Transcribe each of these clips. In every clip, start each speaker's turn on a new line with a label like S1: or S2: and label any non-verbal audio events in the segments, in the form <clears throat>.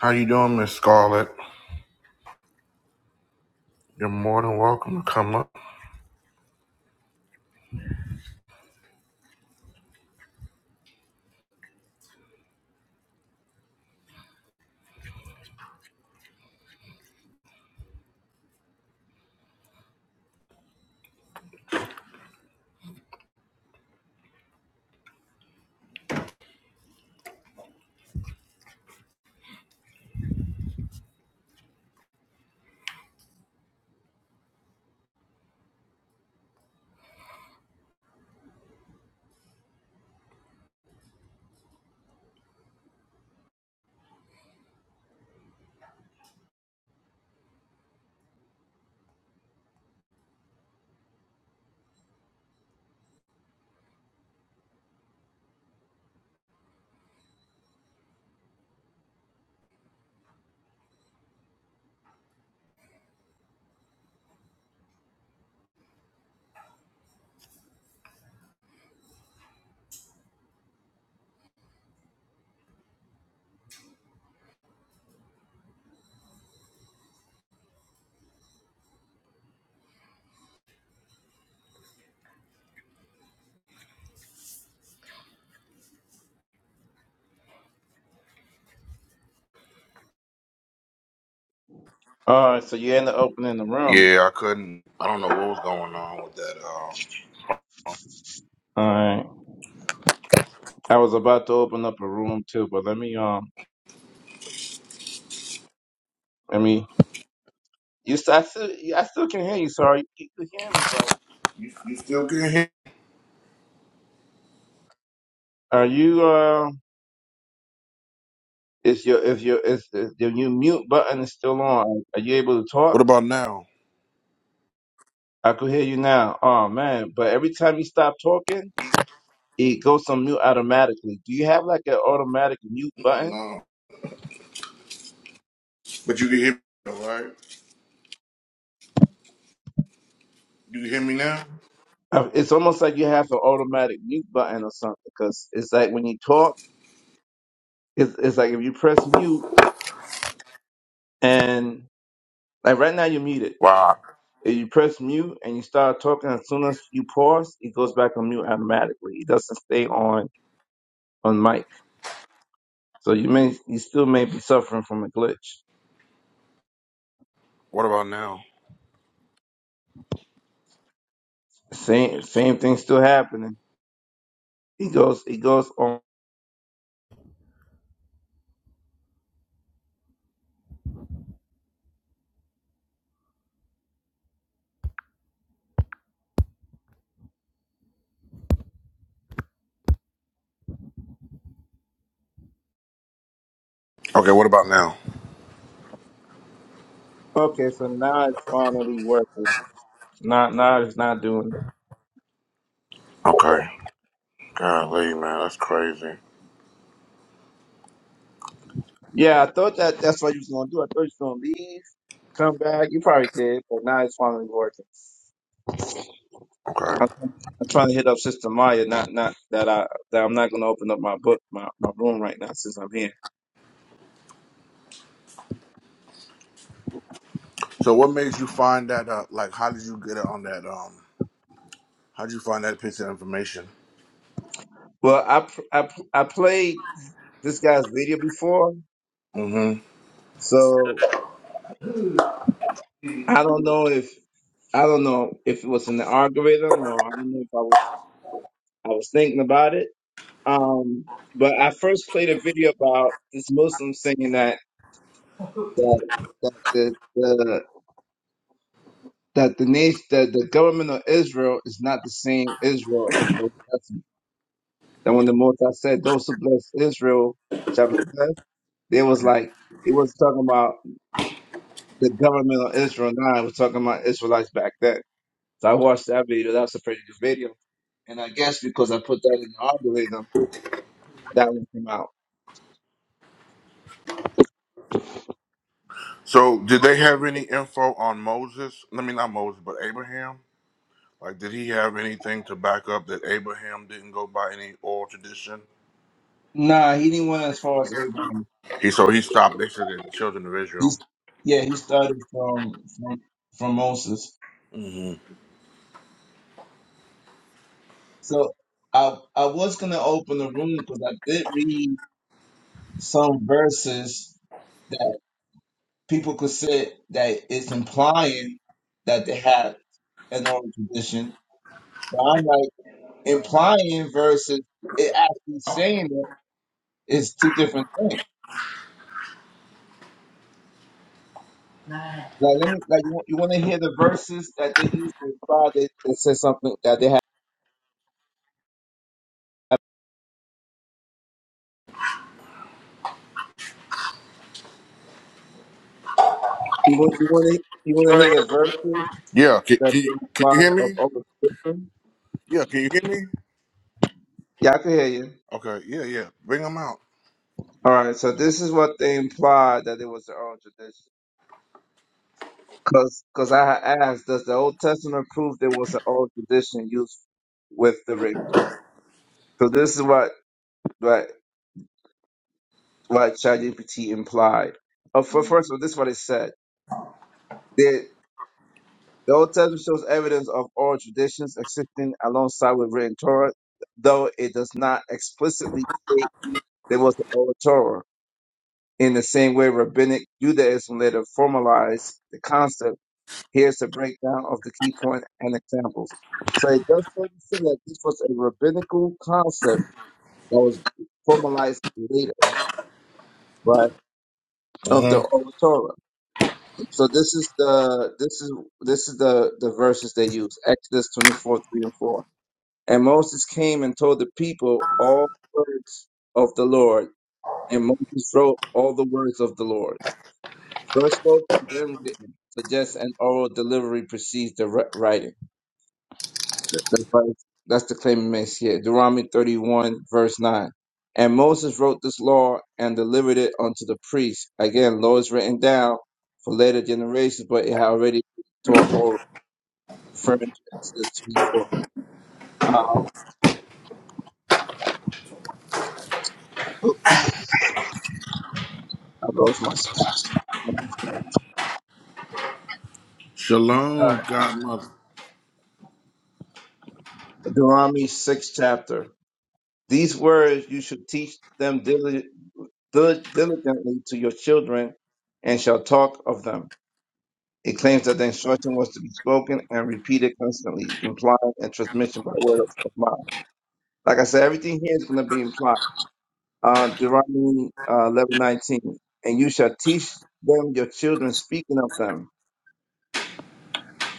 S1: How you doing, Miss Scarlett? You're more than welcome to come up.
S2: All right, so you end up opening the room.
S1: Yeah, I couldn't. I don't know what was going on with that. Um,
S2: All right, I was about to open up a room too, but let me um, let me. You, st- I still, I still can hear you. Sorry, you can hear me, but
S1: you, you still can hear?
S2: are you uh? Is your if your is, is your new mute button is still on? Are you able to
S1: What
S2: talk?
S1: about now?
S2: I could hear you now. Oh man, but every time you stop talking, it goes on mute automatically. Do you have like an automatic mute
S1: Mm,
S2: button?
S1: No, but you can hear me, all right? You can hear me now?
S2: Uh, It's almost like you have an automatic mute button or something, because it's like when you talk, it's, it's like if you press mute And like right now, you're muted.
S1: Wow.
S2: If you press mute and you start talking, as soon as you pause, it goes back on mute automatically. It doesn't stay on on mic. So you may you still may be suffering from a glitch.
S1: What about now?
S2: Same same thing still happening. It goes it goes on.
S1: Okay, what about now?
S2: Okay, so now it's finally working. Now now it's not doing it.
S1: Okay. Golly, man, that's crazy.
S2: Yeah, I thought that that's what you was gonna do. I thought you was gonna leave, come back. You probably did, but now it's finally working.
S1: Okay.
S2: I'm, I'm trying to hit up Sister Maya. Not not that I that I'm not going to open up my book my, my room right now since I'm here.
S1: So, what made you find that? Uh, like, how did you get on that? Um, how did you find that piece of information?
S2: Well, I pr- I pr- I played this guy's video before,
S1: Mm-hmm.
S2: so I don't know if I don't know if it was in the algorithm or I don't know if I was I was thinking about it. Um, but I first played a video about this Muslim singing that that that the, the that the nation that the government of Israel is not the same Israel of the Old Testament. Then when the Most High said, "Those who bless Israel shall be blessed," it was like it was talking about the government of Israel now. It was talking about Israelites back then. So I watched that video. That was a pretty good video. And I guess because I put that in the algorithm, that one came out.
S1: So, did they have any info on Moses? I mean, not Moses, but Abraham. Like, did he have anything to back up that Abraham didn't go by any oral tradition?
S2: Nah, he didn't went as far as Abraham.
S1: He so he stopped basically at the children of Israel.
S2: He's yeah, he started from from from Moses.
S1: hmm
S2: So I I was gonna open the room because I did read some verses people could say that it's implying that they had an oral tradition. But I'm like, implying versus it actually saying it is two different things. Like, let me, like, you, want you want to hear the verses that they use to imply that they said something that they have. You want, you want to, you want to hear the verses
S1: Yeah, can,
S2: that
S1: can,
S2: they
S1: you, can you
S2: imply
S1: hear
S2: of
S1: me?
S2: oral tradition?
S1: Yeah, can you hear me?
S2: Yeah, I can hear you.
S1: Okay, yeah, yeah. Bring them out.
S2: All right, so this is what they imply that it was the oral tradition. Cause, cause I had asked, does the Old Testament prove there was an old tradition used with the ring? So this is what what what ChatGPT implied. Uh, for first of all, this is what it said. The, the Old Testament shows evidence of oral traditions existing alongside with written Torah, though it does not explicitly state there was the oral Torah. In the same way, rabbinic Judaism later formalized the concept Here's a breakdown of the key point and examples. So it does further say that this was a rabbinical concept that was formalized later, right? Of
S1: hmm
S2: the Oral Torah. So this is the this is this is the the verses they use Exodus twenty four three and four. And Moses came and told the people all the words of the Lord, and Moses wrote all the words of the Lord, first spoken, then written. So just an oral delivery precedes the wri- writing. That's, right. That's the claim of Messiah. Deuteronomy 31, verse 9. And Moses wrote this law and delivered it unto the priests. Again, law is written down for later generations, but it had already been taught or referring to Exodus 24. Um, I lost my spot.
S1: Shalom, Godmother.
S2: Deuteronomy 6 chapter. These words you should teach them dili- dil- diligently to your children and shall talk of them It claims that the instruction was to be spoken and repeated constantly, implying a transmission by word of, of mouth. Like I said, everything here is going to be implied. Uh, Deuteronomy uh, 11, nineteen, And you shall teach them your children, speaking of them.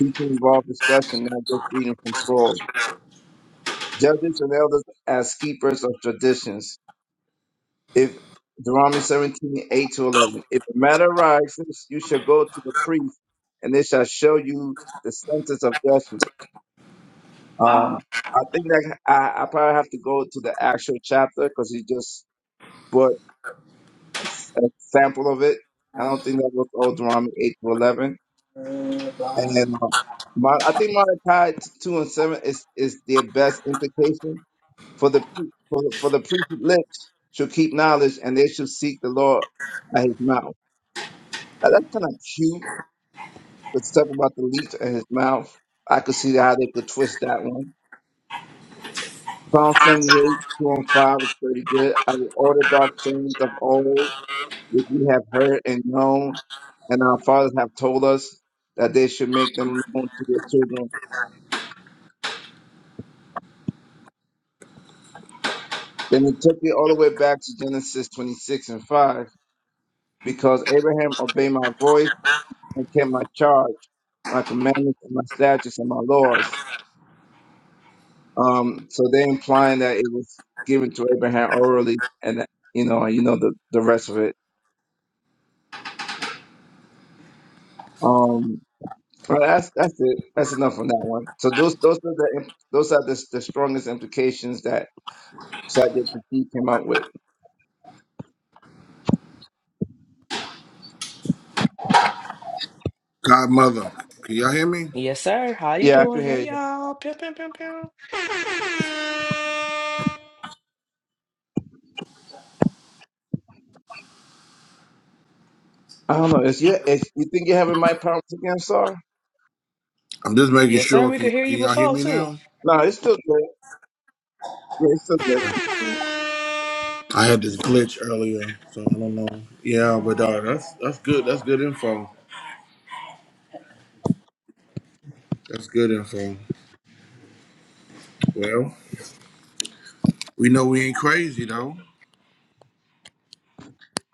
S2: Teaching involved discussion, not just reading from scroll. Judges and elders as keepers of traditions. If Deuteronomy 17:8 to 11. If a matter arises, you shall go to the priest, and they shall show you the sentence of judgment. Um, I think that I, I probably have to go to the actual chapter because he just put a, s- a sample of it. I don't think that was all Deuteronomy 8 to 11. And uh, my, I think Malachi t- 2 and 7 is, is their best implication. For the, pre- for the, for the priest's lips should keep knowledge and they should seek the Lord at his mouth. Now, that's kind of cute, the stuff about the leaf and his mouth. I could see how they could twist that one. Psalm 78, 2 and 5 is pretty good. I will order dark things of old, which we have heard and known, and our fathers have told us that they should make them known to their children. Then he took me all the way back to Genesis 26 and 5, because Abraham obeyed my voice and kept my charge, my commandments, and my statutes, and my laws. Um, so they're implying that it was given to Abraham orally, and, you know, you know the, the rest of it. Um, Well, that's that's it. That's enough on that one. So those those are the those are the, the strongest implications that Sajid Kafi came up with.
S1: Godmother, can y'all hear me?
S3: Yes, sir. How you
S2: Yeah, I can
S3: doing?
S2: hear
S3: Hey,
S2: you.
S3: y'all. Pew, pew, pew, pew.
S2: I don't know. Is you is, you think you're having my problems again, Sar?
S1: I'm just making
S3: Yes, sir.
S1: sure.
S3: We
S1: Can,
S3: could hear
S1: can
S3: you
S1: y'all hear
S3: before
S1: me
S3: too.
S1: now?
S2: No, it's still good. Yeah, it's still good.
S1: I had this glitch earlier, so I don't know. Yeah, but uh, that's that's good. That's good info. That's good info. Well, we know we ain't crazy though.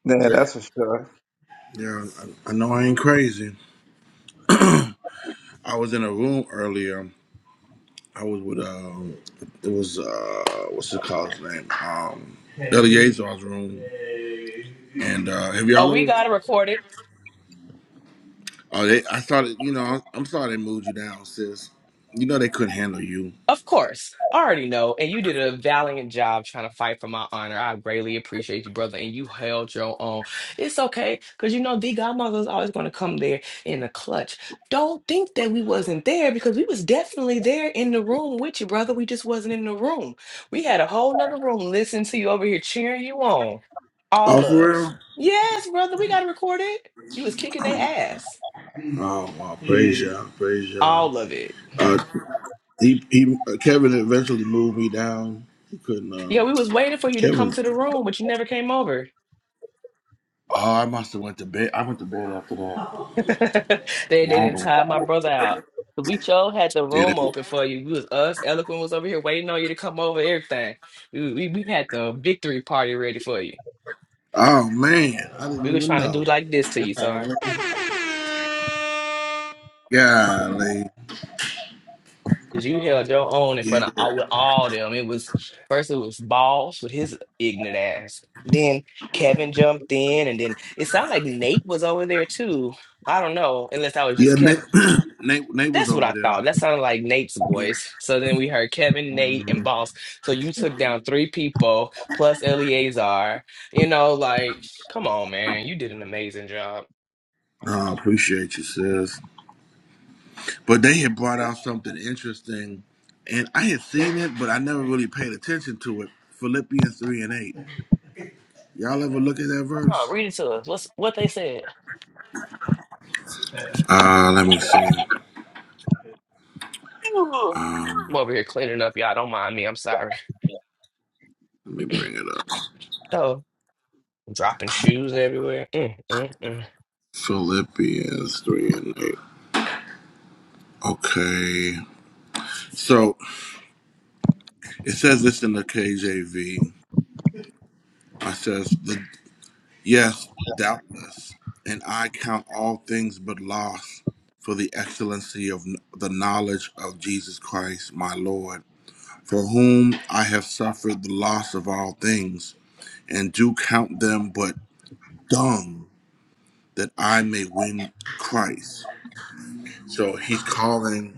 S2: Yeah,
S1: Just-
S2: that's for sure.
S1: Yeah, I, I know I ain't crazy. I was in a room earlier. I was with um, it was uh, what's it called his name? Um, Eleazar's room. And uh, have
S3: Oh,
S1: y'all
S3: we
S1: ever?
S3: got it recorded.
S1: Oh, they, I started. You know, I'm, I'm sorry they moved you down, sis. You know they couldn't handle you.
S3: Of course, I already know, and you did a valiant job trying to fight for my honor. I greatly appreciate you, brother, and you held your own. It's okay, cause you know the godmother is always going to come there in a clutch. Don't think that we wasn't there because we was definitely there in the room with you, brother. We just wasn't in the room. We had a whole nother room listening to you over here cheering you on,
S1: Oh,
S3: all
S1: for
S3: us.
S1: real?
S3: Yes, brother, we got to record it. You was kicking their ass,
S1: Oh, wow, praise y'all, praise
S3: all of it.
S1: y'all. He, he uh, Kevin eventually moved me down. He couldn't.
S3: Yeah,
S1: Um,
S3: we was waiting for you to come
S1: Kevin.
S3: to the room, but you never came over.
S1: Oh, I must have went to bed. I went to bed after that.
S3: <laughs> they they
S1: Yeah. I
S3: didn't
S1: went-
S3: tie my brother out. We sure had the
S1: yeah,
S3: room
S1: that-
S3: open for you. We was us, Eloquent was over here waiting on you to come over, everything. We, we we had the victory party ready for you.
S1: Oh man, I
S3: We
S1: didn't
S3: was
S1: even
S3: trying to
S1: know.
S3: do like this to you, sorry.
S1: Golly, Golly.
S3: Cause you held your own in
S1: yeah,
S3: front of all with all them. It was first it was Boss with his ignorant ass. Then Kevin jumped in, and then it sounded like Nate was over there too. I don't know, unless that was
S1: yeah.
S3: just
S1: Nate,
S3: Kevin.
S1: <clears throat> Nate, Nate was
S3: That's what
S1: over
S3: I
S1: there.
S3: thought. That sounded like Nate's
S1: Yeah.
S3: voice. So then we heard Kevin, Nate, and
S1: Mhm.
S3: Boss. So you took down three people plus Eleazar. You know, like, come on, man. You did an amazing job.
S1: Oh, I appreciate you, sis. But they had brought out something interesting, and I had seen it, but I never really paid attention to it. Philippians three and eight. Y'all ever look at that
S3: Oh,
S1: verse?
S3: read it to us. What's what they said?
S1: Uh, let me see.
S3: Ooh.
S1: Um,
S3: I'm over here cleaning up, y'all. Don't mind me. I'm sorry.
S1: let me
S3: <clears throat>
S1: bring it up.
S3: oh, dropping shoes everywhere. Mm, mm, mm.
S1: Philippians 3 and 8. Okay. So it says this in the KJV. It says, the, Yes, doubtless, and I count all things but loss for the excellency of kn- the knowledge of Jesus Christ, my Lord, for whom I have suffered the loss of all things, and do count them but dung, that I may win Christ. So he's calling.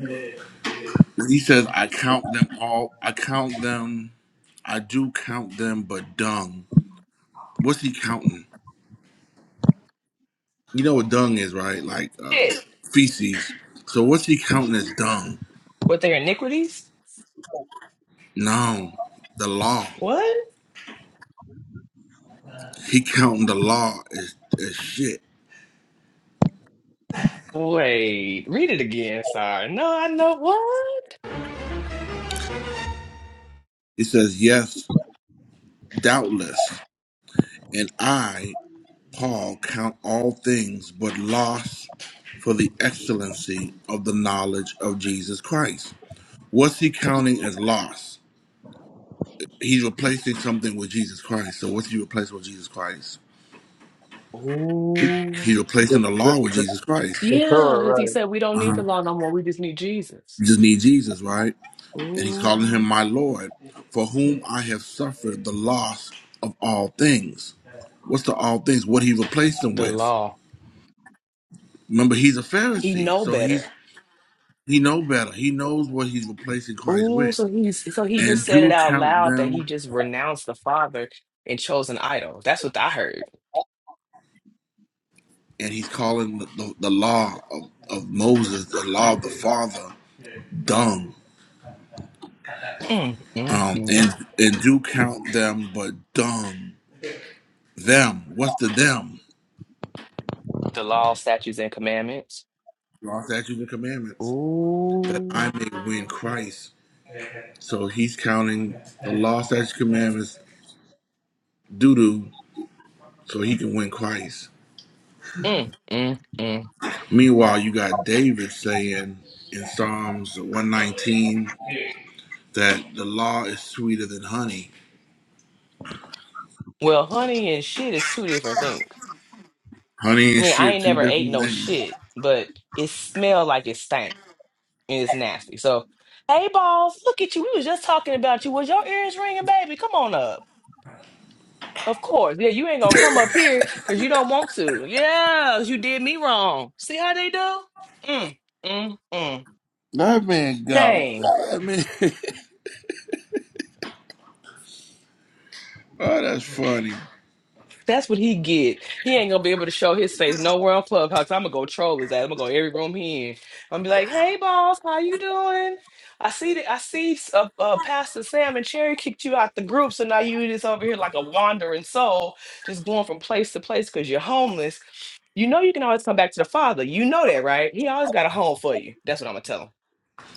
S1: He says, I count them all. I count them. I do count them, but dung. What's he counting? You know what dung is, right? Like uh,
S3: Shit.
S1: feces. So what's he counting as dung?
S3: What their iniquities?
S1: No, the law.
S3: What?
S1: He counting the law as, as shit.
S3: Wait, read it again. Sorry. No, I know
S1: He says, yes, doubtless. And I, Paul, count all things but loss for the excellency of the knowledge of Jesus Christ. What's he counting as loss? He's replacing something with Jesus Christ. So what's he replacing with Jesus Christ?
S3: what. Ooh.
S1: He's
S2: The,
S1: replacing the
S2: the,
S1: law with
S2: the,
S1: Jesus Christ.
S2: the
S3: Yeah,
S2: Torah,
S3: because he
S2: right?
S3: said we don't need the law no more. We just need Jesus.
S1: You just need Jesus, right? And he's
S3: Ooh,
S1: calling him my Lord, for whom I have suffered the loss of all things. What's the all things? What he replaced him
S3: the
S1: with?
S3: law.
S1: Remember, he's a
S3: He
S1: Pharisee,
S3: know
S1: so
S3: better.
S1: he's he know better. He knows what he's replacing Christ
S3: Ooh,
S1: with.
S3: so he's so he just
S1: And
S3: said it
S1: do
S3: out
S1: count
S3: loud that he
S1: them,
S3: just renounced the Father and chose an idol. That's what I heard.
S1: and he's calling the, the, the law of, of Moses, the law of the Father, dung.
S3: Mm, mm,
S1: um,
S3: mm.
S1: and and do count them, but dumb them. What's the them?
S3: The law, statutes, and commandments.
S1: Law, statutes, and commandments, that
S3: Ooh.
S1: I may win Christ. So he's counting the law, statutes, commandments, doo doo, so he can win Christ.
S3: Mm, mm, mm.
S1: Meanwhile, you got David saying in Psalms 119 that the law is sweeter than honey.
S3: Well, honey and shit is two different things.
S1: Honey
S3: I
S1: and
S3: mean, I
S1: shit,
S3: ain't
S1: two
S3: never ate
S1: different
S3: no
S1: things.
S3: shit, but it smelled like it stank. and it's nasty. So, hey, balls, look at you. We was just talking about you. Was your ears ringing, baby? Come on up. Of course. Yeah, you ain't gonna come up here because you don't want to. Yeah, 'cause you did me wrong. See how they do? Mm, mm, mm.
S1: That man got
S3: Shame.
S1: that man. <laughs> oh, that's funny.
S3: That's what he get. He ain't gonna be able to show his face nowhere on Clubhouse. I'm gonna go troll his ass. I'm gonna go every room he in. I'm gonna be like, "Hey, boss, how you doing? I see that I see uh, uh, Pastor Sam and Cherry kicked you out the group, so now you just over here like a wandering soul, just going from place to place because you're homeless. You know you can always come back to the Father. You know that, right? He always got a home for you. That's what I'm gonna tell him.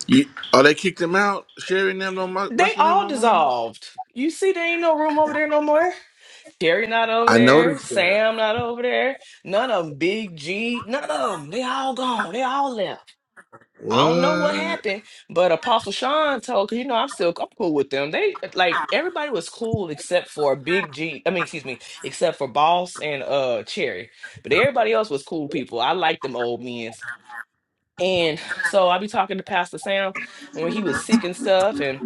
S1: You, oh, they kicked him out. Sherry and them don't mu-
S3: They
S1: mess with him
S3: all
S1: no more.
S3: dissolved. You see, there ain't no room over there no more. Sherry not over
S1: I
S3: there.
S1: noticed that.
S3: Sam not over there. None of them. Big G. None of them. They all gone. They all left. I don't know what
S1: What?
S3: happened, but Apostle Sean told, cause you know I'm still I'm cool with them. They like everybody was cool except for Big G. I mean, excuse me, except for Boss and uh Cherry. But everybody else was cool people. I like them old men. And so I be talking to Pastor Sam when he was sick and stuff, and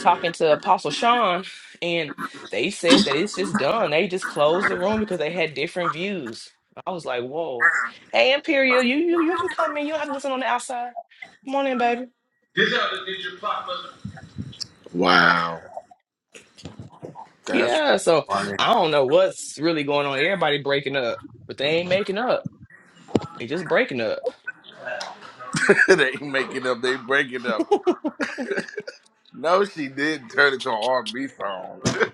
S3: talking to Apostle Sean, and they said that it's just done. They just closed the room because they had different views. I was like, "Whoa, hey Imperial, you you you can come in. You don't have to listen on the outside. Come on in, baby."
S1: Wow. That's
S3: Yeah. So I don't know what's really going on. Everybody breaking up, but they ain't making up. They just breaking up.
S1: <laughs> they ain't making up. They breaking up. No, she did turn it to an R&B song. <laughs>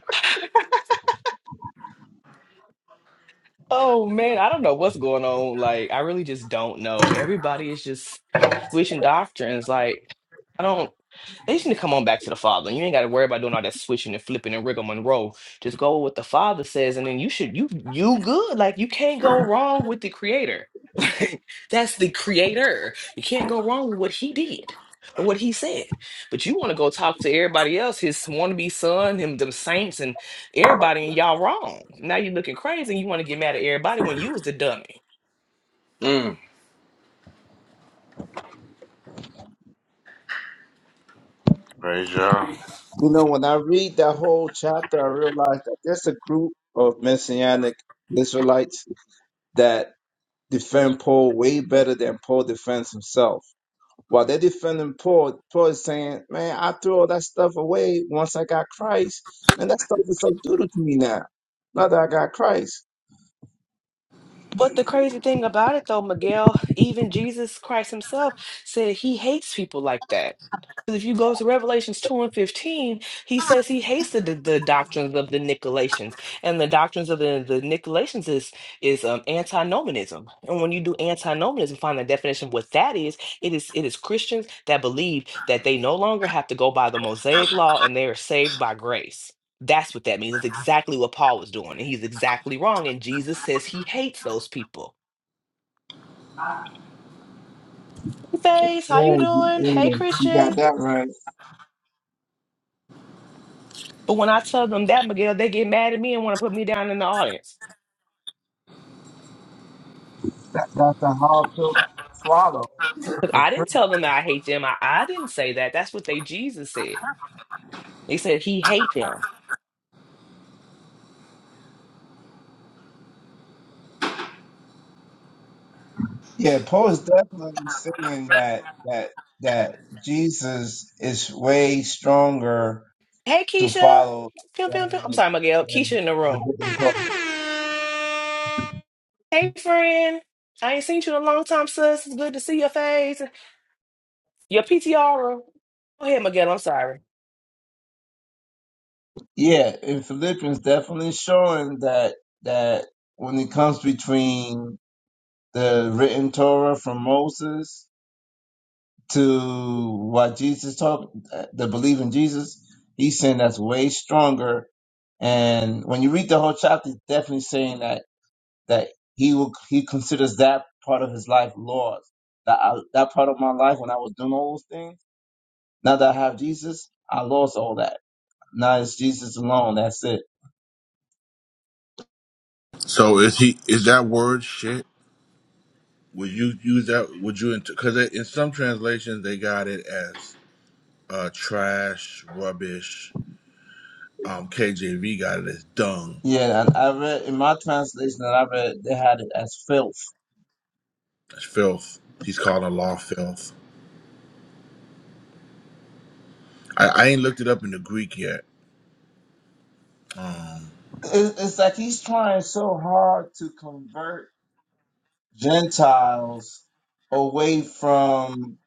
S3: Oh man, I don't know what's going on. Like, I really just don't know. Everybody is just switching doctrines. Like, I don't. They just need to come on back to the Father. You ain't got to worry about doing all that switching and flipping and rigor Monroe. Just go with what the Father says, and then you should you you good. Like, you can't go wrong with the Creator. <laughs> Like, that's the Creator. You can't go wrong with what He did or what He said. But you want to go talk to everybody else, His wannabe son, him, them saints, and everybody and y'all wrong. Now you're looking crazy and you want to get mad at everybody when you was the dummy.
S1: mm. Praise y'all.
S2: You know, when I read that whole chapter, I realized that there's a group of messianic Israelites that defend Paul way better than Paul defends himself. While they're defending Paul, Paul is saying, Man, I threw all that stuff away once I got Christ. Man, that stuff is so doodle to me now. Now that I got Christ.
S3: But the crazy thing about it though, Miguel, even Jesus Christ himself said he hates people like that. Because if you go to Revelations 2 and 15, he says he hates the, the, the doctrines of the Nicolaitans. And the doctrines of the, the Nicolaitans is, is um, antinomianism. And when you do antinomianism, find the definition of what that is, it is it is Christians that believe that they no longer have to go by the Mosaic law and they are saved by grace That's what that means. It's exactly what Paul was doing, and he's exactly wrong. And Jesus says he hates those people. Hey, Faith, how you
S2: Yeah, you,
S3: doing? Hey,
S2: yeah, you got
S3: Christian.
S2: that right.
S3: But when I tell them that, Miguel, they get mad at me and want to put me down in the audience.
S2: That's a hard pill to swallow.
S3: Because
S2: The
S3: I
S2: truth.
S3: didn't tell them that I hate them. I, I didn't say that. That's what they Jesus said. He said he hate them.
S2: Yeah, Paul is definitely saying that that that Jesus is way stronger
S3: Hey,
S2: to
S3: Keisha.
S2: follow
S3: Pew, pew, pew. I'm
S2: than,
S3: sorry, Miguel. Keisha in the room.
S2: than
S3: Hey, friend. I ain't seen you in a long time, sis. It's good to see your face. Your PTR. Go ahead, Miguel. I'm sorry.
S2: Yeah, in Philippians definitely showing that that when it comes between the written Torah from Moses to what Jesus taught, the belief in Jesus, he's saying that's way stronger. And when you read the whole chapter, it's definitely saying that that he will he considers that part of his life lost. That I, that part of my life when I was doing all those things, now that I have Jesus, I lost all that. Now it's Jesus alone. That's it.
S1: So is he? Is that word shit? Would you use that? Would you? Because in some translations they got it as uh, trash, rubbish. Um, KJV got it as dung.
S2: Yeah, and I read in my translation that I read they had it as filth.
S1: That's filth. He's calling law filth. I, I ain't looked it up in the Greek yet.
S2: It- It's like he's trying so hard to convert Gentiles away from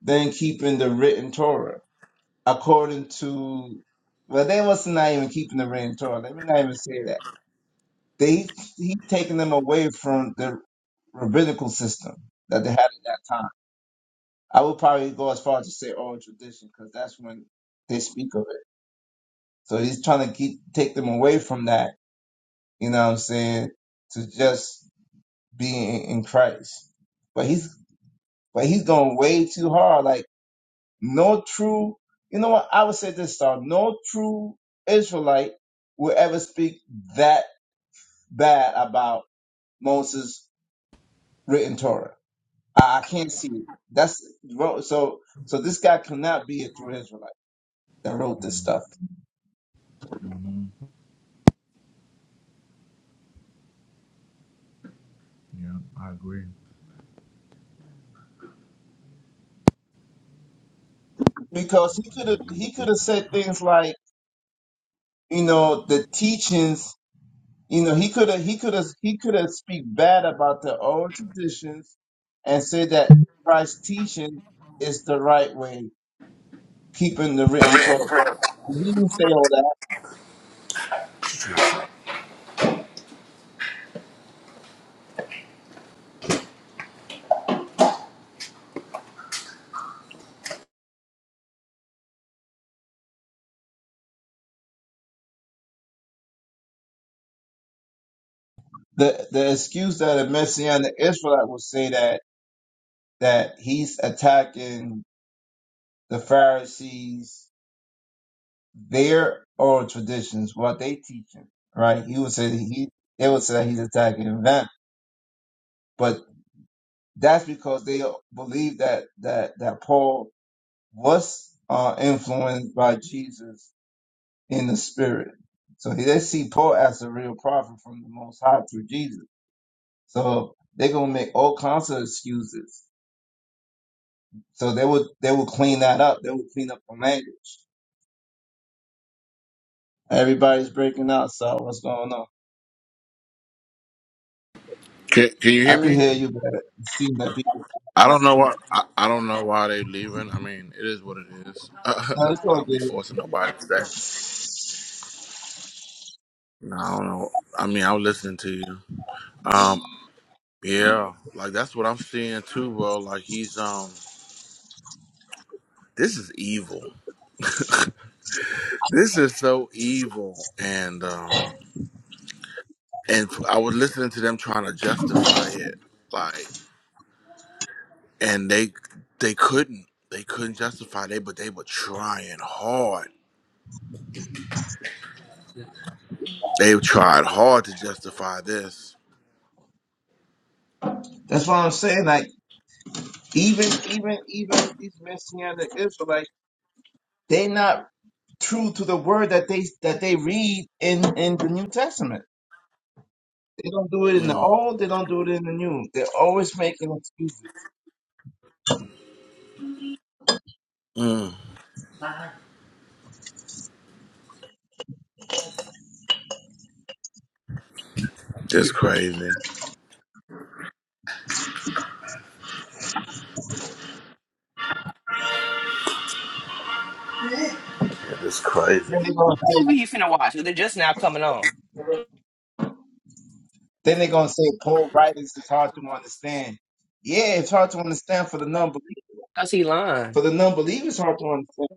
S2: then keeping the written Torah, according to well, they was not even keeping the written Torah. Let me not even say that. They he taking them away from the rabbinical system that they had at that time. I would probably go as far as to say oral tradition because that's when they speak of it. So he's trying to keep take them away from that, you know what I'm saying, to just being in Christ. But he's but he's going way too hard. Like no true you know what, I would say this star, no true Israelite will ever speak that bad about Moses written Torah. I, I can't see it. That's so so this guy cannot be a true Israelite that wrote this stuff.
S1: Yeah, I agree.
S2: Because he could have he could have said things like, you know, the teachings You know, he could have, he could have, he could have speak bad about their own traditions and say that Christ's teaching is the right way, keeping the written Torah. He didn't say all that. The the excuse that a messianic Israelite would say that that he's attacking the Pharisees, their oral traditions, what they teaching, right? He would say that he they would say that he's attacking them, but that's because they believe that that that Paul was uh, influenced by Jesus in the spirit. So they see Paul as a real prophet from the Most High through Jesus. So they're gonna make all kinds of excuses. So they would they will clean that up. They will clean up the language. Everybody's breaking out. So what's going on?
S1: Can, can you hear
S2: I could hear
S1: me?
S2: you, but it seems that people.
S1: I don't know why. I, I don't know why they leaving. I mean, it is what it is. <laughs>
S2: No,
S1: I
S2: it's all
S1: don't be
S2: good.
S1: forcing nobody to stay. No, I don't know. I mean, I'm listening to you. Um, yeah, like that's what I'm seeing too, bro. Like he's um, this is evil. <laughs> This is so evil, and um, and I was listening to them trying to justify it, like. and they they couldn't they couldn't justify they but they were trying hard they tried hard to justify this
S2: That's what I'm saying. Like even even even these messianic Israelites, they not true to the word that they that they read in in the New Testament. They don't do it in the
S1: mm,
S2: old. They don't do it in the new. They're always making excuses.
S1: mm, just crazy yeah, just crazy
S2: Then they're gonna
S3: What
S2: say,
S3: movie you finna watch? They're just now coming on.
S2: then they're gonna say Paul writings is hard to understand. Yeah, it's hard to understand for the non-believer.
S3: Cause he lying.
S2: For the non-believer, it's hard to understand.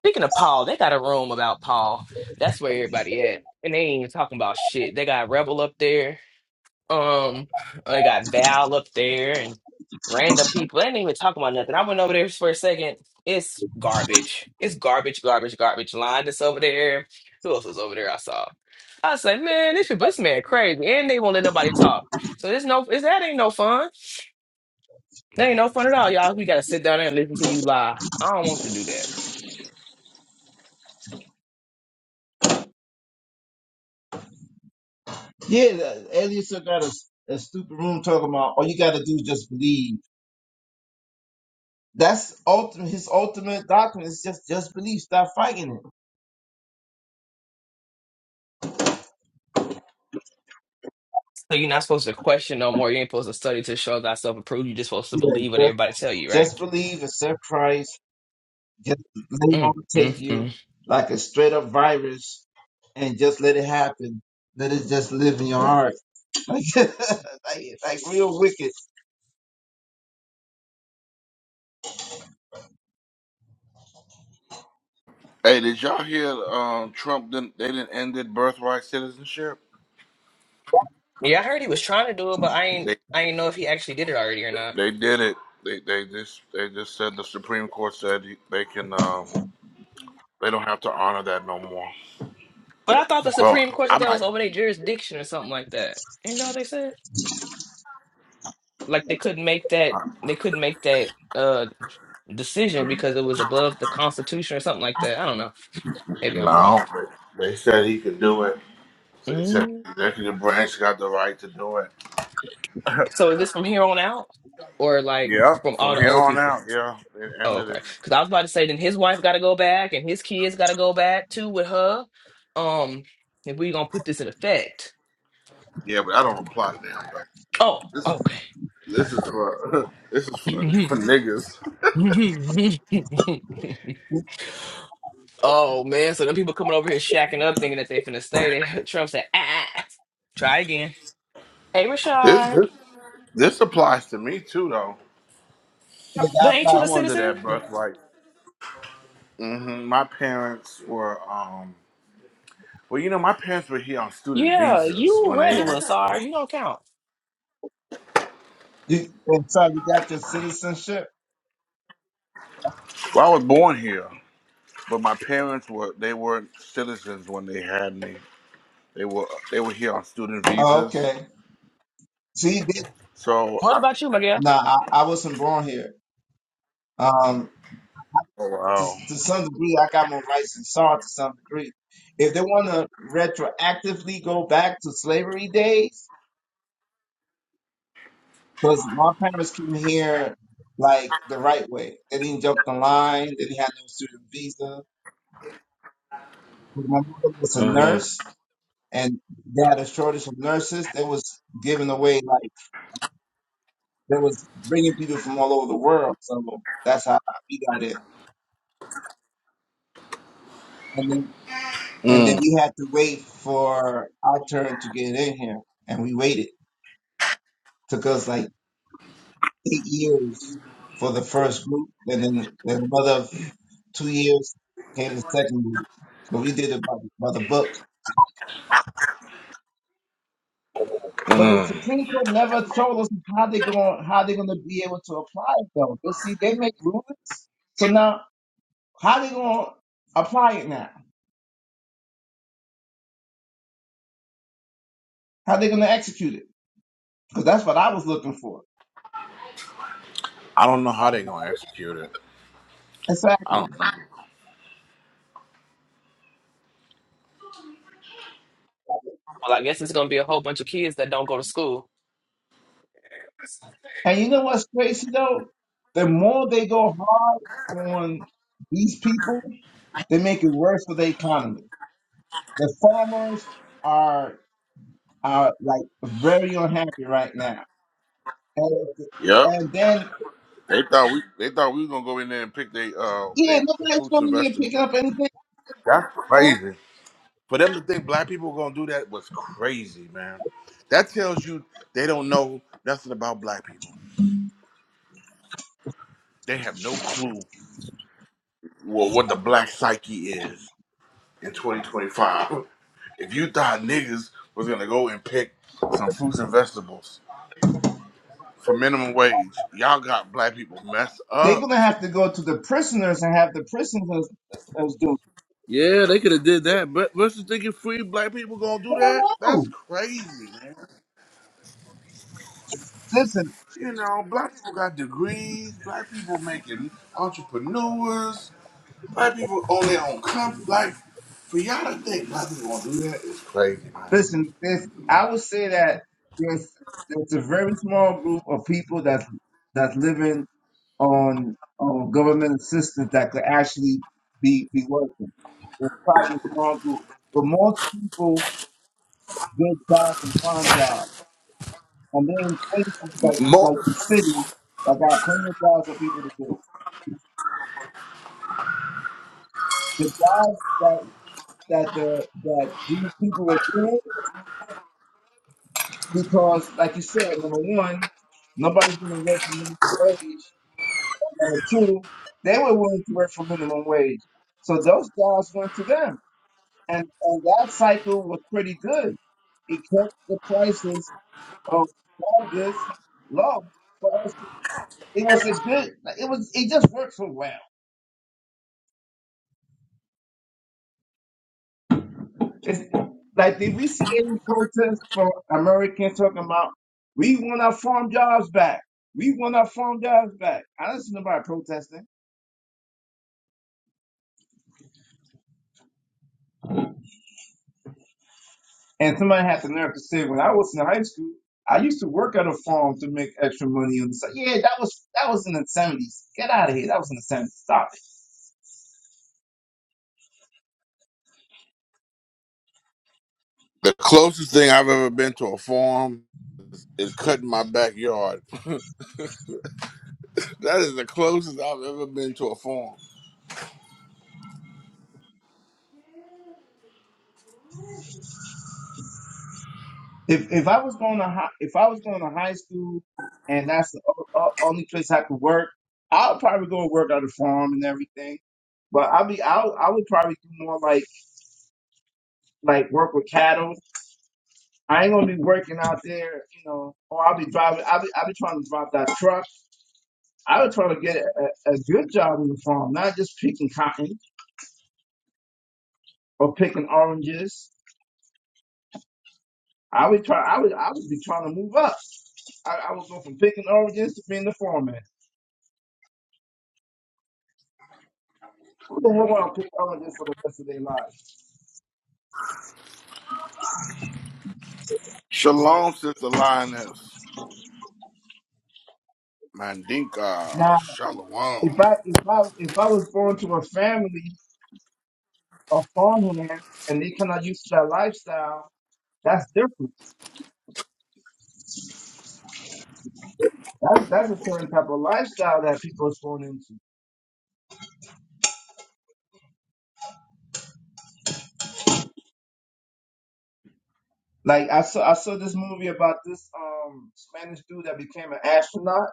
S3: Speaking of Paul, they got a room about Paul. That's where everybody at, and they ain't even talking about shit. They got Rebel up there. Um, they got Val up there, and random people. They ain't even talking about nothing. I went over there for a second. It's garbage. It's garbage, garbage, garbage. Linus over there. Who else was over there? I saw. I was like, man, this, this man crazy, and they won't let nobody talk. So there's no, it's, that ain't no fun. That ain't no fun at all, y'all. We gotta sit down there and listen to you lie. I don't want to do that.
S2: Yeah, the- Elias still got a, a stupid room talking about all you got to do is just believe. That's ultimate. His ultimate doctrine is just just believe. Stop fighting it.
S3: So you're not supposed to question no more. You ain't supposed to study to show thyself approved. You're just supposed to believe what
S2: Yeah, just,
S3: everybody tell you, right?
S2: just believe. Accept Christ Just let him
S3: Mm,
S2: overtake
S3: mm,
S2: you
S3: mm.
S2: like a straight up virus and just let it happen. Let it just live in your heart. <laughs> Like, like, like real wicked.
S1: hey did y'all hear um trump didn't they didn't end it birthright citizenship
S3: Yeah, I heard he was trying to do it, but I ain't
S1: they
S3: I ain't know if he actually did it already or not.
S1: they did it they they just they just said the supreme court said they can um they don't have to honor that no more
S3: But I thought the
S1: well
S3: Supreme Court
S1: i
S3: said that
S1: might
S3: was over their jurisdiction or something like that. You know what they said? Like they couldn't make that
S1: I-
S3: they couldn't make that uh decision because it was above the Constitution or something like that. I don't know. Maybe I'm wrong.
S1: no they they said he could do it So it's said
S3: Mm.
S1: the executive branch got the right to do it.
S3: So is this from here on out, or like
S1: Yeah,
S3: from all
S1: from
S3: the
S1: here
S3: old
S1: on
S3: people?
S1: out. Yeah, it
S3: Oh,
S1: ended it.
S3: okay. Because I was about to say, then his wife got to go back, and his kids got to go back too with her. Um, if we gonna put this in effect.
S1: Yeah, but I don't apply to them. But
S3: Oh,
S1: this
S3: okay.
S1: this is for <laughs> this is for, <laughs>
S3: <laughs>
S1: for niggas.
S3: oh man, so them people coming over here shacking up, thinking that they finna stay. They <laughs> Trump said, ah, ah, ah." try again. Hey,
S1: This
S3: Rashad,
S1: this this applies to me too, though.
S2: And
S3: but
S2: I'm
S3: ain't you
S2: like,
S3: a
S1: I'm under
S3: citizen?
S1: that birthright. hmm My parents were um. Well, you know, my parents were here on student
S3: Yeah,
S1: visas
S3: you
S1: when they. Had,
S3: regular, sorry, you don't count.
S2: you, and so you got your citizenship?
S1: well, I was born here, but my parents were they weren't citizens when they had me. They were they were here on student
S2: Oh,
S1: visas.
S2: okay. See, they,
S1: So
S3: What about you, Miguel?
S2: nah, I, I wasn't born here. Um,
S1: Oh
S2: to,
S1: wow.
S2: to some degree, I got my rights in Saw it to some degree. If they want to retroactively go back to slavery days, Because my parents came here like the right way. They didn't jump the line. They didn't have no student visa. But My mother was a
S1: Mm-hmm.
S2: nurse, and they had a shortage of nurses. They was giving away like they was bringing people from all over the world. So that's how we got in. And then and then
S1: Mm,
S2: we had to wait for our turn to get in here, and we waited. Took us like eight years for the first group, and then then another f- two years came the second group. So we did it by, by the book. But the
S1: mm.
S2: Supreme Court never told us how they going how they're gonna be able to apply it though. They see they make rulings. So now how they gonna apply it now? How they gonna execute it? Because that's what I was looking for.
S1: I don't know how they gonna execute it. I don't.
S2: Exactly.
S1: Know.
S3: Well, I guess it's gonna be a whole bunch of kids that don't go to school.
S2: And you know what's crazy though? The more they go hard on these people, they make it worse for the economy. The farmers are are like very unhappy right now. And,
S1: Yep.
S2: and then
S1: They thought we. They thought we was gonna go in there and pick they uh
S2: yeah,
S1: they
S2: nobody's
S1: fruits and
S2: going to
S1: vegetables.
S2: pick up anything.
S1: That's
S2: for that.
S1: crazy. For them to think black people were gonna do that was crazy, man. That tells you they don't know nothing about black people. They have no clue what, what the black psyche is in 2025. <laughs> If you thought niggas was gonna go and pick some fruits and vegetables for minimum wage. Y'all got black people messed
S2: They're
S1: up.
S2: gonna have to go to the prisoners and have the prisoners prisoners do.
S1: Yeah, they could have did that, but what's the thinking? Free black people gonna
S2: I
S1: do that?
S2: don't know.
S1: That's crazy, man.
S2: Listen,
S1: You know, black people got degrees. Black people making entrepreneurs. Black people own their own company. Like for y'all to think black people gonna do that is crazy, man.
S2: listen. This I would say that there's there's a very small group of people that's that's living on on government assistance that could actually be be working. It's probably a small group, but most people good jobs and farm jobs. And then places like
S1: Mo-
S2: like the city that got plenty of jobs for people to do. The jobs that that the that these people were doing because like you said, number one, nobody's gonna work for minimum wage. And number two, they were willing to work for minimum wage. So those jobs went to them. And and that cycle was pretty good. It kept the prices of all goods low for us. It was a good. It was. It just worked so well. It's, like, did we see any protests from Americans talking about we want our farm jobs back? We want our farm jobs back. I didn't see nobody protesting. And somebody had the nerve to say, when I was in high school, I used to work at a farm to make extra money on the side. Yeah, that was that was in the seventies. Get out of here. That was in the seventies. Stop it.
S1: the closest thing I've ever been to a farm is cutting my backyard. <laughs> that is the closest I've ever been to a farm.
S2: If if I was going to high, if I was going to high school, and that's the o- o- only place I could work, I'll probably go and work on the farm and everything. But I'll be I I would probably do more like like work with cattle. I ain't gonna be working out there, you know. Or I'll be driving. I'll be I'll be trying to drive that truck. I would try to get a, a a good job on the farm, not just picking cotton or picking oranges. I would try. I would I would be trying to move up. I, I would go from picking oranges to being the foreman. Who the hell want to pick on this for the rest of their life.
S1: Shalom, sister lioness. Mandinka
S2: Now,
S1: Shalom.
S2: if I if I if I was born to a family of farmhands and they cannot use that lifestyle, that's different. That's that's a certain type of lifestyle that people is born into. Like I saw I saw this movie about this um Spanish dude that became an astronaut.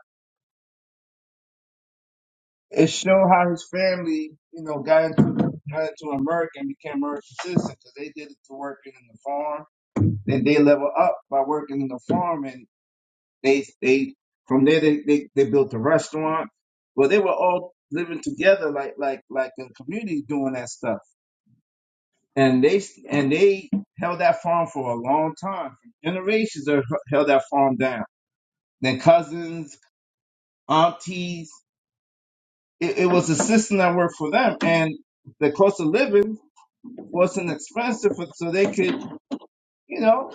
S2: It showed how his family, you know, got into got into America and became American citizens because they did it to working in the farm. Then they level up by working in the farm and. They they from there they, they, they built a restaurant. Well, they were all living together like like like a community doing that stuff. And they and they held that farm for a long time. Generations have held that farm down. Then cousins, aunties. It, it was a system that worked for them, and the cost of living wasn't expensive, for, so they could you know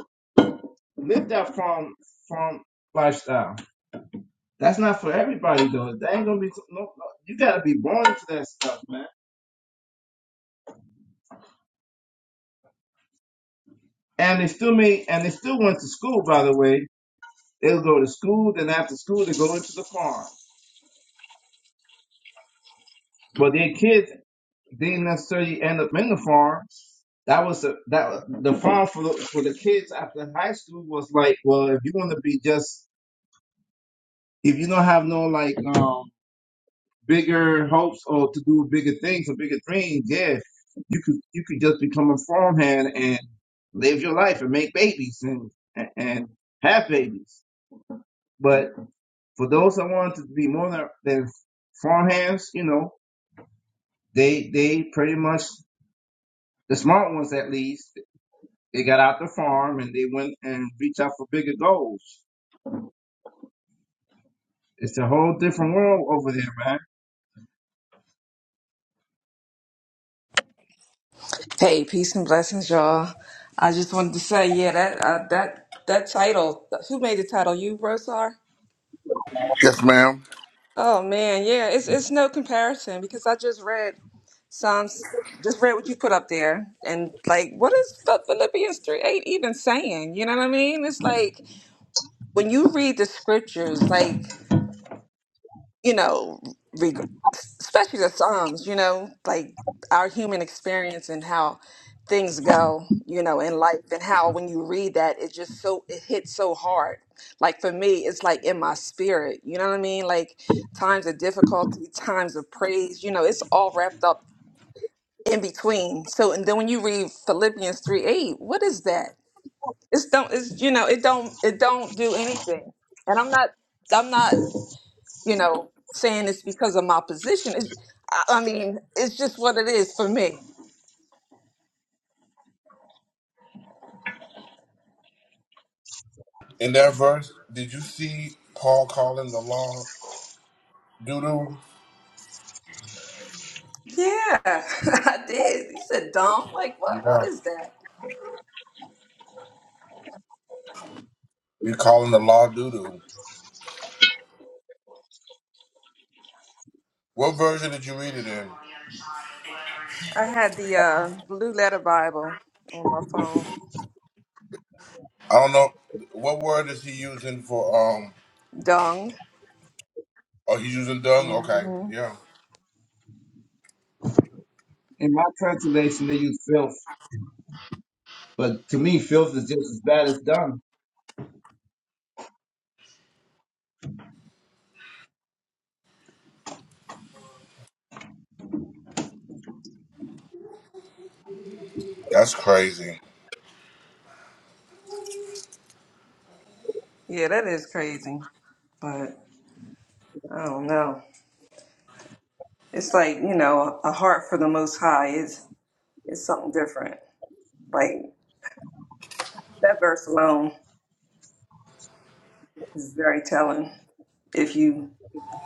S2: live that farm farm lifestyle. That's not for everybody though. That ain't gonna be no, no. You gotta be born into that stuff, man. And they still made, and they still went to school. By the way, they'll go to school. Then after school, they go into the farm. But their kids didn't necessarily end up in the farm. That was the that the farm for the, for the kids after high school was like, well, if you want to be just if you don't have no like um bigger hopes or to do bigger things or bigger dreams, yeah, you could you could just become a farmhand and live your life and make babies and and have babies. But for those that want to be more than, than farmhands, you know, they they pretty much the smart ones at least they got out the farm and they went and reached out for bigger goals. It's a whole different world over there, man.
S4: Hey, peace and blessings, y'all. I just wanted to say, yeah, that uh, that that title. Who made the title? You, Rosar?
S1: Yes, ma'am.
S4: Oh man, yeah. It's it's no comparison because I just read Psalms. Just read what you put up there, and like, what is Ph- Philippians three eight even saying? You know what I mean? It's like when you read the scriptures, like. you know, reg- especially the Psalms, you know, like our human experience and how things go, you know, in life and how when you read that, it just so, it hits so hard. Like for me, it's like in my spirit, you know what I mean? Like times of difficulty, times of praise, you know, it's all wrapped up in between. So, and then when you read Philippians 3 8, what is that? It's don't, it's, you know, it don't, it don't do anything. And I'm not, I'm not you know, saying it's because of my position. It's, I I mean, it's just what it is for me.
S1: In that verse, did you see Paul calling the law doodoo?
S4: Yeah, <laughs> I did. You said dumb. Like, what? What
S1: Yeah.
S4: is that?
S1: He calling the law doodoo. What version did you read it in?
S4: I had the uh, blue letter Bible on my phone.
S1: I don't know. What word is he using for um?
S4: Dung.
S1: Oh, he's using dung. Okay,
S4: hmm
S1: yeah.
S2: In my translation, they use filth, but to me, filth is just as bad as dung.
S1: That's crazy.
S4: Yeah, that is crazy. But I don't know. It's like you know, a heart for the Most High is is something different. Like that verse alone is very telling if you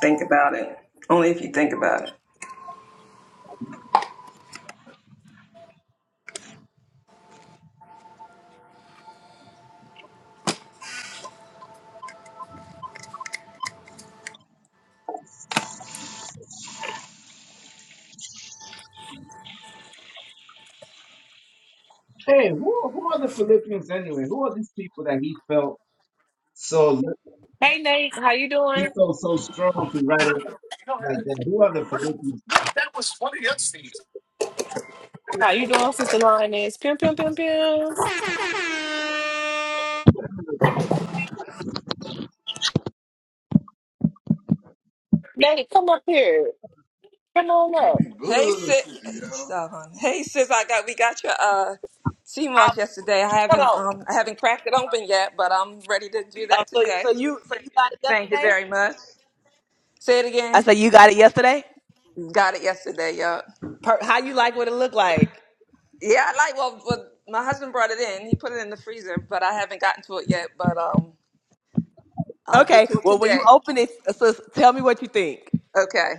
S4: think about it. Only if you think about it.
S2: Hey, who, who are the Philippians anyway? Who are these people that he felt so
S3: Hey Nate, how you
S2: he
S3: doing?
S2: felt so strong to write it like that? Who are the Philippians?
S3: How you doing, Sister Lioness? Pim pim pim pim. Nate, come up here. Come on up.
S4: Hey sis, stop, honey. Hey sis, I got we got your uh sea
S3: I,
S4: mark yesterday. I haven't
S3: hold
S4: um I haven't cracked it open yet, but I'm ready to do
S3: on. Uh,
S4: that
S3: so,
S4: today.
S3: so you so you got it
S4: Thank you
S3: yesterday?
S4: very much. Say it
S3: I
S4: again.
S3: said you got it yesterday.
S4: Got it yesterday, yo.
S3: Per, how you like what it looked like?
S4: Yeah, I like well, well my husband brought it in. He put it in the freezer, but I haven't gotten to it yet, but um I'll get
S3: Okay.
S4: to it
S3: Well, when you
S4: today.
S3: open it, sis, tell me what you think.
S4: Okay.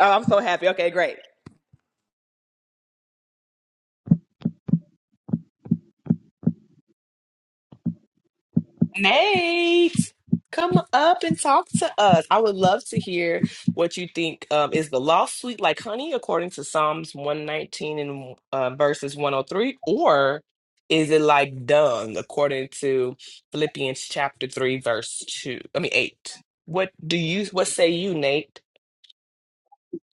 S3: Oh, I'm so happy. Okay, great. Nate, come up and talk to us. I would love to hear what you think. Um, is the law sweet like honey, according to Psalms 119 and uh, verses 103, or is it like dung, according to Philippians chapter 3, verse 2? I mean, 8. What do you, what say you, Nate?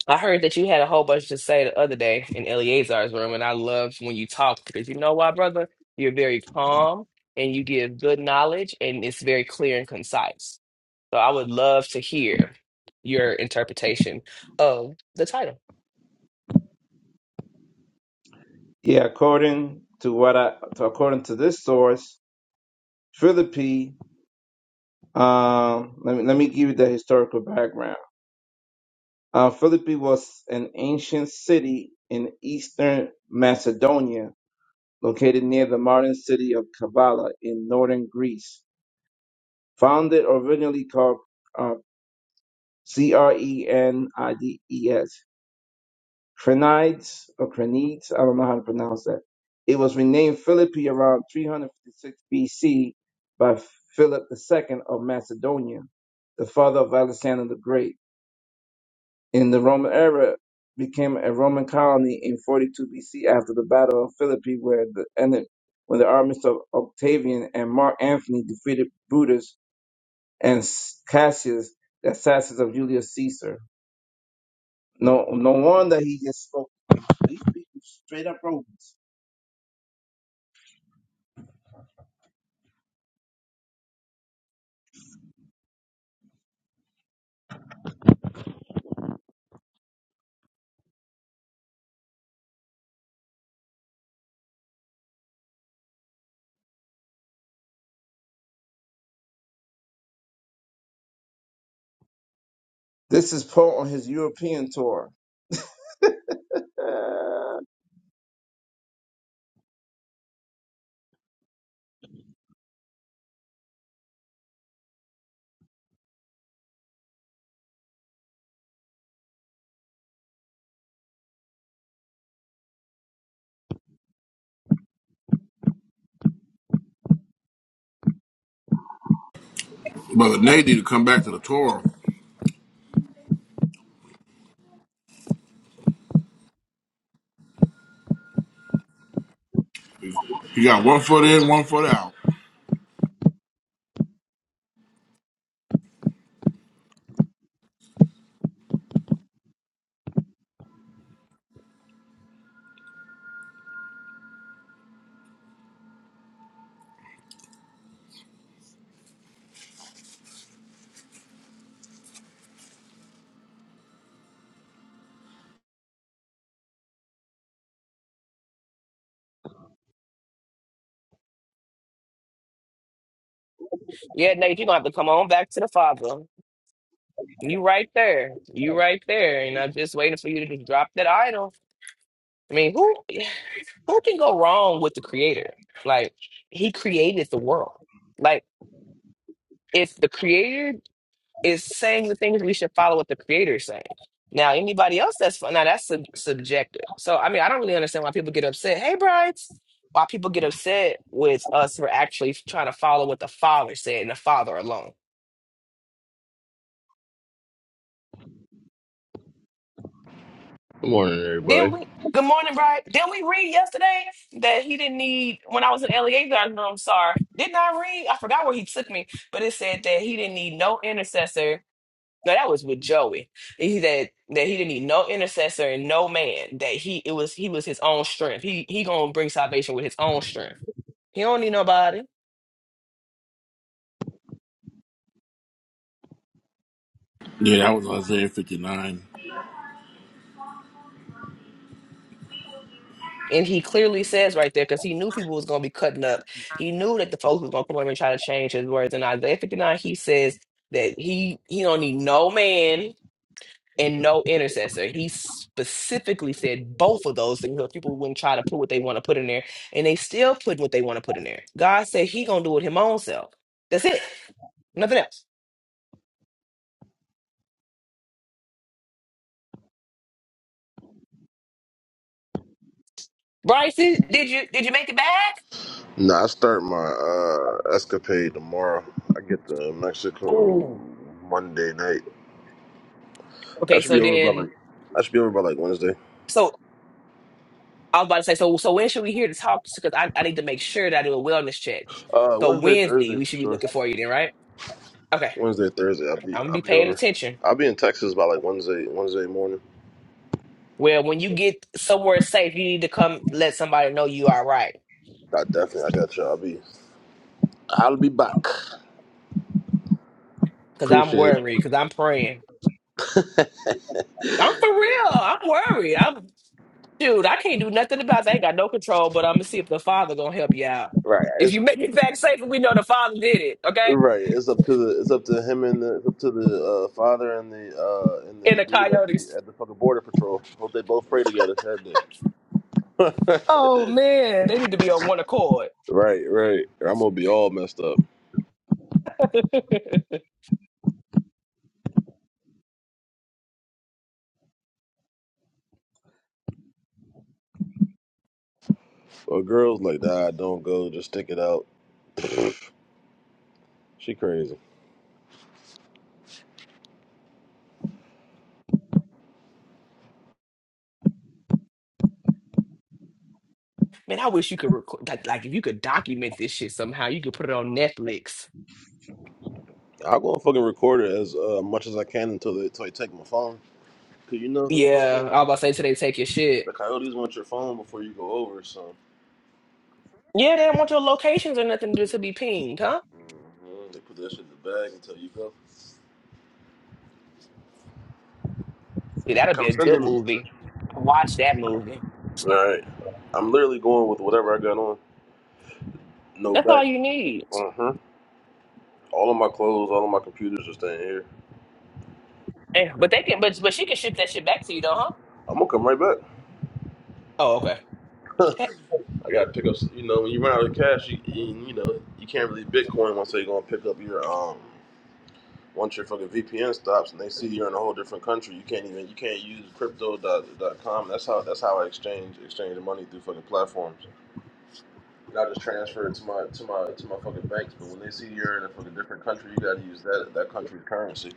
S3: I heard that you had a whole bunch to say the other day in Eleazar's room, and I loved when you talked because you know why, brother? You're very calm and you give good knowledge, and it's very clear and concise. So I would love to hear your interpretation of the title.
S2: Yeah, according to what I to, according to this source, Philippi. Um, let me let me give you the historical background. Uh, Philippi was an ancient city in eastern Macedonia, located near the modern city of Kavala in northern Greece. Founded originally called uh, C R E N I D E S. Crenides or Crenides, I don't know how to pronounce that. It was renamed Philippi around 356 BC by Philip II of Macedonia, the father of Alexander the Great. In the Roman era, became a Roman colony in 42 BC after the Battle of Philippi, where the and the- when the armies of Octavian and Mark Antony defeated Brutus and Cassius, the assassins of Julius Caesar. No, no wonder he just spoke. These people straight up Romans. This is Paul on his European tour. Uh,
S1: Brother Nate need to come back to the Torah. He got one foot in, one foot out.
S3: Yeah, Nate, you're gonna have to come on back to the Father. You right there. You right there. And I'm just waiting for you to just drop that idol. I mean, who who can go wrong with the creator? Like, he created the world. Like, if the creator is saying the things we should follow what the creator is saying. Now, anybody else that's fun, now that's sub- subjective. So, I mean, I don't really understand why people get upset. Hey, brides, why people get upset with us for actually trying to follow what the father said and the father alone.
S5: Good morning,
S3: Did
S5: everybody.
S3: we? Good morning, bride. Did we read yesterday that he didn't need? When I was in Eleazar's room, sorry, didn't I read? I forgot where he took me, but it said that he didn't need no intercessor No, that was with Joey. He that that he didn't need no intercessor and no man. That he it was he was his own strength. He he gonna bring salvation with his own strength. He don't need nobody.
S1: Yeah, that was Isaiah 59.
S3: And he clearly says right there, because he knew people was gonna be cutting up. He knew that the folks was gonna come over and try to change his words. In Isaiah 59, he says that he he don't need no man. and no intercessor. He specifically said both of those things. So people wouldn't try to put what they want to put in there, and they still put what they want to put in there. God said He gonna do it Him own self. That's it. Nothing else. Bryson, did you did you make it back?
S5: Nah, I start my uh, escapade tomorrow. I get to Mexico
S3: Oh,
S5: Monday night. I
S3: okay.
S5: should be
S3: So
S5: over by like
S3: then,
S5: I should be over by like Wednesday.
S3: so I was about to say, so so when should we hear to talk? Because I, I need to make sure that I do a wellness check.
S5: Uh,
S3: So
S5: Wednesday,
S3: Wednesday
S5: Thursday
S3: we
S5: for
S3: should be
S5: sure.
S3: looking for you then, right? Okay,
S5: Wednesday, Thursday. I'll be
S3: I'm gonna
S5: I'll
S3: be
S5: be
S3: paying
S5: over.
S3: attention.
S5: I'll be in Texas by like Wednesday Wednesday morning.
S3: Well, when you get somewhere safe, you need to come let somebody know you are right.
S5: I definitely I got you. I'll be I'll be back.
S3: Cause I'm
S5: Appreciate
S3: worried. Cause I'm praying. I'm
S5: it.
S3: for real. I'm worried. I'm dude. I can't do nothing about that. I ain't got no control. But I'm gonna see if the father gonna help you out.
S5: Right.
S3: If
S5: It's
S3: you make it back safe, we know the father did it. Okay.
S5: right. It's up to the it's up to him and the it's up to the uh, father and the uh, and
S3: And
S5: the
S3: the
S5: dude at the
S3: coyotes.
S5: at the fucking border patrol. Hope they both pray together every day. <laughs> right,
S3: Oh man, they need to be on one accord.
S5: right. I'm gonna be all messed up.
S3: <laughs> man,
S5: But girls like nah, don't go. Just stick it out. She crazy.
S3: I wish you could record. Like, like if you could document this shit somehow, you could put it on Netflix.
S5: I'll go and fucking record it as uh, much as I can until they, until they take my phone. Cause you know the fucking
S3: Yeah, I was about to say today, take your
S5: the
S3: shit.
S5: coyotes want your phone before you go over. So
S3: Yeah, they don't want your locations or nothing to to be pinged, huh?
S5: hmm they put that shit in the bag until you go.
S3: Yeah, that'd be
S5: Come
S3: a
S5: send
S3: good
S5: them.
S3: movie. I Watch that movie.
S5: All right. I'm literally going with whatever I got on. No
S3: That's all
S5: back.
S3: you need.
S5: Uh huh. All of my clothes, all of my computers are staying here.
S3: Eh, but they can, but but she can ship that shit back to you, though, huh?
S5: I'm gonna come right back.
S3: Oh, okay.
S5: <laughs>
S3: Eh,
S5: I got to pick up. You know, when you run out of cash, you you you know you can't really Bitcoin once they're gonna pick up your um. Once your fucking VPN stops and they see you're in a whole different country, you can't even you can't use Crypto. dot dot com. That's how that's how I exchange exchange the money through fucking platforms. And I just transfer it to my to my to my fucking banks. But when they see you're in a fucking different country, you got to use that that country's currency.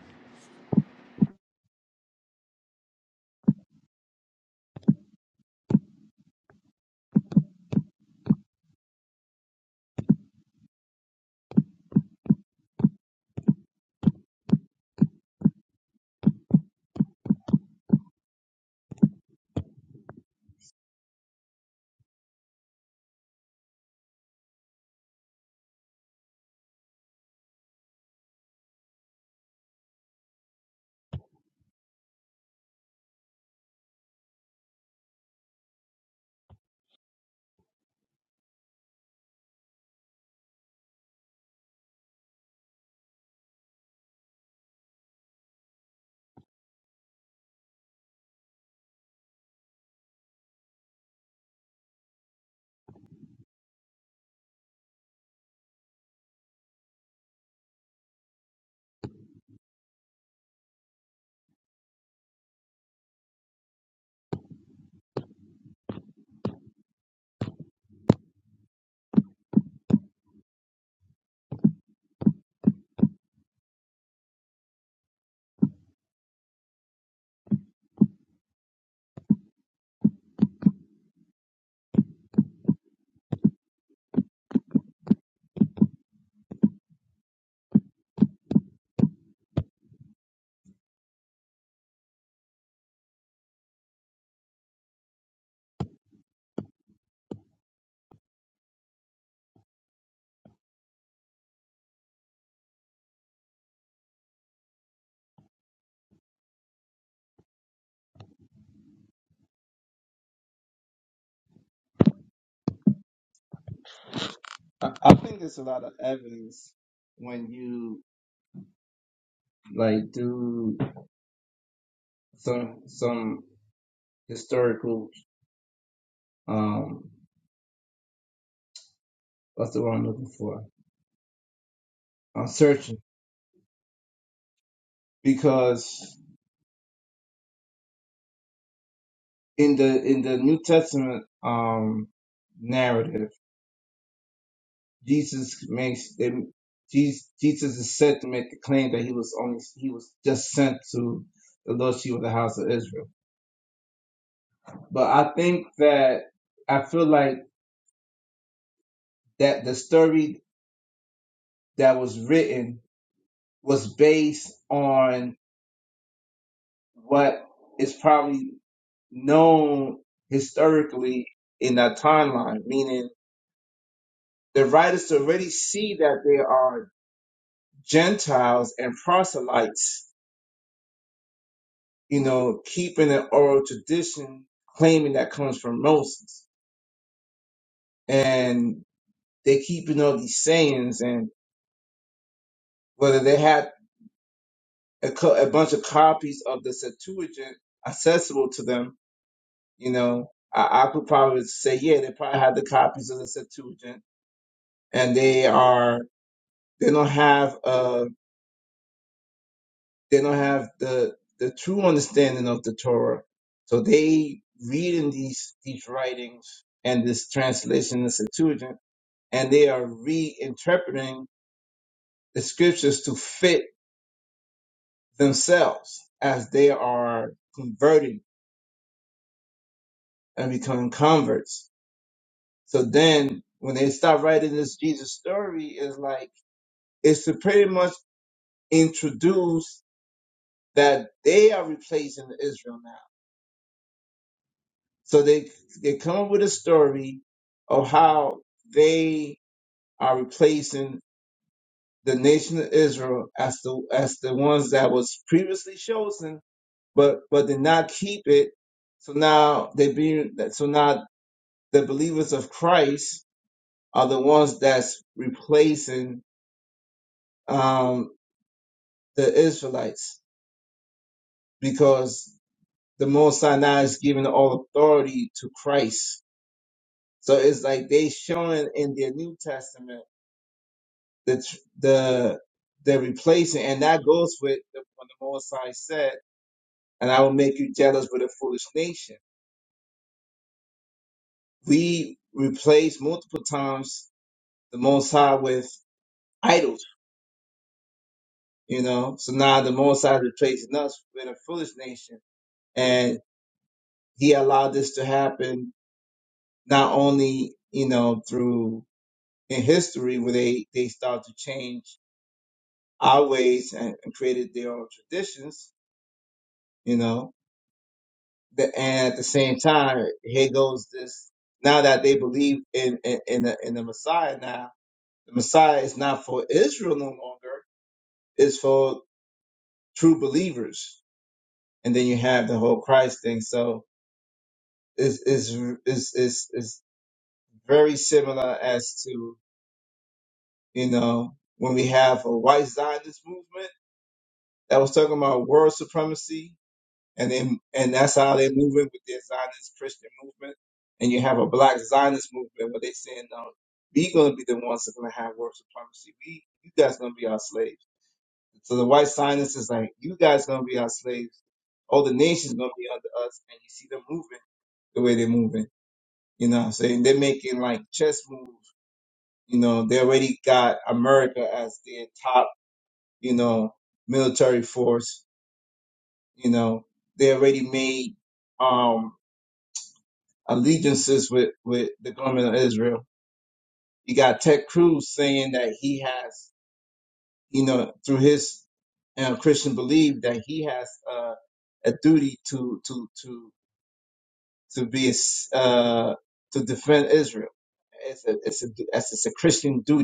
S2: I, I think there's a lot of evidence when you like do some some historical um what's the word I'm looking for? I'm searching because in the in the New Testament um narrative. Jesus makes them. Jesus, Jesus is said to make the claim that he was only he was just sent to the lost sheep of the house of Israel. But I think that I feel like that the story that was written was based on what is probably known historically in that timeline, meaning the writers already see that there are Gentiles and proselytes you know, keeping an oral tradition, claiming that comes from Moses. And they keeping all these sayings and whether they had a, co- a bunch of copies of the Septuagint accessible to them, you know, I, I could probably say, yeah, they probably had the copies of the Septuagint and they are, they don't have, uh, they don't have the, the true understanding of the Torah. So they reading these, these writings and this translation, of the Septuagint and they are reinterpreting the scriptures to fit themselves as they are converting and becoming converts. So then when they start writing this Jesus story, it's like, it's to pretty much introduce that they are replacing Israel now. So they, they come up with a story of how they are replacing the nation of Israel as the, as the ones that was previously chosen but but did not keep it. So now they be so now the believers of Christ are the ones that's replacing um, the Israelites because the Most Sinai is giving all authority to Christ. So it's like they showing in their New Testament the tr- the they're replacing, and that goes with the, when the Most High said, "And I will make you jealous with a foolish nation." We replace multiple times the Most High with idols, you know. So now the Most High is replacing us with a foolish nation, and He allowed this to happen not only, you know, through in history where they they start to change our ways and, and created their own traditions, you know. The, and at the same time, here goes this. Now that they believe in in in the, in the Messiah, now the Messiah is not for Israel no longer; it's for true believers and then you have the whole Christ thing. So it's it's it's it's, it's very similar as to you know when we have a white Zionist movement that was talking about world supremacy, and then and that's how they're moving with their Zionist Christian movement, and you have a black Zionist movement where they're saying no. We gonna be the ones that's gonna have world supremacy. We, you guys gonna be our slaves. So the white Zionists is like, you guys gonna be our slaves. All the nations gonna be under us, and you see them moving the way they're moving. You know what I'm saying? They're making like chess moves. You know, they already got America as their top, you know, military force. You know, they already made um allegiances with, with the government of Israel. You got Ted Cruz saying that he has, you know, through his uh, Christian belief that he has uh, a duty to to to to be a s- uh, to defend Israel. It's a, it's a it's a Christian duty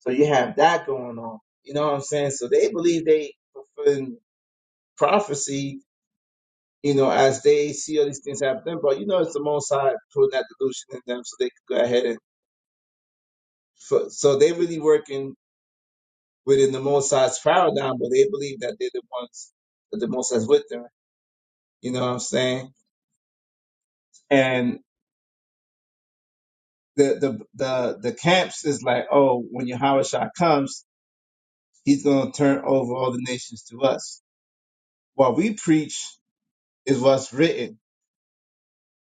S2: So you have that going on. You know what I'm saying? So they believe they fulfilling prophecy, you know, as they see all these things happen. But you know, it's the Most High putting that delusion in them, so they could go ahead and. So so they really working within the Most High's paradigm, but they believe that they're the ones that the Most High's with them. You know what I'm saying? And the the the the camps is like, oh, when Yahweh Shah comes, he's gonna turn over all the nations to us. What we preach is what's written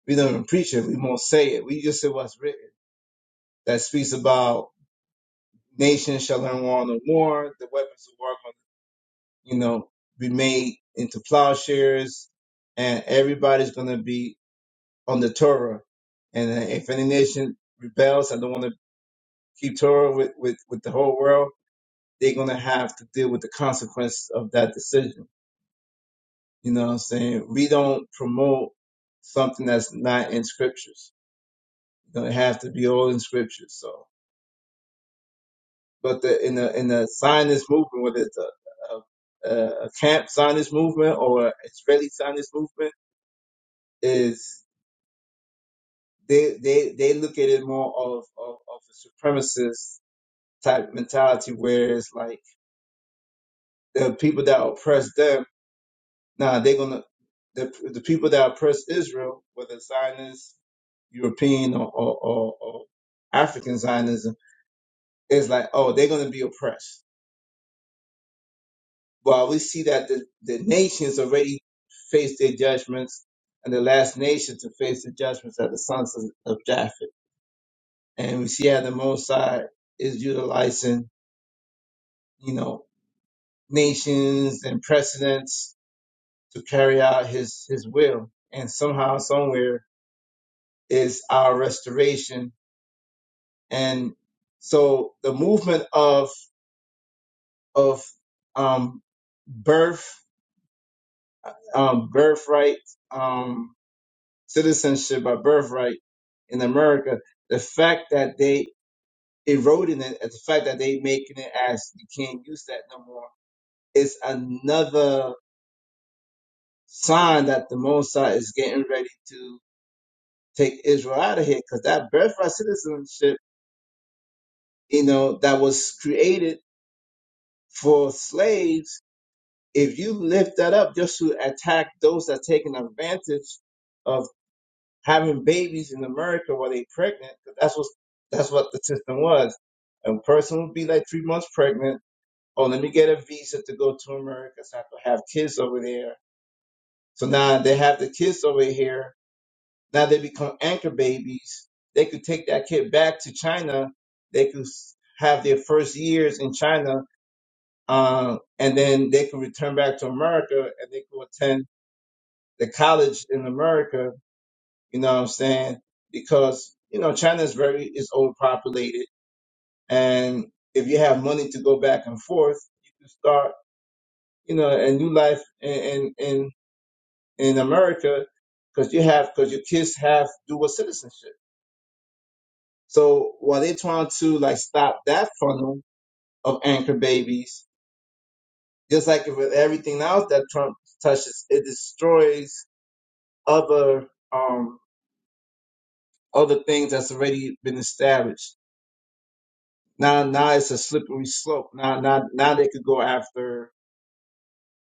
S2: We don't even preach it. We won't say it. We just say what's written. That speaks about nations shall learn war no more. The weapons of war, gonna, you know, be made into plowshares, and everybody's going to be on the Torah. And uh, if any nation rebels and don't want to keep Torah with, with, with the whole world, they're going to have to deal with the consequences of that decision. You know what I'm saying? We don't promote something that's not in scriptures. It don't have to be all in scriptures. So. But the, in the in the Zionist movement, whether it's a, a, a camp Zionist movement or Israeli Zionist movement, is they they they look at it more of of, of a supremacist type mentality, where it's like the people that oppress them, nah, they're gonna the the people that oppress Israel, whether Zionist, European, or or, or, or African Zionism, is like, oh, they're gonna be oppressed Well, we see that the, the nations already face their judgments, and the last nation to face the judgments are the sons of, of Japheth. And we see how the Mosai is utilizing, you know, nations and precedents to carry out his, his will. And somehow, somewhere is our restoration. And so the movement of, of, um, birth, um, birthright, um. citizenship by birthright in America, the fact that they eroding it, and the fact that they making it as you can't use that no more, is another sign that the Mosai is getting ready to take Israel out of here because that birthright citizenship, you know, that was created for slaves. If you lift that up just to attack those that are taking advantage having babies in America while they pregnant, because that's what that's what the system was. A person would be like three months pregnant. Oh, let me get a visa to go to America so I can have kids over there. So now they have the kids over here. Now they become anchor babies. They could take that kid back to China. They could s- have their first years in China, um, and then they could return back to America and they could attend the college in America You know what I'm saying? Because, you know, China is very, is overpopulated. And if you have money to go back and forth, you can start, you know, a new life in, in, in, in America because you have, because your kids have dual citizenship. So while they're trying to like stop that funnel of anchor babies, just like with everything else that Trump touches, it destroys other, um, other things that's already been established. Now, now it's a slippery slope. Now, now, now they could go after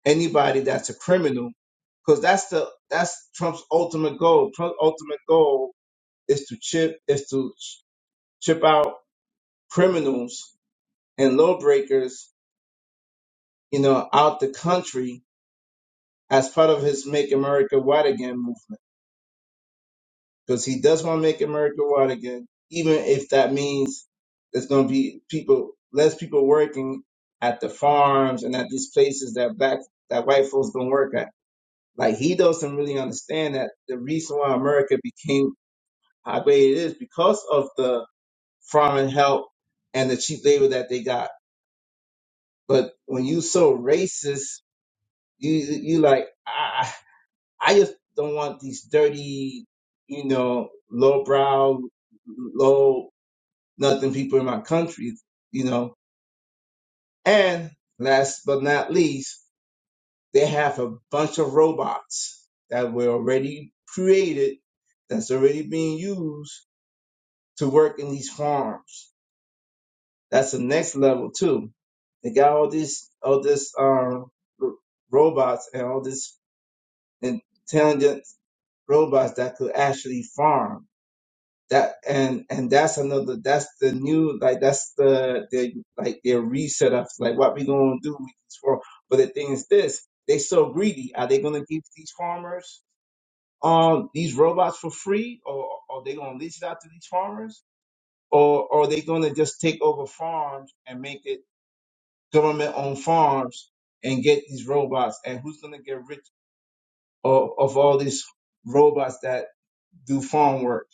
S2: anybody that's a criminal, because that's the that's Trump's ultimate goal. Trump's ultimate goal is to chip is to ch- chip out criminals and lawbreakers, you know, out the country as part of his "Make America White Again" movement. because he does want to make America wide again, even if that means there's going to be people, less people working at the farms and at these places that black, that white folks don't work at. Like he doesn't really understand that the reason why America became how great it is because of the farming help and the cheap labor that they got. But when you so racist, you you like I I just don't want these dirty, you know, lowbrow, low brow nothing people in my country, you know. And last but not least, they have a bunch of robots that were already created, that's already being used to work in these farms. That's the next level too. They got all this, all this, um, r- robots and all this intelligent robots that could actually farm that and and that's another that's the new like that's the the like their reset of like what we gonna do with these farm. But the thing is this, they so greedy. Are they gonna give these farmers um these robots for free, or are they gonna lease it out to these farmers, or, or are they gonna just take over farms and make it government owned farms and get these robots? And who's gonna get rich of, of all these robots that do farm work?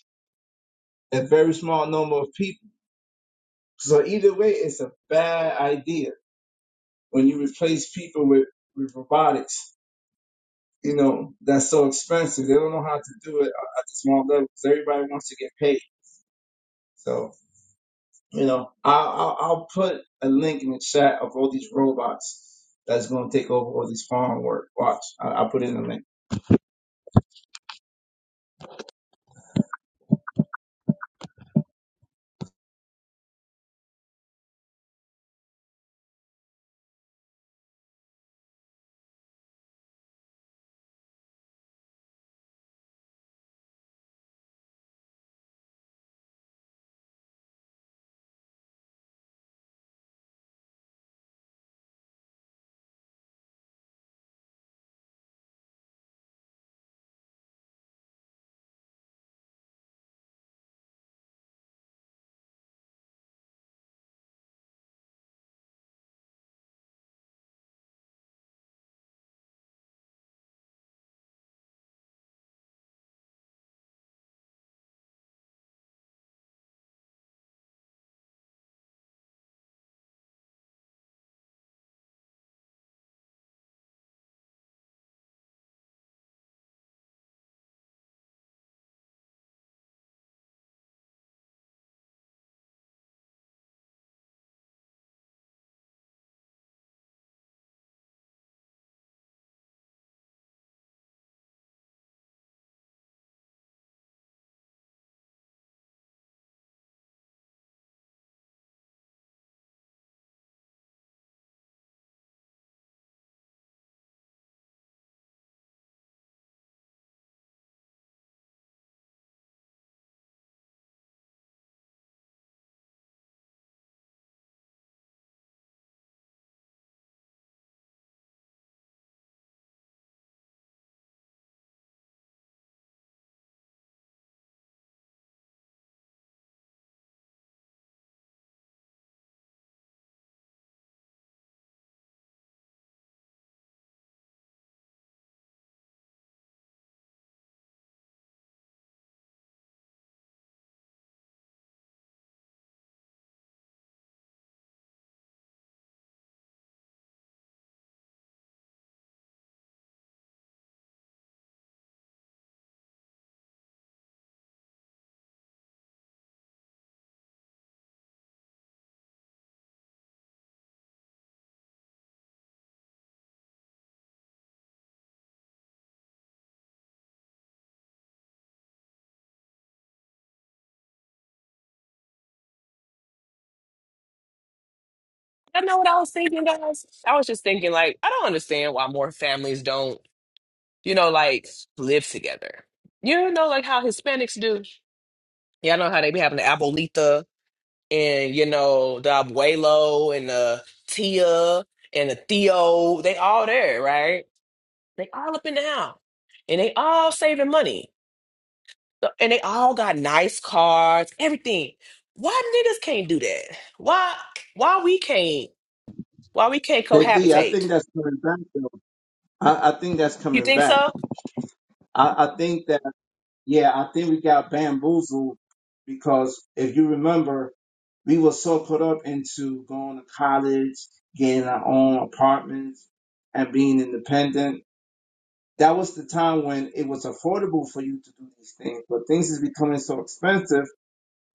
S2: A very small number of people So either way, it's a bad idea when you replace people with, with robotics. You know, that's so expensive. They don't know how to do it at the small level because everybody wants to get paid. So, you know, I'll, I'll, I'll put a link in the chat of all these robots that's going to take over all these farm work. Watch, I, I'll put in a link.
S3: I know what I was thinking, guys. I was just thinking, like, I don't understand why more families don't, you know, like live together. You know, like how Hispanics do. Y'all know how they be having the abuelita and you know the abuelo and the tia and the Theo. They all there, right? They all up in the house, and they all saving money. So- and they all got nice cars, everything. Why niggas can't do that? Why why we can't why we can't
S2: That D, I
S3: cohabitate?
S2: think that's coming back though. I, I think that's
S3: You
S2: coming
S3: think
S2: back.
S3: so?
S2: I, I think that. Yeah, I think we got bamboozled because if you remember, we were so put up into going to college, getting our own apartments, and being independent. That was the time when it was affordable for you to do these things, but things is becoming so expensive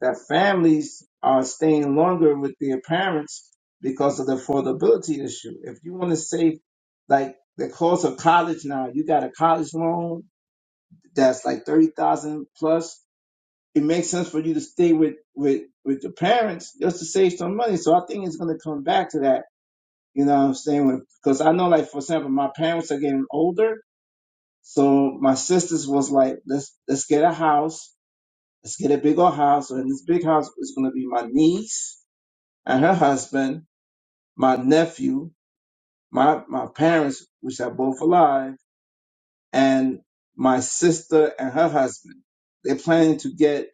S2: that families are staying longer with their parents because of the affordability issue. If you want to save, like the cost of college now, you got a college loan that's like thirty thousand plus it makes sense for you to stay with with with your parents just to save some money. So I think it's going to come back to that. You know what I'm saying? When- Because I know, like for example, my parents are getting older, so my sisters was like, let's let's get a house, let's get a big old house, So in this big house is going to be my niece and her husband, my nephew, my my parents, which are both alive, and my sister and her husband. They're planning to get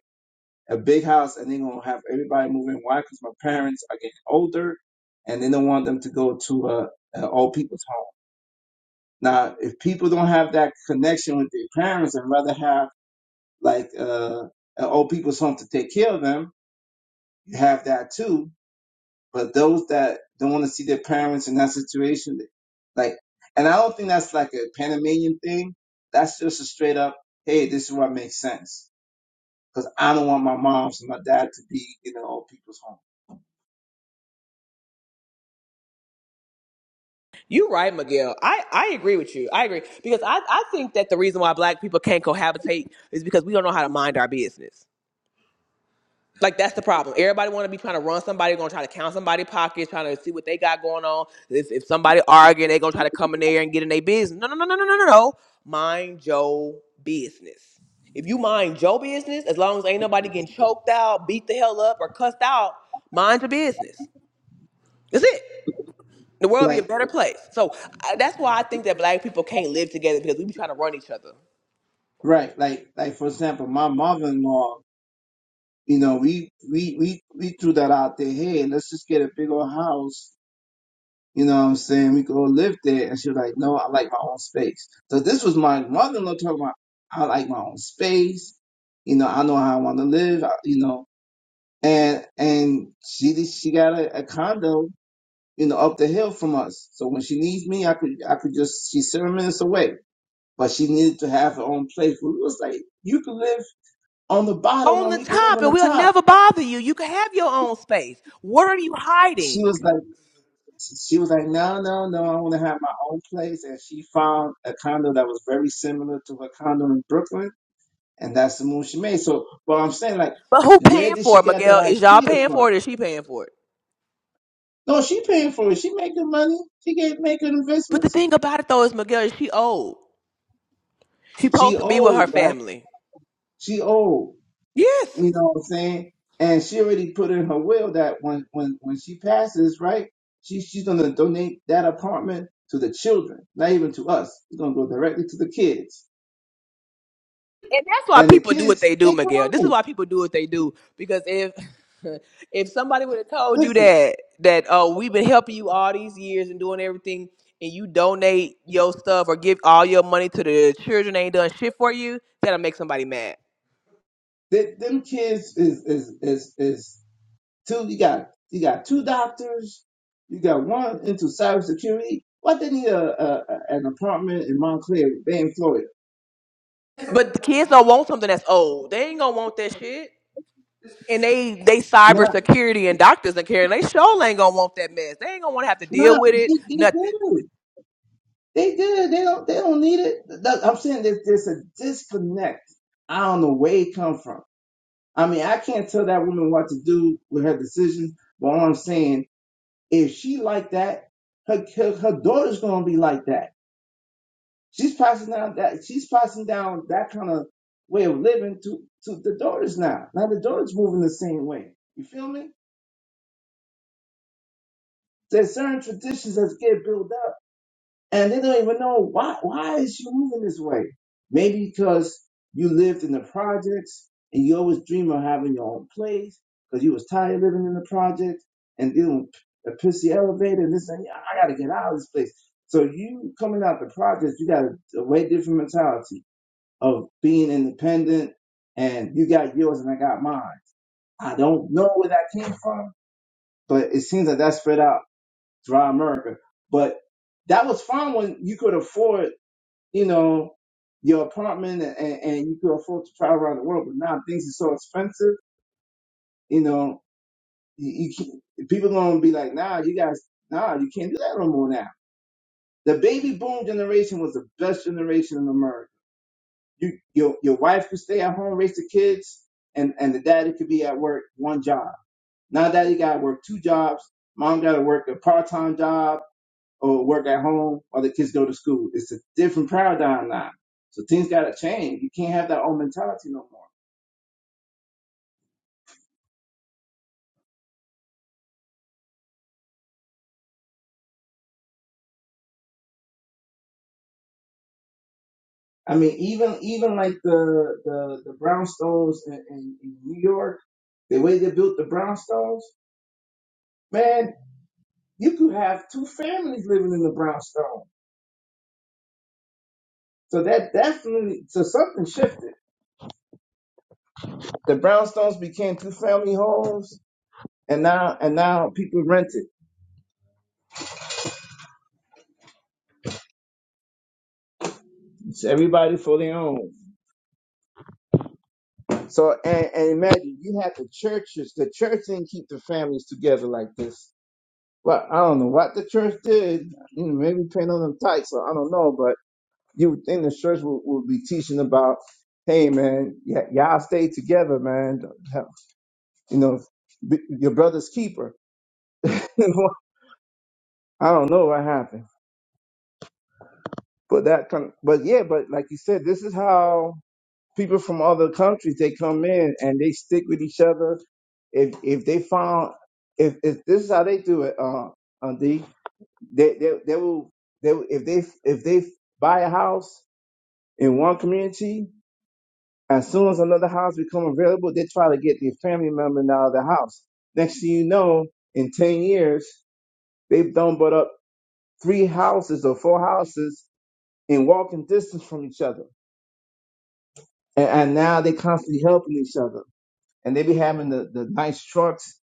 S2: a big house and they're gonna have everybody moving. Why? Because my parents are getting older and they don't want them to go to a, a old people's home. Now, if people don't have that connection with their parents and rather have like uh, an old people's home to take care of them, you have that too. But those that don't want to see their parents in that situation, like, and I don't think that's like a Panamanian thing. That's just a straight up, hey, this is what makes sense. Because I don't want my moms and my dad to be in an old people's home.
S3: You're right, Miguel. I, I agree with you. I agree. Because I, I think that the reason why black people can't cohabitate is because we don't know how to mind our business. Like that's the problem. Everybody want to be trying to run somebody, gonna try to count somebody pockets, trying to see what they got going on. If, if somebody arguing, they gonna try to come in there and get in their business. No, no, no, no, no, no, no, no. Mind your business. If you mind your business, as long as ain't nobody getting choked out, beat the hell up, or cussed out, mind your business. That's it. The world be a
S2: Like,
S3: better place. So I, that's why I think that black people can't live together because we be trying to run each other
S2: Right. Like like for example, my mother in law, you know, we we we we threw that out there, hey, let's just get a big old house, you know what I'm saying? We could all live there and she was like, No, I like my own space. So this was my mother in law talking about I like my own space, you know, I know how I wanna live, I- you know. And and she did- she got a, a condo, you know, up the hill from us. So when she needs me I could I could just she's seven minutes away. But she needed to have her own place. We was like, you can live on the bottom
S3: on
S2: and
S3: the
S2: we could live
S3: top,
S2: on
S3: and
S2: the
S3: we'll
S2: top.
S3: never bother you. You can have your own space. What are you
S2: She
S3: hiding?
S2: was like, she was like, no, no, no, I want to have my own place. And she found a condo that was very similar to her condo in Brooklyn, and that's the move she made. So, but I'm saying, like,
S3: But who
S2: where
S3: paying
S2: did
S3: for
S2: she
S3: it,
S2: get that
S3: Miguel? Is y'all
S2: idea
S3: paying
S2: from?
S3: for it or is she paying for it?
S2: No, she paying for it. She making money. She get making
S3: But the
S2: investments.
S3: thing about it though is Miguel is she old. She
S2: She
S3: supposed to be with her
S2: old, right?
S3: family.
S2: She old.
S3: Yes.
S2: You know what I'm saying? And she already put in her will that when when when she passes, right? She she's gonna donate that apartment to the children, not even to us. It's gonna go directly to the kids.
S3: And that's why
S2: And the
S3: people do what they
S2: kids,
S3: do,
S2: they
S3: Miguel. This is
S2: grown.
S3: why people do what they do. Because if <laughs> if somebody would have told you
S2: Listen,
S3: that that oh we've been helping you all these years and doing everything and you donate your stuff or give all your money to the children that ain't done shit for you, that'll make somebody mad.
S2: they, them kids is is is is two. You got you got two doctors. You got one into cybersecurity. Why they need a, a, a an apartment in Montclair, Bay in Florida?
S3: But the kids don't want something that's old. They ain't gonna want that shit. and they they
S2: Nah,
S3: cybersecurity and doctors and care, and they sure ain't gonna want that mess. They ain't gonna want to have to deal
S2: nah,
S3: with it.
S2: they, they
S3: Nothing.
S2: good. They good. They don't. They don't need it. That- I'm saying there's there's a disconnect. I don't know where it come from. I mean, I can't tell that woman what to do with her decisions. But all I'm saying, if she like that, her her, her daughter's gonna be like that. She's passing down that. She's passing down that kind of way of living to to the daughters now. Now the daughters moving the same way. You feel me? There's certain traditions that get built up and they don't even know why why is you moving this way maybe because you lived in the projects and you always dream of having your own place because you was tired of living in the project and dealing with a pissy elevator and this and that. i gotta get out of this place so you coming out the projects you got a way different mentality of being independent and you got yours and i got mine i don't know where that came from but it seems that that spread out throughout america but that was fine when you could afford you know, your apartment and, and, and you could afford to travel around the world. But now things are so expensive, you know, you, you can't, people going to be like, nah, you guys, nah, you can't do that no more now. The baby boom generation was the best generation in America. You, your, your wife could stay at home, raise the kids, and, and the daddy could be at work, one job. Now daddy got to work two jobs. Mom got to work a part-time job or work at home or the kids go to school. It's a different paradigm now. So things gotta change. You can't have that old mentality no more. I mean, even even like the the, the brownstones in, in, in New York, the way they built the brownstones, man, you could have two families living in the brownstone. So that definitely so something shifted. The brownstones became two family homes and now and now people rent it. It's everybody for their own. So and, and imagine you had the churches. The church didn't keep the families together like this. Well, I don't know what the church did. You know, maybe paying on them tight. So I don't know. But you would think the church would, would be teaching about, hey man, y- y'all stay together, man. You know, be, your brother's keeper. <laughs> I don't know what happened, but that kind. Of, but yeah, but like you said, this is how. people from other countries they come in and they stick with each other. If if they found if if this is how they do it, uh, uh D, they they they will they will- if they if they buy a house in one community, as soon as another house become available, they try to get their family member out of the house. Next thing you know, in ten years, they've done but up three houses or four houses in walking distance from each other, and, and now they constantly helping each other and they be having the, the nice trucks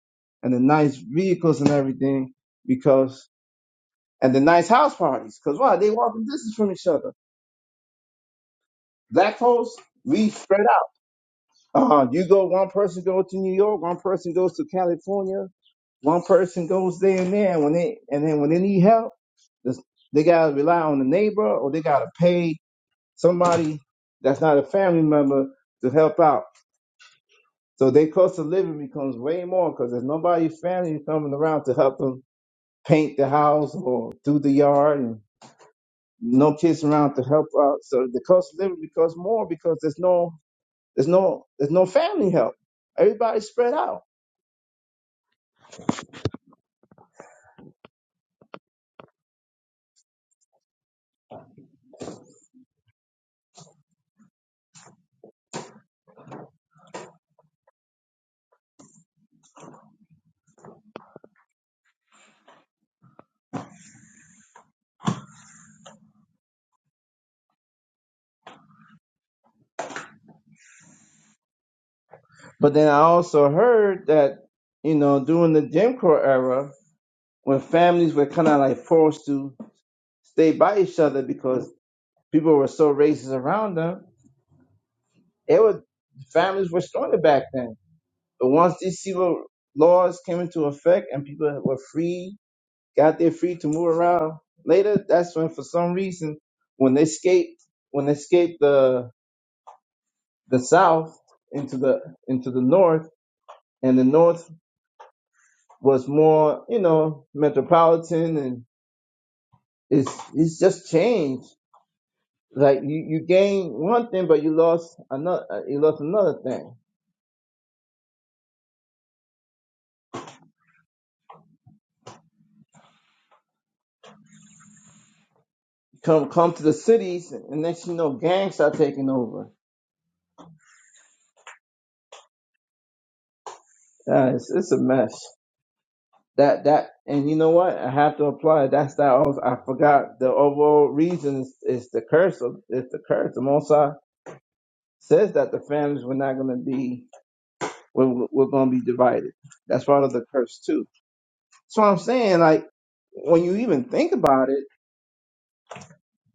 S2: and the nice vehicles and everything because and the nice house parties because why they walking distance from each other. Black folks, we spread out. Uh, you go one person goes to New York, one person goes to California, one person goes there and there. And when they and then when they need help, this- they gotta rely on the neighbor or they gotta pay somebody that's not a family member to help out. So their cost of living becomes way more because there's nobody family coming around to help them paint the house or do the yard and no kids around to help out. So the cost of living becomes more because there's no there's no there's no family help. Everybody's spread out. But then I also heard that, you know, during the Jim Crow era, when families were kind of like forced to stay by each other because people were so racist around them, they were families were stronger back then. But once these civil laws came into effect and people were free got there free to move around later, that's when for some reason when they escaped when they escaped the the south into the into the north and the north was more, you know, metropolitan and it's it's just changed. Like you, you gain one thing but you lost another uh, you lost another thing. Come come to the cities and next you know gangs are taking over. Yeah, it's, it's a mess. that that and you know what i have to apply that's that also, i forgot the overall reason is, is the curse of it's the curse the Mosai says that the families were not going to be we're, we're going to be divided that's part of the curse too so i'm saying like when you even think about it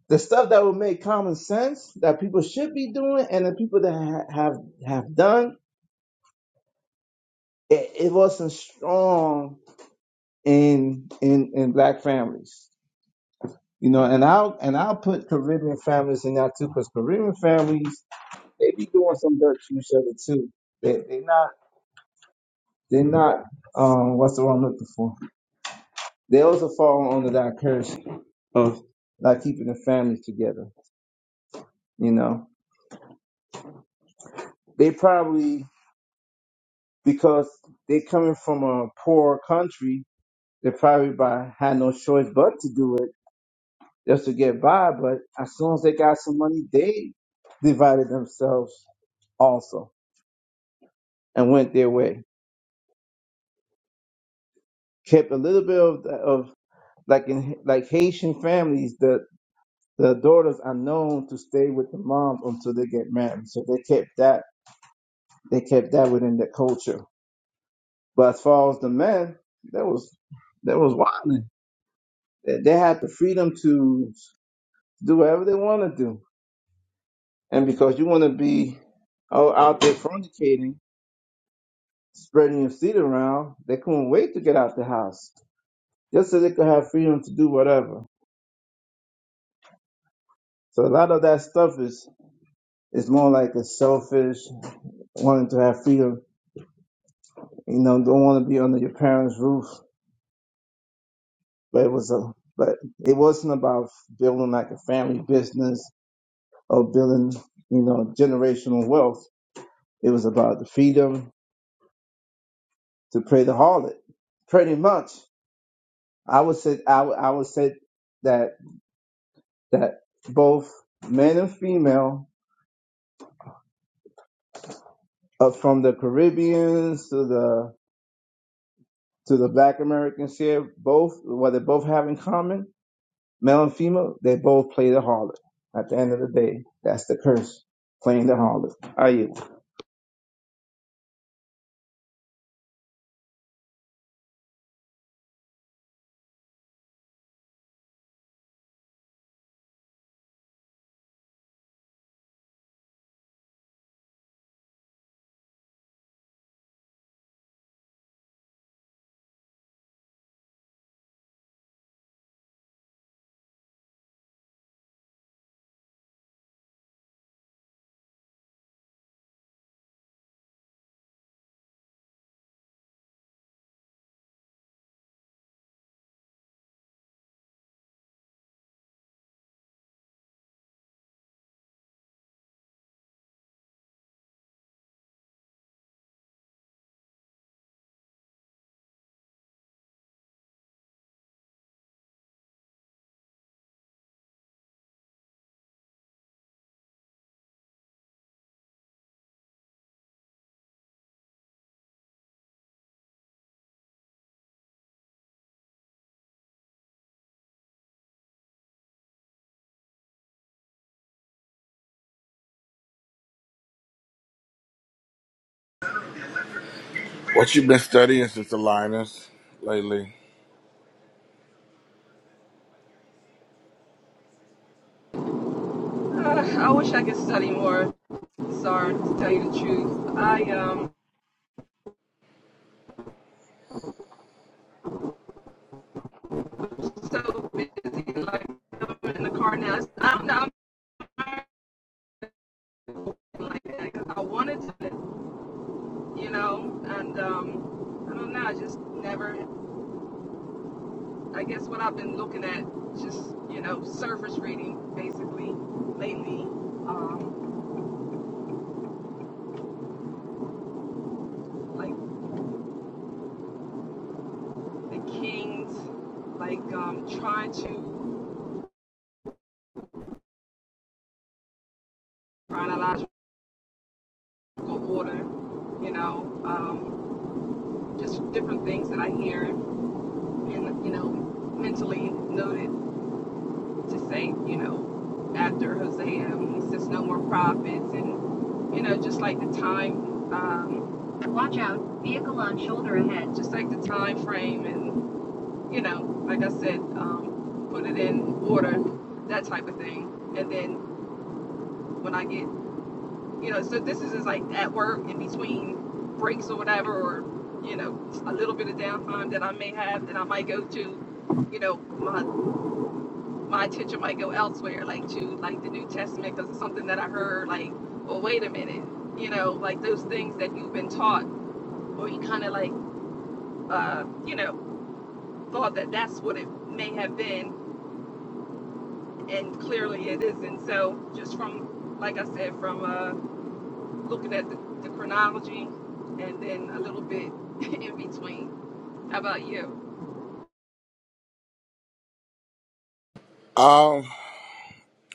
S2: the stuff that would make common sense that people should be doing and the people that ha- have have done it, it wasn't strong in in in black families You know, and I'll and I'll put Caribbean families in that too, because Caribbean families they be doing some dirt to each other too. They they not they're not um what's the word I'm looking for? They also fall under that curse of not keeping the families together. You know, they probably because they coming from a poor country, they probably by had no choice but to do it just to get by. But as soon as they got some money, they divided themselves also and went their way kept a little bit of, of like in like Haitian families, the the daughters are known to stay with the moms until they get married. So they kept that they kept that within the culture. But as far as the men, that was that was wild. They, they had the freedom to do whatever they want to do, and because you want to be out out there fornicating, spreading your seed around, they couldn't wait to get out the house just so they could have freedom to do whatever. So a lot of that stuff is It's more like a selfish wanting to have freedom. You know, don't want to be under your parents' roof. But it was a, but it wasn't about building like a family business or building, you know, generational wealth. It was about the freedom to play the harlot. Pretty much, I would say I would, I would say that that both men and female, uh, from the Caribbeans to the to the Black Americans here, both what they both have in common Male and female, they both play the harlot. At the end of the day, that's the curse, playing the harlot. Are you?
S1: What you been studying, Sister Linus, lately?
S4: Uh, I wish I could study more, sorry to tell you the truth. I um so busy like I'm in the car now. I like that, because I wanted to, you know. And um, I don't know, I just never. I guess what I've been looking at, just you know, surface reading basically lately, um, like the Kings, like um, trying to chronological order, you know, um, just different things that I hear and you know mentally noted. to say, you know, after Hosea, he says no more prophets, and you know, just like the time, um, watch out, vehicle on shoulder ahead. Just like the time frame, and you know, like I said, um, put it in order, that type of thing. And then when I get, you know, so this is just like at work in between breaks or whatever, or you know, a little bit of downtime that I may have that I might go to, you know, my my attention might go elsewhere, like to like the New Testament, because it's something that I heard. Like, well, wait a minute, you know, like those things that you've been taught, or you kind of like, uh, you know, thought that that's what it may have been, and clearly it isn't. So, just from like I said, from uh, looking at the, the chronology, and then a little bit <laughs> in between. How about you?
S1: Um,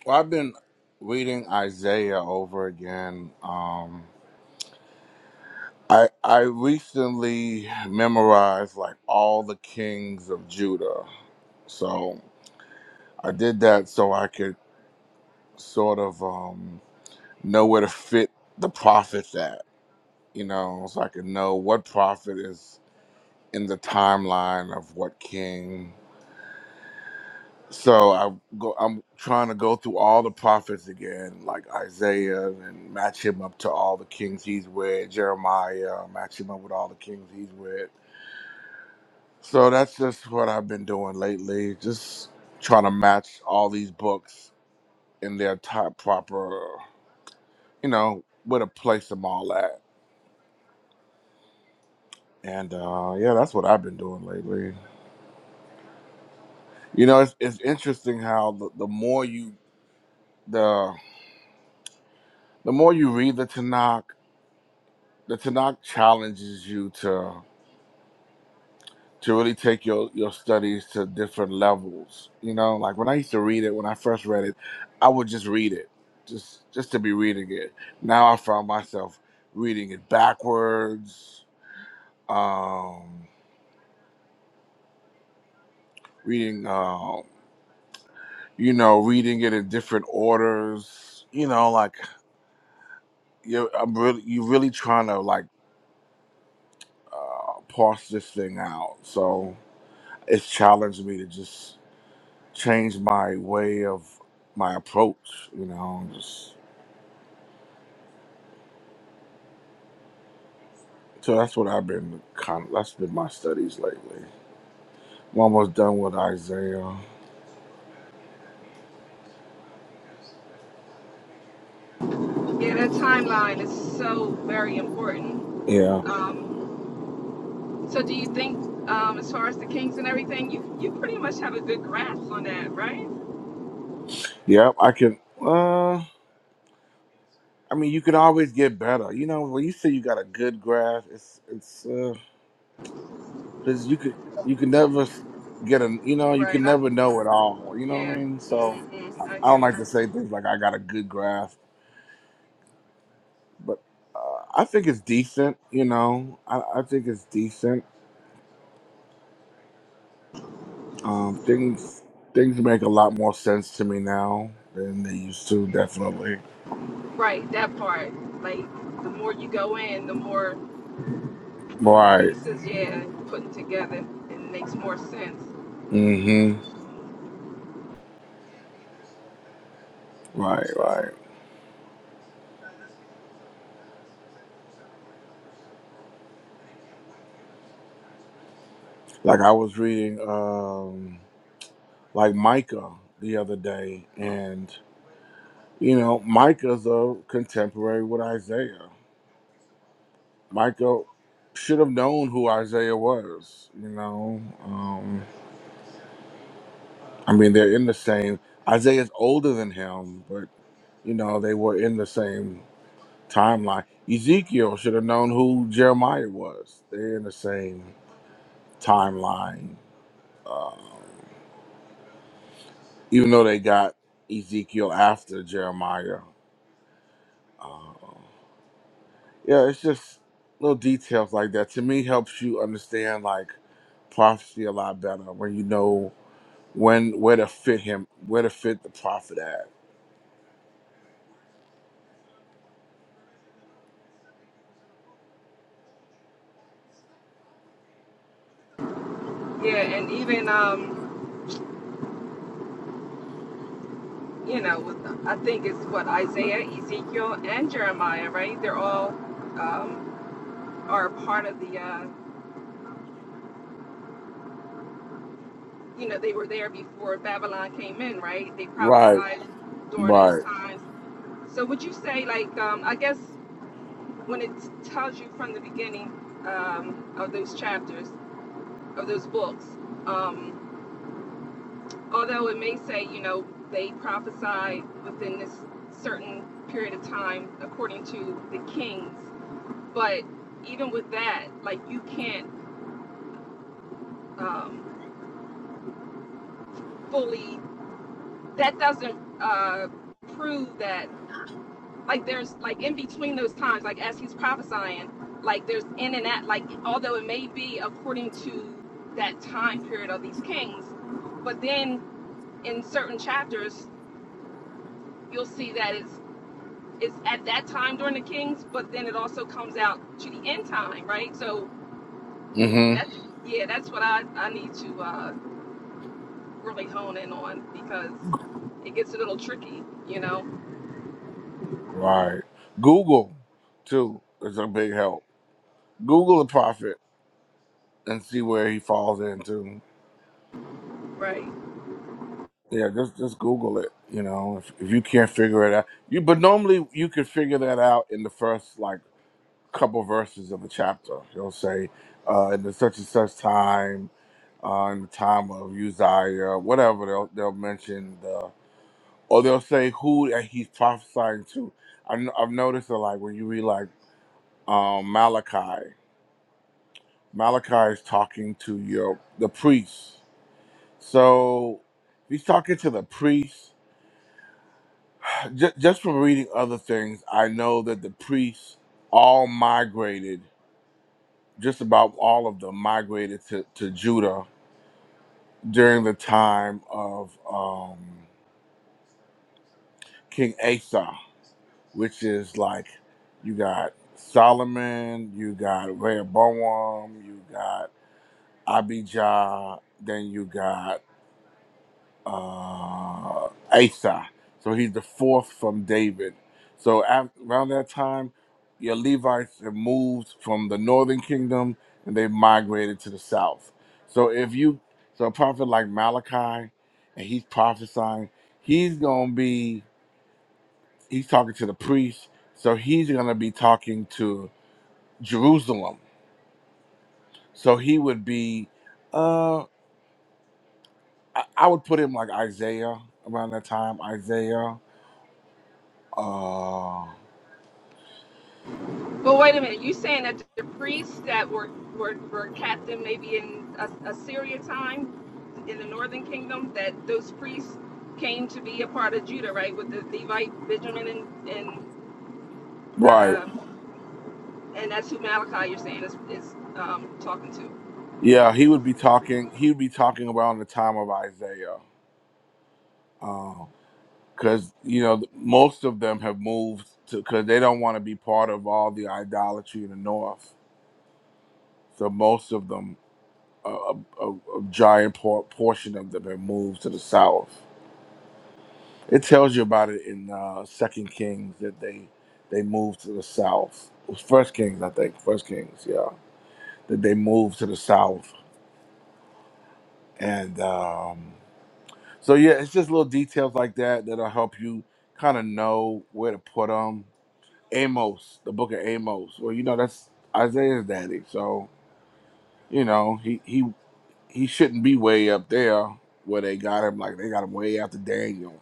S1: Well, I've been reading Isaiah over again. Um, I I recently memorized like all the kings of Judah, so I did that so I could sort of um, know where to fit the prophets at. You know, so I could know what prophet is in the timeline of what king, So I go, I'm trying to go through all the prophets again, like Isaiah, and match him up to all the kings he's with. Jeremiah, match him up with all the kings he's with. So that's just what I've been doing lately, just trying to match all these books in their type proper, you know, where to place them all at. And uh, yeah, that's what I've been doing lately. You know, it's, it's interesting how the, the more you the the more you read the Tanakh the Tanakh challenges you to to really take your your studies to different levels. You know, like when I used to read it, when I first read it, I would just read it, just just to be reading it. Now I found myself reading it backwards, um, reading, um, you know, reading it in different orders. You know, like you, I'm really you really trying to like uh, parse this thing out. So it's challenged me to just Changed my way of my approach. You know, just so that's what I've been kind. Of, that's been my studies lately. I'm almost done with Isaiah.
S4: Yeah, that timeline is so very important.
S1: Yeah,
S4: Um, So do you think, um, as far as the kinks and everything, you you pretty much have a good grasp on that, right?
S1: yep. I can. Uh, I mean, you can always get better. You know, when you say you got a good grasp, it's it's because you could you can never get a you know you
S4: Right.
S1: can
S4: I,
S1: never know it all. You know what
S4: yeah.
S1: I mean? So
S4: hmm I
S1: I
S4: hear
S1: don't
S4: you.
S1: like to say things like I got a good grasp, but uh, I think it's decent. You know, I, I think it's decent Um, things things make a lot more sense to me now than they used to. Definitely.
S4: Right. That part. Like the more you go in, the more
S1: Right.
S4: pieces, yeah, putting together, it makes more sense.
S1: Mm-hmm. Right. Right. Like I was reading, um, like Micah the other day, and you know, Micah's a contemporary with Isaiah. Micah should have known who Isaiah was. You know, um, I mean, they're in the same. Isaiah's older than him, but you know, they were in the same. timeline. Ezekiel should have known who Jeremiah was. They're in the same timeline, um, even though they got Ezekiel after Jeremiah. Uh, yeah, it's just little details like that. To me, helps you understand like prophecy a lot better when you know when where to fit him, where to fit the prophet at.
S4: Yeah, and even um, you know, with, I think it's what Isaiah, Ezekiel, and Jeremiah, right? They're all um, are part of the uh, you know, they were there before Babylon came in, right? They
S1: Right,
S4: prophesied during those
S1: right,
S4: times. So would you say, like, um, I guess when it tells you from the beginning um, of those chapters, of those books, um, although it may say, you know, they prophesied within this certain period of time according to the kings, but even with that, like, you can't um, fully, that doesn't uh, prove that like there's like in between those times, like as he's prophesying, like there's in and out, like although it may be according to that time period of these kings, but then in certain chapters you'll see that it's it's at that time during the kings, but then it also comes out to the end time, right? So
S1: mm-hmm,
S4: that's yeah, that's what I, I need to uh, really hone in on because it gets a little tricky, you know,
S1: right. Google too is a big help. Google the prophet and see where he falls into.
S4: right?
S1: Yeah, just just Google it. You know, if, if you can't figure it out, you but normally you could figure that out in the first like couple verses of a chapter. You'll say, uh, in the such and such time, uh, in the time of Uzziah, whatever they'll they'll mention the or they'll say who that he's prophesying to. I, have noticed that like when you read like um, Malachi, Malachi is talking to your the priests So he's talking to the priests. Just, <sighs> just from reading other things, I know that the priests all migrated, just about all of them migrated to, to Judah during the time of um, King Asa, which is like you got Solomon, you got Rehoboam, you got Abijah, then you got uh, Asa. So he's the fourth from David. So af around that time, your Levites have moved from the northern kingdom and they migrated to the south. So if you, so a prophet like Malachi, and he's prophesying, he's gonna be, he's talking to the priests. So he's gonna be talking to Jerusalem. So he would be, uh, I, I would put him like Isaiah around that time, Isaiah. uh,
S4: But wait a minute, you saying that the priests that were were, were captive maybe in As- Assyria time in the northern kingdom, that those priests came to be a part of Judah, right? With the Levite, Benjamin, and and
S1: Right.
S4: um, and that's who Malachi you're saying is is um, talking to.
S1: Yeah, he would be talking. He would be talking around the time of Isaiah, because you know th- most of them have moved to because they don't want to be part of all the idolatry in the north. So most of them, a, a, a a giant por- portion of them, have moved to the south. It tells you about it in uh, Second Kings that they they moved to the south. It was First Kings, I think. First Kings, yeah, that they moved to the south and. um, So yeah, it's just little details like that that'll help you kind of know where to put them. Amos, the book of Amos. Well, you know that's Isaiah's daddy, so you know he he he shouldn't be way up there where they got him. Like they got him way after Daniel.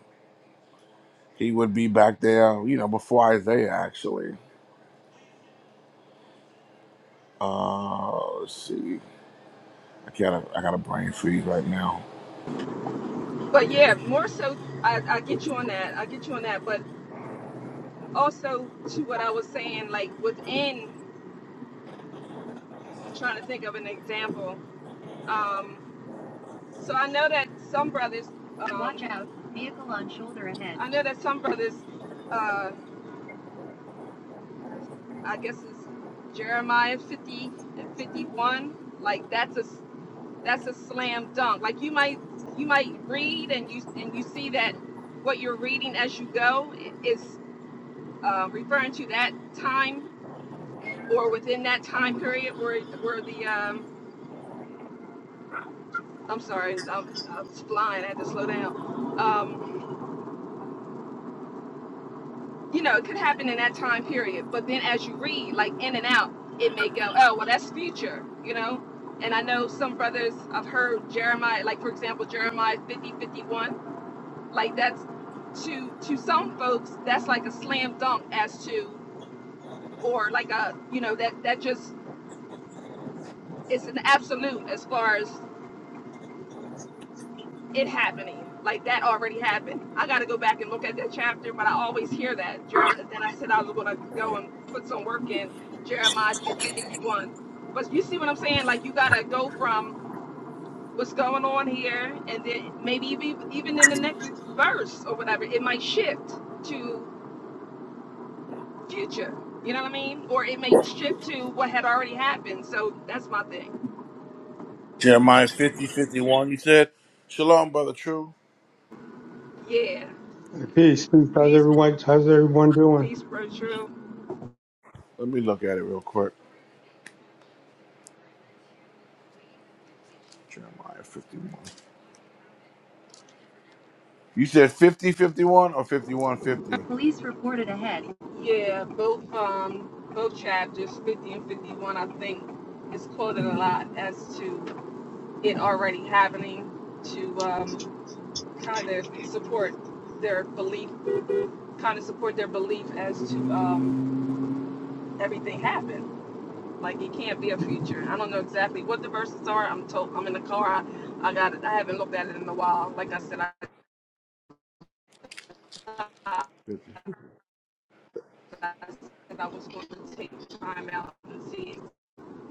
S1: He would be back there, you know, before Isaiah actually. Uh, let's see. I gotta I got a brain freeze right now.
S4: But yeah, more so, I, I get you on that. I get you on that. But also to what I was saying, like within, I'm trying to think of an example. Um, So I know that some brothers. Um, Watch out, vehicle on shoulder ahead. I know that some brothers, uh, I guess it's Jeremiah 50 and 51, like that's a that's a slam dunk. Like you might you might read and you and you see that what you're reading as you go is uh, referring to that time or within that time period where where the um, I'm sorry I'm, I'm flying I had to slow down Um, you know, it could happen in that time period. But then as you read, like in and out, it may go, oh, well, that's future, you know? And I know some brothers, I've heard Jeremiah, like for example, Jeremiah 50, 51, like that's to to some folks, that's like a slam dunk as to, or like a, you know, that that just it's an absolute as far as it happening. Like that already happened. I got to go back and look at that chapter, but I always hear that. Then I said I was going to go and put some work in Jeremiah 50 51. But you see what I'm saying? Like you got to go from what's going on here, and then maybe even, even in the next verse or whatever, it might shift to future. You know what I mean? Or it may shift to what had already happened. So that's my thing.
S1: Jeremiah 50 51. You said, Shalom, brother. True.
S4: Yeah.
S6: Hey, Peace, peace. How's
S4: Peace,
S6: everyone? How's everyone doing?
S4: peace, bro. true.
S1: Let me look at it real quick. Jeremiah fifty one. You said 50 51 or fifty-one fifty one
S4: Police reported ahead. Yeah, both um both chapters, fifty and fifty-one, I think, is quoted a lot as to it already happening to um kind of support their belief, kind of support their belief as to um everything happened. Like it can't be a future. I don't know exactly what the verses are. I'm told I'm in the car. I, I got it. I haven't looked at it in a while. Like I said, I,
S1: fifty? 50?
S4: I said I was going to take time out and see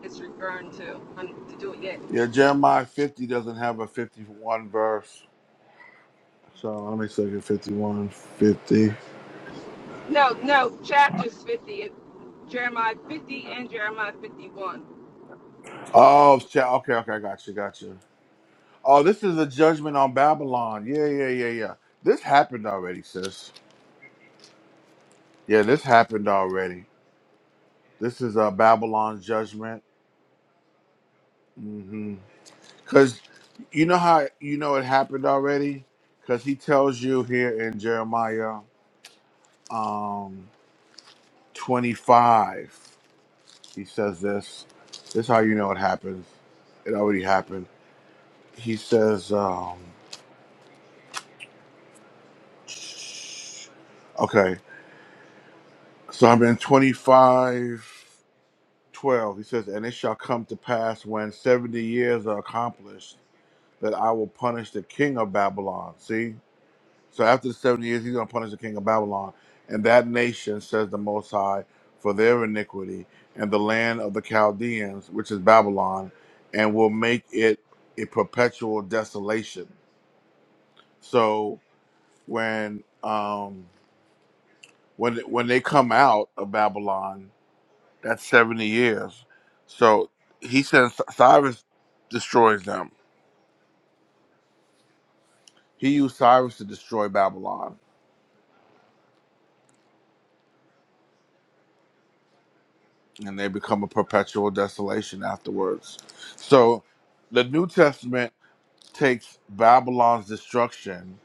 S4: It's referring to. Um, to do it yet.
S1: Yeah, Jeremiah 50 doesn't have a 51 verse. So let me look at 51 50.
S4: No, no, chapters 50, Jeremiah 50 and Jeremiah 51.
S1: Oh, cha- okay, okay, I got you, got you. Oh, this is a judgment on Babylon. Yeah, yeah, yeah, yeah. This happened already, sis. Yeah, this happened already. This is a Babylon judgment. Mm-hmm. Because you know how you know it happened already? Because he tells you here in Jeremiah. Um 25. He says this. This is how you know it happens. It already happened. He says, um, okay, so I'm in 25, 12. He says, and it shall come to pass when 70 years are accomplished that I will punish the king of Babylon. See? So after the 70 years, he's going to punish the king of Babylon. And that nation, says the Most High, for their iniquity, and the land of the Chaldeans, which is Babylon, and will make it a perpetual desolation. So when um, when when they come out of Babylon, that's 70 years. So he says Cyrus destroys them. He used Cyrus to destroy Babylon and they become a perpetual desolation afterwards. So the New Testament takes Babylon's destruction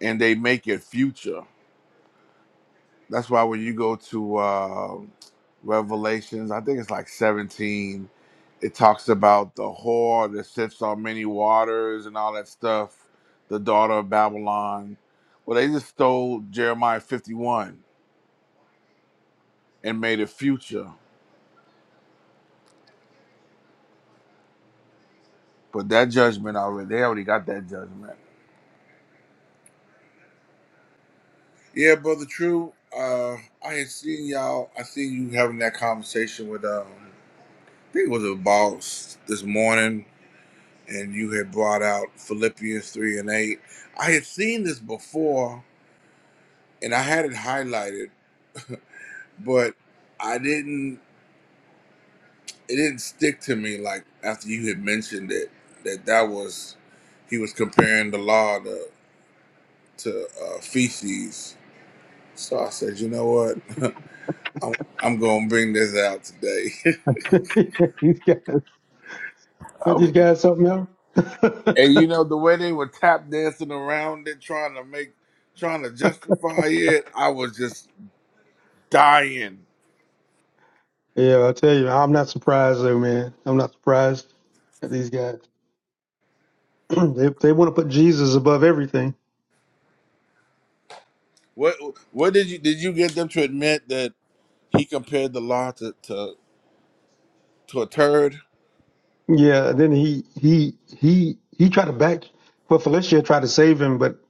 S1: and they make it future. That's why when you go to uh, Revelations, I think it's like 17, it talks about the whore that sits on many waters and all that stuff, the daughter of Babylon. Well, they just stole Jeremiah 51 and made it future. But that judgment already, they already got that judgment Yeah, brother. True. Uh, I had seen y'all. I seen you having that conversation with um, I think it was a boss this morning, and you had brought out Philippians three and eight. I had seen this before, and I had it highlighted, <laughs> but I didn't. It didn't stick to me like after you had mentioned it that that was he was comparing the law to to uh, feces. So I said, you know what? I'm, I'm gonna bring this out today.
S6: <laughs> These guys,
S1: <laughs> I
S6: aren't these
S1: was
S6: guys something else? <laughs>
S1: And you know the way they were tap dancing around it, trying to make, trying to justify it. I was just dying.
S6: yeah, I tell you, I'm not surprised though, man. I'm not surprised at these guys. <clears throat> they they want to put Jesus above everything.
S1: What what did you did you get them to admit that he compared the law to to, to a turd?
S6: Yeah, then he he he he tried to back. Well, Felicia tried to save him, but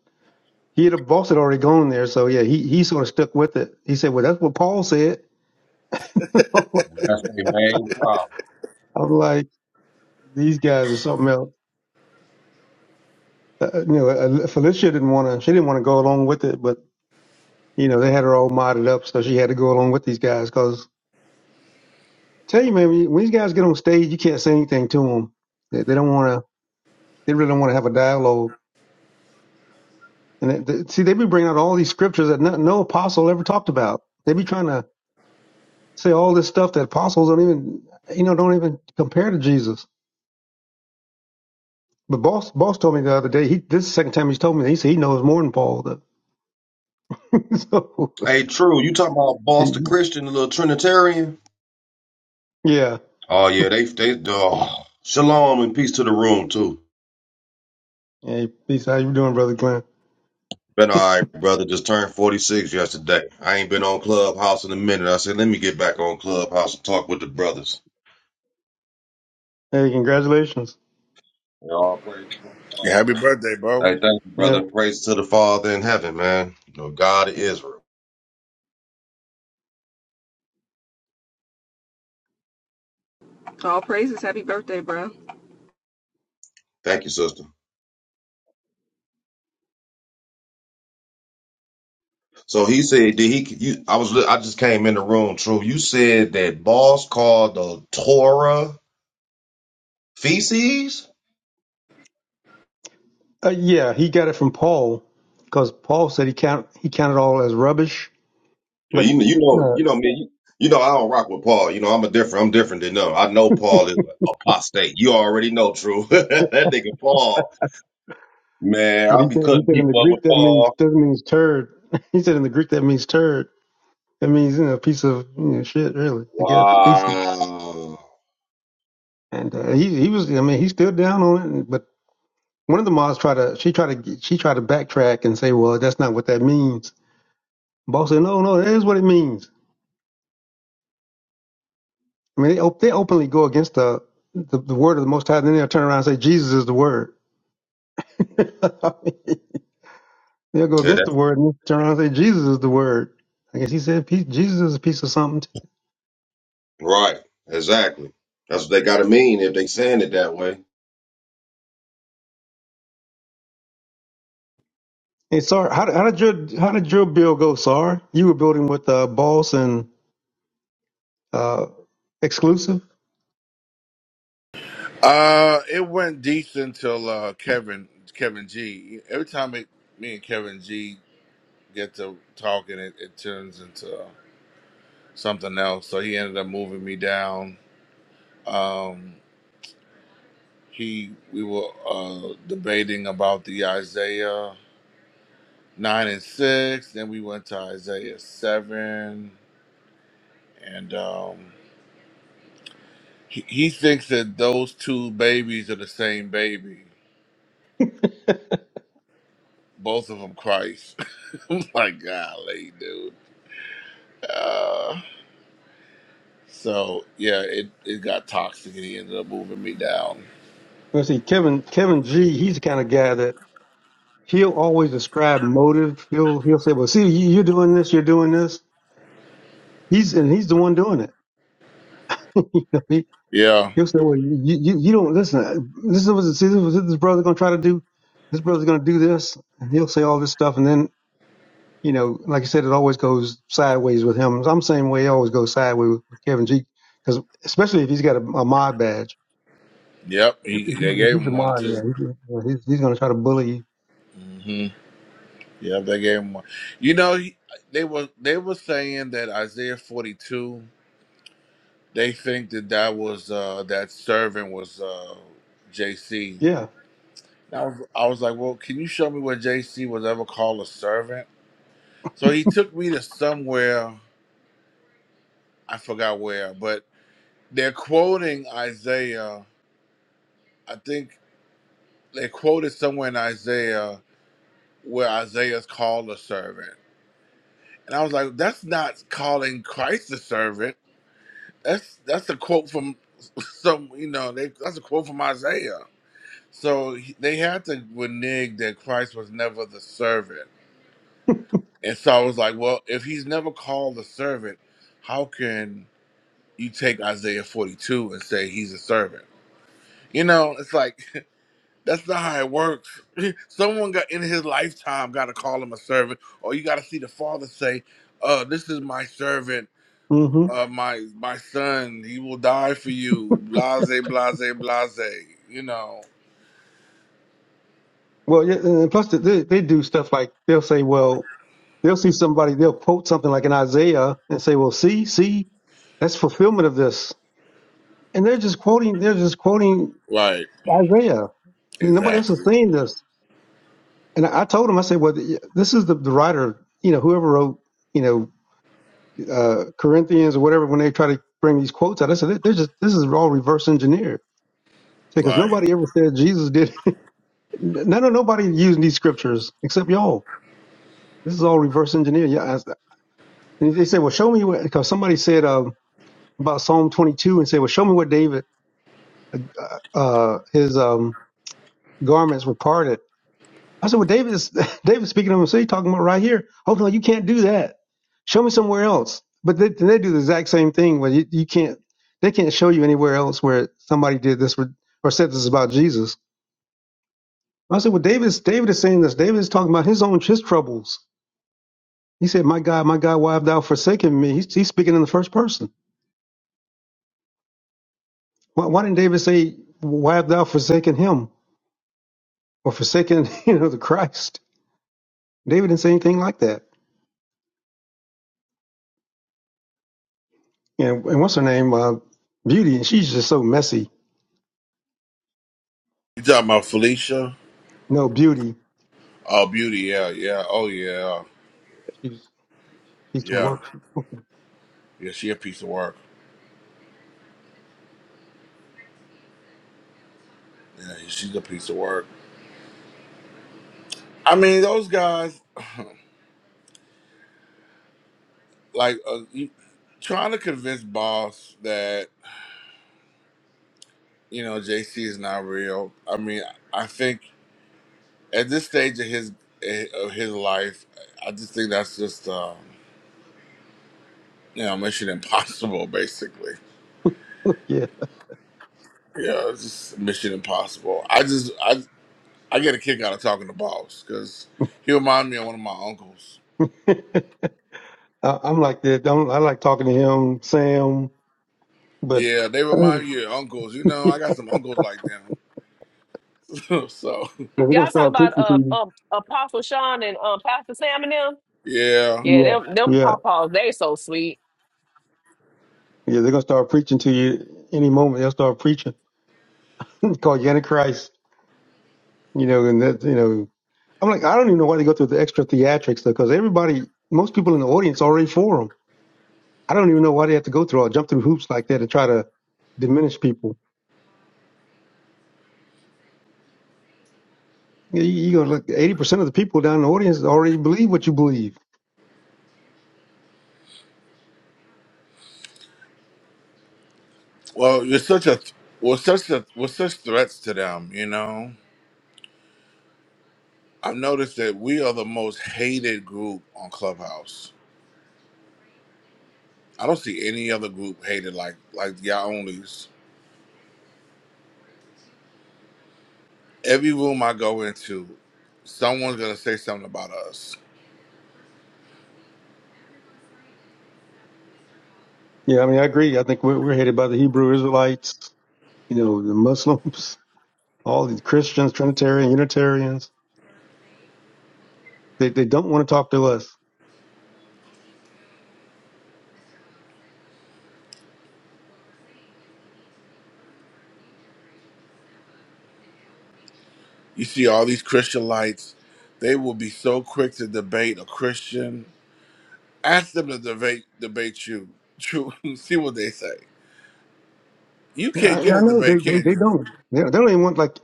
S6: he had boss had already gone there. So yeah, he he sort of stuck with it. He said, "Well, that's what Paul said." <laughs>
S7: And
S6: I'm
S7: That's their main problem.
S6: like, these guys are something else. Uh, you know, uh, Felicia didn't want to. She didn't want to go along with it, but you know, they had her all modded up, so she had to go along with these guys. Because tell you, man, when these guys get on stage, you can't say anything to them. They, they don't want to. They really don't want to have a dialogue. And it, th- see, they be bringing out all these scriptures that no, no apostle ever talked about. They be trying to say all this stuff that apostles don't even, you know, don't even compare to Jesus. But boss, boss told me the other day. He this is the second time he's told me. That, he said he knows more than Paul. Though. <laughs> so,
S7: Hey, true. You talking about Boston
S6: he-
S7: Christian, the little Trinitarian?
S6: yeah.
S7: Oh yeah, they they. Oh. Shalom and peace to the room too.
S6: Hey, peace. How you doing, brother Glenn?
S7: Been all right, brother. Just turned forty six yesterday. I ain't been on Clubhouse in a minute. I said, let me get back on Clubhouse and talk with the brothers.
S6: Hey, congratulations.
S7: They all praise to the Lord.
S1: Yeah, happy birthday, bro.
S7: Hey, thank you,
S6: Yeah.
S7: brother. Praise to the Father in heaven, man. You know, God of Israel.
S4: All praises. Happy birthday, bro.
S7: Thank you, sister. So he said, did he? You, I was. I just came in the room. True. You said that boss called the Torah. Feces?
S6: Uh, yeah, he got it from Paul because Paul said he count he counted all as rubbish,
S7: Yeah,
S6: but
S7: you know, you know,
S6: uh,
S7: you know me. You, you know, I don't rock with Paul. You know, I'm a different. I'm different than them. I know Paul is an apostate. You already know, true. <laughs> that nigga Paul, man,
S6: but he
S7: I'll be
S6: said he
S7: cutting
S6: said in the
S7: people up with
S6: Greek that means
S7: Paul.
S6: doesn't means turd. <laughs> He said in the Greek that means turd. That means you know a piece of you know shit really. I guess feces.
S7: Wow.
S6: And uh, he he was I mean he's still down on it. and- But one of the mods tried to she tried to she tried to backtrack and say well that's not what that means. Paul said no no that is what it means. I mean they op- they openly go against the the, the word of the Most High. Then they'll turn around and say Jesus is the word. <laughs> They'll go
S7: Yeah,
S6: against the
S7: that's
S6: word and turn around and say Jesus is the word. I guess he said pe- Jesus is a piece of something.
S7: right. Exactly. That's what they gotta mean if they saying it that way.
S6: Hey, Sar, how, did- how did your how did your bill go, Sar? You were building with uh, Boss and uh, Exclusive.
S1: Uh, it went decent till uh, Kevin Kevin G. Every time it, me and Kevin G get to talking, it, it turns into something else. So he ended up moving me down. Um, He we were uh, debating about the Isaiah nine and six, then we went to Isaiah seven, and um, he, he thinks that those two babies are the same baby, both of them Christ. <laughs> My golly, dude. Uh, so yeah, it it got toxic, and he ended up moving me down.
S6: Let's see, Kevin Kevin G. He's the kind of guy that he'll always describe motive. He'll he'll say, "Well, see, you- you're doing this, you're doing this." He's and he's the one doing it. <laughs> you know, he,
S1: Yeah,
S6: he'll say, "Well, you, you you don't listen. uh, This is what see, this is what this brother's gonna try to do. This brother's gonna do this," and he'll say all this stuff, and then you know, like I said, it always goes sideways with him. I'm the same way. It always goes sideways with, with Kevin G, because especially if he's got a, a mod badge.
S1: yep.
S6: If,
S1: He
S6: if,
S1: they
S6: he- if
S1: gave
S6: he's a
S1: him one
S6: mod,
S1: too.
S6: yeah, he, can- yeah, he's he's going to try to bully you.
S1: Mm-hmm. Yeah, they gave him one. You know, he, they were they were saying that Isaiah forty two. They think that that was uh, that servant was uh, JC.
S6: Yeah.
S1: And I was I was like, well, can you show me where JC was ever called a servant? So he took me to somewhere I forgot where, but they're quoting Isaiah. I think they quoted somewhere in Isaiah where Isaiah's called a servant. And I was like, that's not calling Christ a servant That's that's a quote from some you know they that's a quote from Isaiah. So he- they had to renege that Christ was never the servant, and so I was like, well, if he's never called a servant, how can you take Isaiah forty two and say he's a servant? You know, it's like <laughs> that's not how it works. Someone got in his lifetime got to call him a servant, or you got to see the Father say, uh, "This is my servant."
S6: hmm
S1: uh, my my son, he will die for you. Blase, blase, blase. You know.
S6: Well, yeah, and plus they, they they do stuff like they'll say, well, they'll see somebody, they'll quote something like in Isaiah and say, well, see, see, that's fulfillment of this, and they're just quoting, they're just quoting
S1: Right.
S6: Isaiah. Nobody else is
S1: Exactly.
S6: saying this. and I told him, I said, well, this is the, the writer, you know, whoever wrote, you know, uh, Corinthians or whatever, when they try to bring these quotes out, I said, they're just, this is all reverse engineered because
S1: Right.
S6: nobody ever said Jesus did. <laughs> None of nobody using these scriptures except y'all. This is all reverse engineered. Yeah. I s- And they said, well, show me what, because somebody said, um, about Psalm 22 and said, well, show me what David, uh, uh, his, um, garments were parted. I said, well, David is <laughs> David's speaking of himself, he's talking about right here. Oh no, you can't do that. Show me somewhere else. But they, they do the exact same thing where you, you can't they can't show you anywhere else where somebody did this with- or said this about Jesus. I said, well, David's David is saying this. David is talking about his own his troubles. He said, my God, my God, why have thou forsaken me? He's, he's speaking in the first person. Why, why didn't David say, why have thou forsaken him or forsaken <laughs> you know the Christ? David didn't say anything like that. And, and what's her name? Uh, Beauty, and she's just so messy
S1: You talking about Felicia?
S6: No beauty.
S1: Oh, beauty. Yeah, yeah. Oh, yeah,
S6: She's piece of
S1: yeah,
S6: work. <laughs>
S1: yeah. She a piece of work. Yeah, she's a piece of work. I mean, those guys, like, uh, you, trying to convince boss that you know JC is not real. I mean, I think at this stage of his eh, of his life, I just think that's just. Um, you know, Mission Impossible, basically.
S6: yeah.
S1: Yeah, it's just Mission Impossible. I just, I, I get a kick out of talking to Boss because he remind me of one of my uncles.
S6: <laughs> I, I'm like that. I'm, I like talking to him, Sam, but
S1: Yeah, they remind
S6: <laughs>
S1: you of your uncles. You know,
S6: yeah,
S1: I got some uncles like them. <laughs> so
S6: they're gonna
S3: Y'all talking
S6: start
S3: about
S6: preaching to
S3: uh,
S6: you.
S3: um, Apostle Sean and um, Pastor Sam and them?
S1: yeah,
S3: Yeah,
S6: Yeah.
S3: them them
S6: Yeah.
S3: pawpaws, they so sweet.
S6: Yeah. They're gonna start preaching to you any moment. They'll start preaching. <clears throat> <laughs> It's called Antichrist. You know, and that you know, I'm like, I don't even know why they go through the extra theatrics though, because everybody, most people in the audience are already for them. I don't even know why they have to go through or jump through hoops like that and try to diminish people. You, you gonna look. Eighty percent of the people down in the audience already believe what you believe.
S1: well, you're such a, we're such a, we're such threats to them. You know, I've noticed that we are the most hated group on Clubhouse. I don't see any other group hated like like y'all onlys. Every room I go into, someone's gonna say something about us.
S6: Yeah, I mean, I agree. I think we're, we're headed by the Hebrew Israelites. You know, the Muslims, <laughs> all the Christians, Trinitarian, Unitarians. They they don't want to talk to us.
S1: You see all these Christian lights, they will be so quick to debate a Christian. Ask them to debate debate you. True. <laughs> see what they say. You
S6: Yeah, I,
S1: can't get
S6: yeah,
S1: a
S6: I know. They
S1: debate,
S6: they
S1: can
S6: they
S1: you?
S6: don't. They, they don't even want like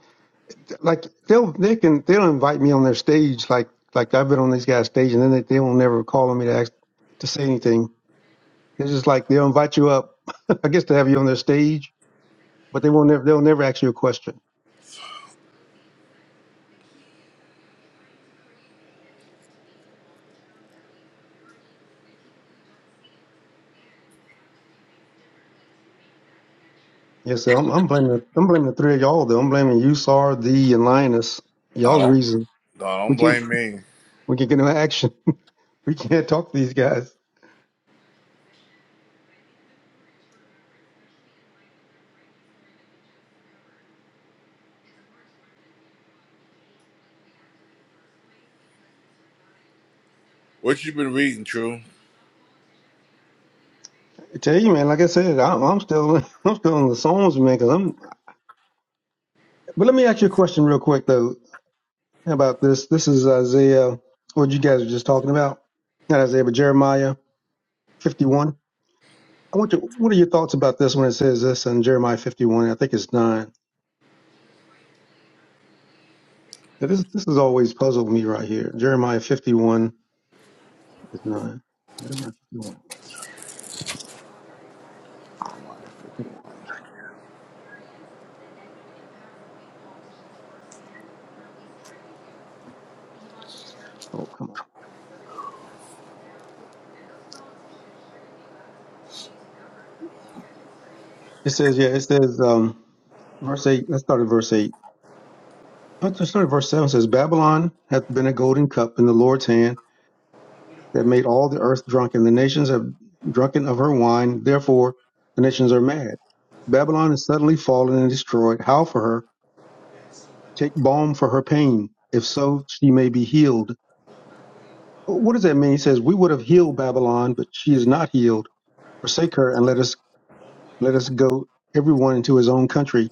S6: like they'll they can they'll invite me on their stage like like I've been on these guys' stage and then they they won't never call on me to ask to say anything. It's just like they'll invite you up. <laughs> I guess to have you on their stage, but they won't never they'll never ask you a question. Yeah, so I'm, I'm blaming The, I'm blaming the three of y'all though. I'm blaming you, Sar, D, and Linus.
S1: I
S6: Y'all the
S1: don't
S6: reason
S1: no,
S6: we
S1: don't
S6: can't
S1: blame me.
S6: we can't get no action. <laughs> we can't talk to these guys.
S1: What you been reading, True?
S6: I tell you, man. Like I said, I'm, I'm still <laughs> I'm still in the Psalms, man. Cause I'm. But let me ask you a question real quick though about this. This is Isaiah. What you guys were just talking about? Not Isaiah, but Jeremiah 51. I want you. What are your thoughts about this when it says this in Jeremiah 51? I think it's nine. This this has always puzzled me right here. Jeremiah 51. It's nine. Never mind, 51 is back here. Oh, come on. It says, yeah, it says, um, verse 8. Let's start at verse 8. But let's start at verse 7. It says, Babylon hath been a golden cup in the Lord's hand that made all the earth drunken. The nations have drunken of her wine. Therefore, the nations are mad. Babylon is suddenly fallen and destroyed. How for her? Take balm for her pain. If so, she may be healed. What does that mean? He says, We would have healed Babylon, but she is not healed. Forsake her and let us Let us go everyone, into his own country,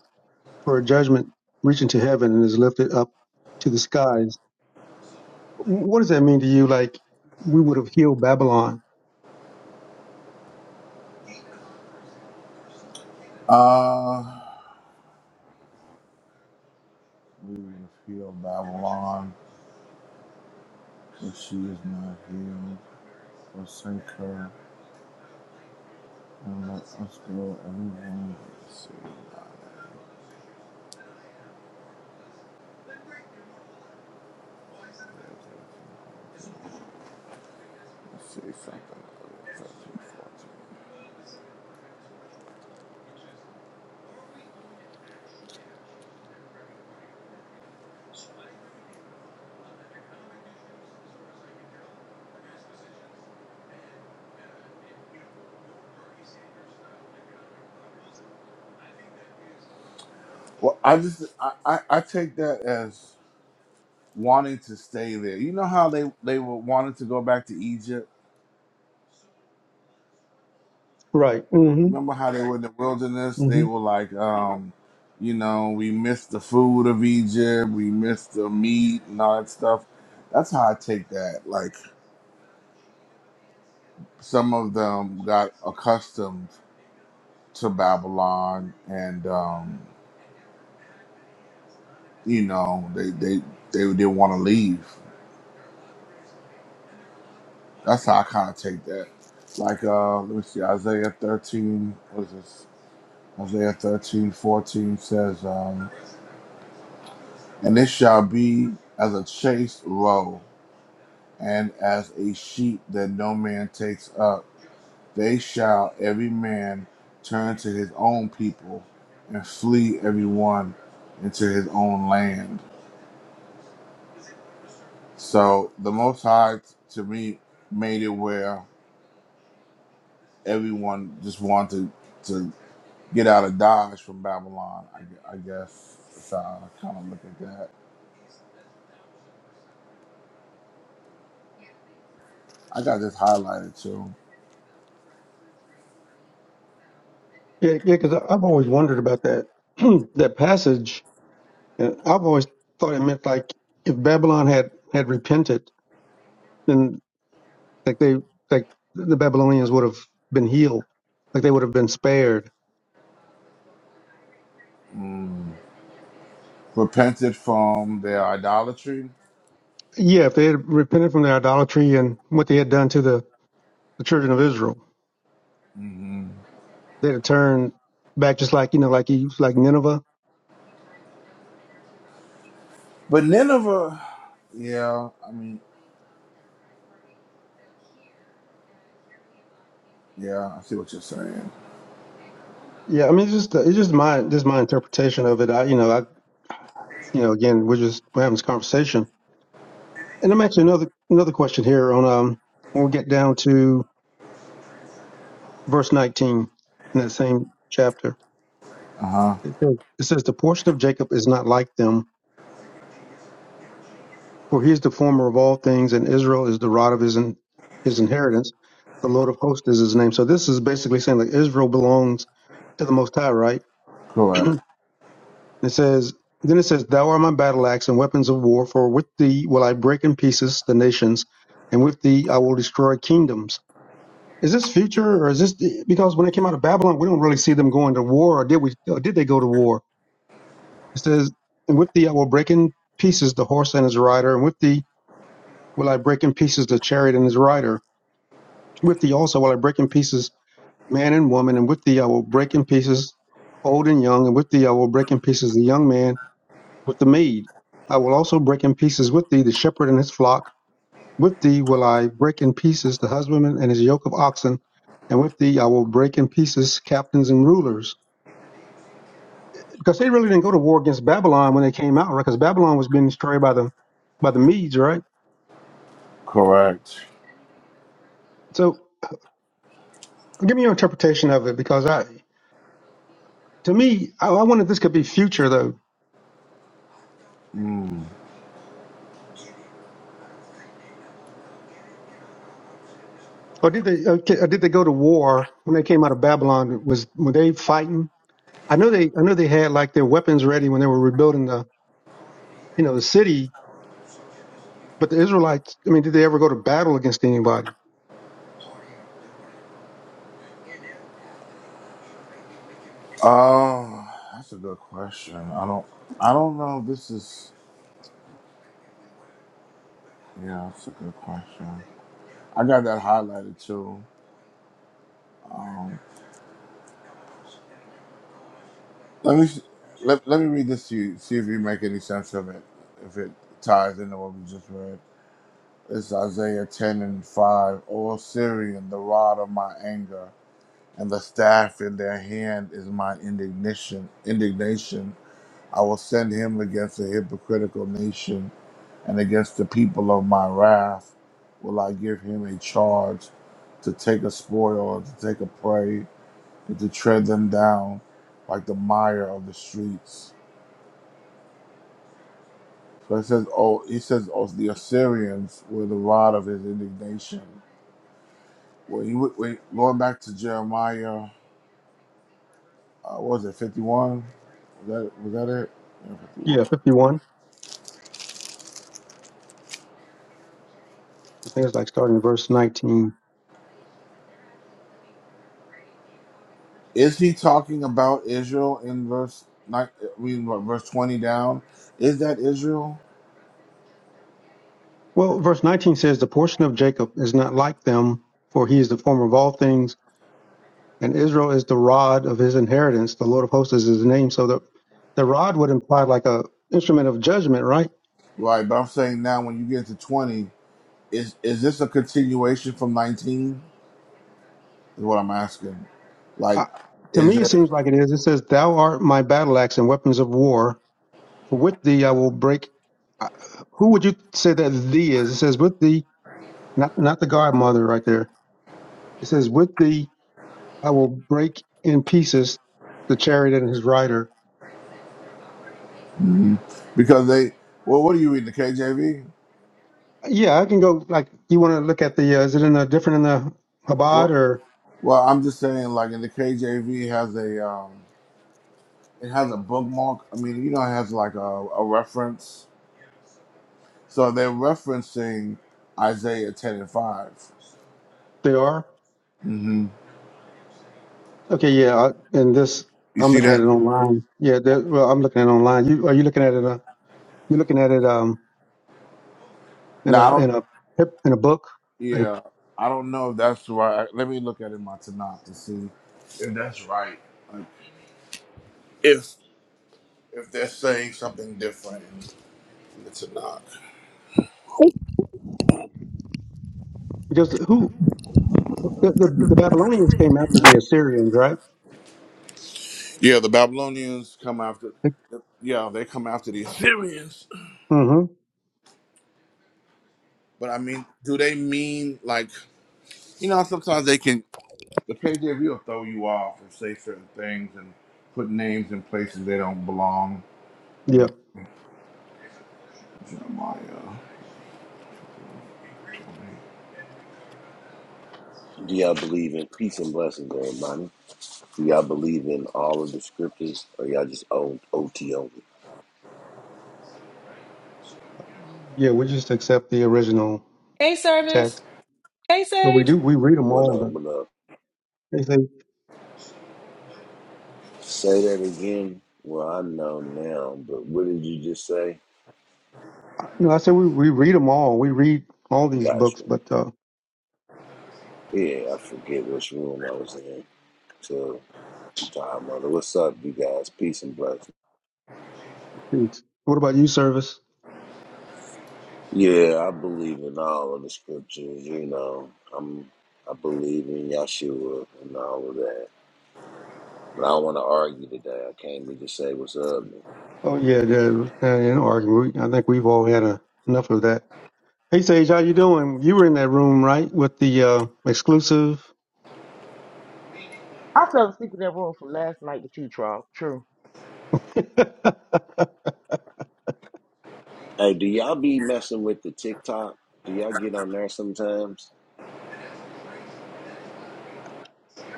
S6: for a judgment reaching to heaven and is lifted up to the skies. Wh- What does that mean to you? Like we would have healed Babylon,
S1: Uh, leaving the field of Babylon, if she is not healed, forsake her, and let us go everyone. Say something. Well, I just I, I, I take that as wanting to stay there. You know how they they were wanting to go back to Egypt.
S6: right? hmm
S1: Remember how they were in the wilderness? They
S6: hmm
S1: were like, um, you know, we miss the food of Egypt, we miss the meat and all that stuff. That's how I take that. Like some of them got accustomed to Babylon, and um, you know, they they they didn't want to leave. That's how I kind of take that. Like, uh, let me see, Isaiah 13, what is this? Isaiah 13, 14 says, um, And it shall be as a chased roe, and as a sheep that no man takes up. They shall every man turn to his own people, and flee every one into his own land. So the Most High, to me, made it where everyone just wanted to. get out of Dodge from Babylon. I, gu- I guess that's how I kind of look at that. I got this highlighted too.
S6: Yeah, yeah. Because I've always wondered about that <clears throat> that passage. And I've always thought it meant like if Babylon had had repented, then like they like the Babylonians would have been healed, like they would have been spared.
S1: Mm. Repented from their idolatry.
S6: Yeah, if they had repented from their idolatry and what they had done to the, the children of Israel.
S1: hmm
S6: They'd have back just like you know, like you like Nineveh.
S1: But Nineveh, yeah, I mean, yeah, I see what you're saying.
S6: Yeah, I mean, it's just it's just my just my interpretation of it. I you know I you know again we're just we're having this conversation, and I'm actually another another question here on um when we get down to verse 19 in that same chapter.
S1: Uh huh.
S6: It says, it says the portion of Jacob is not like them, for he is the former of all things, and Israel is the rod of his in, his inheritance. The Lord of hosts is his name. So this is basically saying that Israel belongs to the Most High, right? <clears throat>
S1: Correct.
S6: It says, then it says, Thou art my battle axe and weapons of war, for with thee will I break in pieces the nations, and with thee I will destroy kingdoms. Is this future, or is this the, because when they came out of Babylon, we don't really see them going to war, or did we? Or did they go to war? It says, and with thee I will break in pieces the horse and his rider, and with thee will I break in pieces the chariot and his rider. With thee also will I break in pieces man and woman, and with thee I will break in pieces old and young, and with thee I will break in pieces the young man with the maid. I will also break in pieces with thee the shepherd and his flock. With thee will I break in pieces the husbandman and his yoke of oxen. And with thee I will break in pieces captains and rulers. Because they really didn't go to war against Babylon when they came out, right? Because Babylon was being destroyed by the by the Medes, right?
S1: Correct.
S6: So give me your interpretation of it, because I, to me, I, I wonder if this could be future though.
S1: Mm.
S6: Or did they? Okay, or did they go to war when they came out of Babylon? Was were they fighting? I know they. I know they had like their weapons ready when they were rebuilding the you know, the city, but the Israelites, I mean, did they ever go to battle against anybody?
S1: Oh, that's a good question. I don't, I don't know. If this is, yeah, that's a good question. I got that highlighted too. Um, Let me let, let me read this to you. See if you make any sense of it. If it ties into what we just read. It's Isaiah ten and five. O Syrian, the rod of my anger, and the staff in their hand is my indignation. Indignation. I will send him against a hypocritical nation, and against the people of my wrath, will I give him a charge to take a spoil, to take a prey, and to tread them down like the mire of the streets. So it says, "Oh, he says, oh, the Assyrians were the rod of his indignation." Well, he would- wait, going back to Jeremiah, uh, what was it fifty-one? Was that was that it? Yeah, fifty-one.
S6: Yeah, 51. I think it's like starting in verse 19.
S1: Is he talking about Israel in verse nine? I mean, what, verse twenty down. Is that Israel?
S6: Well, verse 19 says, The portion of Jacob is not like them, for he is the former of all things, and Israel is the rod of his inheritance. The Lord of hosts is his name. So the, the rod would imply like a instrument of judgment, right?
S1: Right, but I'm saying now when you get to twenty, is is this a continuation from nineteen? Is what I'm asking. Like,
S6: I, to
S1: is
S6: me, it
S1: it
S6: seems like it is. It says, Thou art my battle axe and weapons of war, for with thee I will break. I- Who would you say that thee is? It says, With thee not not the godmother right there. It says, "With thee I will break in pieces the chariot and his rider."
S1: Mhm. because they? Well, what are you reading the KJV?
S6: Yeah, I can go. Like you want to look at the uh, is it in a different in the Chabad or
S1: Well, I'm just saying, like in the KJV has a um, it has a bookmark. I mean, you know, it has like a, a reference. So they're referencing Isaiah 10 and 5.
S6: they are?
S1: hmm
S6: Okay, yeah. I, and this
S1: You
S6: I'm
S1: see
S6: looking at
S1: that?
S6: it online. Yeah, that, well, I'm looking at it online. You are you looking at it? Uh, you're looking at it um in
S1: Now, I
S6: a
S1: don't.
S6: in a in a book in a,
S1: Yeah, I don't know if that's right. Let me look at it in my Tanakh to see if that's right. Like, if if they're saying something different in the Tanakh.
S6: because who the, the the Babylonians came after the Assyrians, right?
S1: Yeah, the Babylonians come after. Yeah, they come after the Assyrians.
S6: Mm-hmm.
S1: But I mean, do they mean like? you know, sometimes they can the KJV will throw you off and say certain things and put names in places they don't belong.
S6: Yeah,
S1: Jeremiah.
S8: Do y'all believe in peace and blessings, everybody? Do y'all believe in all of the scriptures, or y'all just own OT only?
S6: yeah. We just accept the original
S3: Hey,
S6: text.
S3: service. Hey,
S6: But we
S3: Sage.
S6: do, we read them
S8: What
S6: all.
S8: up?
S6: The,
S8: What up?
S6: they say,
S8: Say that again. Well, I know now, but what did you just say?
S6: no, I said we, we read them all. We read all these
S8: Gotcha.
S6: books, but uh,
S8: Yeah, I forget which room I was in. So, time mother. what's up, you guys? Peace and blessings.
S6: peace. What about you, Service?
S8: Yeah, I believe in all of the scriptures. You know, I'm. I believe in Yeshua and all of that. But I don't want to argue today. I came to just say what's up.
S6: Oh, yeah, the, the, an argument. We- I think we've all had a, enough of that. Hey, Sage, how you doing? You were in that room, right, with the uh, exclusive?
S9: I fell asleep in that room from last night with you, Charles. True.
S6: <laughs> yeah,
S8: Hey, do y'all be messing with the TikTok? Do y'all get on there sometimes?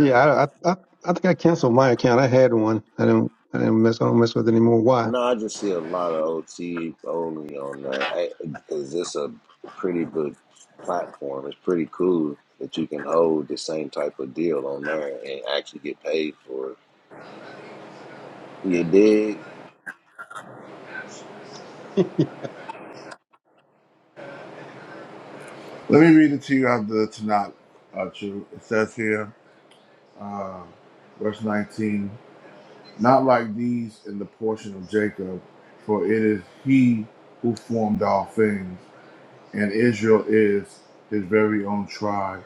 S6: I, I, I, I think I canceled my account. I had one. I didn't, I didn't mess, I don't mess with it anymore. Why?
S8: No, I just see a lot of OT only on there. Because it's a pretty big platform. It's pretty cool that you can hold the same type of deal on there and actually get paid for it. You dig?
S6: <laughs>
S1: Let me read it to you out of the Tanakh. Uh, true. It says here, uh, verse 19, not like these in the portion of Jacob, for it is he who formed all things, and Israel is his very own tribe.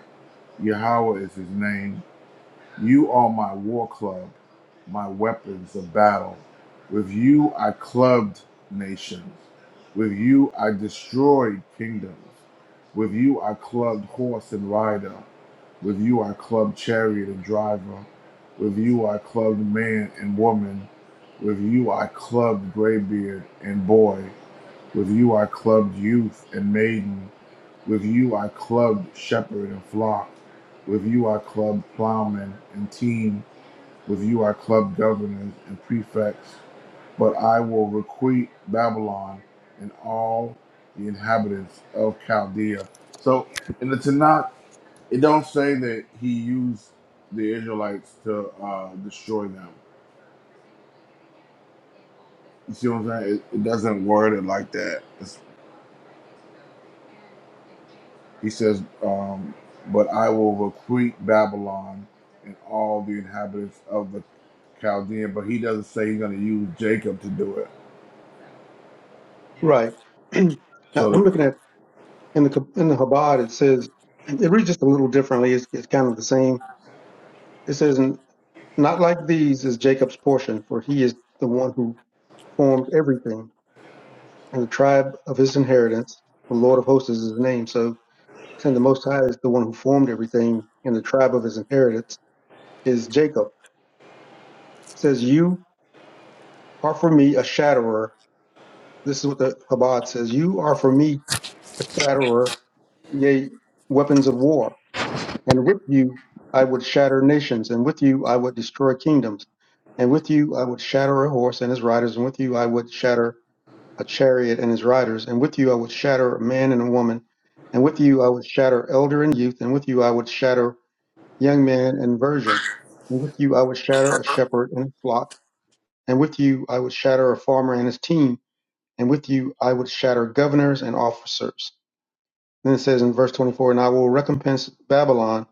S1: Yahweh is his name, You are my war club, my weapons of battle. With you I clubbed nations. With you I destroyed kingdoms. With you I clubbed horse and rider. With you I clubbed chariot and driver. With you I clubbed man and woman. With you I clubbed graybeard and boy. With you I clubbed youth and maiden. With you I clubbed shepherd and flock. With you I clubbed plowmen and team. With you I clubbed governors and prefects. But I will requite Babylon and all the inhabitants of Chaldea. So in the Tanakh, it don't say that he used the Israelites to uh, destroy them. You see what I'm saying? It, it doesn't word it like that. He says, um, But I will requite Babylon and all the inhabitants of the Chaldean. But he doesn't say he's going to use Jacob to do it.
S6: right. <clears throat> Now
S1: So,
S6: I'm
S1: the,
S6: looking at in the in the Chabad, it says it reads just a little differently. It's, it's kind of the same. It says, "Not like these is Jacob's portion, for he is the one who formed everything, and the tribe of his inheritance. The Lord of hosts is his name." So, saying the Most High is the one who formed everything, and the tribe of his inheritance is Jacob. It says, "You are for me a shatterer." This is what the Chabad says. You are for me a shatterer, yea, weapons of war. And with you I would shatter nations, and with you I would destroy kingdoms, and with you I would shatter a horse and his riders, and with you I would shatter a chariot and his riders, and with you I would shatter a man and a woman, and with you I would shatter elder and youth, and with you I would shatter young man and virgin, and with you I would shatter a shepherd and a flock, and with you I would shatter a farmer and his team, and with you I would shatter governors and officers. Then it says in verse 24, and I will recompense Babylon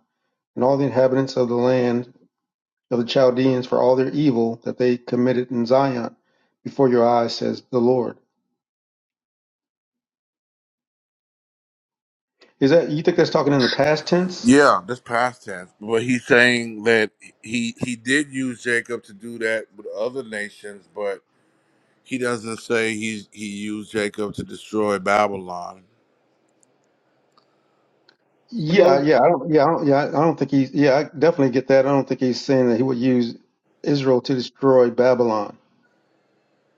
S6: and all the inhabitants of the land of the Chaldeans for all their evil that they committed in Zion before your eyes, says the Lord. Is that you think that's talking in the past tense?
S1: yeah, that's past tense. But he's saying that he he did use Jacob to do that with other nations, but he doesn't say he's, he used Jacob to destroy Babylon.
S9: That
S6: Yeah, yeah, I don't, yeah, I don't, yeah, I don't think he's, yeah, I definitely get that. I don't think he's saying that he would use Israel to destroy Babylon.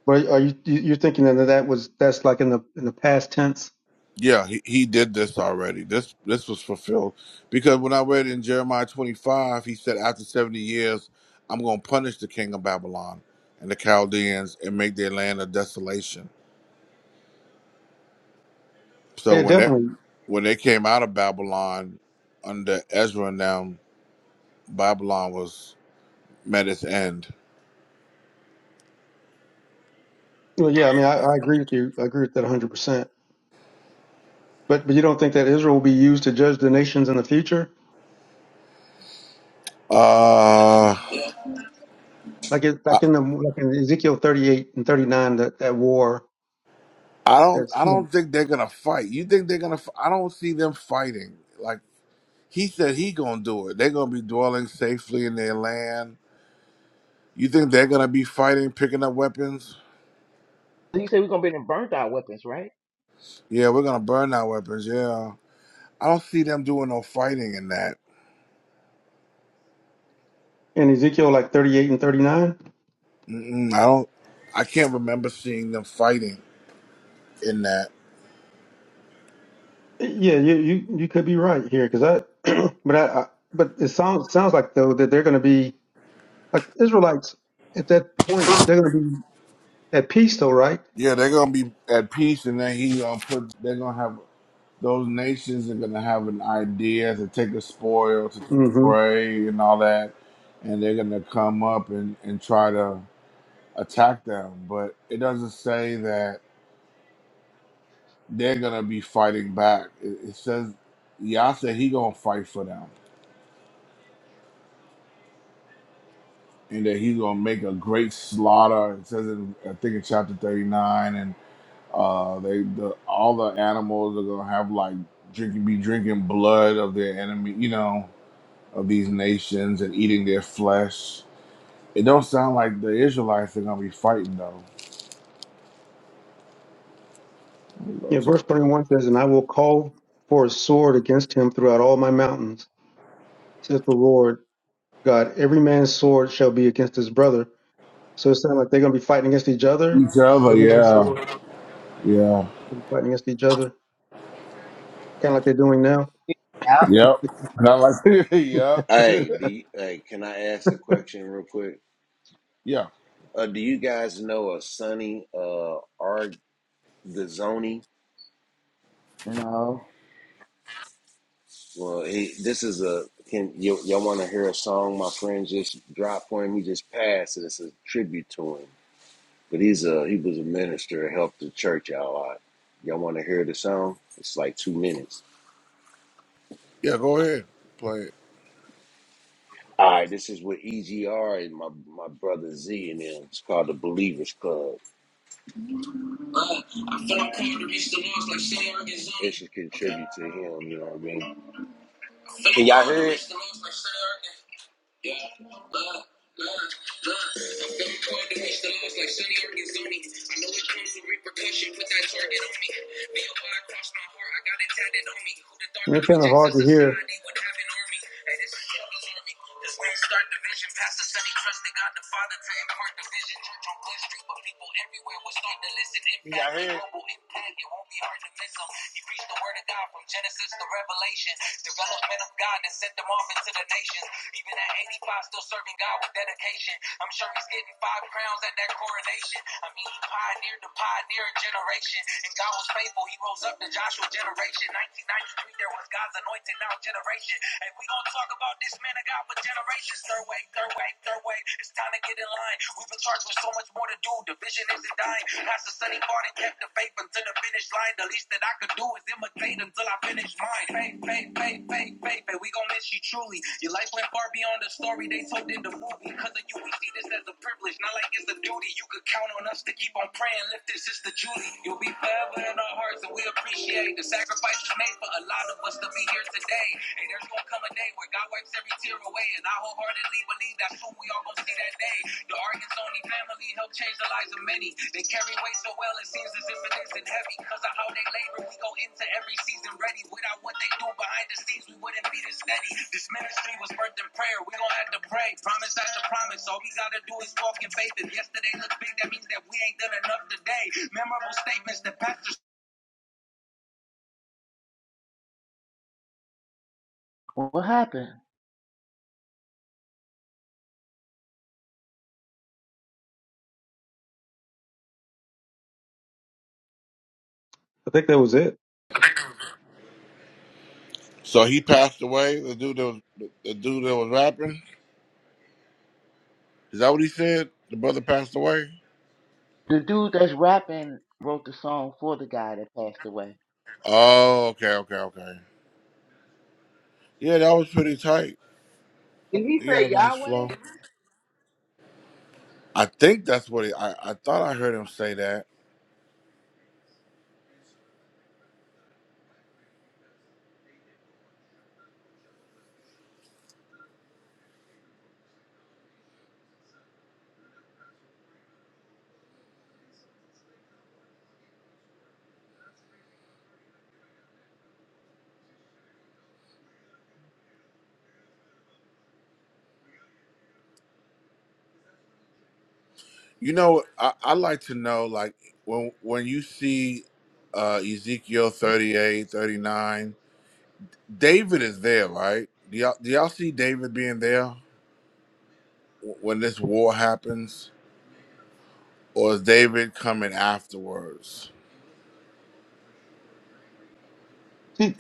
S6: But are you you- you're thinking that that was that's like in the in the past tense?
S1: Yeah, he, he did this already. This this was fulfilled because when I read in Jeremiah 25, he said, "After 70 years, I'm going to punish the king of Babylon and the Chaldeans and make their land a desolation." So
S6: Yeah,
S1: when that
S6: definitely.
S1: when they came out of Babylon under Ezra and them, Babylon was met its end.
S6: Well, yeah, I mean, I, I agree with you. I agree with that 100. percent But but you don't think that Israel will be used to judge the nations in the future?
S1: Uh,
S6: like it,
S1: I,
S6: like in the like in Ezekiel 38 and 39 that that war
S1: I don't
S6: that's
S1: I
S6: yeah,
S1: don't think they're gonna fight. You think they're gonna? f- I don't see them fighting. Like. He said he gonna do it. They're gonna be dwelling safely in their land. You think they're gonna be fighting, picking up weapons?
S9: you said we're gonna be in burnt out weapons, right?
S1: Yeah, we're gonna burn our weapons. Yeah, I don't see them doing no fighting in that.
S6: in Ezekiel like 38 and 39
S1: Mm-mm, I don't. I can't remember seeing them fighting in that.
S6: yeah you you, you could be right here because I <clears throat> but I, I but it sounds sounds like though that they're going to be like Israelites at that point they're going to be at peace though right
S1: Yeah, they're gonna be at peace, and then he gonna put. They're gonna have those nations are gonna have an idea to take a spoil, to take a
S6: hmm
S1: prey, and all that, and they're gonna come up and and try to. attack them, but it doesn't say that they're gonna be fighting back. It, it says Yah said he gonna fight for them and that he's gonna make a great slaughter. It says in I think in chapter thirty nine and uh they the all the animals are gonna have like drinking be drinking blood of their enemy, you know, of these nations and eating their flesh. It don't sound like the Israelites are gonna be fighting though. Let me go
S6: yeah
S1: to-
S6: verse 21 says and I will call for a sword against him throughout all my mountains says the Lord God every man's sword shall be against his brother so it sounds like they're going to be fighting against each other
S1: Each other,
S6: every man's sword
S1: yeah. Yeah.
S6: fighting against each other, kind of like they're doing now.
S9: Yeah.
S1: Yep. Not like <laughs> yep.
S8: Hey, do you, hey, can I ask a question real quick?
S1: Yeah.
S8: Uh, do you guys know a Sonny uh, Argazoni?
S9: No.
S8: Well, he, this is a can y- y'all want to hear a song my friend just dropped for him? He just passed, and it's a tribute to him. But he's a he was a minister, helped the church out a lot. Y'all want to hear the song? It's like two minutes.
S1: Yeah, go ahead, play it.
S8: All right, this is with EGR and my my brother Z and them. It's called the Believers Club. Uh, I feel I'm called to reach the lost like Sarah Arizona. It should contribute to him. You know what I mean? Can y'all hear it? Yeah, love, love, love. I'm going hard to reach the lows like Sonny Organs on me. I know it comes with repercussion, put that target on me. Me and why I crossed my heart, I got it tatted on me. Who'd have thought the
S6: it's kind of
S8: rejects of
S6: hard to hear.
S8: society would have an army? Hey, this is Devil's army. This won't start division. Pastor said he trusted God the Father to impart the vision. Church on Glen Street, but people everywhere will start to listen. Impact, yeah, global impact, it won't be hard to miss them. He reached the the word of God from Genesis to Revelation. Development of God that sent them off into the nations. Even at 85, still serving God with dedication. I'm sure he's getting five crowns at that coronation. I mean, he pioneered the pioneering generation. And God was faithful. He rose up the Joshua generation. 1993, there was God's anointed now generation. And we gonna talk about this man of God for generations. Third way, third way, third way. It's time to get in line. We've been charged with so much much more to do. The vision isn't dying. Pastor Sonny Garden kept the faith until the finish line. The least that I could do is imitate until I finish mine. Faith, faith, faith, faith, faith, faith. We gon' miss you truly. Your life went far beyond the story they told in the movie. Cause of you, we see this as a privilege, not like it's a duty. You could count on us to keep on praying. Lift this, Sister Judy. You'll be forever in our hearts, and we appreciate the sacrifices made for a lot of us to be here today. And there's gonna come a day forward. God wipes every tear away, and I wholeheartedly believe that's soon we all gonna see that day. The Arkansas only family helped change the lives of many. They carry weight so well, it seems as if it isn't heavy. Cause of how they labor, we go into every season ready. Without what they do behind the scenes, we wouldn't be this steady. This ministry was birthed in prayer. We gon' have to pray. Promise after promise. All we gotta do is walk in faith. If yesterday looked big, that means that we ain't done enough today. Memorable statements that pastors
S9: What happened?
S6: I think that was it.
S1: So he passed away. The dude that was the dude that was rapping. Is that what he said? The brother passed away.
S9: The dude that's rapping wrote the song for the guy that passed away.
S1: Oh, okay, okay, okay. Yeah, that was pretty tight.
S9: Did he
S1: He had a
S9: say
S1: nice
S9: Yahweh?
S1: flow. I think that's what he, I I thought I heard him say that. You know, I I like to know like when when you see uh Ezekiel 38, 39, David is there, right? Do y'all, do y'all see David being there? when this war happens, or is David coming afterwards?
S6: See,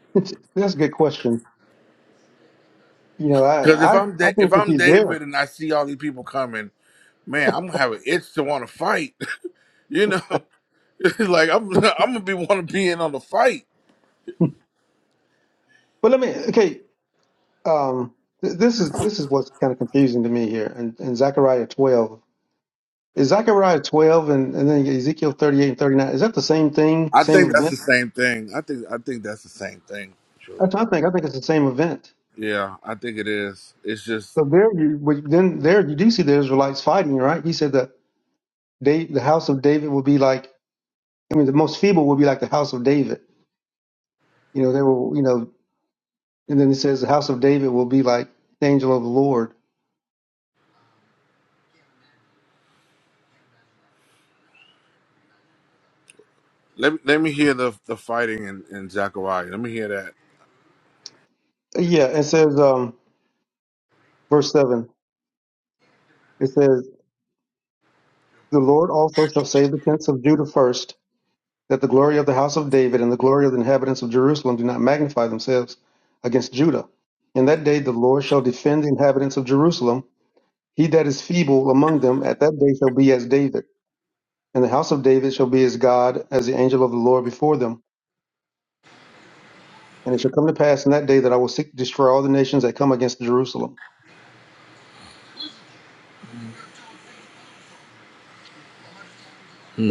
S6: <laughs> that's a good question. You know, I
S1: Because if
S6: I,
S1: I'm
S6: I
S1: da-
S6: think
S1: if
S6: that
S1: I'm
S6: he's there.
S1: David and I see all these people coming, man, I'm gonna have an itch to want to fight. <laughs> You know, <laughs> it's like I'm <laughs> I'm gonna be want to be in on the fight.
S6: <laughs> But let me okay. Um, th- this is this is what's kind of confusing to me here. And and Zechariah twelve is Zechariah twelve and, and then Ezekiel thirty eight and thirty nine. Is that the same thing,
S1: I
S6: same
S1: think that's the
S6: event?
S1: same thing. I think I think that's the same thing. True.
S6: That's what I think. I think it's the same event.
S1: Yeah, I think it is. It's just
S6: So there you but then there you do see the Israelites fighting, right? He said that Dave, the house of David will be like. I mean, the most feeble will be like the house of David. You know, they will, you know, and then it says the house of David will be like the angel of the Lord.
S1: let me, let me hear the the fighting in, in Zechariah. Let me hear that.
S6: Yeah, it says, um, verse 7, it says, The Lord also shall save the tents of Judah first, that the glory of the house of David and the glory of the inhabitants of Jerusalem do not magnify themselves against Judah. In that day the Lord shall defend the inhabitants of Jerusalem. He that is feeble among them at that day shall be as David, and the house of David shall be as God, as the angel of the Lord before them. And it shall come to pass in that day that I will seek to destroy all the nations that come against Jerusalem.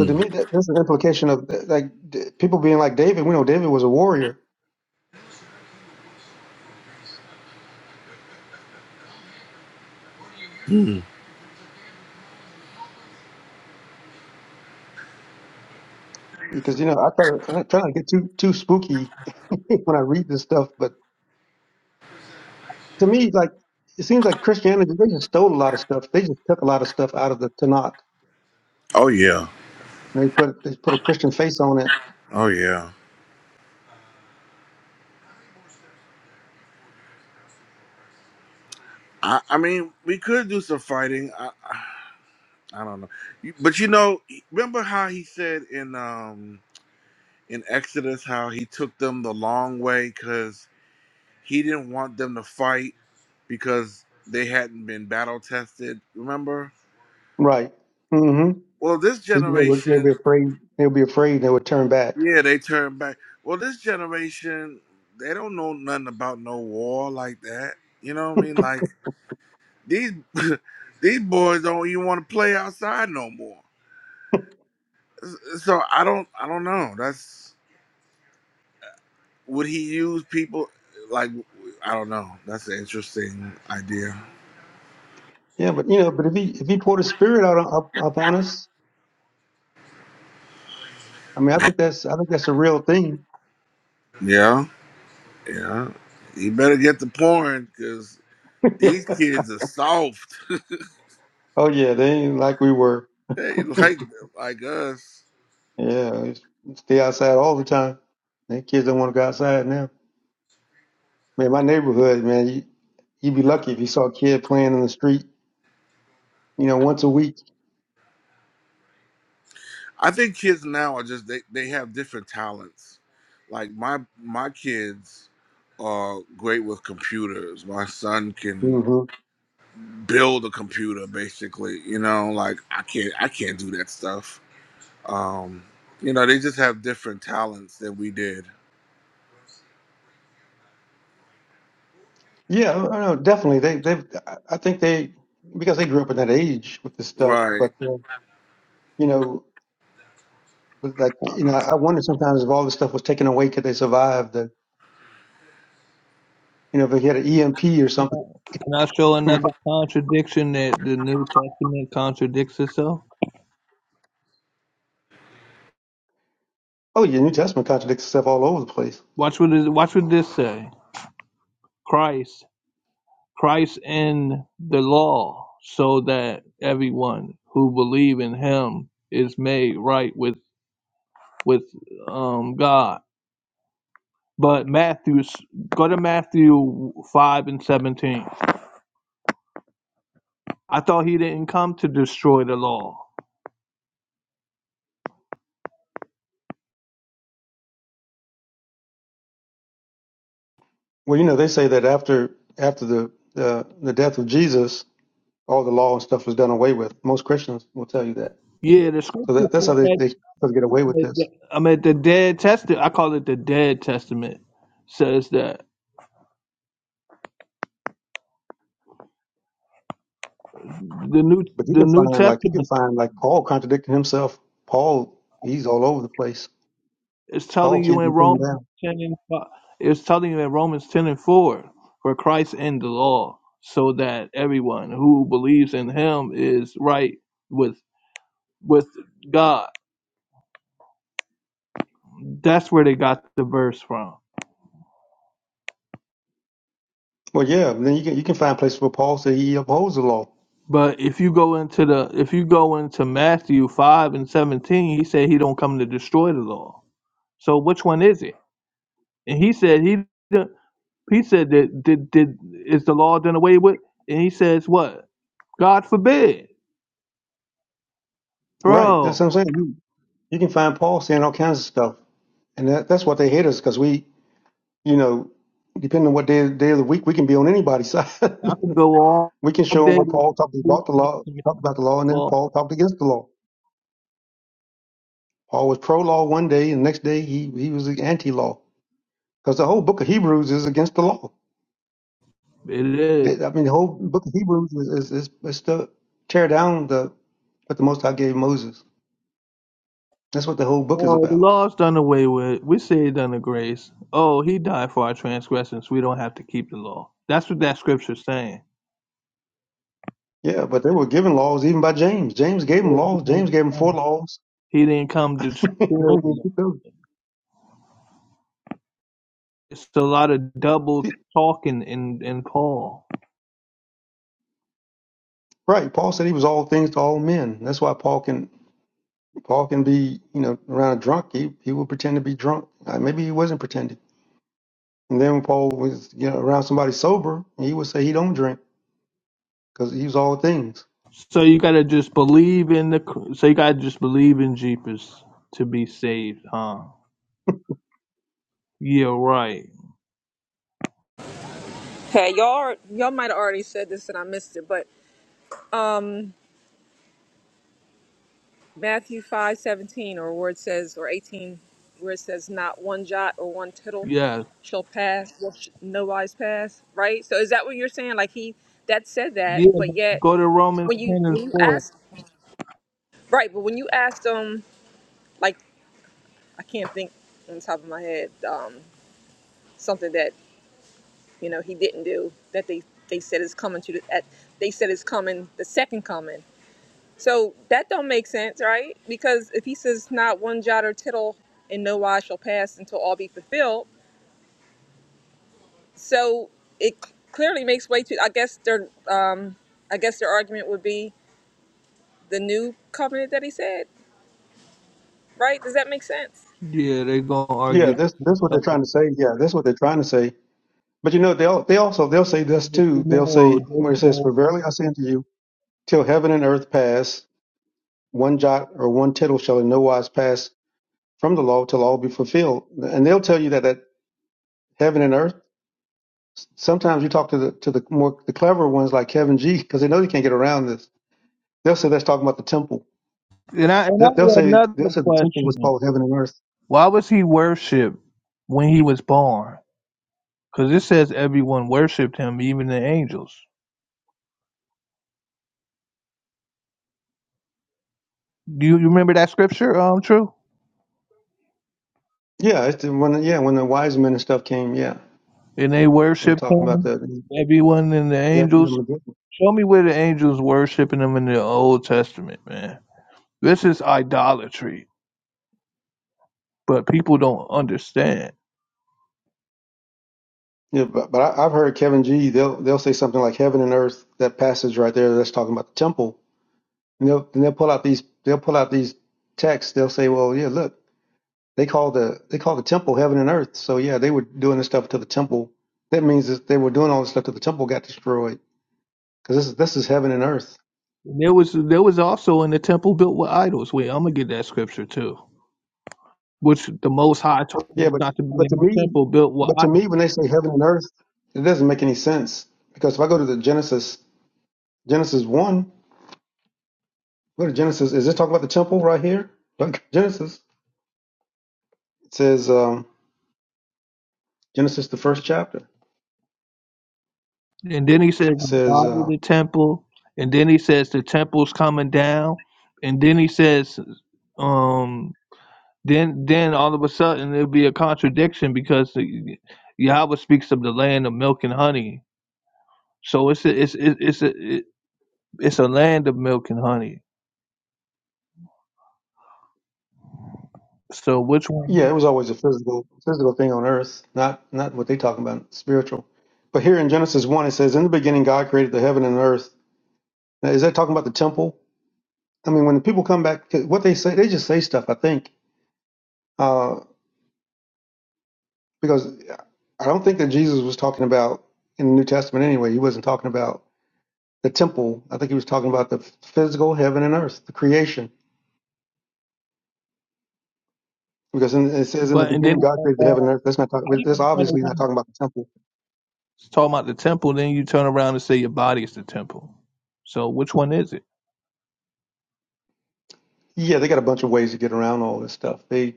S6: So to me, that, that's an implication of like d- people being like David. We know David was a warrior
S1: Hmm.
S6: because you know I thought I'm not trying to get too too spooky <laughs> when I read this stuff, but to me, like it seems like Christianity they just stole a lot of stuff. They just took a lot of stuff out of the Tanakh
S1: Oh yeah.
S6: and they put they put a Christian face on it.
S1: Oh yeah. I, I mean, we could do some fighting. I, I don't know. You- But you know, remember how he said in um in Exodus how he took them the long way cuz he didn't want them to fight because they hadn't been battle tested, remember?
S6: Right. Mm-hmm.
S1: Well, this
S6: Because they would they'd
S1: generation,
S6: be afraid. They'll be afraid. and They would turn back.
S1: yeah, they turn back. Well, this generation, they don't know nothing about no war like that. You know what I mean? Like these <laughs> these boys don't even want to play outside no more. S- So I don't I don't know. That's Would he use people like I don't know. That's an interesting idea.
S6: Yeah, but you know, but if he if he poured his spirit out on, up, upon us, I mean, I think that's I think that's a real thing.
S1: Yeah, yeah. You better get the porn because
S6: <laughs> yeah.
S1: these kids are soft.
S6: Oh yeah, they ain't like we were.
S1: They
S6: <laughs> yeah,
S1: like like us.
S6: it's- stay outside all the time. They kids don't want to go outside now. Man, my neighborhood, man, you you'd be lucky if you saw a kid playing in the street. You know, once a week.
S1: I think kids now are just they, they have different talents. Like my my kids are great with computers. My son can
S6: hmm
S1: build a computer basically, you know, like I can't I can't do that stuff Um, you know, they just have different talents than we did.
S6: Yeah, I know, definitely. They they I I think they because they grew up in that age with this stuff.
S1: Right.
S6: But uh, you know, but like you know, I wonder sometimes if all this stuff was taken away, could they survive the you know if they had an EMP or something.
S10: Can I show
S6: <laughs>
S10: another contradiction that the New Testament contradicts itself?
S6: Oh yeah, New Testament contradicts itself all over the place.
S10: Watch what it, watch what this say. Christ, Christ in the law, so that everyone who believe in Him is made right with with um, God. But Matthew, go to Matthew five and seventeen. I thought He didn't come to destroy the law.
S6: Well, you know, they say that after after the uh, the death of Jesus, all the law and stuff was done away with. Most Christians will tell you that.
S10: Yeah, the
S6: So
S10: scripture
S6: that, that's how they
S10: says
S6: they try to get away with this.
S10: I mean, the dead testament. I call it the dead testament. Says that the new
S6: But you
S10: the
S6: can
S10: New
S6: find like you can
S10: Testament
S6: find like Paul contradicting himself. Paul, he's all over the place.
S10: is
S6: Paul
S10: telling you
S6: can't
S10: in
S6: be pinned
S10: Rome
S6: down.
S10: is telling you in Romans ten and four for Christ and the law, so that everyone who believes in Him is right with with God. That's where they got the verse from.
S6: Well, yeah, then you can you can find places where Paul said he upholds the law.
S10: But if you go into the if you go into Matthew five and seventeen, he said he don't come to destroy the law. So which one is it? And he said he. He said that did did is the law done away with? And he says what? God forbid,
S6: Right. That's what
S10: bro.
S6: I'm saying. You, you can find Paul saying all kinds of stuff, and that, that's what they hate us because we you know, depending on what day, day of the week, we can be on anybody's <laughs> side.
S10: I could go all
S6: we can show them
S10: day
S6: where
S10: with
S6: Paul
S10: the
S6: talked
S10: New
S6: about the law,
S10: Testament
S6: talked about the law, and then
S10: law.
S6: Paul talked against the law. Paul was pro law one day, and the next day he, he was anti law because the whole book of Hebrews is against the law.
S10: It is.
S6: It, I mean, the whole book of Hebrews is, is, is, is to tear down the what the Most High gave Moses. That's what the whole book is
S10: Oh, the
S6: about.
S10: law's done away with. We say it done the grace. Oh, he died for our transgressions. We don't have to keep the law. That's what that scripture's saying.
S6: Yeah, but they were given laws even by James. James gave them laws. James gave them four laws.
S10: He didn't come to
S6: <laughs> they
S10: destroy
S6: don't
S10: the
S6: even
S10: law.
S6: keep those.
S10: It's a lot of double talking in, in Paul.
S6: Right. Paul said he was all things to all men. That's why Paul can Paul can be, you know, around a drunk. He he would pretend to be drunk. Uh, maybe he wasn't pretending. And then when Paul was, you know, around somebody sober, he would say he don't drink because he was all things.
S10: So you gotta just believe in the. So you gotta just believe in Jeepers to be saved, huh? Yeah, right.
S4: Hey, y'all y'all might have already said this and I missed it, but um Matthew five seventeen or where it says or eighteen where it says not one jot or one tittle
S10: Yeah,
S4: shall pass, will sh- no wise pass, right? So is that what you're saying? Like he that said that,
S10: yeah.
S4: but
S10: but
S4: yet
S10: Go to Romans
S4: when you
S10: ten and
S4: when you
S10: four.
S4: ask right, but when you asked them I can't think on the top of my head um, something that you know he didn't do that they they said is coming to the, at they said is coming the second coming. So that don't make sense, right? Because if he says not one jot or tittle and no wise shall pass until all be fulfilled, so it clearly makes way to. I guess their um, I guess their argument would be the new covenant that he said, right? Does that make sense?
S10: Yeah, they gonna argue.
S6: Yeah, that's that's what they're
S10: something.
S6: trying to say. Yeah, that's what they're trying to say. But you know, they'll they also they'll say this
S10: But you
S6: too. They'll
S10: know,
S6: say where it
S10: they
S6: says, "For
S10: gonna-
S6: verily I say unto you, till heaven and earth pass, one jot or one tittle shall in no wise pass from the law till all be fulfilled." And they'll tell you that that heaven and earth sometimes you talk to the to the more the clever ones like Kevin G because they know you can't get around this. They'll say that's talking about the temple.
S10: And I and I
S6: They- They'll
S10: have
S6: say they'll
S10: another
S6: say the temple was
S10: question.
S6: called heaven and earth.
S10: Why was he worshipped when he was born? Because it says everyone worshipped him, even the angels. Do you you remember that scripture? Um, true.
S6: Yeah, it's the, when yeah when the wise men and stuff came. Yeah,
S10: And they
S6: they were
S10: worshipped
S6: talking about
S10: him.
S6: that.
S10: Everyone and the
S6: Yeah, from
S10: angels.
S6: the Magician.
S10: Show me where the angels worshiping him in the Old Testament, man. This is idolatry, but people don't understand.
S6: yeah. But, but I, I've heard Kevin G. They'll they'll say something like heaven and earth. That passage right there that's talking about the temple. And they'll and they'll pull out these they'll pull out these texts. They'll say, well, yeah, look. They call the they call the temple heaven and earth. So yeah, they were doing this stuff to the temple. That means that they were doing all this stuff to the temple got destroyed because this is this is heaven and earth.
S10: And there was there was also in the temple built with idols. Wait, I'm gonna get that scripture too. Which the Most High told
S6: Yeah,
S10: us
S6: but
S10: not to be
S6: but
S10: in
S6: to
S10: the
S6: me,
S10: temple built with
S6: but
S10: idols.
S6: to me, when they say heaven and earth, it doesn't make any sense because if I go to the Genesis Genesis one, go to Genesis. Is this talking about the temple right here? Look, Genesis. It says um, Genesis the first chapter. It
S10: And then he says the
S6: says.
S10: body of
S6: Uh,
S10: the temple. And then he says the temple's coming down. And then he says, um, then then all of a sudden it'll be a contradiction because the- Yahweh speaks of the land of milk and honey. So it's a, it's it- it's a, it- it's a land of milk and honey. So which
S6: Yeah,
S10: one?
S6: it was always a physical physical thing on earth, not not what they talking about, spiritual. But here in Genesis one it says, In the beginning God created the heaven and earth. Now, is that talking about the temple? I mean when the people come back 'cause what they say they just say stuff, I think. Uh because I don't think that Jesus was talking about in the New Testament anyway, he wasn't talking about the temple. I think he was talking about the physical heaven and earth, the creation. Because in, it says in the
S10: But and then
S6: beginning God created the heaven and
S10: I
S6: earth. That's not talking, that's
S10: even turn
S6: obviously not
S10: around
S6: talking about the temple.
S10: talking about the temple. Then you turn around and say your body is the temple. So which one is it?
S6: Yeah, they got a bunch of ways to get around all this stuff. They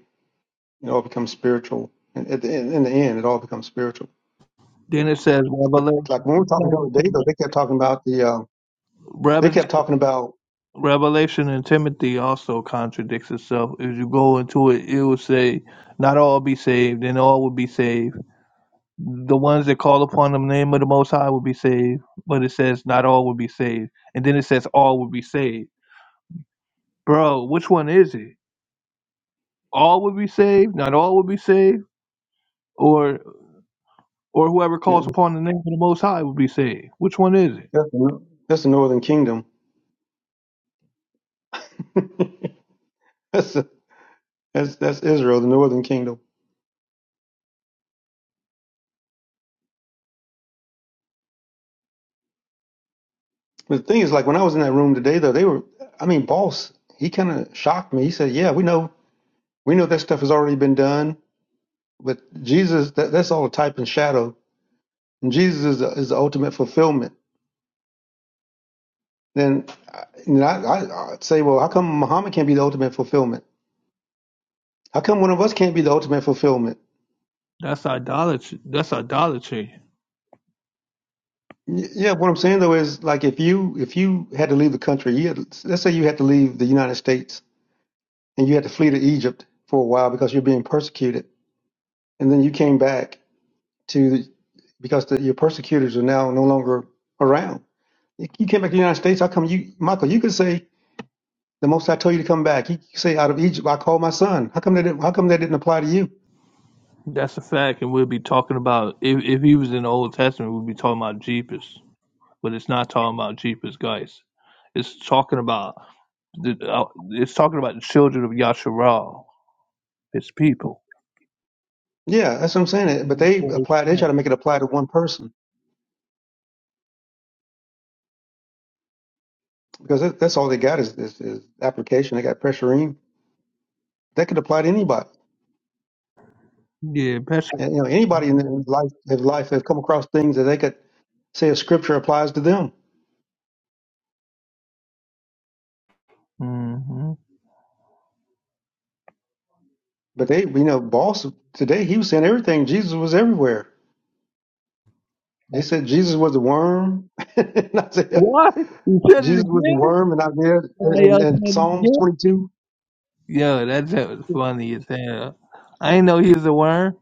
S6: It all becomes spiritual. And at the end, in the end, it all becomes spiritual.
S10: Then it says
S6: But like
S10: Revelation.
S6: when we were talking the other day, though, they kept talking about the. Um, they
S10: Rev-
S6: kept talking about
S10: Revelation and Timothy also contradicts itself. If you go into it, it will say, "Not all be saved, and all will be saved. The ones that call upon the name of the Most High will be saved." But it says, "Not all will be saved," and then it says, "All will be saved." Bro, which one is it? All will be saved, not all will be saved, or or whoever
S6: you know,
S10: calls upon the name of the Most High will be saved. Which one is it?
S6: that's, the, that's the Northern Kingdom. <laughs> that's, the, that's that's Israel, the Northern Kingdom. But the thing is, like when I was in that room today, though, they were. I mean, boss, he kind of shocked me. He said, "Yeah, we know, we know that stuff has already been done, but Jesus, that, that's all a type and shadow, and Jesus is the, is the ultimate fulfillment." Then, I- and I, I, I'd say, well, how come Muhammad can't be the ultimate fulfillment? How come one of us can't be the ultimate fulfillment?
S10: That's idolatry. That's idolatry.
S6: Y- Yeah, what I'm saying though is like if you if you had to leave the country, you had, let's say you had to leave the United States and you had to flee to Egypt for a while because you're being persecuted, and then you came back to the, because the, your persecutors are now no longer around. You you came back to the United States. How come you, Michael? You could say the most I told you to come back. You could say out of Egypt I called my son. How come that? didn't- How come that didn't apply to you?
S10: That's a fact, and we'll be talking about if if he was in the Old Testament, we'll be talking about Jeepers, but it's not talking about Jeepers, guys. It's talking about the, uh, it's talking about the children of Yasharal, his people.
S6: Yeah, that's what I'm saying. But they apply. They try to make it apply to one person. because that, that's all they got is, is, is application. They got pressurine. That could apply to anybody.
S10: Yeah, Pastor.
S6: And, you know, anybody in their life, their life, they've come across things that they could say a scripture applies to them.
S10: hmm
S6: But they, you know, boss today he was saying everything. Jesus was everywhere. They said Jesus was a worm. <laughs> and I said, "Yeah,
S10: What? You said it
S6: Jesus was a
S10: again?
S6: worm, and I did,
S10: Oh,
S6: and,
S10: y'all said
S6: and
S10: it
S6: Psalms
S10: again?
S6: twenty two.
S10: Yo, that shit was funny as hell. I ain't know he was a worm.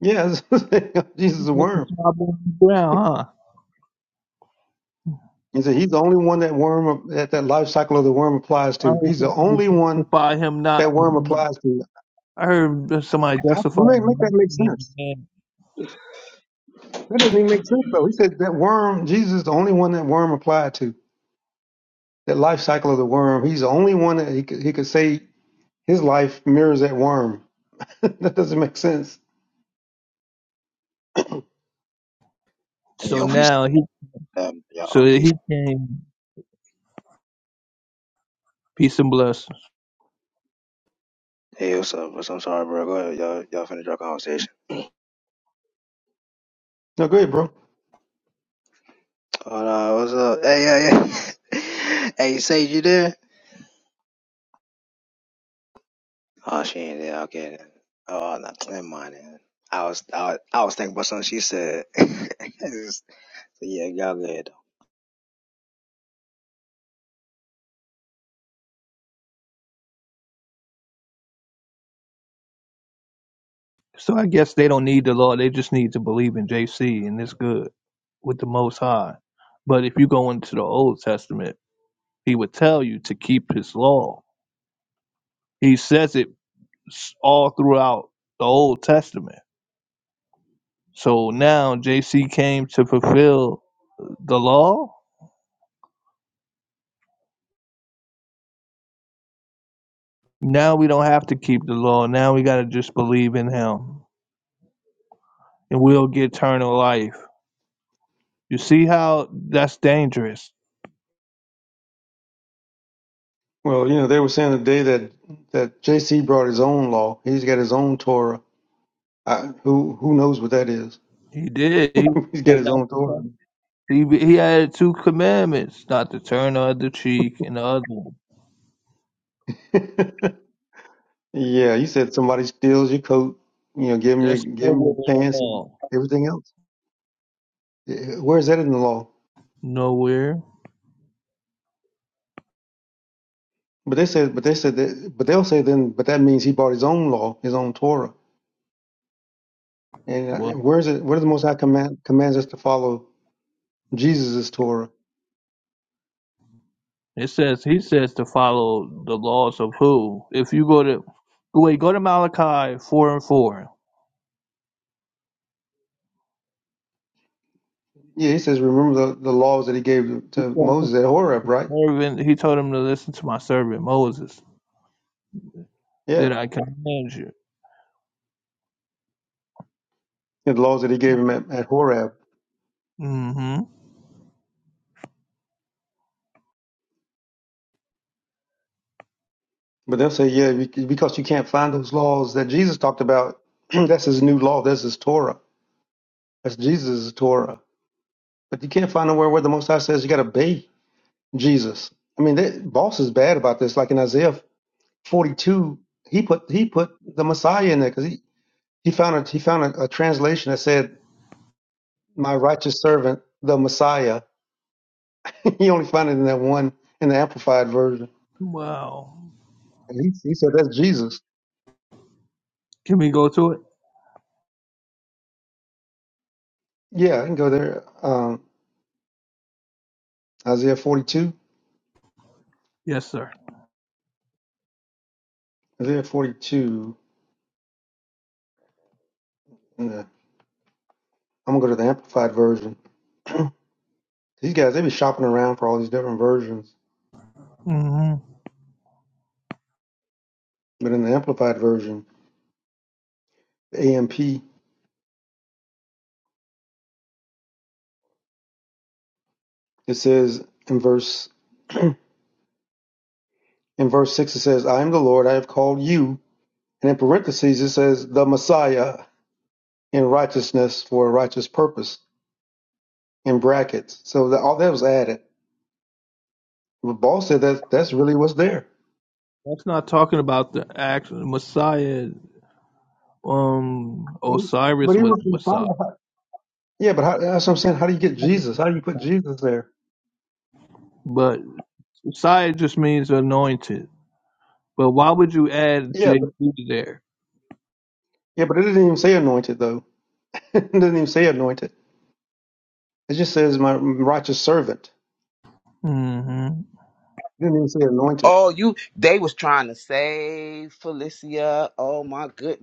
S6: Yeah, <laughs> Jesus is a
S10: That's
S6: worm.
S10: the on the ground, huh?
S6: He said he's the only one that worm that that life cycle of the worm applies
S10: I
S6: to.
S10: was
S6: He's the
S10: trying
S6: only
S10: to
S6: one
S10: defy him not
S6: that
S10: to
S6: worm
S10: be.
S6: applies to.
S10: I heard that somebody
S6: How,
S10: justify
S6: make, make that make sense.
S10: him.
S6: That doesn't even make sense though. He said that worm, Jesus is the only one that worm applied to. That life cycle of the worm. He's the only one that he could, he could say his life mirrors that worm. <laughs> that doesn't make sense.
S11: Hey,
S10: so
S11: yo, peace,
S10: now he
S11: um,
S10: so
S11: y'all. Peace.
S10: he came peace and blessings.
S11: Hey, what's up? What's I'm sorry, bro. Go ahead. Y'all, y'all finish your conversation.
S6: No, go ahead, bro.
S11: Oh, no. What's up? Hey, yeah, yeah. <laughs> hey, Sage, you there? Oh, she ain't there. Okay, then. Oh, no. Never mind, then. I was, I was, I was thinking about something she said. <laughs> so, yeah, y'all good.
S10: So I guess they don't need the law; they just need to believe in JC, and it's good with the Most High. But if you go into the Old Testament, he would tell you to keep his law. He says it s- all throughout the Old Testament. So now JC came to fulfill the law. Now we don't have to keep the law. Now we got to just believe in him. and we'll get eternal life. You see how that's dangerous?
S6: Well, you know, they were saying the day that, that JC brought his own law. He's got his own Torah. I, who who knows what that is?
S10: He did. He
S6: <laughs> He's got
S10: said
S6: his
S10: not
S6: own
S10: to
S6: Torah.
S10: He, he had two commandments: not to turn the other cheek and the other. one.
S6: <laughs> yeah, you said somebody steals your coat. You know, give him your
S10: That's
S6: give him
S10: nowhere
S6: your
S10: in the
S6: pants and
S10: law.
S6: everything else. Yeah, Where is that in the law?
S10: Nowhere.
S6: But they said, but they said that, but they'll say then, but that means he brought his own law, his own Torah. And uh,
S10: Well,
S6: where's it? Where does the Most High command commands us to follow Jesus' Torah?
S10: it says he says to follow the laws of who? If you go to wait, go to Malachi four and four.
S6: Yeah, he says, remember the, the laws that he gave
S10: He
S6: to
S10: told his
S6: Moses at Horeb, right?
S10: servant- he told him to listen to my servant Moses.
S6: Yeah,
S10: Did I command you?
S6: and the laws that he gave him at, at Horeb.
S10: Mm-hmm.
S6: But they'll say, yeah, bec- because you can't find those laws that Jesus talked about. <clears throat> that's his new law. That's his Torah. That's Jesus' Torah. But you can't find nowhere where the Most High says you got to obey Jesus. I mean, that, boss is bad about this. Like in Isaiah 42 he put he put the messiah in there because he, he found a he found a, a translation that said my righteous servant the messiah <laughs> he only found it in that one in the amplified version
S10: Wow.
S6: and he, he said that's jesus
S10: Can we go to it?
S6: yeah i can go there um isaiah 42
S10: Yes, sir.
S6: isaiah 42 yeah. i'm gonna go to the amplified version these guys they be shopping around for all these different versions
S10: hmm
S6: but in the amplified version the amp it says in verse <clears throat> in verse 6 it says i am the lord i have called you And in parentheses, it says the Messiah in righteousness for a righteous purpose in brackets. So that, all that was added. But Ball said that that's really what's there.
S10: That's not talking about the actual Messiah. Um,
S6: But, e- but
S10: Osiris was
S6: even if
S10: the
S6: the
S10: Messiah,
S6: Messiah, how- Yeah, but how, that's what I'm saying. How do you get Jesus? How do you put Jesus there?
S10: but Messiah just means anointed. But why would you add
S6: Yeah,
S10: JC
S6: but
S10: there?
S6: yeah, but it didn't even say anointed though. <laughs> it didn't even say anointed. It just says my righteous servant.
S10: hmm
S6: It didn't even say anointed.
S9: Oh,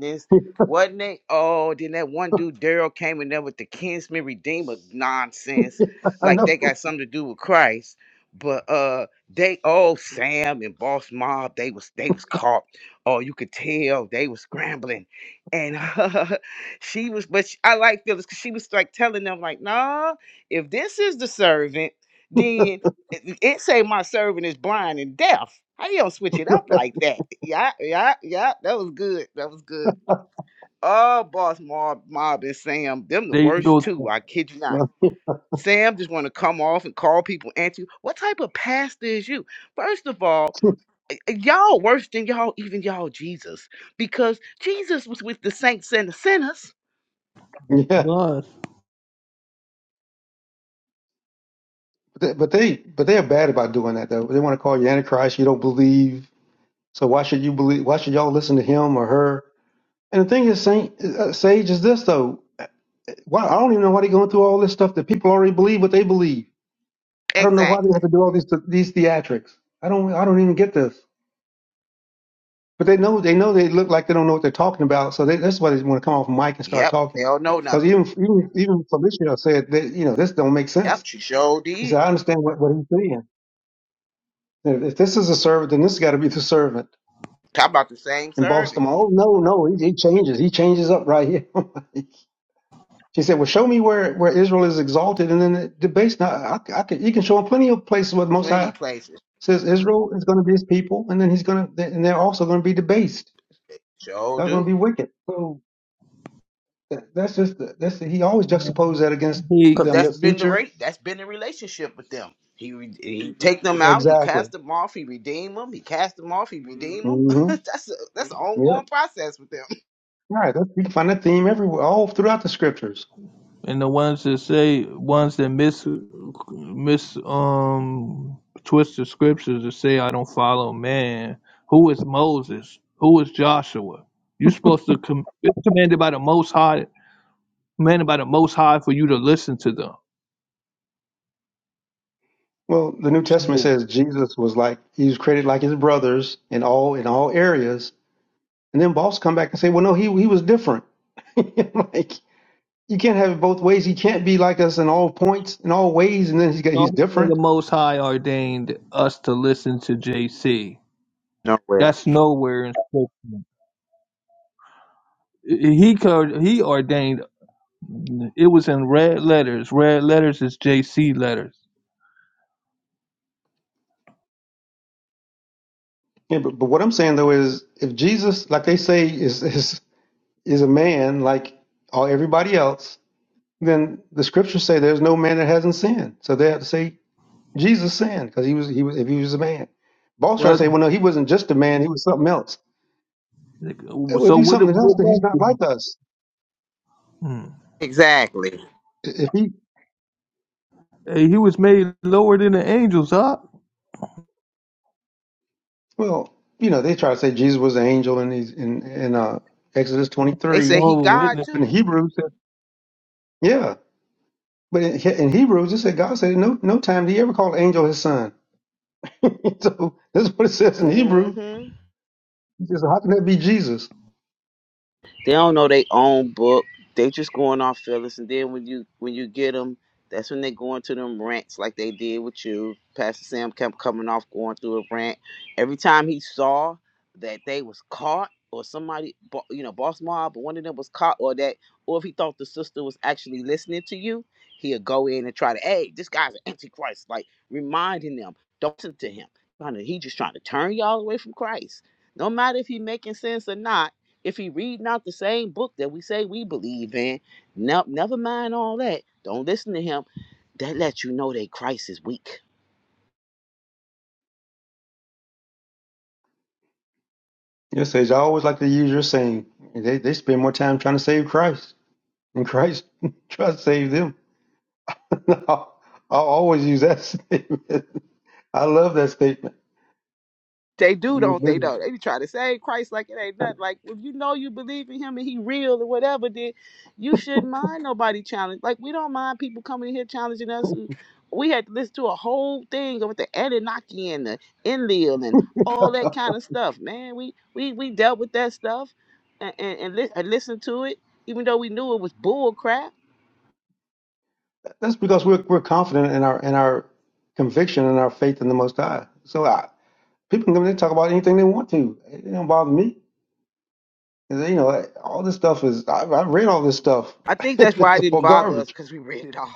S9: it's
S6: <laughs>
S9: what is me nonsense?
S6: I
S9: Like they
S6: know.
S9: got some race, but uh, they man lost mob. They was they was caught. Oh hell, they was scrambling, <laughs> she was, but sh- I like Phyllis because she was like telling them, like, nah, if this is the servant, then it, it say my servant is blind and deaf. How you don't switch it up like that? Yeah, yeah, yeah. That was good. That was good. Oh, boss mob, mob and Sam, them the
S10: They
S9: worst
S10: go
S9: two.
S10: to
S9: I kid you not. Sam just want to come off and call people anti. What type of pastor is you? First of all, y- y'all worse than y'all even y'all Jesus because Jesus was with the saints and the sinners.
S6: Yeah,
S10: plus.
S6: but they, but they but they are bad about doing that though. They want to call you Antichrist. You don't believe. So why should you believe? Why should y'all listen to him or her? And the thing is, Saint uh, Sage is this though. Why I don't even know why they're going through all this stuff that people already believe what they believe. I don't know why they
S9: Exactly.
S6: have to do all these these theatrics. I don't I don't even get this. But they know they know they look like they don't know what they're talking about. So they, that's why they want to come off mic and start
S9: Yep.
S6: talking.
S9: They don't know
S6: Because
S9: nothing.
S6: even even even Felicia said that you know this don't make
S9: Yep.
S6: sense.
S9: She sure
S6: She
S9: did.
S6: said I understand what, what he's saying. If if this is a servant, then this got to be the servant.
S9: Talk about the same
S6: And boss
S9: servant.
S6: them. Oh no no he, he changes he changes up right here. <laughs> She said, "Well, show me where, where Israel is exalted, and then the debates. Now, I, I can, you can show him plenty of places where the Most
S9: Plenty
S6: High
S9: places.
S6: says Israel is going to be His people, and then He's going to, and they're also going to be debased.
S9: Sure
S6: They're going to
S9: do.
S6: be wicked. So that, that's just the, that's the, he always juxtaposes that against
S9: Cause
S10: He
S6: them,
S9: that's
S6: their
S9: been the
S6: future.
S9: rate. That's been the relationship with them. He, re- he take them out. He
S6: Exactly.
S9: cast them off. He redeem them. He cast them off. He redeem them. <laughs>
S6: hmm
S9: that's a, that's an
S6: Yeah.
S9: ongoing process with them.
S6: Right. That's, you can find that theme everywhere, all throughout the scriptures.
S10: and the ones that say ones that mis mis um twist the scriptures to say I don't follow man. Who is Moses? Who is Joshua? You're supposed to com- it's commanded by the Most High, commanded by the Most High for you to listen to them.
S6: Well, the New Testament
S10: So,
S6: says Jesus was like he was created like His brothers in all in all areas, And then boss come back and say, well, no, he he was different. <laughs> like you can't have it both ways. He can't be like us in all points, in all ways, and then he's got,
S10: some
S6: he's
S10: the
S6: different.
S10: Most High ordained us to listen to JC.
S9: Nowhere.
S10: That's nowhere in scripture. He cur- he ordained. It was in red letters. Red letters is JC letters
S6: Yeah, but, but what I'm saying though is, if Jesus, like they say, is is is a man like all everybody else, then the scriptures say there's no man that hasn't sinned. So they have to say Jesus sinned because he was he was if he was a man. Boss try to say, well, no, he wasn't just a man; he was something else. If
S10: So
S6: he's
S10: what? It,
S6: something else,
S10: what
S6: then he's
S10: was
S6: not like
S10: it?
S6: us.
S10: Hmm.
S9: Exactly.
S6: If he
S10: Hey, he was made lower than the angels, huh?
S6: Well, you know, they try to say Jesus was an angel and he's in, in uh, Exodus
S9: They
S6: 23.
S9: say he
S10: Jehovah
S9: God
S10: Witness.
S6: But in
S9: too.
S6: Hebrews, it- yeah. But in, He- in Hebrews, it said God said no no time did he ever call an angel his son. <laughs> so that's what it says in Hebrews.
S9: hmm
S6: It says, how can that be Jesus?
S9: They don't know their own book. They just going off feelings, and then when you when you get them, that's when they go into them rants like they did with you. Pastor Sam kept coming off going through a rant. Every time he saw that they was caught or somebody, bo- you know, boss mob or one of them was caught or that, or if he thought the sister was actually listening to you, he'll go in and try to, hey, this guy's an antichrist, like reminding them, don't listen to him. Trying to- He just trying to turn y'all away from Christ. No matter if he making sense or not if he read not the same book that we say we believe in, no, never mind all that. Don't listen to him. That lets you know that Christ is weak
S6: It says, I always like to use your saying. They, they spend more time trying to save Christ. And Christ <laughs> tries to save them. <laughs> I'll, I'll always use that <laughs> statement. I love that statement.
S9: They do, don't they? Though they be trying to say Christ like it ain't nothing. Like if you know you believe in Him and He real or whatever, then you shouldn't mind nobody challenge. Like we don't mind people coming in here challenging us. who- We had to listen to a whole thing with the Anunnaki and the Enlil and all that kind of stuff. Man, we we we dealt with that stuff and and, and, li- and listened to it, even though we knew it was bull crap.
S6: That's because we're we're confident in our in our conviction and our faith in the Most High. So I, people can come in and talk about anything they want to. It don't bother me. 'Cause, You know, like, all this stuff is. I've, I've read all this stuff.
S9: I
S6: <laughs>
S9: think that's why
S6: it's
S9: it didn't
S6: all
S9: bother us
S6: garbage.
S9: because we read it all.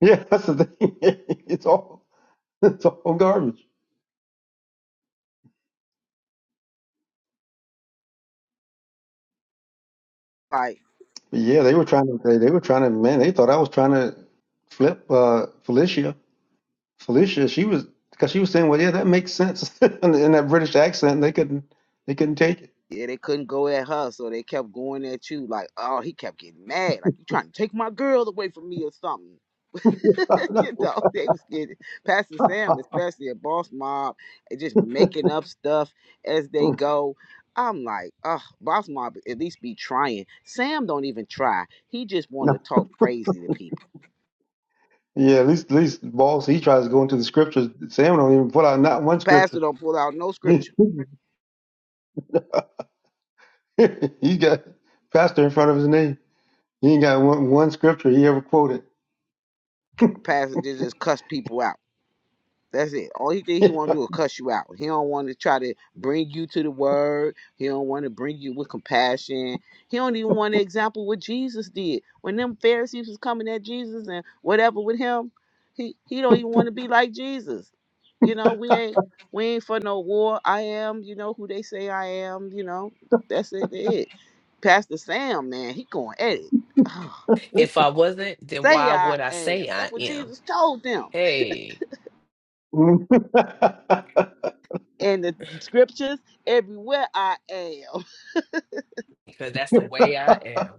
S6: Yeah, that's the thing. <laughs> it's all it's all garbage.
S9: Like
S6: But yeah, they were trying to. They, they were trying to. Man, they thought I was trying to flip uh, Felicia. Felicia, she was because she was saying, "Well, yeah, that makes sense," <laughs> in, in that British accent. They couldn't. They couldn't take
S9: Yeah, they couldn't go at her, so they kept going at you. Like, oh, he kept getting mad. Like, you trying to take my girl away from me or something.
S6: it.
S9: <laughs>
S6: <laughs>
S9: you know, they was getting, Pastor Sam,
S6: no.
S9: especially a boss mob, and just making up stuff as they go. I'm like, oh, boss mob at least be trying. Sam don't even try. He just
S6: <laughs>
S9: want to talk crazy to people.
S6: Yeah, at least at least boss he tries to go into the scriptures. Sam don't even put out not one
S9: The
S6: scripture.
S9: pastor don't pull out no
S6: <laughs> he
S9: scripture.
S6: got pastor in front of his name. He ain't got one, one scripture he ever quoted.
S9: The pastor just, just cuss people out. That's it. Only thing he
S6: <laughs>
S9: want to do is cuss you out. He don't want to try to bring you to the word. He don't want to bring you with compassion. He don't even want to example what Jesus did when them Pharisees was coming at Jesus and whatever with him. He he don't even want to be like Jesus. You know we ain't we ain't for no war. I am you know who they say I am. You know that's it. That's It. Pastor Sam man, he going at it. <sighs> he
S3: If I wasn't, then
S9: say
S3: why
S9: I
S3: would I
S9: am.
S3: say I
S9: That's what
S3: am?
S9: Jesus told them.
S3: Hey,
S9: in the scriptures everywhere I am. <laughs>
S3: because that's the way I am.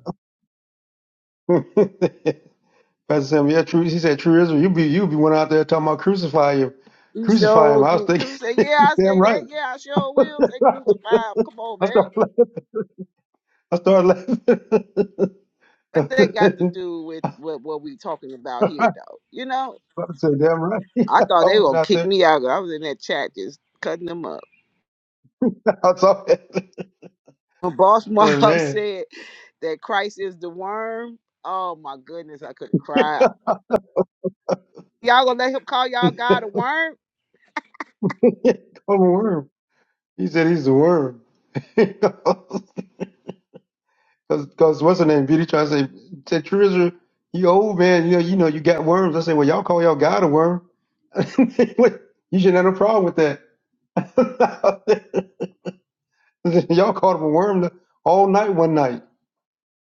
S6: Pastor Sam, yeah, true. He said, "True Israel, you be you be one out there talking about crucify him,
S9: He
S6: crucify him."
S9: sure
S6: I was
S9: did.
S6: thinking,
S9: truth. say, yeah, I
S6: <laughs> damn
S9: say
S6: right.
S9: that. Yeah, I sure will
S6: <laughs>
S9: say crucify. him. Come on,
S6: I
S9: man.
S6: started, laugh- I started laughing.
S9: What that got to
S6: <laughs>
S9: do with what, what we talking about
S6: I
S9: here, though? You know,
S6: said, damn right. <laughs> I
S9: I thought they were
S6: was
S9: gonna
S6: out
S9: kick
S6: there.
S9: me out. I was in that chat just cutting them up.
S6: I saw it. <laughs>
S9: When Boss
S6: I said,
S9: Mob <laughs>
S6: man.
S9: said that Christ is the worm, oh my goodness, I could have cried. Y'all gonna let him call y'all God a worm?
S6: <laughs> I'm a worm. He said he's a worm. <laughs> Because what's her name? Beauty trying to say, said Trisha, you old man, you know, you know, you got worms. I said, well, y'all call y'all God a worm. <laughs> you shouldn't have a problem with that. <laughs> y'all called him a worm the- all night one night.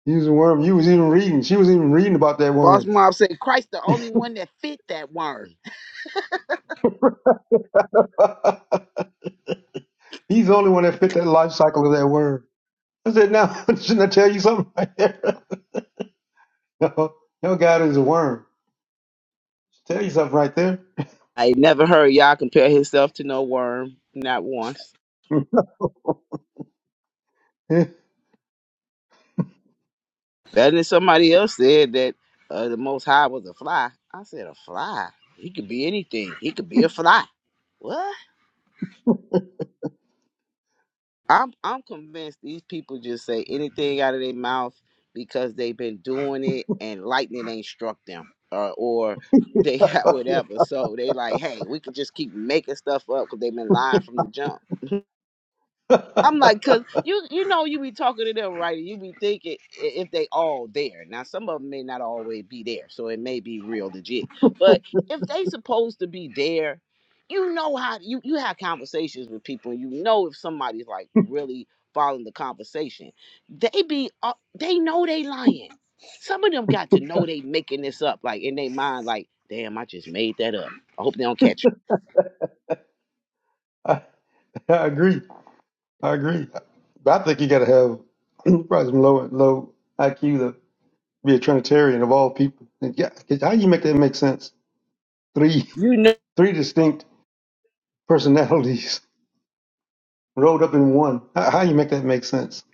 S6: He was a worm. You was even reading. She was even reading about that
S9: Boss
S6: worm.
S9: Mob said Christ the only one that fit that worm.
S6: <laughs> he's the only one that fit that life cycle of that worm. I said, now, <laughs> shouldn't I tell you something right there? <laughs> no, your God is a worm. Should Tell you something right
S9: I never heard Yah compare himself to no worm, not once.
S6: there.
S9: Better than somebody else said that uh, the Most High was a fly. I said a fly. He could be anything. He could be a fly. What? I'm I'm convinced these people just say anything out of their mouth because they've been doing it and lightning ain't struck them or or they <laughs> got
S6: <laughs>
S9: whatever. So they like, hey, we could just keep making stuff up because they've been lying from the jump.
S6: <laughs>
S9: I'm like, cause
S6: I,
S9: you you know you be talking to them right, you be thinking i- if they all there. Now some of them may not always be there, so it may be real legit. But if they supposed to be there, you know how you you have conversations with people, and you know if somebody's like really following the conversation, they be uh, they know they lying. Some of them got to know they making this up, like in their mind, like damn, I just made that up. I hope they don't catch
S6: I agree. I agree. But I think you got to have <clears throat> probably some low low IQ to be a Trinitarian of all people. And yeah, 'cause how you make that make sense? Three
S9: me. You know
S6: three distinct personalities <laughs> rolled up in one. How, how you make that make sense?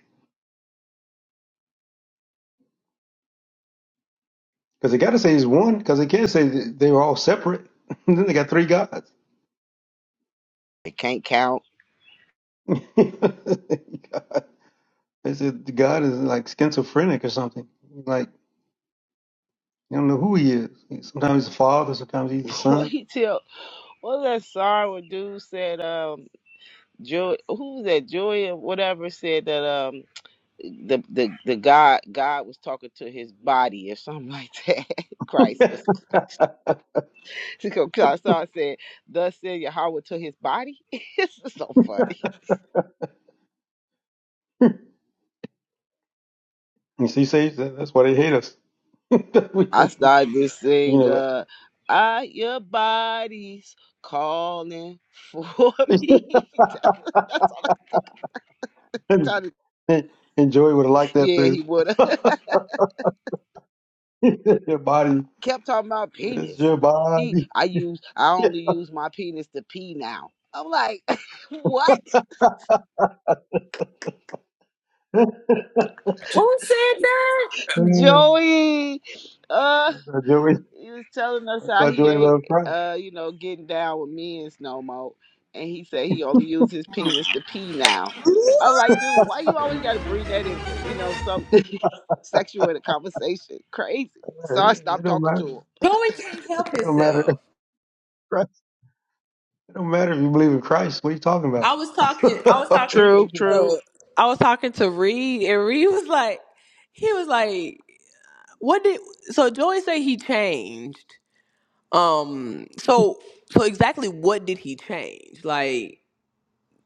S6: Because they got to say it's one. Because they can't say that they were all separate. <laughs> then they got three gods.
S9: they can't count.
S6: <laughs> God. They said God is like schizophrenic or something. Like you don't know who he is. Sometimes he's the father. Sometimes he's the
S9: <laughs> what
S6: son.
S9: he tell? What was that song where dude said um Joy who was that Joy or whatever said that um the the the God God was talking to his body or something like that. <laughs>
S6: <laughs>
S9: Christ was <laughs> so I started saying, Thus said Yahweh to his body. <laughs> it's so funny.
S6: You see, Sage, that, that's why they hate us. <laughs> we
S9: I
S6: said,
S9: started to
S6: you
S9: sing
S6: know,
S9: uh I your body's calling for me. <laughs>
S6: <laughs>
S9: That's all I could think of. Trying to-
S6: and Joey would have liked that
S9: Yeah,
S6: too.
S9: he would have. <laughs>
S6: <laughs> your body,
S9: kept talking about
S6: it's
S9: penis.
S6: your
S9: He,
S6: body.
S9: I use, I
S6: <laughs> that's
S9: only use my penis to pee now. I'm like, <laughs> what?
S3: Who said that?
S6: why
S9: Joey, uh,
S6: Joey,
S9: he was telling us
S6: that's
S9: how
S6: why
S9: he
S6: Joey
S9: ain't,
S6: loves Christ.
S9: uh, you know, getting down with men's no more, and he said he only uses his penis to pee now. I'm like, dude, why you always got to bring that in? uh, You know, some <laughs> sexual in a conversation, crazy. So
S6: It,
S9: I
S6: it
S9: stopped
S6: don't
S9: talking
S6: matter.
S9: to him.
S3: Joey can't help
S6: It don't matter. <laughs>
S3: himself.
S6: Christ, it don't matter if you believe in Christ. What are you talking about?
S3: I was talking. I was
S6: <laughs>
S3: talking. To,
S9: True,
S3: Uh,
S9: true.
S3: I was talking to Reed, and Reed was like, he was like. What did so Joey say he changed? Um so so exactly what did he change? Like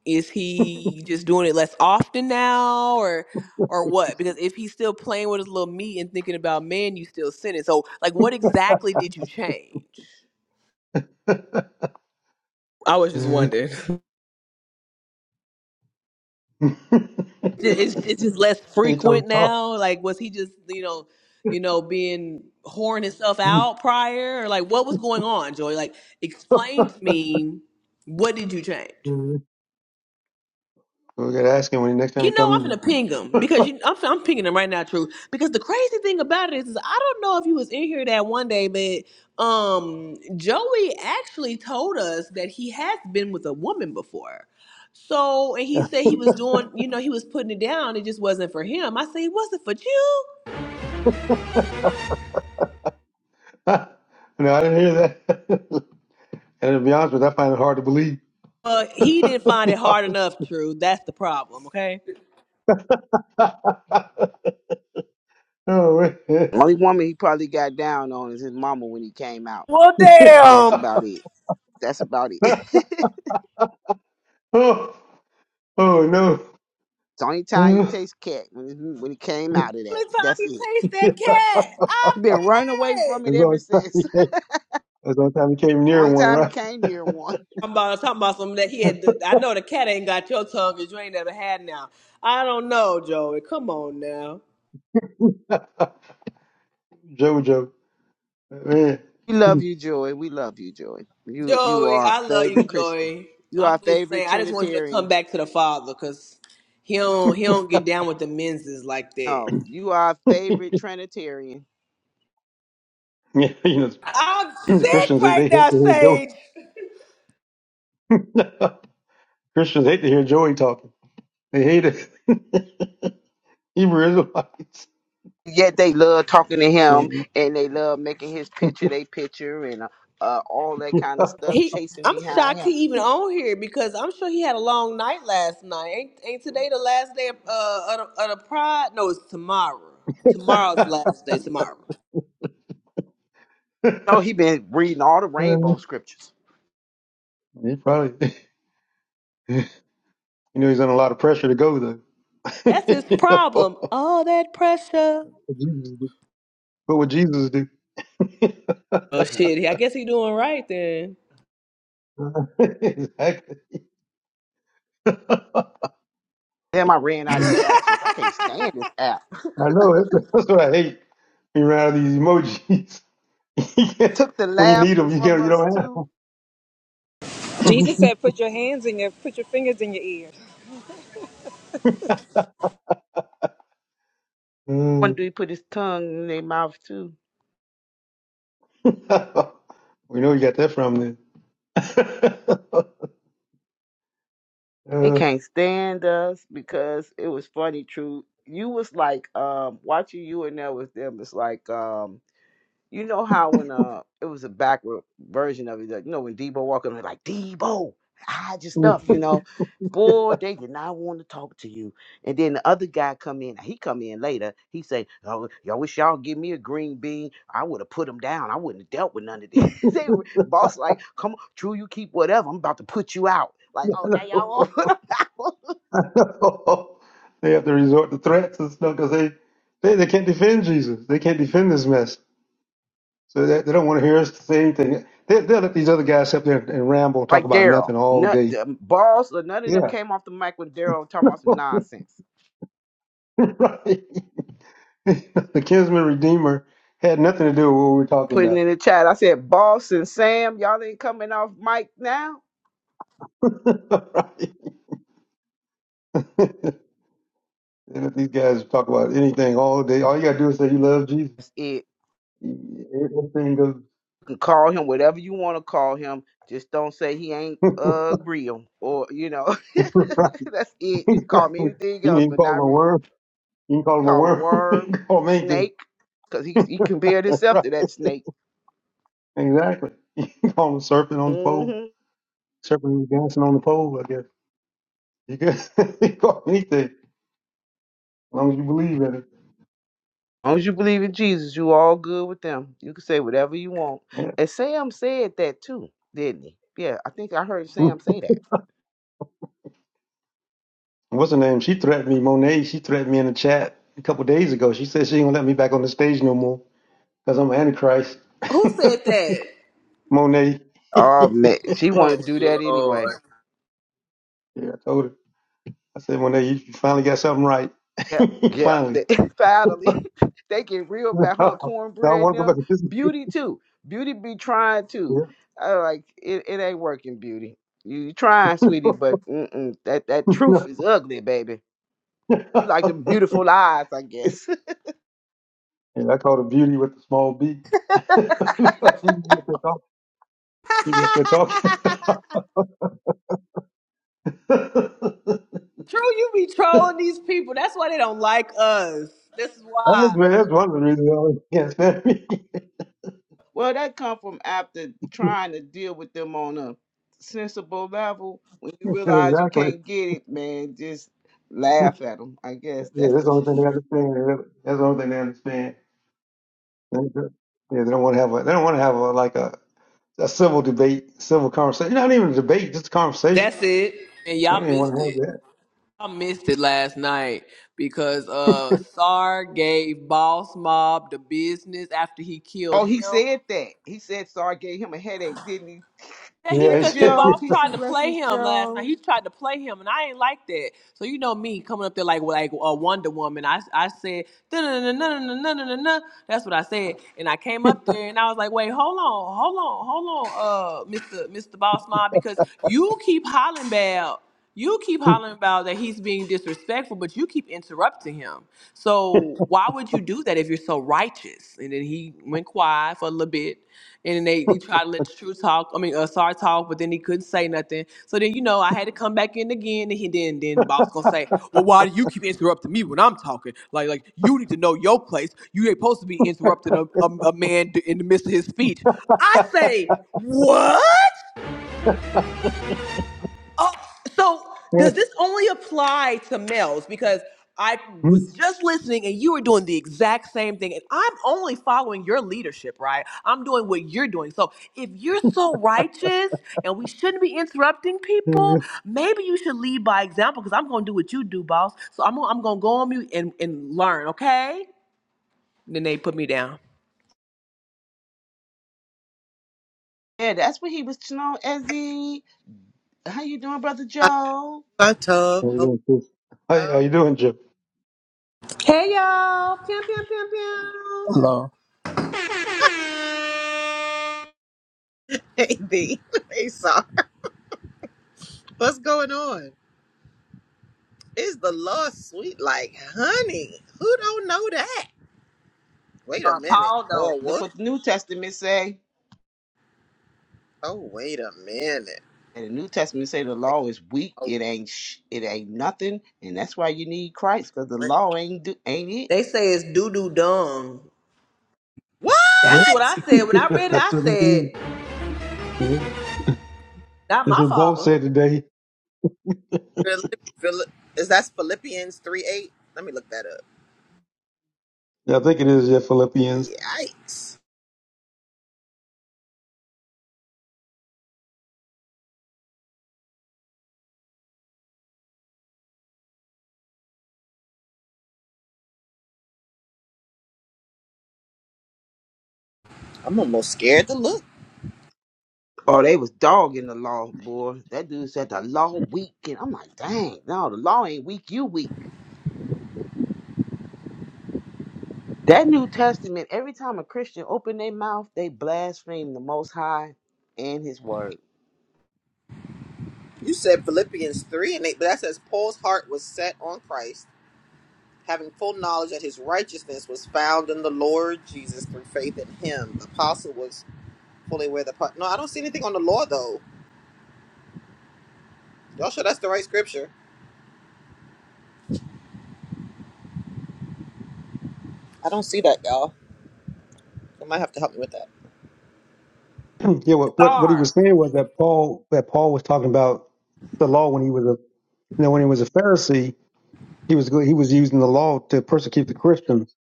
S3: is he just doing it less often now or or what? Because if he's still playing with his little meat and thinking about men, you still sinning. So like what exactly did you change? I was just wondering. <laughs> It's it's just less
S6: he told
S3: frequent
S6: us all.
S3: now. Like was he just, you know, you know, being whoring himself
S6: <laughs> We're
S3: out prior? Or like what was going on, Joey? Like explain to me what did you change?
S6: gonna ask him when the next time he
S3: You know
S6: comes
S3: I'm gonna
S6: in
S3: ping him
S6: here. <laughs>
S3: because you, I'm I'm pinging him right now, True. Because the crazy thing about it is, is I don't know if you was in here that one day, but um, Joey actually told us that he has been with a woman before. So, and he
S6: no,
S3: said he was doing, you know, he was putting it down. It just wasn't for him. I said it wasn't for you.
S6: <laughs> no, I didn't hear that. <laughs> and to be honest with you, I find it hard to believe.
S3: Uh,
S6: <laughs>
S3: he didn't
S6: To
S3: find it
S6: be
S3: hard
S6: honest.
S3: enough, True. That's the problem. Okay.
S6: <laughs> oh, wait.
S9: Only woman he probably got down on is his mama when he came out.
S3: Well,
S9: That's
S3: damn.
S9: about it. That's about it. <laughs>
S6: <laughs>
S9: it's
S6: oh, oh, no.
S9: the only time he
S6: Mm.
S9: tastes cat when he, when he came out of that.
S3: Only time
S9: That's
S3: he
S9: it.
S3: tastes
S6: <laughs>
S3: that
S6: yeah,
S3: cat. I'm
S9: He been running away
S3: dead.
S9: from it
S6: as long
S9: ever
S6: as time you
S9: since.
S6: came, as long as time you came
S9: <laughs>
S6: near
S9: only
S6: one,
S9: time he
S6: right? <laughs>
S9: came near one.
S3: I'm about talking about something that he had. To, I know the cat ain't got your tongue because you ain't never had now. I don't know, Joey. Come on now,
S6: Jojo. Man.
S9: We love
S6: <laughs>
S9: you, Joy. We love you, Joy. You you
S3: Joey.
S9: are our
S3: I love you,
S9: favorite Christian.
S3: Joey.
S9: You are our
S3: I'm just
S9: favorite
S3: saying. I just want you to come
S9: Trinitarian.
S3: back to the father because he don't he don't get down with the men'ses like that.
S9: No, you are our
S6: yeah,
S9: favorite Trinitarian.
S6: you know,
S3: I'm
S6: the
S3: sick
S6: Christians, they,
S3: right
S6: they
S3: now,
S6: hate to hear Joey.
S3: Sage.
S6: <laughs> Christians hate to hear Joey talking. They hate it. <laughs> Hebrew
S9: yet they love talking to him
S6: Israelites.
S9: and they love making his picture they picture and uh, uh, all that kind of stuff
S3: He.
S9: chasing
S3: I'm
S9: behind
S3: shocked he
S9: him
S3: even
S9: He-
S3: on here because I'm sure he had a long night last night. Ain't ain't today the last day of uh of the, of the pride? No, it's tomorrow. Tomorrow's the last day. Tomorrow.
S6: <laughs>
S9: no he been reading all the
S6: Uh,
S9: rainbow scriptures
S6: he probably, <laughs> you know, he's under a lot of pressure to go though.
S3: That's his
S6: <laughs>
S3: problem. All that pressure.
S6: You know, what would Jesus do? <laughs> What
S3: Oh shit! I guess he doing right then.
S6: would Jesus do? <laughs> exactly. <laughs>
S9: Damn, I ran out of
S6: I
S9: reactions. I can't stand this app.
S6: know that's, that's what I hate. Being around these emojis, <laughs> you
S9: <laughs>
S6: can't,
S9: Took the
S6: when you need
S9: laughing
S6: them, you
S9: from
S6: can't. You
S9: us
S6: don't have.
S9: too.
S6: 'em. <laughs>
S9: One
S6: Mm.
S9: dude put his tongue in their mouth too.
S6: <laughs> we know you got that from
S9: They
S6: then.
S9: can't stand us because it was funny, true. You was like um watching you and there with them. It's like um you know how when uh it was a backward version of it, like, you know when Debo Walker was like Debo, hide your
S6: <laughs>
S9: stuff, you know. Boy, they did not want to talk to you. And then the other guy come in. He come in later. He say, "Oh, y'all wish y'all give me a green bean. I would have put him down. I wouldn't have dealt with none of this." <laughs> they were, boss like, "Come on, Drew, you keep whatever. I'm about to put you out." Like, oh, now y'all
S6: Uh, <laughs>
S9: want to <laughs> put him out.
S6: <laughs> they have to resort to threats and stuff because they, they, they can't defend Jesus. They can't defend this mess. So they, they don't want to hear us say anything. They, they'll let these other guys sit up there and ramble and talk
S9: Like
S6: about
S9: Daryl,
S6: nothing all
S9: not
S6: day.
S9: the boss or none of them
S6: Yeah.
S9: came off the mic when Daryl talking about some
S6: <laughs>
S9: nonsense.
S6: right. <laughs> the kinsman redeemer had nothing to do with what we were talking
S9: putting in the chat. I said, Boss and Sam, y'all ain't coming off mic now.
S6: about. <laughs> right. <laughs> And if these guys talk about anything all day. All you got to do is say you love Jesus.
S9: That's it.
S6: Everything goes.
S9: You can call him whatever you want to call him. Just don't say he ain't uh real or you know. <laughs>
S6: <laughs> right.
S9: That's it.
S6: <laughs>
S9: You
S6: you
S9: can call me anything
S6: can
S9: else,
S6: even
S9: but
S6: call them
S9: not
S6: a
S9: real.
S6: word. You can call him a
S9: Call him
S6: worm. <laughs> you
S9: worm,
S6: can call him anything.
S9: snake, because he he compared
S6: <laughs>
S9: himself
S6: Right.
S9: to that snake.
S6: Exactly. You can call him a serpent on
S9: hmm
S6: the pole.
S9: As
S6: Serpent who's dancing on the pole, I guess. You can, <laughs> you can call him anything as long as you believe in it.
S9: long as you believe in Jesus, you all good with them. You can say whatever you want.
S6: Yeah.
S9: And Sam said that too, didn't he? Yeah, I think I heard Sam say that.
S6: <laughs> What's her name? She threatened me, Monet. She threatened me in the chat a couple days ago. She said she ain't gonna let me back on the stage no more because I'm an Antichrist.
S3: Who said that?
S6: <laughs> Monet. <laughs> yeah,
S9: Oh man, she want to
S3: Oh
S9: do that
S3: lord.
S9: anyway.
S6: I told her. I said, Monet, you finally got something right. <laughs>
S9: Yeah, yeah.
S6: finally.
S9: They,
S6: <laughs>
S9: <laughs> finally, <laughs> they get real
S6: I
S9: about huh?
S6: don't
S9: Cornbread
S6: want to go back
S9: them.
S6: to this. <laughs>
S9: Beauty too. Beauty be trying too.
S6: Yeah.
S9: I like it. It ain't working, beauty. You, you trying, sweetie, but mm-mm, that that truth
S6: <laughs>
S9: is ugly, baby. You like them
S6: No. <laughs>
S9: beautiful lies, I guess.
S6: And I call her Beauty with the small B. <laughs> because she be up there talking. She be up there talking.
S3: <laughs>
S6: <laughs> that's,
S3: True, you be trolling these people. That's why they don't like us. This is why.
S6: man, that's one of the reasons I always can't stand me. <laughs>
S9: <laughs> well, that come from after trying to deal with them on a sensible level. When you realize you
S6: exactly.
S9: can't get it, man, just laugh at them. I guess
S6: Yeah,
S9: that's
S6: that's the
S9: the.
S6: only thing they understand. really. That's the only thing they understand. Yeah, they don't want to have a. They don't want to have a like a, a civil debate, civil conversation. Not even a debate, just a conversation.
S3: That's it. And
S6: They
S3: y'all
S6: don't even want to
S3: missed
S6: have
S3: it.
S6: that.
S3: I missed it last night because uh Sar gave Boss Mob the business after he killed
S9: Oh, he
S3: him.
S9: said that. He said "Sorry, gave him a headache, didn't he?
S3: Yeah, he
S6: Yeah.
S9: Hey
S6: He
S3: because he
S6: said,
S9: Joe,
S3: boss
S9: peace
S3: tried
S9: and
S3: to play
S9: blessings,
S3: him last night.
S9: Joe.
S3: He tried to play him, and I ain't like that. So you know me coming up there like like a Wonder Woman. I I said "Dun, dun, dun, dun, dun, dun, dun, dun, dun." that's what I said, and I came up there and I was like, wait, hold on, hold on, hold on, uh, Mister Mister Boss Mob, because you keep hollering about. You keep hollering about that he's being disrespectful, but you keep interrupting him. So why would you do that if you're so righteous? And then he went quiet for a little bit, and then they, they tried to let the truth talk. I mean, uh, sorry talk, but then he couldn't say nothing. So then you know I had to come back in again, and he then then boss gonna say, well, why do you keep interrupting me when I'm talking? Like like you need to know your place. You ain't supposed to be interrupting a, a, a man d- in the midst of his speech. I say what? Oh, so does this only apply to males? Because I was
S6: <laughs>
S3: just listening and you were doing the exact same thing. And I'm only following your leadership, right? I'm doing what you're doing. So if you're so righteous and we shouldn't be interrupting people, maybe you should lead by example because I'm going to do what you do, boss. So I'm, gonna- I'm going to go on mute and, and learn, okay? And then they put me down.
S9: Yeah, that's what he was you know, Ezzy. How you doing, brother
S12: Hello,
S9: Joe?
S12: my Tub.
S6: how you
S12: Hope
S6: doing, sis?
S12: you're
S6: How, how
S12: well.
S6: you doing, Jim?
S3: Hey, y'all. Pew, pew, pew, pew.
S13: Hello.
S12: Hey, B. <laughs> Hey, Saw. What's going on? Is the Lord sweet like honey? Who don't know that? Wait a
S3: Uh,
S12: minute.
S3: Paul, don't.
S12: Or
S9: Look
S12: what?
S9: what the New Testament say.
S12: Oh, wait a minute.
S9: And the New Testament say the law is weak.
S12: Oh,
S9: It ain't sh- it ain't nothing, and that's why you need Christ, cause the
S12: wait.
S9: law ain't do- ain't it.
S3: They say it's doo doo dung.
S6: Yeah.
S12: what?
S3: That's what I said. When I
S6: <laughs>
S3: read it, I
S6: that's what it is.
S3: said,
S6: Yeah.
S3: not
S6: That's
S3: my
S6: what Paul
S3: father.
S6: said today.
S12: Philip, Philip, is that Philippians 3 8? Let me look that up.
S6: I think it is yeah, Philippians.
S12: Yikes. I'm almost scared to look.
S9: Oh, they was dogging the law, boy. That dude said the law weak, and I'm like, dang, no, the law ain't weak. You weak. That New Testament. Every time a Christian open their mouth, they blaspheme the Most High and His Word.
S12: You said Philippians 3 and 8, but that says Paul's heart was set on Christ. having full knowledge that his righteousness was found in the Lord Jesus through faith in him. The apostle was fully aware of the part. No, I don't see anything on the law though. Y'all sure that's the right scripture? I don't see that, y'all. You might have to help me with that.
S6: <clears throat> yeah, what, what what he was
S3: Star.
S6: saying was that Paul that Paul was talking about the law when he was a you know when he was a Pharisee he was go- he was using the law to persecute the Christians.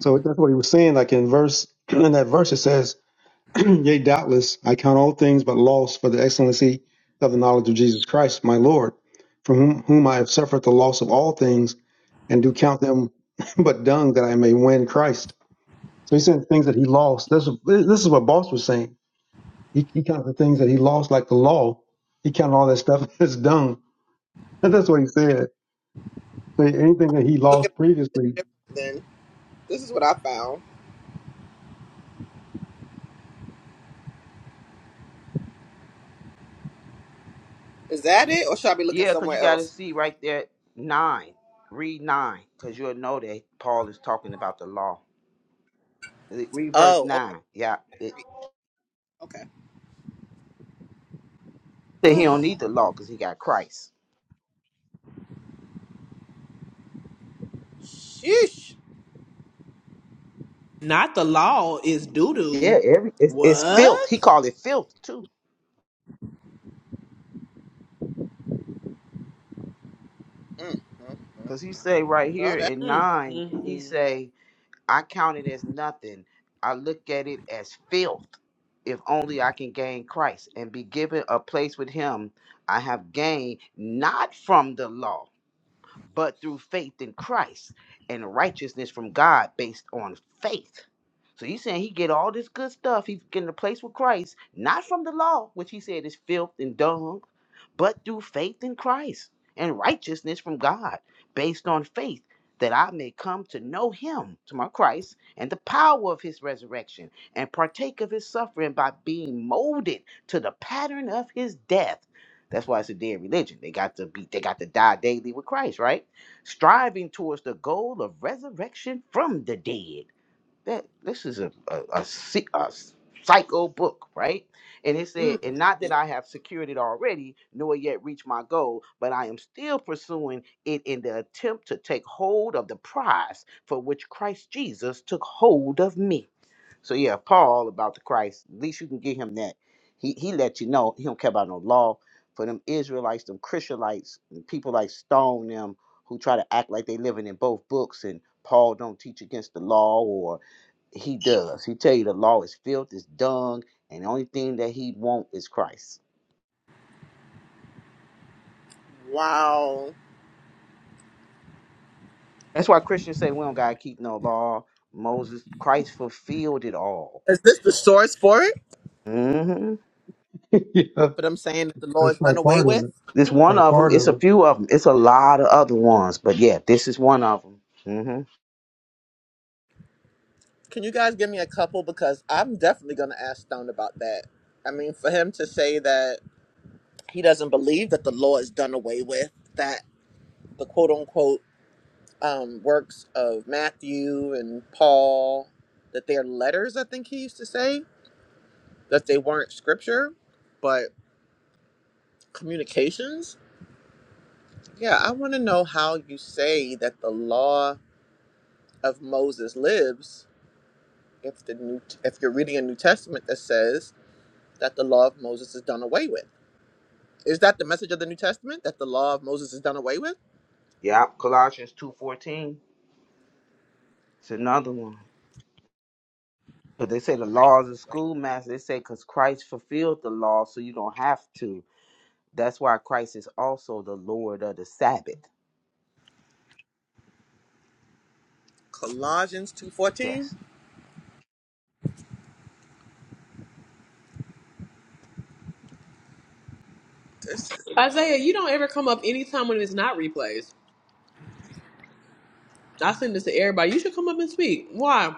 S6: So that's what he was saying. Like in verse <clears throat> in that verse it says, <clears throat> "Yea, doubtless I count all things but loss for the excellency of the knowledge of Jesus Christ, my Lord, from whom, whom I have suffered the loss of all things, and do count them <laughs> but dung that I may win Christ." So he said things that he lost. This, this is what Boss was saying. He, he counted the things that he lost, like the law. He counted all that stuff <laughs> as dung. And <laughs> that's what he said. So anything that he
S12: Look at
S6: lost
S12: it
S6: previously,
S12: different then. This is what I found. Is that it, or should I be looking
S9: Yeah, because
S12: somewhere
S9: you got to
S12: else?
S9: see right there, nine. Read nine, because you'll know that Paul is talking about the law. Read verse
S12: Oh,
S9: nine. Yeah, it,
S12: okay, okay.
S9: that he don't
S12: Ugh,
S9: need the law because he got Christ.
S12: sheesh.
S3: Not the law is doo doo.
S9: Yeah, every it's, it's filth. He
S3: What?
S9: called it filth too,
S12: Mm, mm.
S9: because he say right
S12: Well,
S9: here
S12: that.
S9: in
S3: Mm,
S9: nine,
S3: mm,
S9: he
S3: mm.
S9: say, "I count it as nothing. I look at it as filth, if only I can gain Christ and be given a place with Him. I have gained not from the law." but through faith in Christ and righteousness from God based on faith. So you saying he get all this good stuff, he's getting a place with Christ, not from the law, which he said is filth and dung, but through faith in Christ and righteousness from God based on faith. That I may come to know him, to my Christ, and the power of his resurrection, and partake of his suffering by being molded to the pattern of his death that's why it's a dead religion. They got to be they got to die daily with Christ, right? Striving towards the goal of resurrection from the dead. That this is a a, a, si- a s- psycho book, right? And it said,
S12: Mm.
S9: and not that I have secured it already, nor yet reached my goal, but I am still pursuing it in the attempt to take hold of the prize for which Christ Jesus took hold of me. So yeah, Paul about the Christ. At least you can get him that. He he let you know he don't care about no law. For them Israelites, them Christianites, and people like Stone them who try to act like they living in both books and Paul don't teach against the law or he does. He tell you the law is filth, is dung, and the only thing that he want is Christ.
S12: Wow.
S9: That's why Christians say we don't gotta keep no law. Moses, Christ fulfilled it all.
S12: Is this the source for it?
S9: hmm
S6: <laughs> yeah,
S12: But
S6: that's
S12: I'm saying that the law is done
S6: probably
S12: away
S6: part
S12: with.
S6: of it.
S9: This one
S6: Probably
S9: of them.
S6: part
S9: It's
S6: of
S9: a
S6: it.
S9: few of them. It's a lot of other ones, but yeah, this is one of them. Mm-hmm.
S12: Can you guys give me a couple? Because I'm definitely going to ask Stone about that. I mean, for him to say that he doesn't believe that the law is done away with, that the quote unquote um, works of Matthew and Paul, that they're letters, I think he used to say, that they weren't scripture, but communications. Yeah, I want to know how you say that the law of Moses lives if the new if you're reading a New Testament that says that the law of Moses is done away with. Is that the message of the New Testament that the law of Moses is done away with?
S9: Yep. Colossians two fourteen. It's another one. But they say the laws of
S12: Like
S9: schoolmaster. They say because Christ fulfilled the law, so you don't have to. That's why Christ is also the Lord of the Sabbath.
S12: Colossians two
S9: Yes.
S12: fourteen. This is-
S3: Isaiah, you don't ever come up anytime when it's not replays. I send this to everybody. You should come up and speak. Why?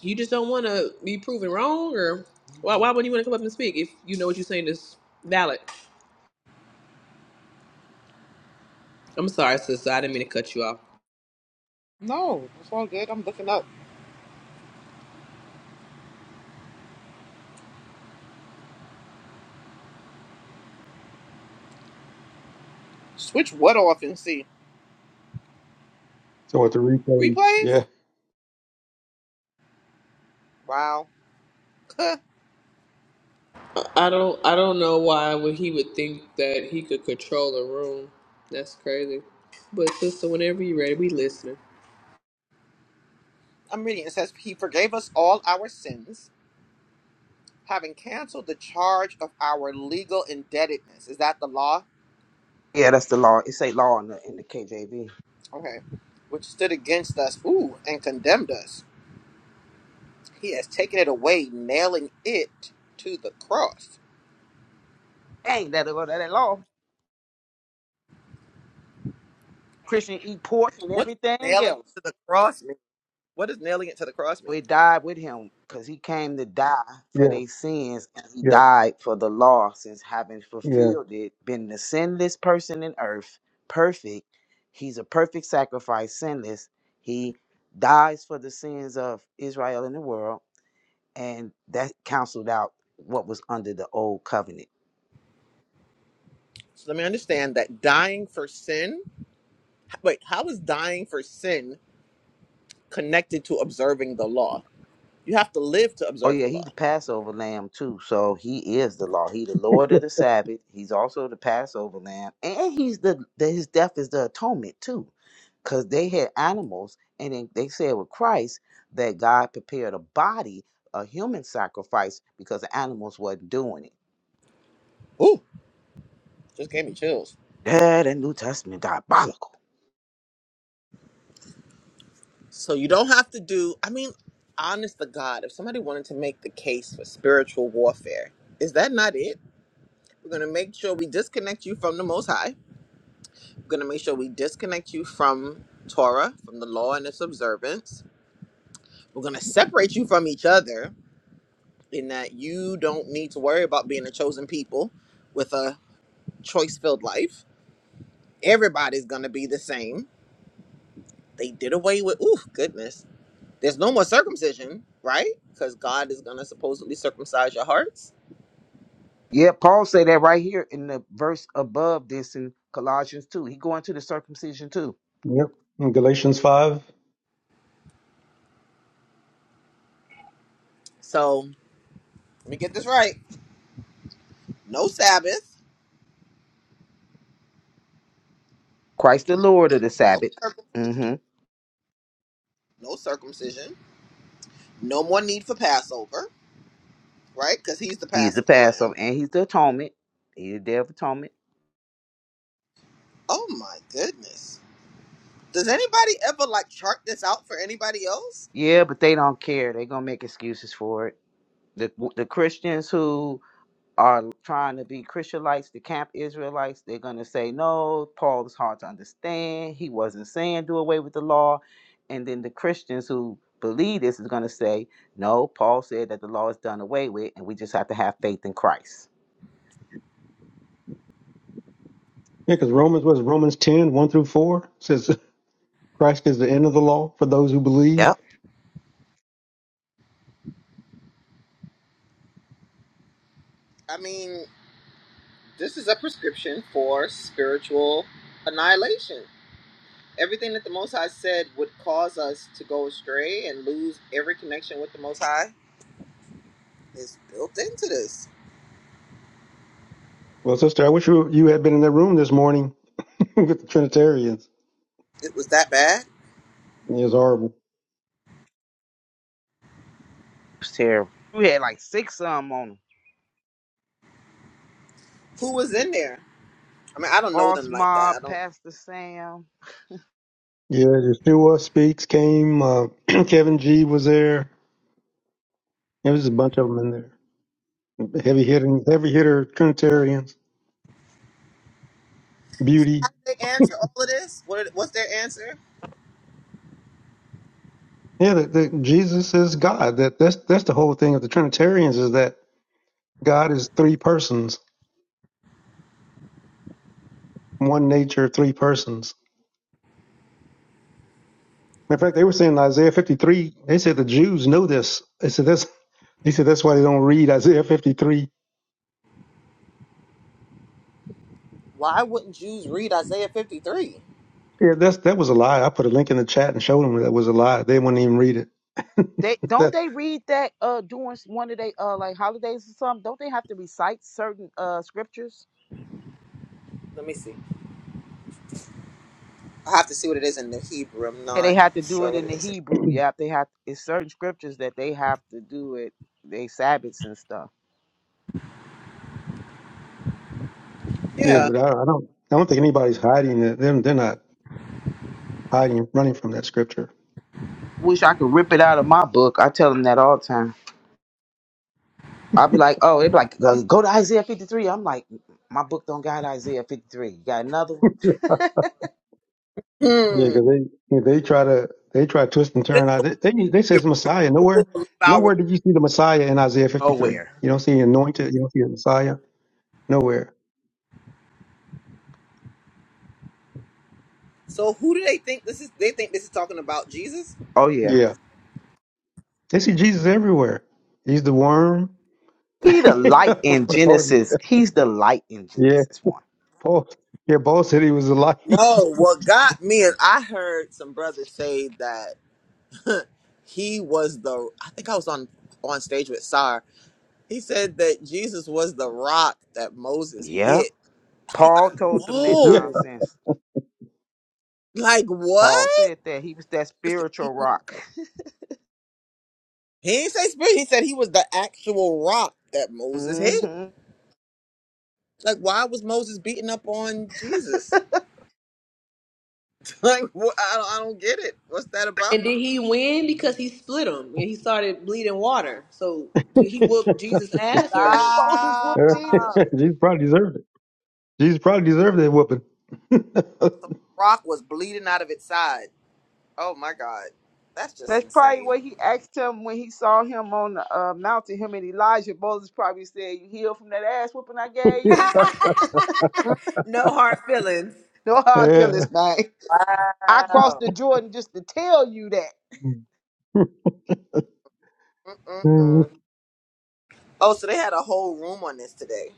S3: You just don't want to be proven wrong, or why, why wouldn't you want to come up and speak if you know what you're saying is valid? I'm sorry, sister. I didn't mean to cut you off.
S12: no, it's all good. I'm looking up. Switch what off and see
S6: So what the replays?
S12: replays.
S6: Yeah,
S12: Wow. <laughs> I'm
S3: But sister,
S12: reading. It says he forgave us all our sins, having canceled the charge of our legal indebtedness. Is that the law?
S9: Yeah, that's the law. It say law in the, in the KJV.
S12: Okay. Which stood against us. Ooh, and condemned us. He has taken it away, nailing it to the cross.
S9: Ain't that that, that law? Christian eat pork and
S12: What does
S9: everything
S12: nailing
S9: else.
S12: it to the cross mean? What does nailing it to the cross mean?
S9: We died with him because he came to die for
S6: yeah,
S9: their sins and he
S6: yeah,
S9: died for the law since having
S6: yeah,
S9: fulfilled it, been the sinless person in earth, perfect. He's a perfect sacrifice, sinless. He dies for the sins of Israel and the world, and that canceled out what was under the old covenant.
S12: So let me understand that dying for sin. Wait, how is dying for sin connected to observing the law? You have to live to
S9: Oh
S12: observe the
S9: yeah, he the
S12: law.
S9: Passover lamb too. So he is the law. He the Lord of the Sabbath. He's also the Passover lamb, and he's the, the his death is the atonement too, because they had animals, and then they said with Christ that God prepared a body, a human sacrifice, because the animals wasn't doing it.
S12: Ooh, just gave me chills.
S9: Yeah, the New Testament diabolical.
S12: So you don't have to do. I mean, honest to God, if somebody wanted to make the case for spiritual warfare, is that not it? We're gonna make sure we disconnect you from the Most High. We're gonna make sure we disconnect you from Torah, from the law and its observance. We're gonna separate you from each other in that you don't need to worry about being a chosen people with a choice filled life. Everybody's going to be the same. They did away with, ooh, goodness. There's no more circumcision, right? Because God is going to supposedly circumcise your hearts.
S9: Yeah, Paul say that right here in the verse above this in Colossians two. He going to the circumcision too.
S6: yep. And Galatians five.
S12: So let me get this right no Sabbath,
S9: Christ the Lord of the
S12: no,
S9: Sabbath.
S12: cir-
S9: Mm-hmm.
S12: no circumcision, no more need for Passover, right? Because he's the
S9: He's the
S12: paschal
S9: Passover
S12: lamb.
S9: and he's the atonement. He's the day of atonement.
S12: Oh my goodness. Does anybody ever like chart this out for anybody else?
S9: Yeah, but they don't care. They're gonna make excuses for it. The the Christians who are trying to be Christianites, the camp Israelites, they're gonna say, No, Paul is hard to understand. He wasn't saying do away with the law. And then the Christians who believe this is gonna say, No, Paul said that the law is done away with and we just have to have faith in Christ.
S6: Yeah, because Romans was Romans ten one through four says <laughs> Christ is the end of the law for those who believe.
S9: Yep.
S12: I mean, This is a prescription for spiritual annihilation. Everything that the Most High said would cause us to go astray and lose every connection with the Most High is built into this.
S6: Well, sister, I wish you you had been in that room this morning <laughs> with the Trinitarians.
S12: It was that bad.
S6: It was horrible.
S9: It was terrible. We had like six of them on 'em.
S12: Who was in there? I mean, I don't know
S9: Boss
S12: them like that.
S9: Mob,
S12: I don't.
S9: Pastor Sam.
S6: Yeah, Yeshua Speaks came. Uh, <clears throat> Kevin G was there. There was a bunch of them in there. Heavy hitting, heavy hitter Trinitarians.
S12: How
S6: Beauty.
S12: did they answer all of this? What? What's their answer?
S6: Yeah, that, that Jesus is God. That that's that's the whole thing of the Trinitarians is that God is three persons, one nature, three persons. In fact, they were saying in Isaiah 53. They said the Jews know this. They said that's. They said that's why they don't read Isaiah 53.
S12: Why wouldn't Jews read Isaiah fifty three?
S6: Yeah, that's that was a lie. I put a link in the chat and showed them that was a lie. They wouldn't even read it.
S9: They don't
S6: <laughs>
S9: they read that uh during one of their uh like holidays or something? Don't they have to recite certain uh scriptures?
S12: Let me see. I have to see what it is in the Hebrew. I'm
S9: Yeah, they
S12: not
S9: have to do
S12: sure
S9: it
S12: what
S9: in
S12: it
S9: the
S12: is.
S9: Hebrew. Yeah, they have it's certain scriptures that they have to do it. They Sabbaths and stuff.
S6: Yeah,
S12: Yeah.
S6: but I, I don't. I don't think anybody's hiding it. Them, they're not hiding, running from that scripture.
S9: Wish I could rip it out of my book. I tell them that all the time. I'll be like, oh, they be like, go go to Isaiah 53. I'm like, "Mm, mm, my book don't got Isaiah 53. You got another? one?
S6: Yeah,
S12: Hmm.
S6: because they if they try to they try to twist and
S12: Is this
S6: turn. I-
S12: the one
S6: They they, they
S12: who
S6: says
S12: will,
S6: Messiah
S12: who
S6: nowhere.
S12: will believe our
S6: Nowhere did you see the Messiah in Isaiah 53.
S9: Nowhere.
S6: You don't see anointed. You don't see a Messiah nowhere.
S12: So who do they think this is? They think this is talking about Jesus.
S9: Oh yeah.
S6: Yeah, they see Jesus everywhere. He's the worm.
S9: He
S6: <laughs>
S9: the light in
S6: What Paul used to- say.
S9: Genesis. He's the light in
S6: yeah,
S9: Genesis one.
S6: Paul. Yeah, Paul said he was a light. <laughs>
S12: No, what got me is I heard some brothers say that <laughs> he was the. I think I was on on stage with Sar. He said that Jesus was the rock that Moses
S9: Yeah.
S12: hit. I was
S9: Paul
S12: like,
S9: told them that
S6: yeah,
S12: whoa,
S9: nonsense.
S12: like
S9: Paul
S12: what?
S9: said that he was that
S12: This-
S9: spiritual
S12: He
S9: rock.
S12: didn't say spirit. He said he was the actual rock that Moses hit.
S9: hmm
S12: Like, why was Moses beating up on Jesus? <laughs> Like, wh- I, don't, I don't get it. What's that about?
S3: And did he win because he split him and he started bleeding water? So did he whoop Jesus'
S9: <laughs>
S3: ass or?
S9: Moses
S12: Stop.
S9: whooped Jesus.
S6: <laughs> Jesus probably deserved it. Jesus probably deserved that whooping.
S12: Rock was bleeding out of its side. Oh my god, that's just
S9: That's probably
S12: insane.
S9: what he asked him when he saw him on the uh, mountain. Him and Elijah. Moses probably said, "You healed from that ass whooping I gave
S3: <laughs>
S9: you." <laughs>
S3: no hard feelings.
S9: Know
S6: <laughs>
S9: how I
S6: yeah,
S9: feel this man. I crossed
S12: Wow.
S9: the Jordan just to tell you that.
S6: Mm.
S12: Mm-mm-mm.
S6: <laughs>
S12: Oh, so they had a whole room on this today.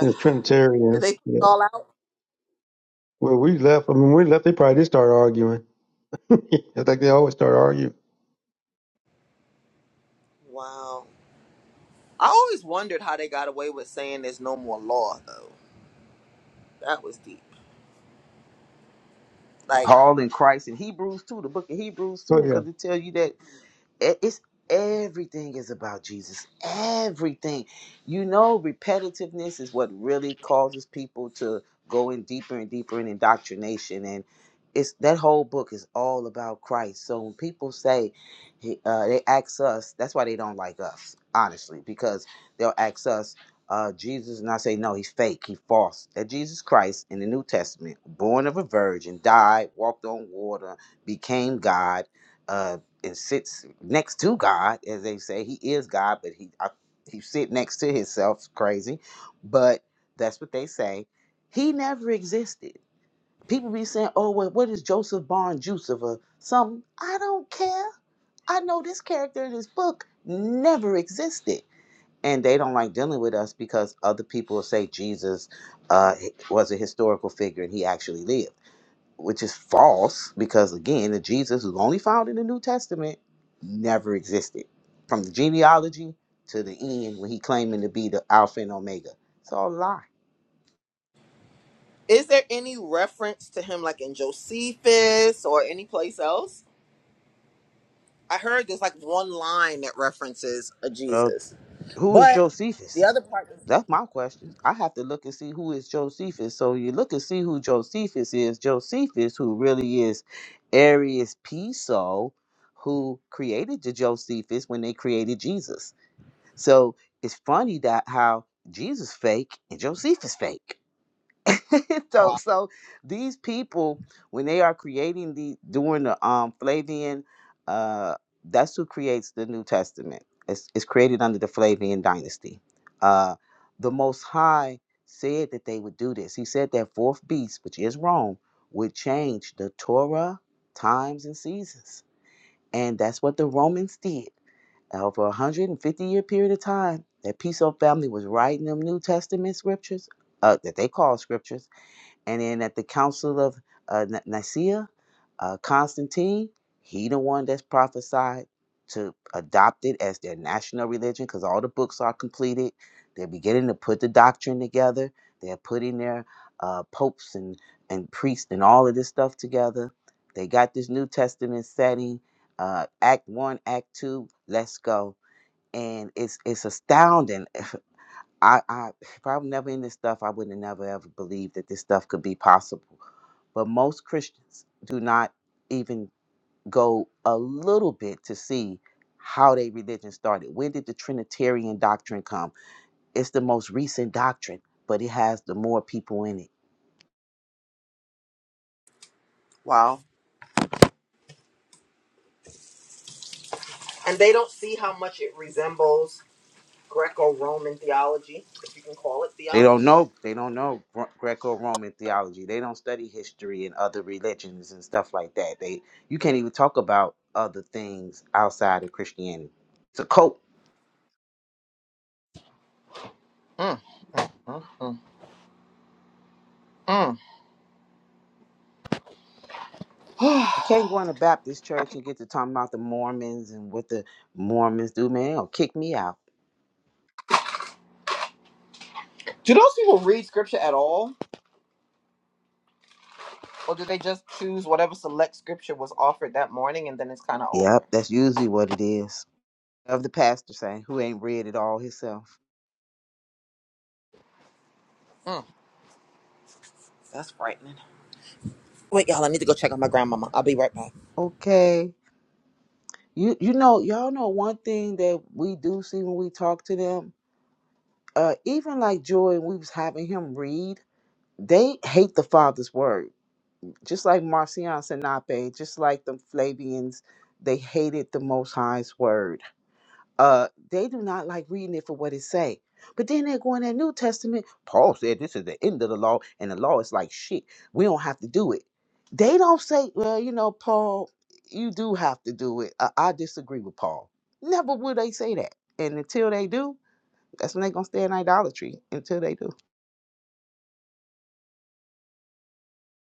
S6: It's
S12: <sighs> Ah, Did
S6: Trinitarians.
S12: they put
S6: Yeah.
S12: it all out?
S6: Well, we left. I mean, we left. They probably did start arguing. <laughs> I think they always start arguing.
S12: Wow. I always wondered how they got away with saying there's no more law, though. That was deep. Like,
S9: Paul and Christ in Hebrews too, the book of Hebrews too,
S6: Oh yeah.
S9: because it tells you that it- it's everything is about Jesus. Everything. You know, repetitiveness is what really causes people to go in deeper and deeper in indoctrination and it's that whole book is all about Christ. So when people say he- uh, they ask us, that's why they don't like us, honestly, because they'll ask us, uh, Jesus, and I say, no, he's fake, he's false. That Jesus Christ in the New Testament, born of a virgin, died, walked on water, became God, uh, and sits next to God, as they say, he is God, but he I, he sit next to himself, crazy. But that's what they say. He never existed. People be saying, "Oh, well, what is Joseph Barn Joseph or something?" I don't care. I know this character in this book never existed, and they don't like dealing with us because other people will say Jesus uh, was a historical figure and he actually lived which is false because again the jesus who's only found in the new testament never existed from the genealogy to the end when he claiming to be the alpha and omega it's all a lie
S12: is there any reference to him, like in Josephus or any place else? I heard there's like one line that references a
S9: uh,
S12: Jesus,
S9: who is
S12: but the
S9: josephus
S12: other part. is.
S9: that's my question i have to look and see who is josephus so you look and see who josephus is josephus who really is arius piso who created the josephus when they created jesus so it's funny that how jesus fake and josephus fake <laughs> so
S12: Wow.
S9: so these people when they are creating the during the um Flavian uh that's who creates the New Testament. It's it's created under the Flavian dynasty. Uh the most high said that they would do this. He said that fourth beast, which is Rome, would change the Torah, times and seasons. And that's what the Romans did. Over a 150 year period of time, that Piso family was writing them New Testament scriptures uh, that they call scriptures and then at the Council of uh, Nicaea, uh, Constantine, he the one that's prophesied to adopt it as their national religion because all the books are completed. They're beginning to put the doctrine together. They're putting their uh, popes and, and priests and all of this stuff together. They got this New Testament setting, uh, Act 1, Act 2, let's go. And it's, it's astounding <laughs> I, I if i was never in this stuff, I would have never ever believed that this stuff could be possible. But most Christians do not even go a little bit to see how their religion started. When did the Trinitarian doctrine come? It's the most recent doctrine, but it has the more people in it.
S12: Wow. And they don't see how much it resembles Greco Roman theology, if you can call it
S9: They don't
S12: theology.
S9: know. They don't know Gre- Greco-Roman theology. They don't study history and other religions and stuff like that. They you can't even talk about other things outside of Christianity. It's a cult.
S12: Mm, mm, mm, mm. <sighs>
S9: I can't go in a Baptist church and get to talking about the Mormons and what the Mormons do, man. They'll kick me out.
S12: do those people read scripture at all? Or do they just choose whatever select scripture was offered that morning and then it's kind of over?
S9: Yep, that's usually what it is. Of the pastor saying who ain't read it all himself.
S12: Mm, that's frightening. Wait, y'all, I need to go check on my grandmama. I'll be right back.
S9: Okay. You you know, y'all know one thing that we do see when we talk to them? Uh even like Joy we was having him read, they hate the Father's word. Just like Marcion Sinape, just like the Flavians, they hated the most high's word uh they do not like reading it for what it say but then they're going to that new testament paul said this is the end of the law and the law is like shit we don't have to do it they don't say well you know paul you do have to do it i, I disagree with paul never will they say that and until they do that's when they're gonna stay in idolatry until they do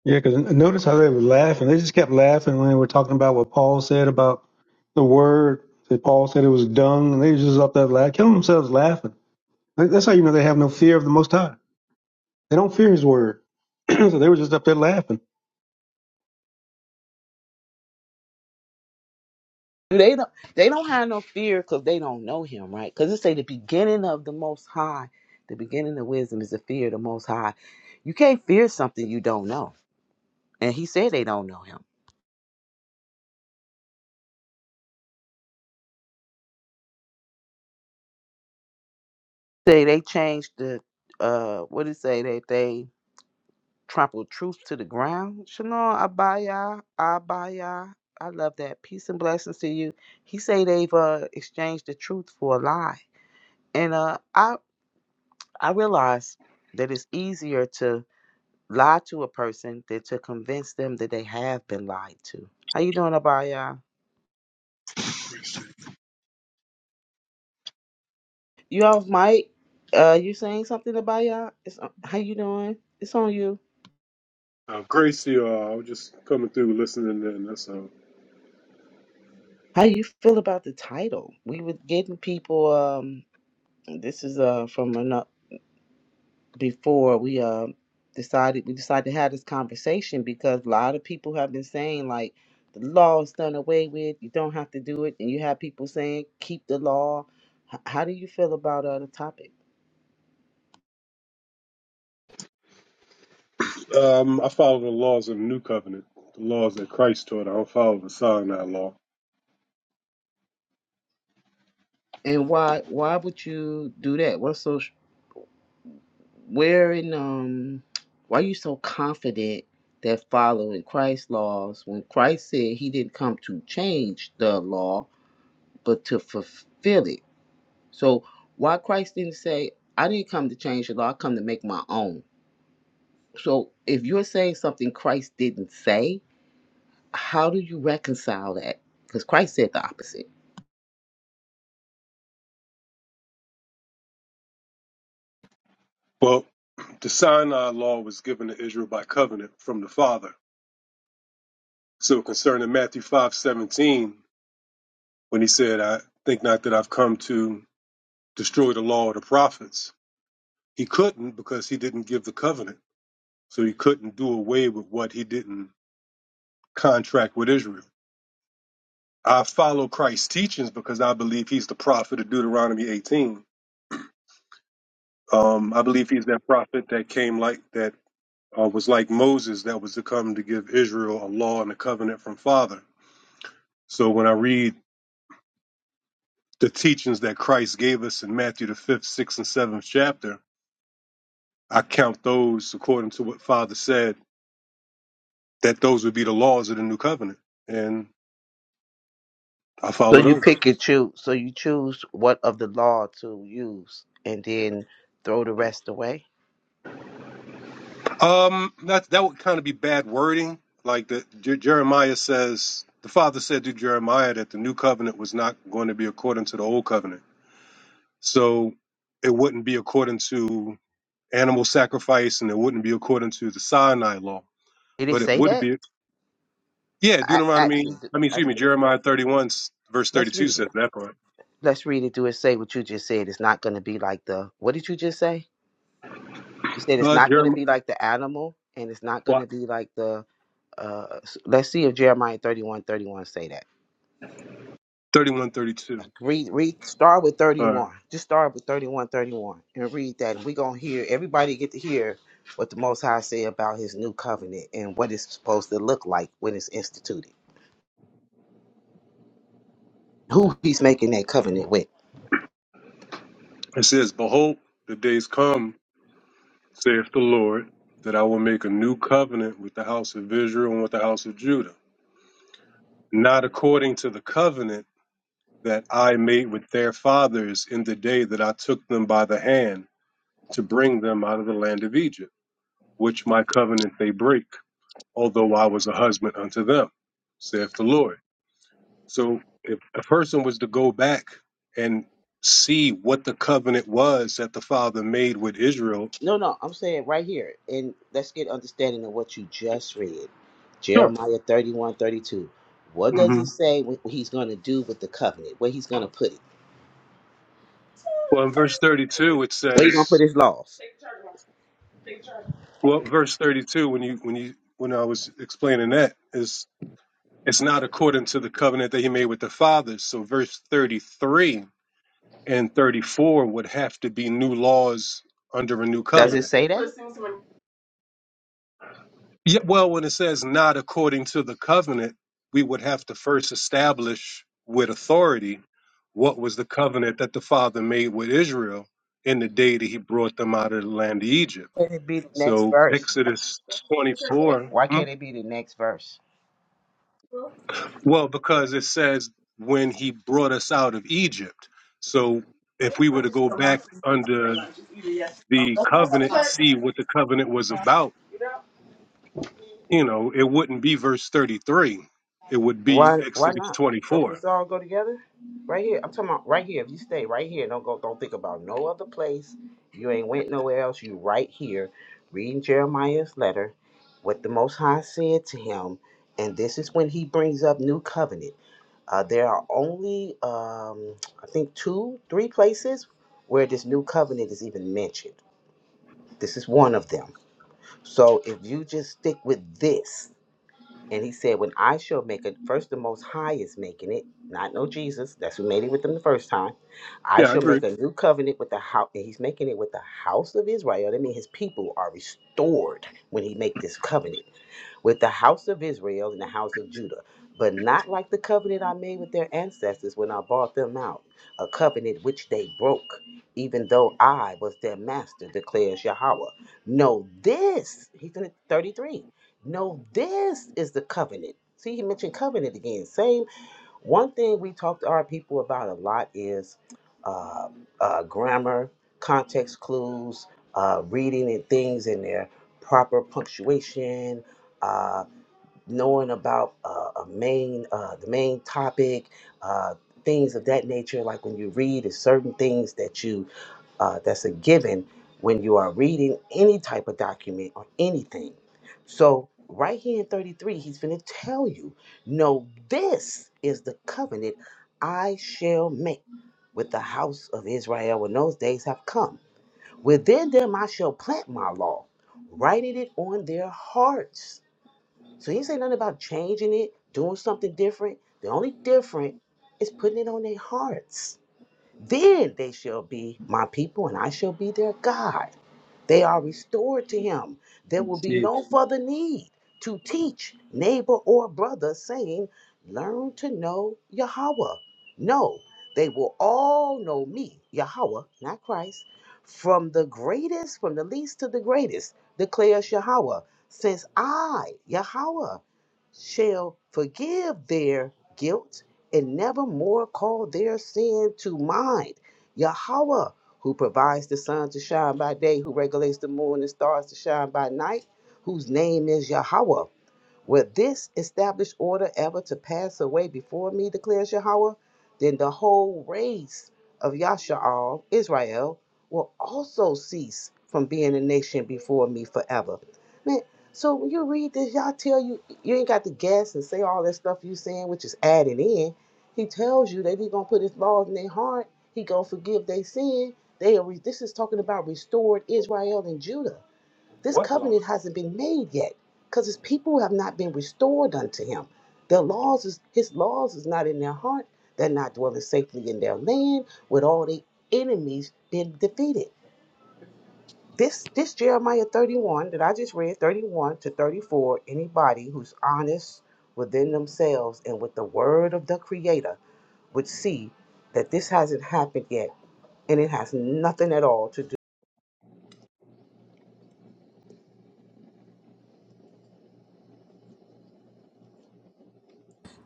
S6: Yeah, because notice how they were laughing. They just kept laughing when they were talking about what Paul said about the word. That Paul said it was dung, and they was just up there laughing, killing themselves laughing. Like, That's how you know they have no fear of the Most High. They don't fear His word, <clears throat> so they were just up there laughing.
S9: they don't they don't have no fear because they don't know him right because it say the beginning of the most high the beginning of wisdom is the fear of the most high you can't fear something you don't know and he said they don't know him. Say they changed the uh what did it say that they trampled truth to the ground. Shalom Abaya Abaya. I love that. Peace and blessings to you. He say they've uh exchanged the truth for a lie. And uh I I realize that it's easier to lie to a person than to convince them that they have been lied to. How you doing, Abaya? You off mic? Uh you saying something, Abaya? It's uh, how you doing? It's on you.
S14: Uh, grace, you I was just coming through, listening in. That's all.
S9: How you feel about the title? We were getting people. Um, this is uh from ano- before we uh decided we decided to have this conversation because a lot of people have been saying like the law is done away with. You don't have to do it, and you have people saying keep the law. H- how do you feel about uh, the topic?
S14: Um, I follow the laws of the new covenant, the laws that Christ taught. I don't follow the Sinai law.
S9: And why why would you do that? What's so? where in um why are you so confident that following christ's laws when christ said he didn't come to change the law but to fulfill it so why christ didn't say i didn't come to change the law i come to make my own so if you're saying something christ didn't say how do you reconcile that because christ said the opposite
S14: Well, the Sinai law was given to Israel by covenant from the Father. So concerning Matthew five seventeen, when he said, "I think not that I've come to destroy the law of the prophets," he couldn't because he didn't give the covenant. So he couldn't do away with what he didn't contract with Israel. I follow Christ's teachings because I believe he's the prophet of Deuteronomy 18. Um, I believe he's that prophet that came like that uh, was like Moses that was to come to give Israel a law and a covenant from Father. So when I read the teachings that Christ gave us in Matthew the fifth, sixth, and seventh chapter, I count those according to what Father said that those would be the laws of the new covenant, and I
S9: So
S14: follow
S9: you
S14: those.
S9: pick and choose. So you choose what of the law to use and then throw the rest away?
S14: Um, that that would kind of be bad wording. Like the Jer- Jeremiah says, the father said to Jeremiah that the new covenant was not going to be according to the old covenant. So it wouldn't be according to animal sacrifice, and it wouldn't be according to the Sinai law.
S9: did it
S14: But it
S9: say
S14: would
S9: that
S14: be, yeah,
S9: I
S14: Deuteronomy.
S9: actually, do-
S14: I mean,
S9: I-
S14: excuse me, Jeremiah thirty-one s- verse
S9: let's
S14: thirty-two
S9: read it.
S14: says that part.
S9: Let's read it. Do it. Say what you just said. It's not going to be like the. What did you just say? You said it's
S14: Uh,
S9: not going to
S14: Jeremiah
S9: be like the animal, and it's not going
S14: well,
S9: to be like the. Uh, s- let's see if Jeremiah thirty one thirty one say that.
S14: thirty-one, thirty-two.
S9: Read, read. Start with thirty
S14: All right.
S9: one. Just start with thirty one thirty one and read that. And we gonna hear everybody get to hear what the Most High say about His new covenant and what it's supposed to look like when it's instituted. Who He's making that covenant with.
S14: It says, "Behold, the days come." saith the Lord, that I will make a new covenant with the house of Israel and with the house of Judah, not according to the covenant that I made with their fathers in the day that I took them by the hand to bring them out of the land of Egypt, which my covenant they break, although I was a husband unto them, saith the Lord. So if a person was to go back and see what the covenant was that the father made with Israel,
S9: No, no, I'm saying right here, and let's get understanding of what you just read.
S14: sure.
S9: Jeremiah 31, 32. What does
S14: hmm
S9: it say what he's going to do with the covenant? Where he's going to put it?
S14: Well, in verse 32, it
S9: Where he going to
S14: says,
S9: put his laws?
S14: Well, verse 32, when you when you when I was explaining that is it's not according to the covenant that he made with the fathers. So verse 33 and 34 would have to be new laws under a new
S9: Does it
S14: covenant.
S9: say that?
S14: Yeah, well, when it says not according to the covenant, we would have to first establish with authority what was the covenant that the father made with Israel in the day that he brought them out of the land of Egypt.
S9: Can it be the next
S14: So
S9: verse?
S14: Exodus
S9: I'm saying,
S14: 24.
S9: why
S14: mm,
S9: can't it be the next verse?
S14: Well, because it says when he brought us out of Egypt. So if we were to go back under the covenant and see what the covenant was about, you know, it wouldn't be verse 33. It would be
S9: Why? Why
S14: Exodus
S9: not? Don't
S14: 24.
S9: this all go together? Right here. I'm talking about right here. If you stay right here, don't go. Don't think about no other place. You ain't went nowhere else. You right here, reading Jeremiah's letter, what the Most High said to him, and this is when he brings up new covenant. Uh, there are only, um, I think, two, three places where this new covenant is even mentioned. This is one of them. So if you just stick with this, and he said, When I shall make it, first the Most High is making it, not no Jesus. That's who made it with them the first time. I
S14: Yeah, I
S9: shall
S14: agree.
S9: make a new covenant with the house. And he's making it with the house of Israel. That means his people are restored when he make this covenant with the house of Israel and the house of Judah, but not like the covenant I made with their ancestors when I bought them out, a covenant which they broke, even though I was their master, declares Yahweh. Know this, he's in 33. No, this is the covenant. See, he mentioned covenant again. Same one thing we talk to our people about a lot is uh, uh, grammar, context clues, uh, reading and things in their proper punctuation. uh, knowing about uh, a main uh, the main topic uh, things of that nature like when you read is certain things that you uh, that's a given when you are reading any type of document or anything so right here in 33 he's going to tell you no this is the covenant i shall make with the house of israel when those days have come within them i shall plant my law writing it on their hearts so he ain't say nothing about changing it, doing something different. The only different is putting it on their hearts. Then they shall be my people and I shall be their God. They are restored to him. There will be
S15: see
S9: no further need to teach neighbor or brother, saying, Learn to know Yahweh. No, they will all know me, Yahweh, not Christ, from the greatest, from the least to the greatest, declares Yahweh, since I, Yahweh, shall forgive their guilt and never more call their sin to mind. Yahweh who provides the sun to shine by day, who regulates the moon and stars to shine by night, whose name is Yahweh. Will this established order ever to pass away before me, declares Yahweh? Then the whole race of Yasha'al, Israel, will also cease from being a nation before me forever. Man, so when you read this, y'all tell you, you ain't got to guess and say all that stuff you saying, which is added in. He tells you that he going to put his laws in their heart. He going to forgive their sin. They are, re- This is talking about restored Israel and Judah. This
S15: what life.
S9: covenant hasn't been made yet because his people have not been restored unto him. Their laws is his laws is not in their heart. They're not dwelling safely in their land with all the enemies been defeated. This this Jeremiah 31 that I just read, 31 to 34, anybody who's honest within themselves and with the word of the creator would see that this hasn't happened yet and it has nothing at all to do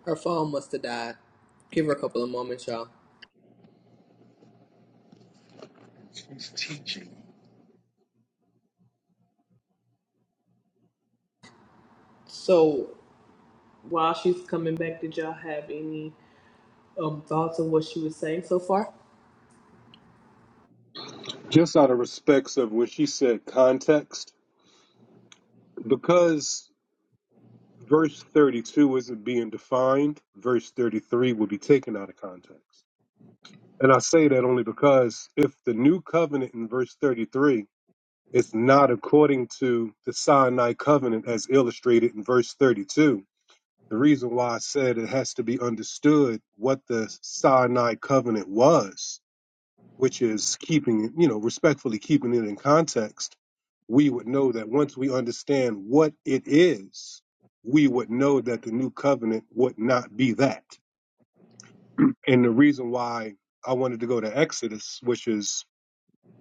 S3: Her phone must have died. Give her a couple of moments, y'all. So while she's coming back, did y'all have any um, thoughts on what she was saying so far?
S14: Just out of respects of what she said, context, because verse 32 isn't being defined, verse 33 will be taken out of context. And I say that only because if the new covenant in verse 33 It's not according to the Sinai covenant as illustrated in verse 32. The reason why I said it has to be understood what the Sinai covenant was, which is keeping you know, respectfully keeping it in context, we would know that once we understand what it is, we would know that the new covenant would not be that. And the reason why I wanted to go to Exodus, which is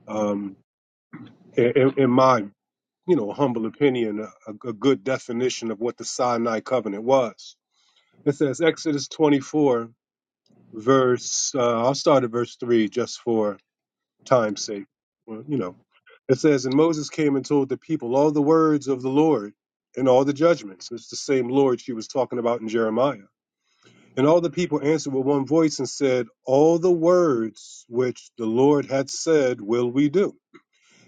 S14: um, in in my you know, a humble opinion, a, a good definition of what the Sinai covenant was. It says Exodus 24, verse, uh, I'll start at verse 3 just for time's sake. Well, you know, it says, And Moses came and told the people all the words of the Lord and all the judgments. It's the same Lord she was talking about in Jeremiah. And all the people answered with one voice and said, All the words which the Lord had said will we do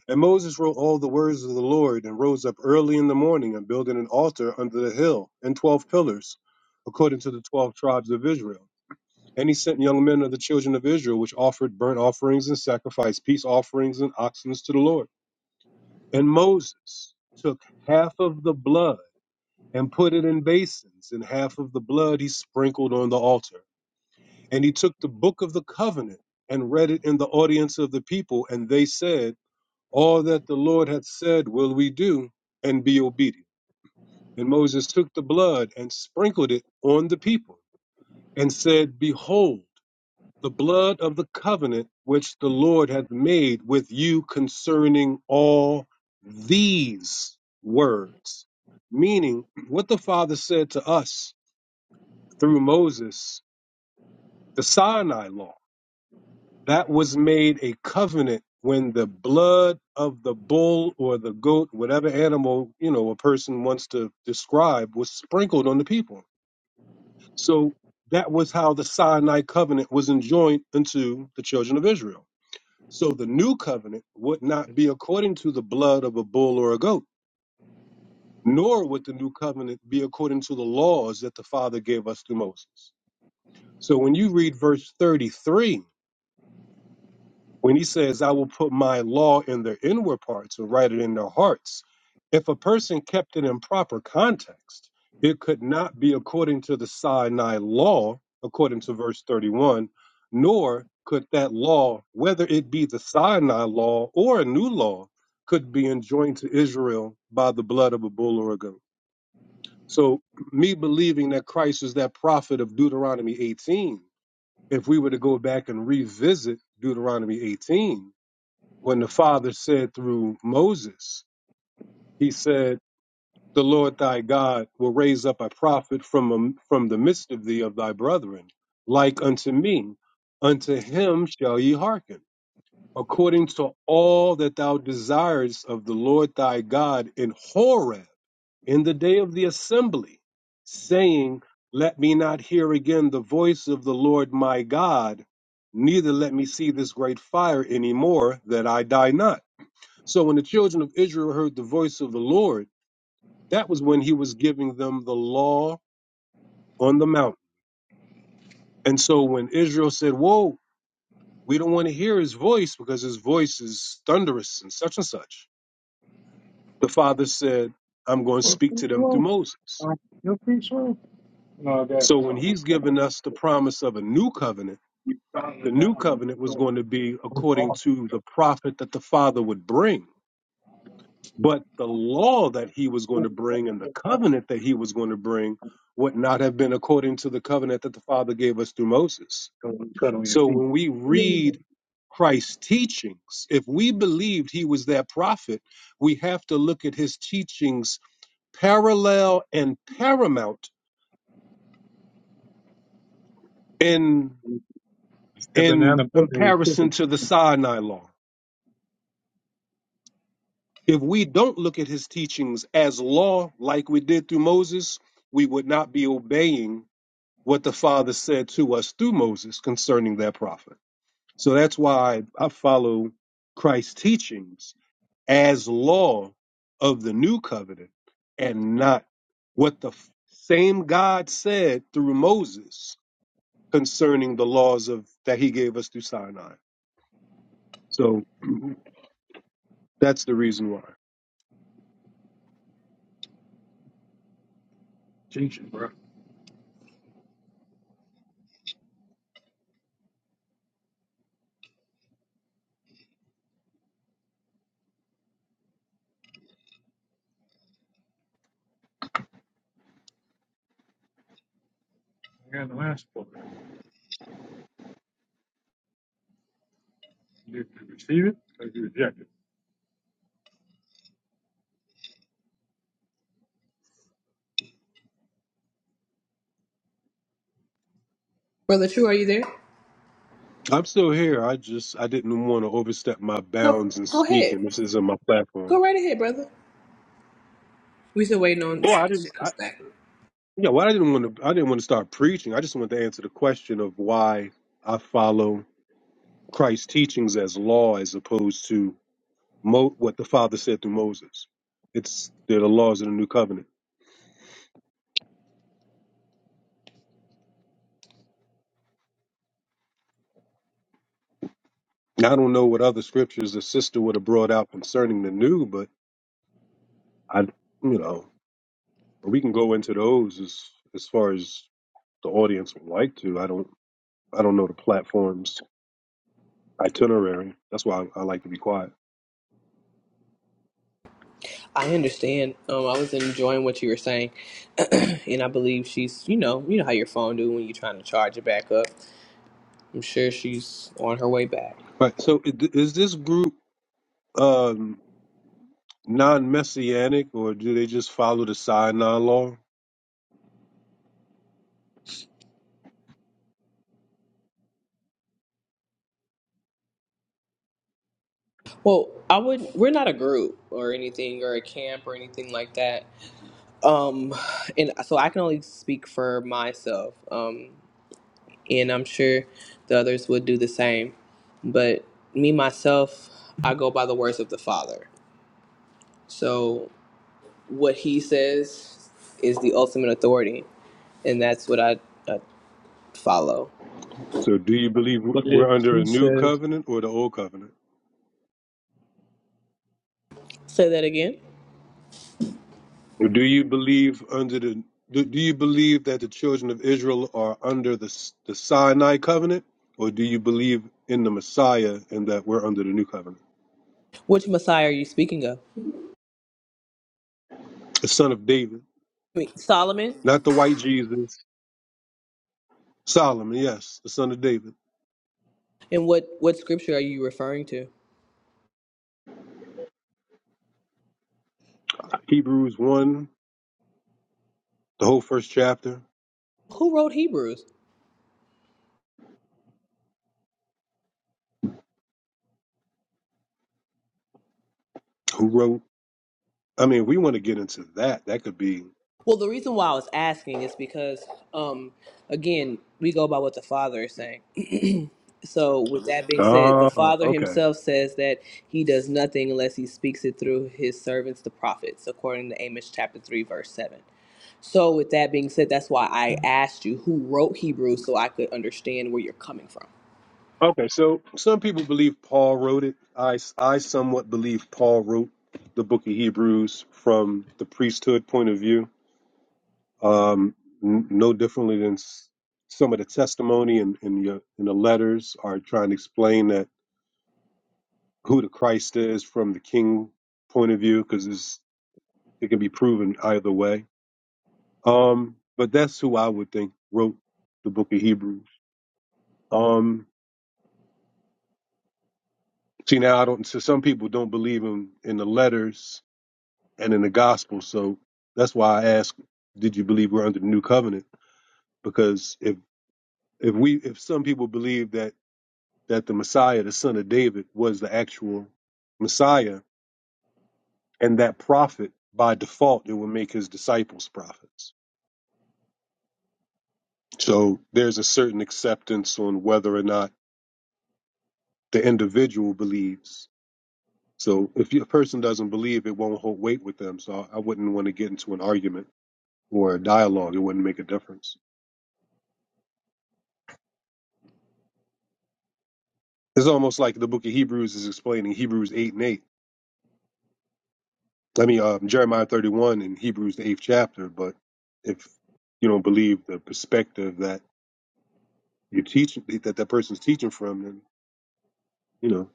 S14: and Moses wrote all the words of the Lord, and rose up early in the morning, and built an altar under the hill, and twelve pillars, according to the twelve tribes of Israel. And he sent young men of the children of Israel, which offered burnt offerings and sacrificed peace offerings and oxen to the Lord. And Moses took half of the blood and put it in basins, and half of the blood he sprinkled on the altar. And he took the book of the covenant and read it in the audience of the people, and they said, all that the Lord hath said will we do, and be obedient. And Moses took the blood and sprinkled it on the people, and said, Behold, the blood of the covenant which the Lord hath made with you concerning all these words. Meaning, what the Father said to us through Moses, the Sinai law. That was made a covenant when the blood of the bull or the goat, whatever animal, you know, a person wants to describe, was sprinkled on the people. So that was how the Sinai covenant was enjoined unto the children of Israel. So the new covenant would not be according to the blood of a bull or a goat, nor would the new covenant be according to the laws that the Father gave us through Moses. So when you read verse 33, When he says, I will put my law in their inward parts and write it in their hearts, if a person kept it in proper context, it could not be according to the Sinai law, according to verse 31, nor could that law, whether it be the Sinai law or a new law, could be enjoined to Israel by the blood of a bull or a goat. So, me believing that Christ is that prophet of Deuteronomy 18, if we were to go back and revisit Deuteronomy 18, when the Father said through Moses, He said, "The Lord thy God will raise up a prophet from am- from the midst of thee of thy brethren, like unto me. Unto him shall ye hearken, according to all that thou desirest of the Lord thy God in Horeb, in the day of the assembly, saying." Let me not hear again the voice of the Lord my God, neither let me see this great fire any more, that I die not. So when the children of Israel heard the voice of the Lord, that was when he was giving them the law on the mountain. And so when Israel said, Whoa, we don't want to hear his voice because his voice is thunderous and such and such, the Father said, I'm going to
S15: Your
S14: speak
S15: free
S14: to them through
S15: will.
S14: Moses.
S15: Uh, your free will. No, that.
S14: So when
S15: So we
S14: he's
S15: found
S14: given us the promise of a new covenant,
S15: we found
S14: the
S15: it
S14: new
S15: down, but
S14: covenant was
S15: so
S14: going to be
S15: we're
S14: according
S15: wrong.
S14: to the prophet that the Father would bring. But the law that he was going
S15: So
S14: to bring and the covenant that he was going to bring would not have been according to the covenant that the Father gave us through Moses.
S15: we cut on your
S14: So
S15: feet.
S14: when we read Christ's teachings, if we believed he was that prophet, we have to look at his teachings parallel and paramount in
S15: That
S14: in
S15: banana pudding was
S14: comparison
S15: kicking.
S14: to the Sinai law. If we don't look at his teachings as law like we did through Moses, we would not be obeying what the Father said to us through Moses concerning that prophet. So that's why I follow Christ's teachings as law of the new covenant and not what the f- same God said through Moses concerning the laws of that he gave us through Sinai. So <clears throat> that's the reason why.
S15: Teaching, bro. I got the last book. You can receive it or you reject it.
S3: Brother True, are you there?
S14: I'm still here. I just I didn't want to overstep my
S3: No,
S14: bounds in
S3: go ahead.
S14: speaking. This isn't my platform.
S3: Go right ahead, brother. We still waiting on
S14: Oh, I
S3: things
S14: didn't.
S3: to
S14: I,
S3: come back.
S14: Yeah, well, I didn't want to. I didn't want to start preaching. I just wanted to answer the question of why I follow Christ's teachings as law, as opposed to Mo- what the Father said through Moses. It's they're the laws of the new covenant. And I don't know what other scriptures the sister would have brought out concerning the new, but I, you know, we can go into those as as far as the audience would like to. I don't. I don't know the platform's itinerary. That's why I, I like to be quiet.
S3: I understand. Um, I was enjoying what you were saying. and I believe she's, you know, you know how your phone do when you're trying to charge it back up. I'm sure she's on her way back.
S14: Right. So i- is this group? um non-messianic or do they just follow the Sinai law?
S3: Well, I would. We're not a group or anything, or a camp or anything like that. Um, and so I can only speak for myself. Um, and I'm sure the others would do the same. But me myself, I go by the words of the Father. So what He says is the ultimate authority, and that's what I, I follow.
S14: So do you believe
S15: But
S14: we're
S15: if
S14: under
S15: she
S14: a new
S15: says,
S14: covenant or the old covenant?
S3: Say that again.
S14: Or do you believe under the do, do you believe that the children of Israel are under the S- the Sinai covenant or do you believe in the Messiah and that we're under the new covenant?
S3: Which Messiah are you speaking of?
S14: The son of David,
S3: I mean, Solomon?
S14: not the white Jesus, Solomon, yes, the son of David.
S3: And what, what scripture are you referring to?
S14: Hebrews 1, the whole first chapter,
S3: Who wrote Hebrews?
S14: who wrote I mean, if we want to get into that. That could be
S3: Well, the reason why I was asking is because, um, again, we go by what the Father is saying. <clears throat> so, with that being said, the
S14: Oh,
S3: Father
S14: okay.
S3: himself says that he does nothing unless he speaks it through his servants, the prophets, according to Amos chapter 3, verse 7. So, with that being said, that's why I asked you who wrote Hebrews so I could understand where you're coming from.
S14: Okay, so some people believe Paul wrote it. I, I somewhat believe Paul wrote the book of Hebrews from the priesthood point of view, um, n- no differently than s- some of the testimony and in, in, the, in the letters are trying to explain that who the Christ is from the king point of view, because it can be proven either way. Um, but that's who I would think wrote the book of Hebrews. Um, see, now I don't. So some people don't believe in in the letters and in the gospel. So that's why I ask, did you believe we're under the new covenant? Because if if we if some people believe that that the Messiah, the son of David, was the actual Messiah and that prophet, by default it would make his disciples prophets. So there's a certain acceptance on whether or not the individual believes. So if a person doesn't believe, it won't hold weight with them. So I wouldn't want to get into an argument or a dialogue. It wouldn't make a difference. It's almost like the book of Hebrews is explaining Hebrews 8 and 8. I mean, um, Jeremiah 31 and Hebrews, the eighth chapter. But if you don't believe the perspective that you're teaching, that that person's teaching from, then, you know,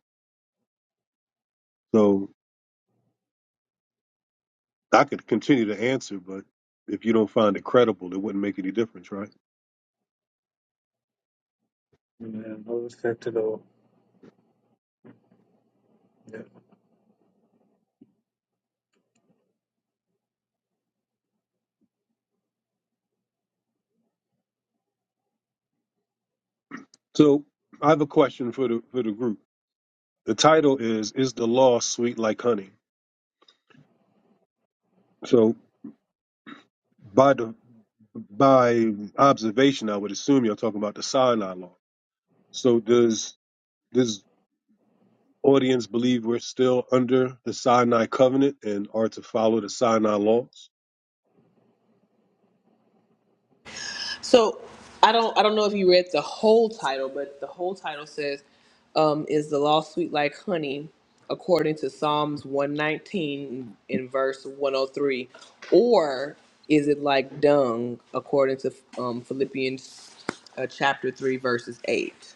S14: so I could continue to answer, but if you don't find it credible, it wouldn't make any difference, right?
S15: man, I was cut to the yeah.
S14: So I have a question for the, for the group. The title is, Is the Law Sweet Like Honey? So by the, by observation, I would assume you're talking about the Sinai Law. So does This audience believe we're still under the Sinai covenant and are to follow the Sinai laws.
S3: So I don't I don't know if you read the whole title, but the whole title says, um, "Is the law sweet like honey?" According to Psalms one nineteen in verse one hundred three, or is it like dung? According to um, Philippians uh, chapter three verses eight.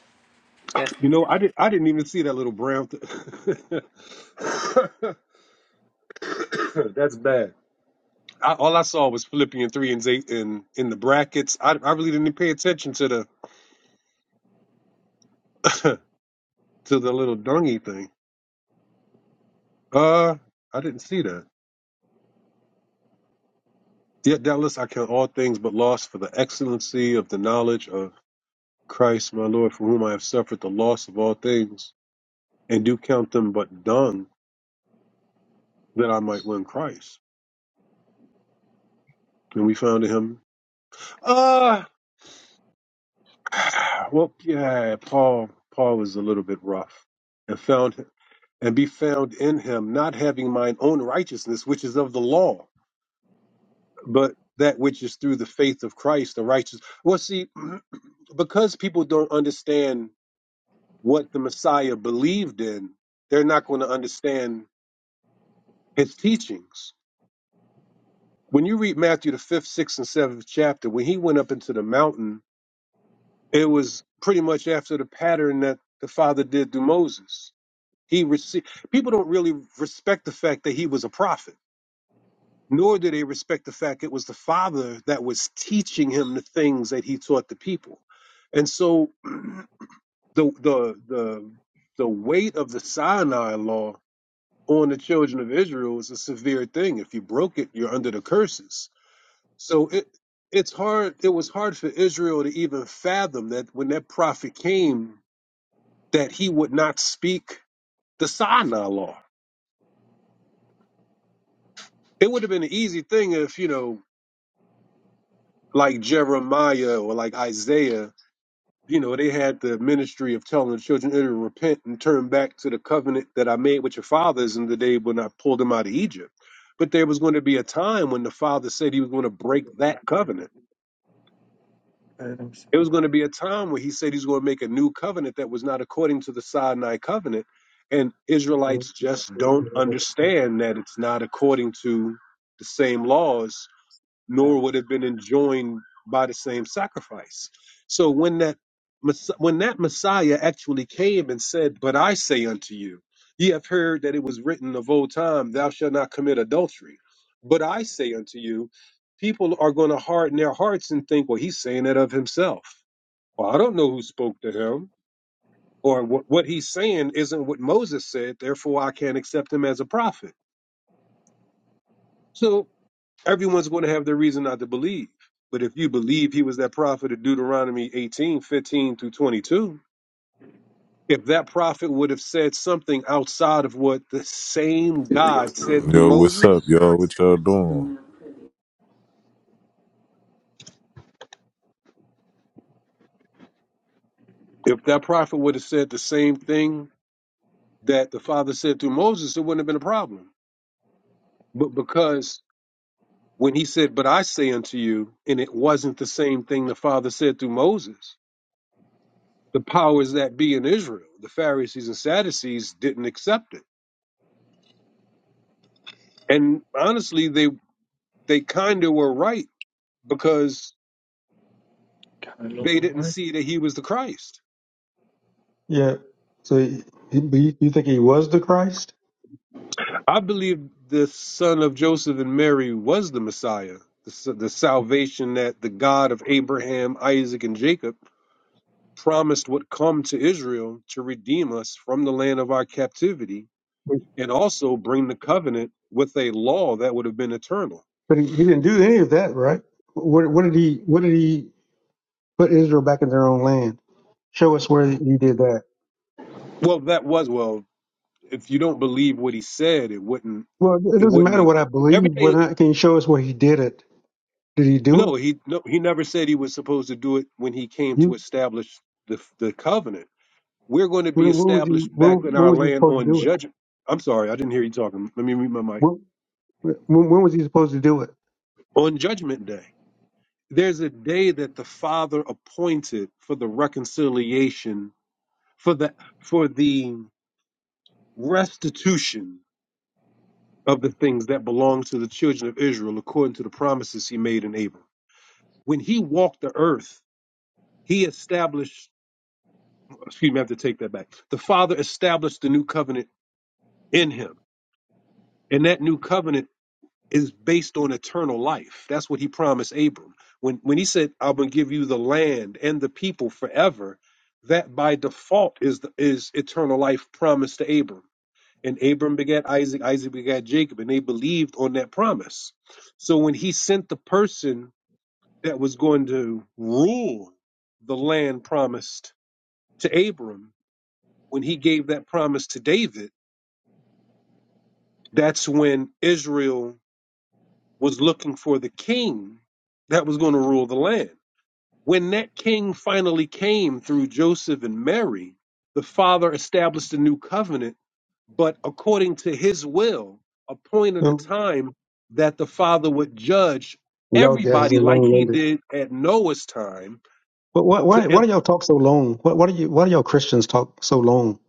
S3: That's
S14: You know, I did. I didn't even see that little brown. Th- <laughs> That's bad. I, all I saw was Philippians three and eight in in the brackets. I, I really didn't pay attention to the <laughs> to the little dungy thing. Uh, I didn't see that. Yet doubtless I count all things but loss for the excellency of the knowledge of Christ, my Lord, for whom I have suffered the loss of all things and do count them but dung that I might win Christ. And we found in him, uh, <sighs> well, yeah, Paul, Paul is a little bit rough and found and be found in him, not having mine own righteousness, which is of the law, but that which is through the faith of Christ, the righteous. Well, see, <clears throat> because people don't understand what the Messiah believed in, they're not going to understand his teachings when you read Matthew the fifth, sixth, and seventh chapter, when he went up into the mountain, it was pretty much after the pattern that the Father did through Moses. He received people don't really respect the fact that he was a prophet, nor do they respect the fact it was the Father that was teaching him the things that he taught the people. And so <clears throat> the the the the weight of the Sinai law on the children of Israel was a severe thing. If you broke it, you're under the curses So it it's hard it was hard for Israel to even fathom that when that prophet came that he would not speak the Sinai law. It would have been an easy thing if, you know, like Jeremiah or like Isaiah, you know, they had the ministry of telling the children of Israel repent and turn back to the covenant that I made with your fathers in the day when I pulled them out of Egypt. But there was going to be a time when the father said he was going to break that covenant
S15: Let him
S14: It
S15: speak.
S14: was going to be a time where he said he's going to make a new covenant that was not according to the Sinai covenant. And Israelites just don't understand that it's not according to the same laws, nor would have been enjoined by the same sacrifice. So when that Mess- when that Messiah actually came and said, But I say unto you, ye have heard that it was written of old time, Thou shalt not commit adultery. But I say unto you, people are going to harden their hearts and think, Well, he's saying it of himself. Well, I don't know who spoke to him, or what what he's saying isn't what Moses said. Therefore, I can't accept him as a prophet. So everyone's going to have their reason not to believe. But if you believe he was that prophet of Deuteronomy 18 15 through 22, if that prophet would have said something outside of what the same God said through
S16: Yo, what's
S14: Moses,
S16: up, y'all? What y'all doing?
S14: if that prophet would have said the same thing that the Father said through Moses, it wouldn't have been a problem. But because when he said, But I say unto you, and it wasn't the same thing the Father said through Moses. The powers that be in Israel, the Pharisees and Sadducees, didn't accept it. And honestly, they they kind of were right because
S15: Kind of look
S14: they
S15: all
S14: didn't see that he was the Christ.
S6: Yeah. So, he, he, you think he was the Christ?
S14: I believe the son of Joseph and Mary was the Messiah, the, the salvation that the God of Abraham, Isaac, and Jacob promised would come to Israel to redeem us from the land of our captivity and also bring the covenant with a law that would have been eternal.
S6: But he, he didn't do any of that, right? What, what did he? What did he put Israel back in their own land? Show us where he did that.
S14: Well, that was well. If you don't believe what he said, it wouldn't
S6: Well, it
S14: it
S6: doesn't
S14: wouldn't
S6: matter
S14: make
S6: what I believe. Whether
S14: everything.
S6: or not, can you show us where he did it? Did he do
S14: No,
S6: it?
S14: he no he never said he was supposed to do it when he came to
S6: You,
S14: establish the the covenant. We're going to
S6: when,
S14: be
S6: when was he?
S14: established
S6: When,
S14: back in
S6: when
S14: our
S6: was he
S14: land
S6: supposed to
S14: on
S6: do it?
S14: judgment. I'm sorry, I didn't hear you talking. Let me read my mic.
S6: When, when, when was he supposed to do it?
S14: On judgment day, there's a day that the Father appointed for the reconciliation, for the for the restitution of the things that belong to the children of Israel according to the promises he made in Abram. When he walked the earth, he established, excuse me, I have to take that back. The Father established the new covenant in him. And that new covenant is based on eternal life. That's what he promised Abram. When, when he said, I'm going to give you the land and the people forever, that by default is, the, is eternal life promised to Abram And Abram begat Isaac, Isaac begat Jacob, and they believed on that promise. So when he sent the person that was going to rule the land promised to Abram, when he gave that promise to David, that's when Israel was looking for the king that was going to rule the land. When that king finally came through Joseph and Mary, the father established a new covenant but according to his will, appointed a
S6: Um,
S14: time that the Father would judge
S6: y'all guys
S14: everybody
S6: are
S14: like
S6: long
S14: he
S6: winded.
S14: did at Noah's time.
S6: But why,
S14: To
S6: why,
S14: if,
S6: why do y'all talk so long? Why, why do you? Why do y'all Christians talk so long?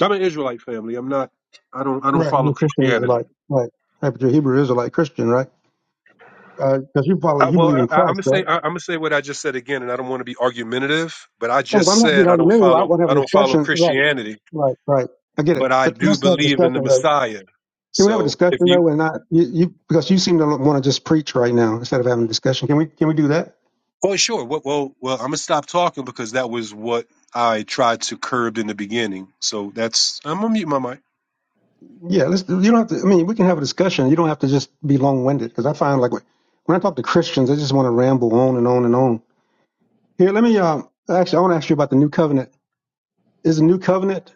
S14: I'm an Israelite family. I'm not. I don't. I don't
S6: Right,
S14: follow
S6: you're Christian
S14: Christianity.
S6: Israelite, right? Right, but you're Hebrew Israelite Christian, right? Because you follow,
S14: I,
S6: you
S14: well,
S6: believe in
S14: I, I'm
S6: Christ,
S14: gonna say.
S6: right?
S14: I, I'm gonna say what I just said again, and I don't want to be argumentative, but I
S6: No,
S14: just
S6: I'm not being
S14: said I don't
S6: argumentative. I
S14: follow.
S6: want to
S14: I
S6: have a
S14: don't follow
S6: discussion. Right,
S14: Christianity,
S6: right, right. I get it.
S14: but I
S6: But
S14: do
S6: let's have a
S14: believe in the
S6: discussion though.
S14: Messiah.
S6: Can we have a
S14: So if
S6: discussion
S14: you
S6: though, and not you, you because you seem to want to just preach right now instead of having a discussion. Can we can we do that?
S14: Oh, sure. Well, well, well, I'm gonna stop talking because that was what I tried to curb in the beginning. So that's I'm gonna mute my mic.
S6: Yeah, let's. You don't have to. I mean, we can have a discussion. You don't have to just be long winded because I find like when I talk to Christians, they just want to ramble on and on and on. Here, let me. Um, actually, I want to ask you about the new covenant. Is the new covenant?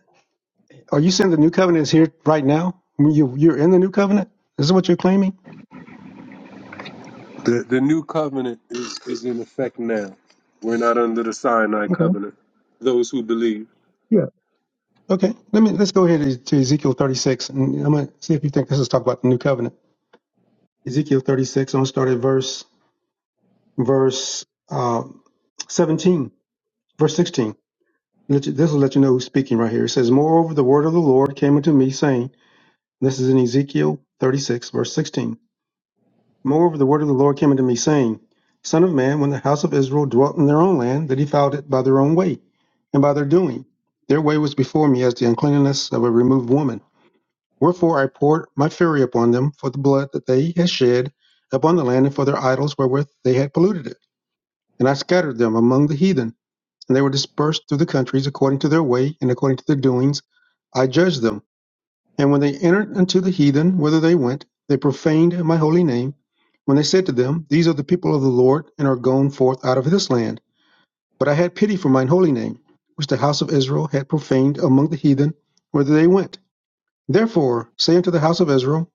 S6: Are you saying the new covenant is here right now? I mean, you you're in the new covenant. This is what you're claiming.
S14: The the new covenant is is in effect now. We're not under the Sinai
S6: Okay.
S14: covenant. Those who believe.
S6: Okay, let me let's go ahead to to Ezekiel 36, and I'm gonna see if you think this is talk about the new covenant. Ezekiel 36. I'm gonna start at verse verse uh, 17, verse 16. Let you- This will let you know who's speaking right here. It says, "Moreover, the word of the Lord came unto me, saying, This is in Ezekiel 36, verse 16. Moreover, the word of the Lord came unto me, saying, Son of man, when the house of Israel dwelt in their own land, they defiled it by their own way, and by their doing. Their way was before me as the uncleanness of a removed woman." Wherefore I poured my fury upon them for the blood that they had shed upon the land and for their idols wherewith they had polluted it. And I scattered them among the heathen, and they were dispersed through the countries according to their way and according to their doings. I judged them. And when they entered unto the heathen, whither they went, they profaned my holy name. When they said to them, These are the people of the Lord, and are gone forth out of his land. But I had pity for mine holy name, which the house of Israel had profaned among the heathen, whither they went. Therefore, say unto the house of Israel,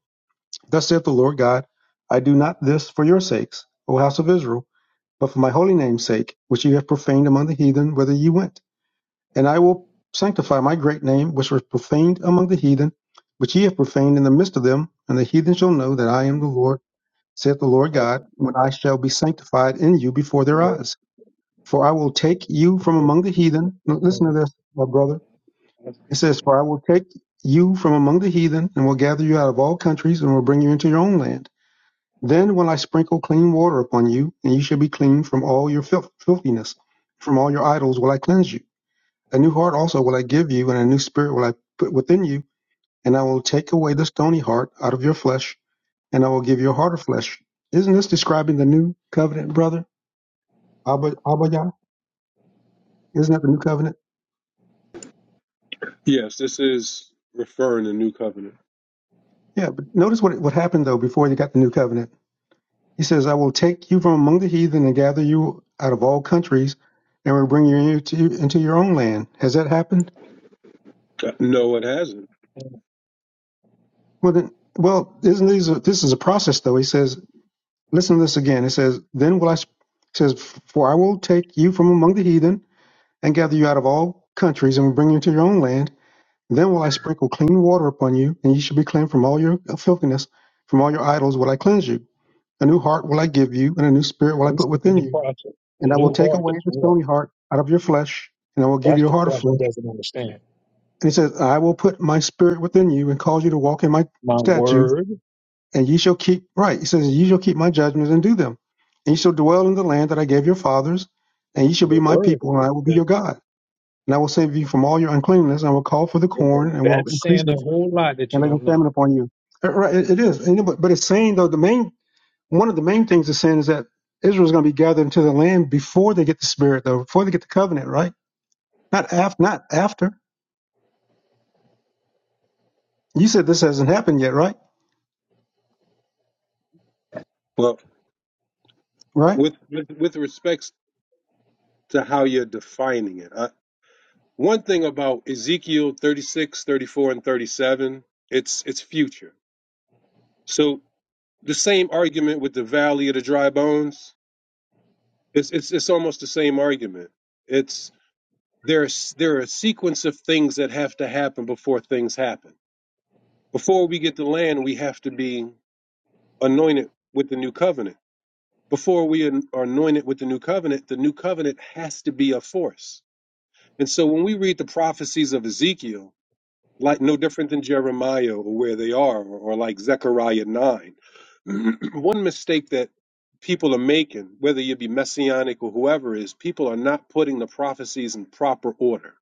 S6: Thus saith the Lord God, I do not this for your sakes, O house of Israel, but for my holy name's sake, which ye have profaned among the heathen, whither ye went. And I will sanctify my great name, which was profaned among the heathen, which ye have profaned in the midst of them, and the heathen shall know that I
S15: right.
S6: am the Lord, saith the Lord
S15: This
S6: God, when I shall be sanctified in you before their eyes. For I will take you from
S15: is
S6: among the heathen. Now, Listen to this, my brother. It says, For I will take you from among the heathen, and will gather you out of all countries, and will bring you into your own land. Then will I sprinkle clean water upon you, and you shall be clean from all your filth- filthiness. From all your idols will I cleanse you. A new heart also will I give you, and a new spirit will I put within you. And I will take away the stony heart out of your flesh, and I will give you a heart of flesh. Isn't this describing the new covenant, brother? Abba, Abba Yah? Isn't that the new covenant?
S14: Yes, this is referring to new covenant.
S6: Yeah, but notice what, what happened, though, before they got the new covenant. He says, I will take you from among the heathen and gather you out of all countries, and will bring you into, into your own land. Has that happened?
S14: Uh, No, it hasn't.
S6: Well, the, well, isn't these this is a process though? He says, listen to this again. It says, then will I sp- it says, for I will take you from among the heathen and gather you out of all countries and will bring you to your own land. Then will I sprinkle clean water upon you, and you shall be clean from all your filthiness, from all your idols will I cleanse you. A new heart will I give you, and a new spirit will I put
S15: in
S6: within
S15: the
S6: you.
S15: process. A
S6: And I will
S15: new
S6: take
S15: heart
S6: away
S15: is
S6: the
S15: one.
S6: stony heart out of your flesh, and I will give
S15: That's
S6: you a
S15: the
S6: heart of
S15: part who
S6: flesh.
S15: doesn't understand.
S6: And he says, I will put my spirit within you and cause you to walk in my
S15: My
S6: statutes
S15: word,
S6: and ye shall keep right. He says, Ye shall keep my judgments and do them, and ye shall dwell in the land that I gave your fathers, and ye shall
S15: and the
S6: be my
S15: word
S6: people, and
S15: is
S6: I will be your
S15: judgment.
S6: God. And I will save you from all your uncleanness, and I will call for the corn, and will
S15: That's saying
S6: increase
S15: a
S6: it,
S15: whole lot that
S6: and
S15: you
S6: lay no
S15: don't know.
S6: famine upon you. Uh, Right, it it is. And, but, but it's saying though the main one of the main things it's saying is that Israel's going to be gathered into the land before they get the Spirit, though, before they get the covenant, right? Not after. Not after. You said this hasn't happened yet, right?
S14: Well,
S6: Right?
S14: with with, with respects to how you're defining it. I, one thing about Ezekiel 36, 34, and 37, it's it's future. So The same argument with the Valley of the Dry Bones. It's it's it's almost the same argument. It's there's there are a sequence of things that have to happen before things happen. Before we get the land, we have to be anointed with the new covenant. Before we an- are anointed with the new covenant, the new covenant has to be a force. And so when we read the prophecies of Ezekiel, like no different than Jeremiah or where they are, or, or like Zechariah 9. <clears throat> One mistake that people are making, whether you be messianic or whoever, is people are not putting the prophecies in proper order.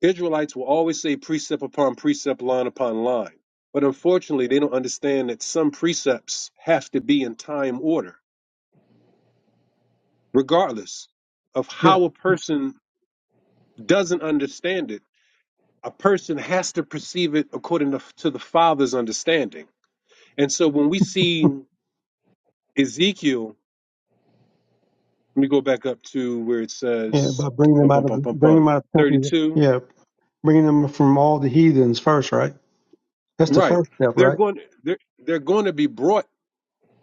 S14: Israelites will always say precept upon precept, line upon line. But unfortunately, they don't understand that some precepts have to be in time order, regardless of
S6: Yeah.
S14: how a person doesn't understand it. A person has to perceive it according to, to the Father's understanding And so when we see Ezekiel, let me go back up to where it
S6: Yeah.
S14: says
S6: About bringing
S14: bum,
S6: them
S14: bum,
S6: out of
S14: bum,
S6: the,
S14: bum,
S6: bringing
S14: bum,
S6: them out of the country.
S14: 32.
S6: Yeah. bringing them from all the heathens first, right? That's the
S14: Right.
S6: first step,
S14: They're
S6: right?
S14: going they're they're going to be brought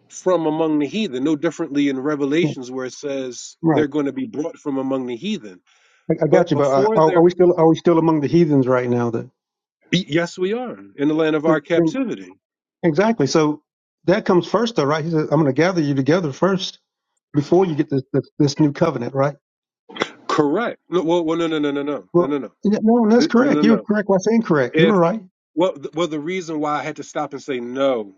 S14: from among the heathen, no differently in
S6: Yeah,
S14: Revelations where it says
S6: right.
S14: they're going to be brought from among the heathen.
S6: I, I got
S14: But
S6: you, but I,
S14: before
S6: are, are
S14: they're
S6: we still are we still among the heathens right now? That
S14: be- yes, we are in the land of our
S6: then, then
S14: captivity.
S6: exactly. So that comes first, though, right? He says, "I'm going to gather you together first before you get this this, this new covenant," right?
S14: Correct. No, well, well no, no, no, no, no, no, no,
S6: Well,
S14: no,
S6: yeah, no, that's
S14: no, no, no.
S6: correct. You're correct. What's incorrect? You
S14: no.
S6: were right.
S14: Well, th- well, the reason why I had to stop and say no,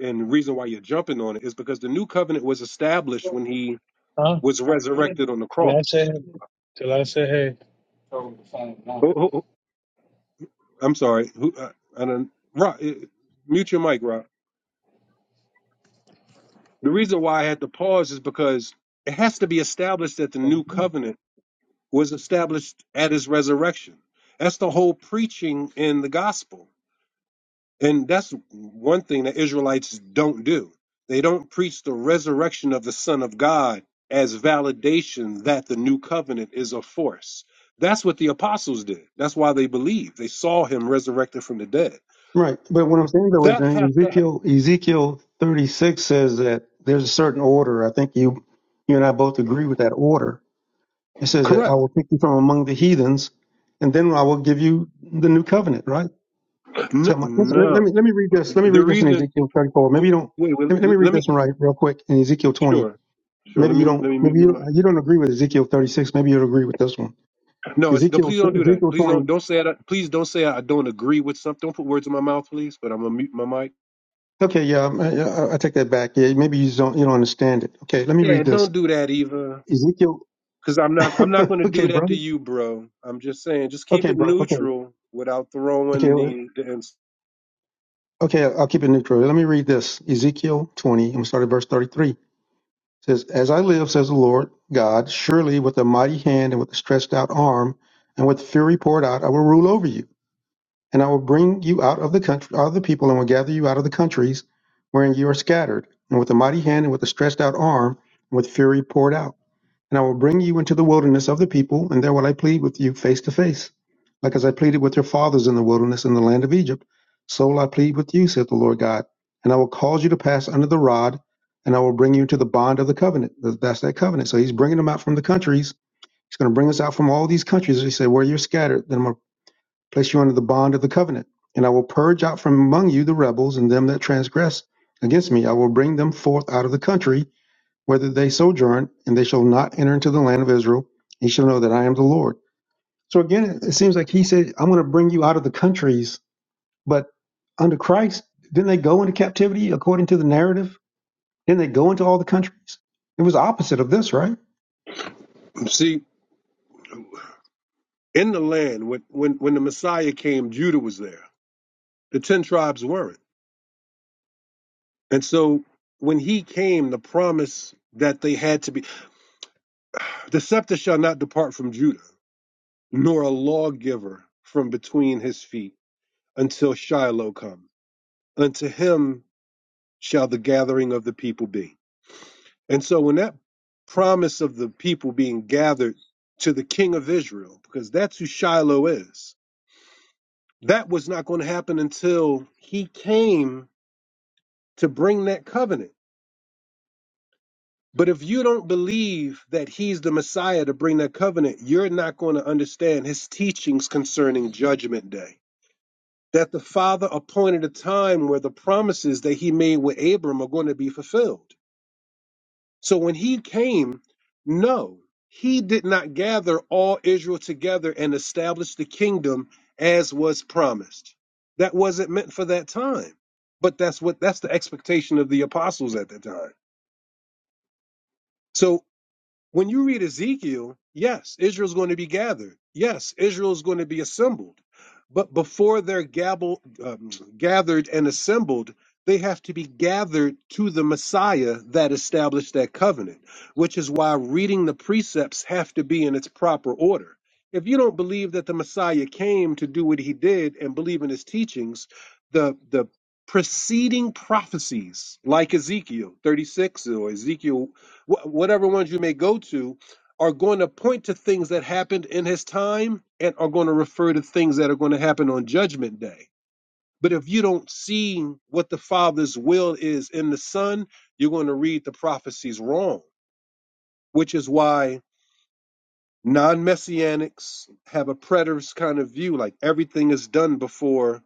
S14: and the reason why you're jumping on it is because the new covenant was established when he
S15: Huh?
S14: was resurrected on the
S15: Till I
S14: cross.
S15: say, till I say, hey.
S14: Who- who- who- I'm sorry. Who, uh, I don't, Rob, eh, mute your mic, Rob. The reason why I had to pause is because it has to be established that the new covenant was established at his resurrection. That's the whole preaching in the gospel. And that's one thing that Israelites don't do. They don't preach the resurrection of the Son of God as validation that the new covenant is a force. That's what the apostles did. That's why they believed. They saw him resurrected from the dead.
S6: Right. But what I'm saying though is
S14: That
S6: in
S14: has to ha-
S6: Ezekiel Ezekiel 36 says that there's a certain order. I think you you and I both agree with that order It says that I
S14: correct.
S6: will pick you from among the heathens, and then I will give you the new covenant, right?
S14: No,
S6: So my, listen, let, let
S14: no.
S6: me let me read this. Let me
S14: The
S6: read this in
S14: reason.
S6: Ezekiel 34. Maybe
S14: Wait,
S6: you don't.
S14: wait.
S6: Let me, let me read
S14: Let
S6: this one
S14: me.
S6: right real quick in Ezekiel 20.
S14: Sure, sure. Let
S6: Maybe
S14: me
S6: you
S14: let
S6: don't.
S14: me mute
S6: Maybe
S14: my
S6: you
S14: mic.
S6: don't, you don't agree with Ezekiel 36. Maybe you'll agree with this one.
S14: No, it's, no.
S6: Ezekiel
S14: Please don't do that.
S6: Ezekiel
S14: Please don't
S6: 20.
S14: don't say that. Please don't say I don't agree with something. Don't put words in my mouth, please. But I'm gonna mute my mic.
S6: Okay, yeah, I, I, I take that back. Yeah, maybe you just don't you don't understand it. Okay, let me
S14: Yeah,
S6: read this.
S14: don't do that, Eva.
S6: Ezekiel.
S14: Cause I'm not I'm not
S6: <laughs>
S14: gonna
S6: okay,
S14: do that to
S6: brother.
S14: you, bro. I'm just saying, just keep
S6: Okay,
S14: it
S6: bro. Okay,
S14: neutral without throwing
S6: okay,
S14: the, the ins-
S6: okay. I'll keep it neutral. Let me read this. Ezekiel 20. I'm gonna start at verse 33. says, As I live, says the Lord God, surely with a mighty hand and with a stretched out arm and with fury poured out, I will rule over you. And I will bring you out of the country, out of the people, and will gather you out of the countries wherein you are scattered, and with a mighty hand and with a stretched out arm and with fury poured out. And I will bring you into the wilderness of the people, and there will I plead with you face to face. Like as I pleaded with your fathers in the wilderness in the land of Egypt, so will I plead with you, saith the Lord God. And I will cause you to pass under the rod, and I will bring you into the bond of the covenant. Th- That's that covenant. So he's bringing them out from the countries. He's going to bring us out from all these countries. He said, Where you're scattered, then I'm going to place you under the bond of the covenant. And I will purge out from among you the rebels and them that transgress against me. I will bring them forth out of the country whether they sojourn, and they shall not enter into the land of Israel. He shall know that I am the Lord. So again, it seems like he said, I'm going to bring you out of the countries. But under Christ, didn't they go into captivity according to the narrative? Didn't they go into all the countries? It was the opposite of this, right?
S14: see in the land when, when when the Messiah came, Judah was there. The ten tribes weren't. And so when he came, the promise that they had to be the scepter shall not depart from Judah, nor a lawgiver from between his feet until Shiloh come. Unto him shall the gathering of the people be. And so when that promise of the people being gathered to the king of Israel, because that's who Shiloh is, that was not going to happen until he came to bring that covenant. But if you don't believe that he's the Messiah to bring that covenant, you're not going to understand his teachings concerning judgment day. That the Father appointed a time where the promises that he made with Abram are going to be fulfilled. So when he came, no, he did not gather all Israel together and establish the kingdom as was promised. That wasn't meant for that time. But that's what that's the expectation of the apostles at that time. So when you read Ezekiel, yes, Israel's going to be gathered. Yes, Israel's going to be assembled. But before they're gabble, um, gathered and assembled, they have to be gathered to the Messiah that established that covenant, which is why reading the precepts have to be in its proper order. If you don't believe that the Messiah came to do what he did and believe in his teachings, the the preceding prophecies like Ezekiel 36 or Ezekiel wh- whatever ones you may go to, are going to point to things that happened in his time and are going to refer to things that are going to happen on judgment day. But if you don't see what the Father's will is in the Son, you're going to read the prophecies wrong, which is why non messianics have a preterist kind of view, like everything is done before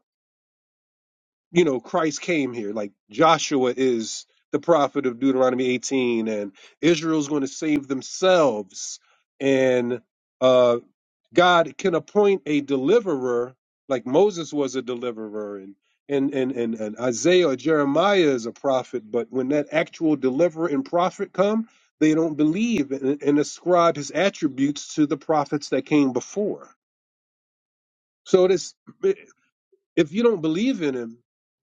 S14: you know, Christ came here. Like Joshua is the prophet of Deuteronomy 18, and Israel's going to save themselves. And uh, God can appoint a deliverer, like Moses was a deliverer, and and and and, and Isaiah or Jeremiah is a prophet. But when that actual deliverer and prophet come, they don't believe and, and ascribe his attributes to the prophets that came before. So this. If you don't believe in him,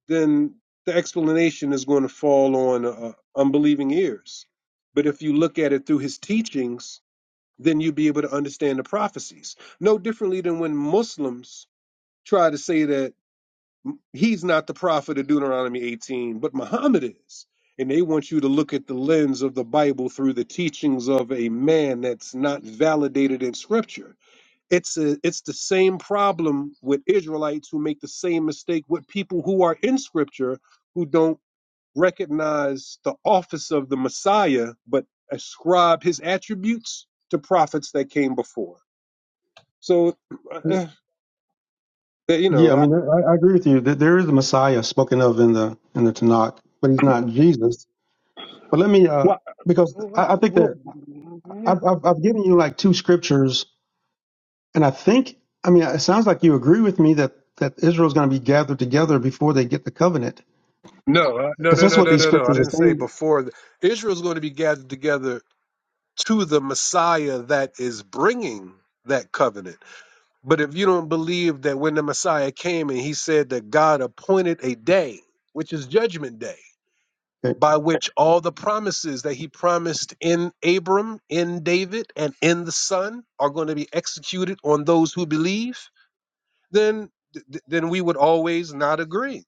S14: then the explanation is going to fall on uh, unbelieving ears. But if you look at it through his teachings, then you'll be able to understand the prophecies. No differently than when Muslims try to say that he's not the prophet of Deuteronomy 18, but Muhammad is. And they want you to look at the lens of the Bible through the teachings of a man that's not validated in scripture it's a, it's the same problem with Israelites who make the same mistake with people who are in Scripture who don't recognize the office of the Messiah, but ascribe his attributes to prophets that came before. So,
S6: Uh,
S14: uh, eh, you
S6: Yeah,
S14: know,
S6: I
S14: I,
S6: mean, I, I agree with you that there is a Messiah spoken of in the in the Tanakh, but he's not Jesus. But let me, uh,
S14: why,
S6: because
S14: why,
S6: I, I think that
S14: why- yeah.
S6: I've, I've, I've given you like two scriptures And I think, I mean, it sounds like you agree with me that that Israel is going to be gathered together before they get the covenant,
S14: no, I- no,
S6: because
S14: no,
S6: that's
S14: no,
S6: what
S14: no,
S6: these
S14: no, no. I
S6: scriptures are
S14: didn't say
S6: saying.
S14: before. Israel's going to be gathered together to the Messiah that is bringing that covenant. But if you don't believe that when the Messiah came and he said that God appointed a day, which is judgment day,
S6: Okay.
S14: by which all the promises that he promised in Abram, in David, and in the Son are going to be executed on those who believe, then th- then we would always not agree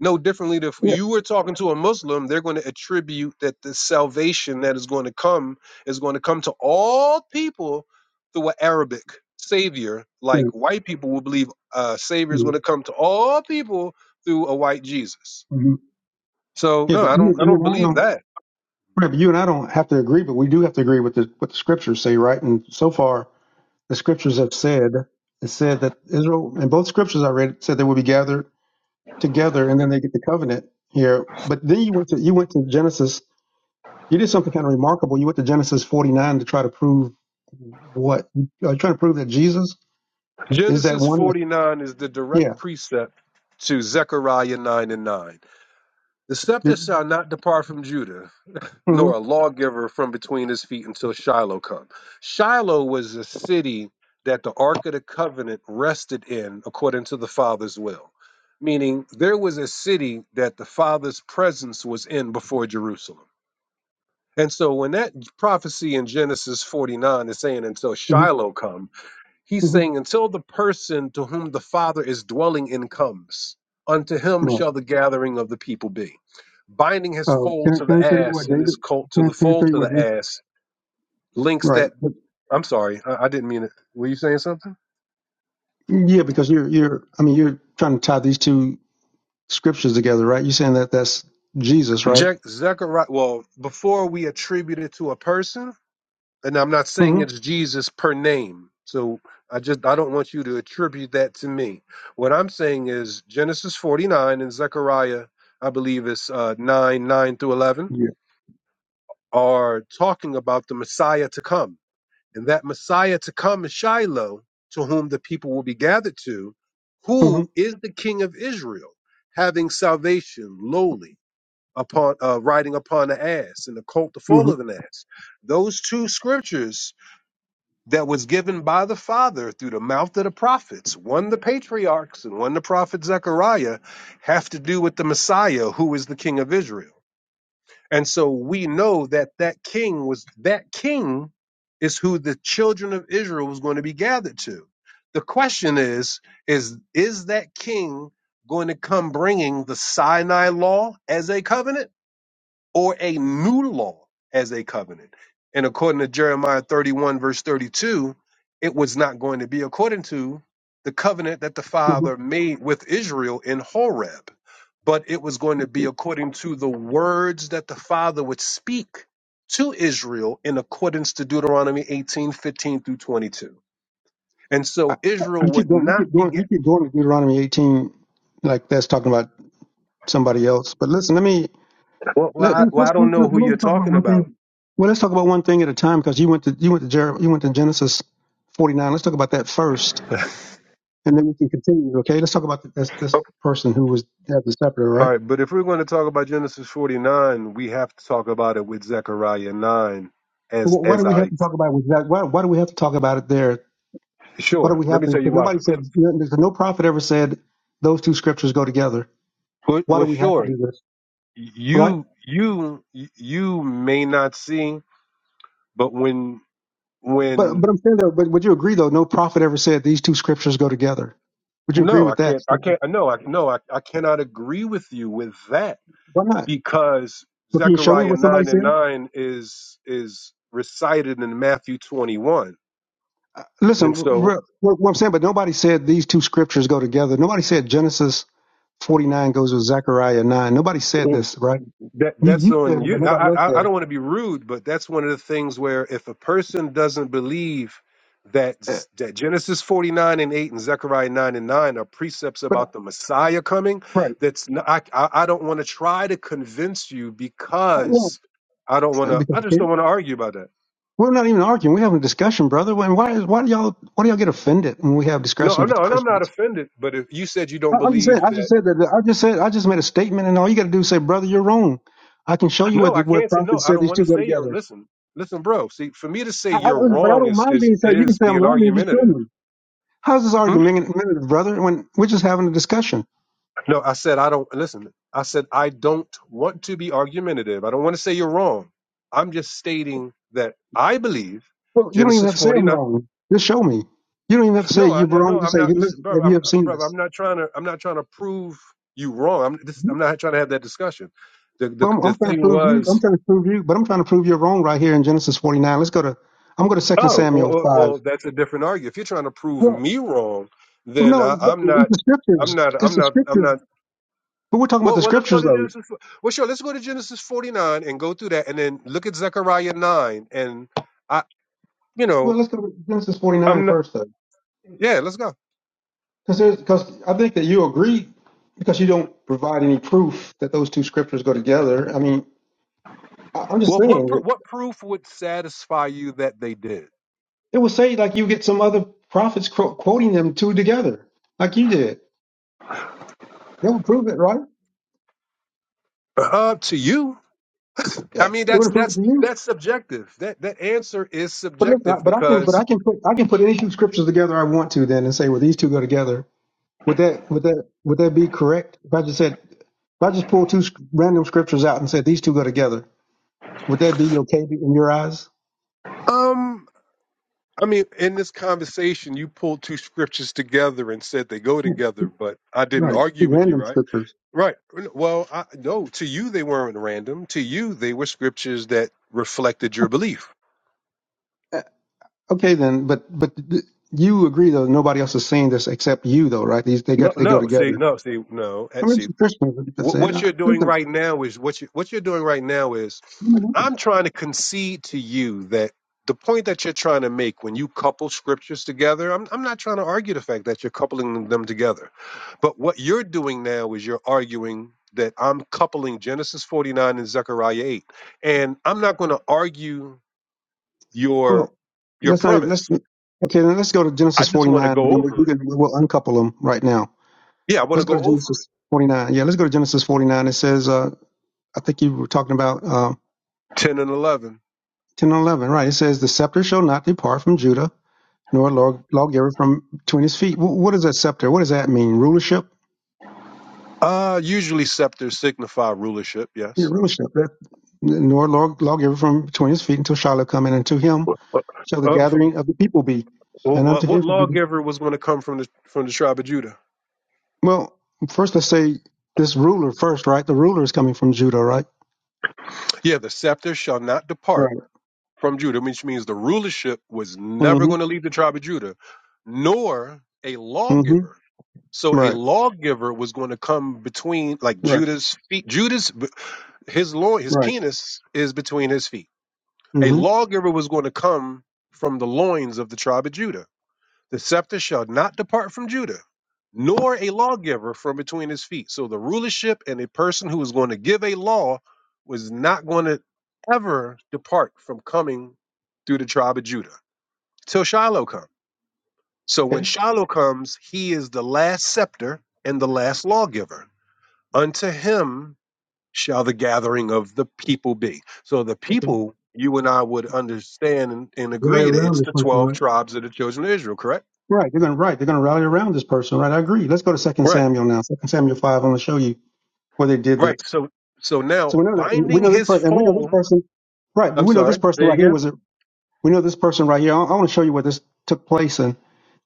S14: no differently if
S6: Yeah.
S14: you were talking to a muslim they're going to attribute that the salvation that is going to come is going to come to all people through an arabic savior like
S6: Yeah.
S14: white people will believe uh savior is going
S6: Mhm.
S14: to come to all people through a white jesus
S6: Mhm.
S14: so
S6: Yeah,
S14: no
S6: but
S14: i
S6: you,
S14: don't i
S6: you
S14: don't
S6: and I
S14: believe
S6: don't.
S14: that
S6: Right, but you and I don't have to agree, but we do have to agree with the, what the scriptures say, right? And so far, the scriptures have said it said that Israel, in both scriptures I read, said they will be gathered together, and then they get the covenant here. But then you went to you went to Genesis You did something kind of remarkable. You went to Genesis 49 to try to prove what? Are you trying to prove that Jesus is that
S14: genesis
S6: one? That,
S14: 49 is the direct
S6: yeah.
S14: precept to zechariah 9 and 9 the scepter shall not depart from judah
S6: hmm
S14: nor a lawgiver from between his feet until Shiloh come. Shiloh was a city that the Ark of the Covenant rested in according to the Father's will, meaning there was a city that the Father's presence was in before Jerusalem. And so when that prophecy in Genesis 49 is saying until
S6: hmm
S14: Shiloh come, He's
S6: hmm
S14: saying, Until the person to whom the Father is dwelling in comes, unto him
S6: Right.
S14: shall the gathering of the people be. Binding his
S6: Uh,
S14: foal
S6: can, I-
S14: to
S6: can
S14: the
S6: I show you
S14: ass
S6: what
S14: and his
S6: David?
S14: colt to
S6: Can I,
S14: the
S6: can I
S14: foal
S6: show you
S14: to
S6: what
S14: the
S6: David?
S14: ass links
S6: Right.
S14: that.
S6: But,
S14: I'm sorry, I, I didn't mean it. Were you saying something?
S6: yeah, because you're you're. I mean, you're trying to tie these two scriptures together, right? You're saying that that's Jesus, right?
S14: Jack Zechariah. Well, before we attribute it to a person, and I'm not saying
S6: mm
S14: it's Jesus per name. So I just I don't want you to attribute that to me. What I'm saying is Genesis 49 and Zechariah, I believe it's uh, 9 9 through 11,
S6: hmm Yeah.
S14: are talking about the Messiah to come, and that Messiah to come is Shiloh, to whom the people will be gathered to,
S6: mm
S14: who is the King of Israel, having salvation lowly upon uh, riding upon the ass and the colt the
S6: hmm
S14: foal of
S6: hmm
S14: an ass. Those two scriptures that was given by the Father through the mouth of the prophets, one the patriarchs and one the prophet Zechariah, have to do with the Messiah, who is the King of Israel. And so we know that that king was that king is who the children of Israel was going to be gathered to. The question is is is that king going to come bringing the Sinai law as a covenant? or a new law as a covenant. And according to Jeremiah 31, verse 32, it was not going to be according to the covenant that the
S6: hmm
S14: Father made with Israel in Horeb, but it was going to be according to the words that the Father would speak to Israel in accordance to Deuteronomy 18 15 through 22. And
S6: I,
S14: so
S6: I,
S14: Israel
S6: you keep
S14: would
S6: going. You
S14: not
S6: keep
S14: be.
S6: going.
S14: Get,
S6: You keep going with Deuteronomy 18, like that's talking about somebody else. But listen, let me
S14: well, well,
S6: Let,
S14: I,
S6: let's,
S14: well,
S6: let's,
S14: I don't know
S6: let's,
S14: who you're
S6: let's talk about
S14: talking
S6: one
S14: about.
S6: thing. Well, let's talk about one thing at a time because you went to you went to Jer- you went to Genesis forty nine. Let's talk about that first, and then we can continue. Okay, let's talk about th- this
S14: <laughs>
S6: this person who was had the scepter,
S14: All
S6: right?
S14: right, but if we're going to talk about Genesis 49, we have to talk about it with Zechariah 9 as
S6: Well, Wh- Why
S14: as
S6: do we have
S14: I
S6: to talk about it with that? Why, why do we have to talk about it there? What do
S14: sure.
S6: we
S14: Let
S6: have
S14: me
S6: to?
S14: tell
S6: Because
S14: you why.
S6: nobody said because no prophet ever said those two scriptures go together.
S14: Well,
S6: Why do
S14: well,
S6: we have to
S14: sure.
S6: do this, right?
S14: You you you may not see, but when
S6: But but
S14: when
S6: I'm saying though, but would you agree though? No prophet ever said these two scriptures go together. Would you agree
S14: no, I
S6: with that
S14: can't I
S6: statement?
S14: can't no, I no, I, I cannot agree with you with that
S6: Why not?
S14: because
S6: Well, can you show me
S14: Zechariah
S6: what somebody
S14: 9 and
S6: said?
S14: 9 is is recited in Matthew 21.
S6: Listen,
S14: And so
S6: re- what what I'm saying, but nobody said these two scriptures go together. Nobody said Genesis 49 goes with Zechariah 9. Nobody said this, right?
S14: That
S6: You,
S14: that's
S6: you said
S14: on
S6: it, but
S14: you. I,
S6: nobody else
S14: I
S6: said
S14: I
S6: it.
S14: don't want to be rude, but that's one of the things where if a person doesn't believe that
S6: Uh,
S14: Z- that Genesis forty nine and eight and Zechariah nine and nine are precepts
S6: But
S14: about the Messiah coming,
S6: right,
S14: that's not, I I I don't want to try to convince you
S6: Uh, yeah.
S14: because I don't want
S6: Uh,
S14: to.
S6: because
S14: I
S6: you
S14: just don't
S6: can't.
S14: want to argue about that.
S6: We're not even arguing. We're having a discussion, brother. When why is why do y'all why do y'all get offended when we have
S14: No,
S6: discussions
S14: I'm
S6: with the
S14: not, and I'm not
S6: Christians?
S14: offended. But if you said you don't
S6: I, I'm just
S14: believe
S6: saying. I
S14: that,
S6: just said that. I just said. I just made a statement, and all you got to do is say, brother, you're wrong. I can show you
S14: no,
S6: what
S14: I
S6: the, where
S14: can't say no.
S6: prophets
S14: I
S6: said
S14: don't
S6: these
S14: want
S6: two
S14: to
S6: go
S14: say you're
S6: together.
S14: listen, listen, bro. See, for me to say
S6: I, I,
S14: you're
S6: don't- but I
S14: wrong
S6: don't
S14: is
S6: mind
S14: is
S6: being said. You can
S14: is
S6: say I'm
S14: being
S6: wrong, and you just show
S14: argumentative.
S6: me. How's this
S14: Hmm?
S6: argument, brother? When we're just having a discussion.
S14: No, I said I don't listen. I said I don't want to be argumentative. I don't want to say you're wrong. I'm just stating that I believe
S6: Well, you don't even
S14: Genesis
S6: have to say I'm
S14: 49.
S6: wrong. Just show me. You don't even have to say
S14: No, I
S6: you're
S14: I-
S6: wrong.
S14: no,
S6: Just
S14: I'm
S6: say,
S14: not,
S6: hey, listen,
S14: bro.
S6: have you
S14: I'm
S6: ever seen
S14: bro. I'm
S6: this?
S14: not trying to. I'm not trying to prove you wrong. I'm just, I'm not trying to have that discussion. The the
S6: Well, I'm,
S14: the
S6: I'm trying to
S14: thing
S6: prove you. I'm
S14: was,
S6: trying to prove you, but I'm trying to prove you're wrong right here in Genesis 49. Let's go to. I'm going to Second
S14: oh, well,
S6: Samuel
S14: well
S6: five.
S14: well, that's a different argument. If you're trying to prove
S6: Well,
S14: me wrong, then I,
S6: no, but
S14: I'm
S6: it's
S14: not.
S6: the
S14: I'm
S6: scriptures.
S14: not. I'm
S6: It's the
S14: not. I'm
S6: scriptures.
S14: not.
S6: But we're talking about
S14: Well,
S6: the
S14: well, let's go
S6: scriptures
S14: to
S6: though.
S14: Genesis. fo- Well, sure, let's go to Genesis 49 and go through that, and then look at Zechariah 9. And I, you
S6: Well,
S14: know,
S6: let's go to Genesis 49
S14: I'm not.
S6: first though,
S14: Yeah, let's go.
S6: because because I think that you agree because you don't provide any proof that those two scriptures go together. I mean, I- I'm just
S14: Well, what
S6: saying
S14: pro-
S6: that
S14: what proof would satisfy you that they did?
S6: It would say like you get some other prophets quo- quoting them two together, like you did. That would prove it, right?
S14: Up to you.
S6: Yeah,
S14: I
S6: it
S14: mean, that's
S6: would prove it
S14: that's
S6: to you.
S14: that's subjective. That that answer is
S6: But listen, I-
S14: subjective
S6: but I can, but
S14: because,
S6: I can put, I can put any two scriptures together I want to then and say, well, these two go together. Would that, would that, would that be correct? If I just said, if I just pull two sc- random scriptures out and said these two go together, would that be okay in your eyes?
S14: um, I mean, in this conversation, you pulled two scriptures together and said they go
S6: Yeah,
S14: together,
S6: two-
S14: but I didn't
S6: right. Two
S14: argue with you,
S6: random
S14: right?
S6: scriptures.
S14: Right. Well, I, no, to you they weren't random. To you they were scriptures that reflected your belief.
S6: Uh, Okay, then, but but th- you agree though nobody else is saying this except you though, right? These they
S14: No,
S6: got they go
S14: no. See,
S6: together.
S14: no, see, no. eh,
S6: I mean,
S14: See,
S6: it's a Christian. That's
S14: what,
S6: it.
S14: what
S6: I,
S14: you're doing
S6: listen, oh
S14: right now is what you what you're doing right now is
S6: my God.
S14: I'm trying to concede to you that the point that you're trying to make when you couple scriptures together, I'm I'm not trying to argue the fact that you're coupling them together, but what you're doing now is you're arguing that I'm coupling Genesis 49 and Zechariah 8, and I'm not going to argue. your
S6: well,
S14: your
S6: let's not even let's.
S14: premise.
S6: Okay, then let's go to
S14: I
S6: Genesis
S14: just want to
S6: 49, and
S14: go
S6: then we, we
S14: over it.
S6: can we will uncouple them right now.
S14: Yeah, I want
S6: Let's
S14: to
S6: go
S14: go
S6: to
S14: over it.
S6: Genesis 49. Yeah, let's go to Genesis 49. It says, uh, I think you were talking about uh,
S14: Ten and eleven.
S6: 10 and 11, right? It says, "The scepter shall not depart from Judah, nor law- lawgiver from between his feet." W- what is that scepter? What does that mean? Rulership?
S14: Uh usually scepters signify rulership.
S6: Yeah,
S14: Yes.
S6: rulership. That, nor law- lawgiver from between his feet until Shiloh come, and unto him
S14: What, what,
S6: shall the
S14: Uh, f-
S6: gathering of the people be, and unto
S14: what
S6: him shall be.
S14: lawgiver was going to come from the from the tribe of Judah?
S6: Well, first let's say this ruler first, right? The ruler is coming from Judah, right?
S14: Yeah, the scepter shall not depart
S6: Right.
S14: from Judah, which means the rulership was never
S6: Mm-hmm.
S14: going to leave the tribe of Judah, nor a
S6: Mm-hmm.
S14: lawgiver. So a
S6: Right.
S14: lawgiver was going to come between, like
S6: Right.
S14: Judah's feet. Judah's his law, his
S6: Right.
S14: penis is between his feet. A
S6: Mm-hmm.
S14: lawgiver was going to come from the loins of the tribe of Judah. The scepter shall not depart from Judah, nor a lawgiver from between his feet. So the rulership and a person who was going to give a law was not going to ever depart from coming through the tribe of Judah till Shiloh comes. So when
S6: Okay.
S14: Shiloh comes, he is the last scepter and the last lawgiver. Unto him shall the gathering of the people be. So the
S6: Okay.
S14: people, you and I would understand and, and
S6: Rally
S14: agree that
S6: around
S14: it's
S6: this
S14: the
S6: person,
S14: 12
S6: right?
S14: tribes of the children of Israel, correct?
S6: Right. They're gonna right. They're gonna rally around this person, right? I agree. Let's go to Second
S14: Right.
S6: Samuel now. Second Samuel five. I'm gonna show you where they did this.
S14: Right. So so now
S6: So we know that we
S14: binding
S6: know this
S14: his
S6: person, and we know this
S14: phone.
S6: person, right? But
S14: I'm
S6: we know this
S14: sorry.
S6: person
S14: There you
S6: right here
S14: go.
S6: was a. We know this person right here. I, I want to show you where this took place, and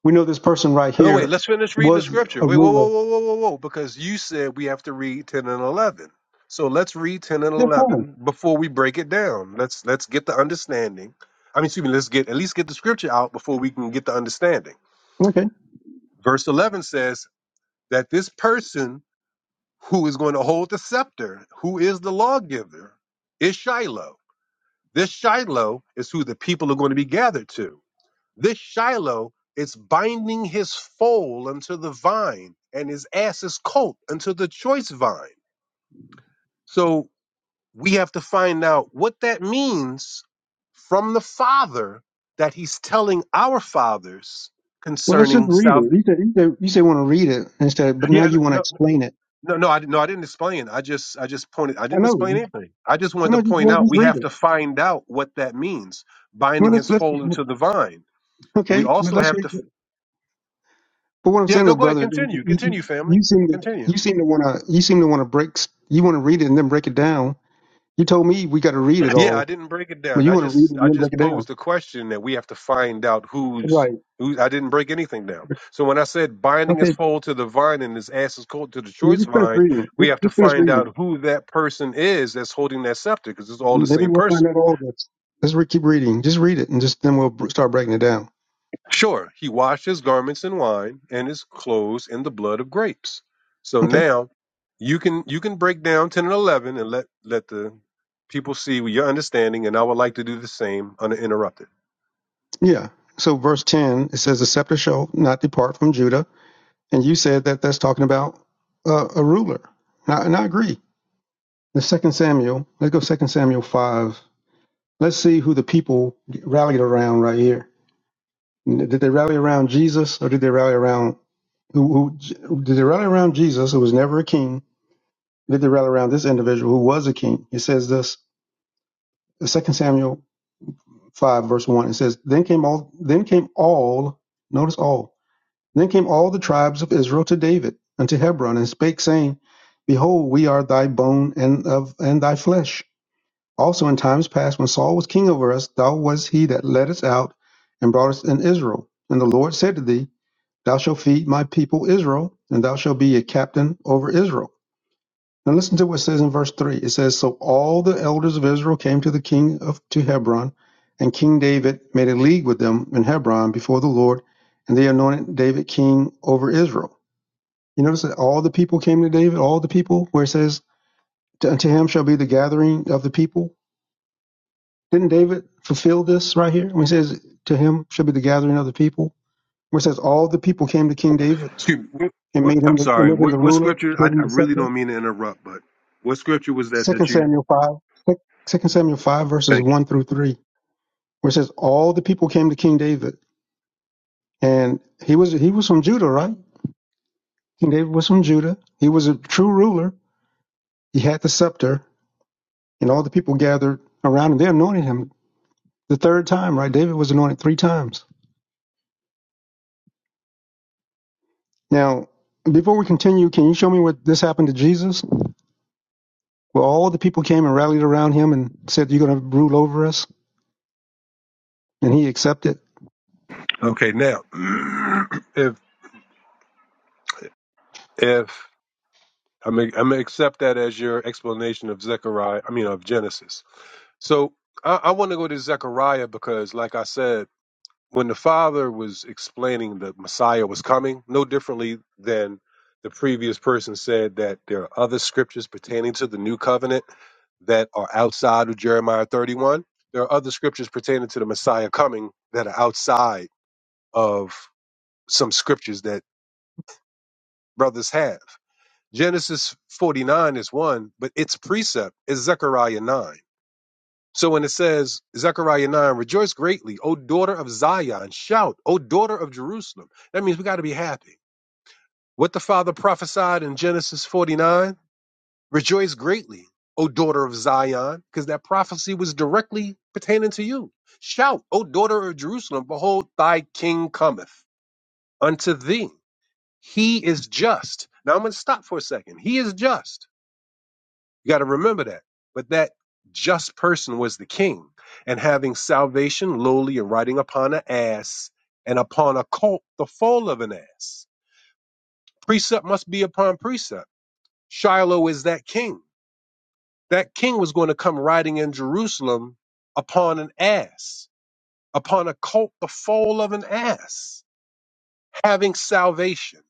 S6: we know this person right
S14: No, wait,
S6: here
S14: let's finish reading the
S6: was
S14: scripture.
S6: a
S14: Wait, whoa, whoa,
S6: ruler.
S14: whoa, whoa, whoa, whoa, because you said we have to read 10 and 11. So let's read 10 and
S6: Yeah,
S14: 11
S6: fine.
S14: before we break it down. Let's let's get the understanding. I mean, excuse me, let's get at least get the scripture out before we can get the understanding. Verse 11 says, that this person who is going to hold the scepter, who is the lawgiver, is Shiloh. This Shiloh is who the people are going to be gathered to. This Shiloh is binding his foal unto the vine and his ass's colt unto the choice vine. So we have to find out what that means from the Father that he's telling our fathers
S6: Well, let's just
S14: concerning
S6: read it.
S14: salvation.
S6: You said you said, you said want to read it instead, but now
S14: Yeah,
S6: you want to
S14: no,
S6: explain it.
S14: No, no, I no, I didn't explain. I just, I just pointed. I
S6: I
S14: didn't
S6: know.
S14: explain anything. I just
S6: I
S14: wanted to
S6: know. Just,
S14: point
S6: well,
S14: out
S6: just
S14: we
S6: read
S14: have
S6: it.
S14: to find out what that means.
S6: Well,
S14: Binding
S6: let's
S14: his
S6: let's
S14: foal into the vine. We
S6: okay. Well,
S14: also
S6: let's
S14: have
S6: read
S14: to.
S6: it. But what I'm
S14: Yeah,
S6: saying,
S14: no,
S6: though,
S14: go ahead.
S6: brother, you,
S14: Continue,
S6: you
S14: continue, family.
S6: you seem to
S14: Continue.
S6: you seem to want to you seem to want to break. You want to read it and then break it down. You told me we got to read it
S14: Yeah, I
S6: all,
S14: didn't break it
S6: but
S14: down.
S6: you
S14: I
S6: want to read it
S14: just, I
S6: and then break
S14: just
S6: it
S14: posed
S6: down.
S14: the question that we have to find out who's
S6: Right.
S14: who. I didn't break anything down. So when I said binding his
S6: Okay.
S14: foal to the vine and his ass is colt to the
S6: You
S14: choice
S6: just finish
S14: vine,
S6: reading it.
S14: we
S6: Just,
S14: have to
S6: just finish
S14: find
S6: reading it.
S14: out who that person is that's holding that scepter because it's all the
S6: Maybe
S14: same
S6: we'll
S14: person.
S6: find out all this. Let's re- keep reading. Just read it, and just then we'll br- start breaking it down.
S14: Sure, he washed his garments in wine and his clothes in the blood of grapes. So
S6: Okay?
S14: now you can you can break down 10 and 11 and let let the people see your understanding and I would like to do the same uninterrupted.
S6: Yeah. So verse 10, it says, The scepter shall not depart from Judah. And you said that that's talking about uh, a ruler. And I, and I agree. The second Samuel, let's go second Samuel 5. Let's see who the people rallied around right here. Did they rally around Jesus or did they rally around who, who did they rally around Jesus who was never a king? Did they rally around this individual who was a king? It says this, second Samuel 5 verse 1. It says, Then came all then came all, notice all. Then came all the tribes of Israel to David unto Hebron, and spake, saying, Behold, we are thy bone and of and thy flesh. Also in times past, when Saul was king over us, thou was he that led us out and brought us in Israel. And the Lord said to thee, Thou shalt feed my people Israel, and thou shalt be a captain over Israel. Now listen to what it says in verse three. It says, So all the elders of Israel came to the king of to Hebron, and King David made a league with them in Hebron before the Lord, and they anointed David king over Israel. You notice that all the people came to David, all the people, where it says, To him shall be the gathering of the people. Didn't David fulfill this right here? When he says, To him shall be the gathering of the people, where it says, All the people came to King David
S14: Excuse me. What,
S6: and
S14: what,
S6: made
S14: I'm
S6: him the, and
S14: sorry.
S6: made him
S14: What,
S6: the
S14: what
S6: ruler,
S14: scripture? I,
S6: gave
S14: I
S6: him the
S14: really
S6: scepter.
S14: don't mean to interrupt, but what scripture was that that
S6: Second
S14: you?
S6: Samuel 5, Second Samuel 5, verses
S14: Thank you.
S6: 1 through 3, where it says, All the people came to King David. And he was he was from Judah, right? King David was from Judah. He was a true ruler. He had the scepter, and all the people gathered around him. They anointed him The third time, right? David was anointed three times. Now, before we continue, can you show me what this happened to Jesus? Well, all the people came and rallied around him and said, You're going to rule over us. And he accepted.
S14: Okay, now <clears throat> if if I'm gonna- I'm gonna accept that as your explanation of Zechariah. I mean of Genesis. So I, I want to go to Zechariah because, like I said, when the father was explaining that Messiah was coming, no differently than the previous person said that there are other scriptures pertaining to the new covenant that are outside of Jeremiah 31. There are other scriptures pertaining to the Messiah coming that are outside of some scriptures that brothers have. Genesis 49 is one, but its precept is Zechariah 9. So when it says, Zechariah 9, rejoice greatly, O daughter of Zion, shout, O daughter of Jerusalem, that means we got to be happy. What the Father prophesied in Genesis 49 Rejoice greatly, O daughter of Zion, because that prophecy was directly pertaining to you. Shout, O daughter of Jerusalem, behold, thy king cometh unto thee. He is just. Now I'm going to stop for a second. He is just. You got to remember that. But that just person was the king, and having salvation lowly and riding upon an ass, and upon a colt, the foal of an ass. Precept must be upon precept. Shiloh is that king that king was going to come riding in Jerusalem upon an ass, upon a colt the foal of an ass, having salvation.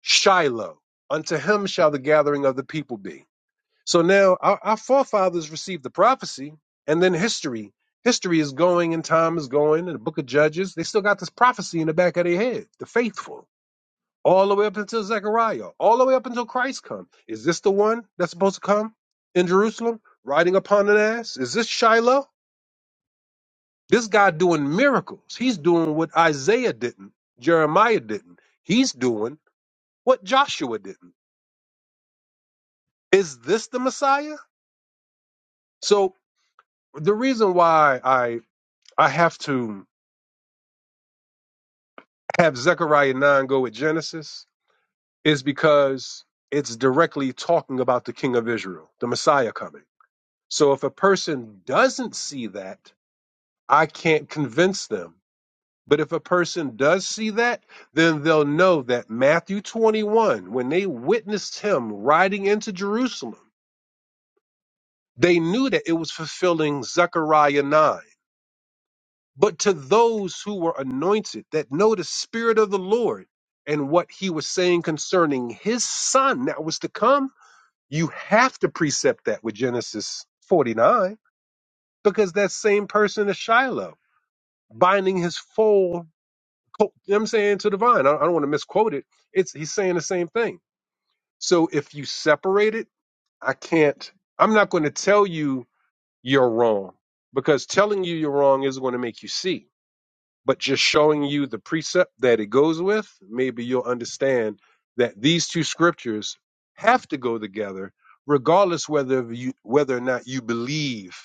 S14: Shiloh, unto him shall the gathering of the people be. So now our, our forefathers received the prophecy, and then history. History is going and time is going, and the book of Judges, they still got this prophecy in the back of their head, the faithful all the way up until Zechariah, all the way up until Christ come. Is this the one that's supposed to come in Jerusalem riding upon an ass? Is this Shiloh? This guy doing miracles. He's doing what Isaiah didn't, Jeremiah didn't. He's doing what Joshua didn't. Is this the Messiah? So the reason why I I have to have Zechariah 9 go with Genesis is because it's directly talking about the king of Israel, the Messiah coming So if a person doesn't see that, I can't convince them. But if a person does see that, then they'll know that Matthew 21, when they witnessed him riding into Jerusalem, they knew that it was fulfilling Zechariah 9. But to those who were anointed that know the Spirit of the Lord and what he was saying concerning his son that was to come, you have to precept that with Genesis 49 because that same person is Shiloh binding his full, co- you know what I'm saying, to the vine. I, I don't want to misquote it. It's he's saying the same thing. So if you separate it, I can't. I'm not going to tell you you're wrong because telling you you're wrong isn't going to make you see. But just showing you the precept that it goes with, maybe you'll understand that these two scriptures have to go together, regardless whether you whether or not you believe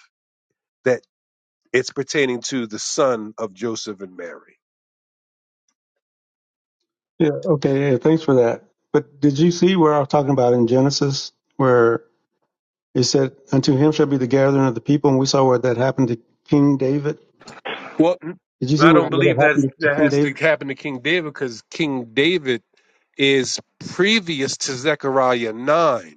S14: that it's pertaining to the son of Joseph and Mary.
S6: Yeah, okay. Yeah, thanks for that. But did you see where I was talking about in Genesis, where it said, Unto him shall be the gathering of the people? And we saw where that happened to King David. Did you see
S14: I
S6: where,
S14: don't
S6: where
S14: believe
S6: that
S14: that's,
S6: happened to
S14: that
S6: King
S14: has to
S6: David?
S14: happen to King David because King David is previous to Zechariah 9.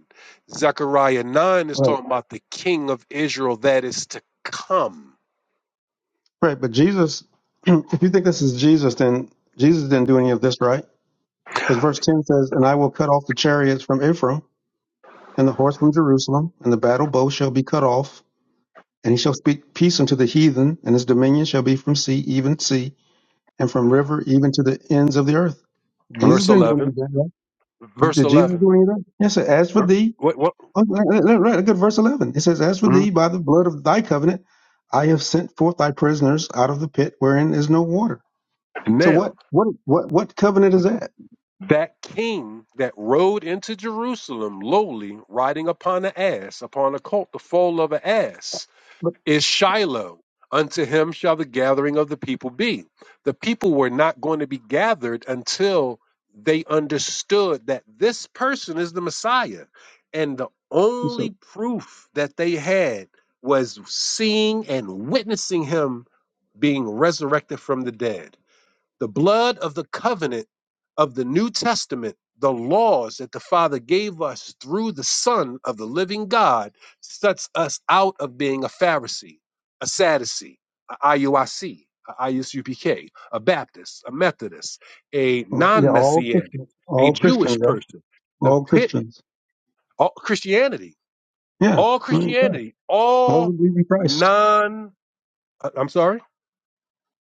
S14: Zechariah 9 is
S6: Right.
S14: talking about the king of Israel that is to come.
S6: Right. But Jesus, <clears throat> if you think this is Jesus, then Jesus didn't do any of this, right? Because verse 10 says, And I will cut off the chariots from Ephraim and the horse from Jerusalem, and the battle bow shall be cut off, and he shall speak peace unto the heathen, and his dominion shall be from sea even sea, and from river even to the ends of the earth. Jesus
S14: Verse
S6: didn't do any
S14: 11.
S6: of that, right?
S14: Verse
S6: Did Jesus
S14: 11.
S6: do any of that? Yes, it said, As for
S14: What,
S6: thee,
S14: what,
S6: oh, right, right, right, look at verse 11. It says, As for
S14: mhm.
S6: thee, by the blood of thy covenant, I have sent forth thy prisoners out of the pit wherein is no water. So what,
S14: Now,
S6: what, what, what covenant is that?
S14: that king that rode into Jerusalem lowly, riding upon an ass, upon a colt, the foal of an ass
S6: What?
S14: is Shiloh. Unto him shall the gathering of the people be. The people were not going to be gathered until they understood that this person is the Messiah. And the only proof that they had was seeing and witnessing him being resurrected from the dead. The blood of the covenant of the New Testament, the laws that the Father gave us through the Son of the living God, sets us out of being a Pharisee, a Sadducee, a IUIC, a ISUPK, a Baptist, a Methodist, a
S6: Yeah,
S14: non
S6: all
S14: Messianic,
S6: Christians.
S14: a
S6: All
S14: Jewish
S6: Christians, right?
S14: person. The
S6: All
S14: pit,
S6: Christians.
S14: all Christianity,
S6: Yeah,
S14: all
S6: right. right.
S14: Christianity,
S6: All who
S14: all
S6: believe in Christ.
S14: non, uh, I'm sorry?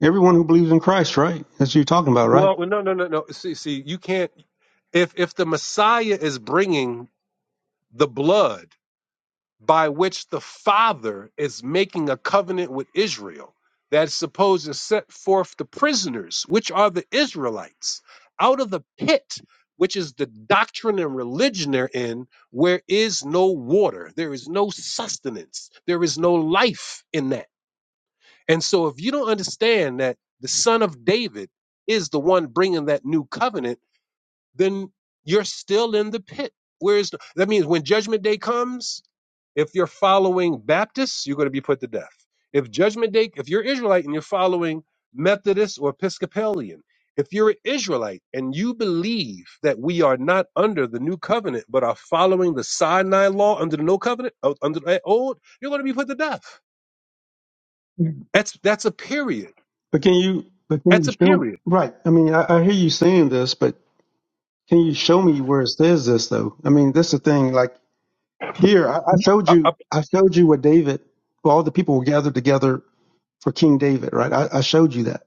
S6: Everyone who believes in Christ, right? That's what you're talking about, right?
S14: Well, no, no, no, no. See, see, you can't. If if the Messiah is bringing the blood by which the Father is making a covenant with Israel, that's supposed to set forth the prisoners, which are the Israelites, out of the pit, which is the doctrine and religion they're in, where is no water, there is no sustenance, there is no life in that. And so, if you don't understand that the Son of David is the one bringing that new covenant then you're still in the pit. Where's the, that means when judgment day comes, if you're following Baptists, you're going to be put to death. If judgment day, if you're Israelite and you're following Methodist or Episcopalian, if you're an Israelite and you believe that we are not under the new covenant but are following the Sinai law under the no covenant uh, under the old, you're going to be put to death.
S6: Yeah.
S14: That's that's a period.
S6: But can you? But can
S14: That's
S6: you
S14: a
S6: show?
S14: period.
S6: Right. I mean, I, I hear you saying this, but can you show me where it says this though? I mean, that's the thing. Like here, I, I showed
S14: Uh,
S6: you. I showed you what David. Well, all the people were gathered together for King David, right? I, I showed you that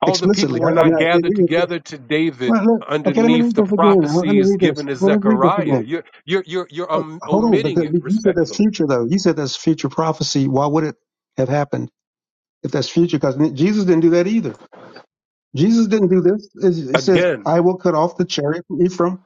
S14: All the
S6: explicitly.
S14: people were
S6: I, I mean,
S14: not
S6: I, we-
S14: gathered
S6: we-
S14: together to David
S6: well, look, okay, let me
S14: underneath
S6: read
S14: the
S6: this again. Let me
S14: prophecies
S6: read
S14: given
S6: this.
S14: to
S6: Well, let's read this
S14: Zechariah.
S6: again.
S14: You're, you're, you're, you're
S6: Oh,
S14: um,
S6: hold on, but
S14: omitting
S6: th-
S14: it
S6: you said that's
S14: respectfully.
S6: future though. You said that's future prophecy. Why would it have happened if that's future? Because Jesus didn't do that either. Jesus didn't do this. It's- He says,
S14: Again,
S6: "I will cut off the chariot from Ephraim."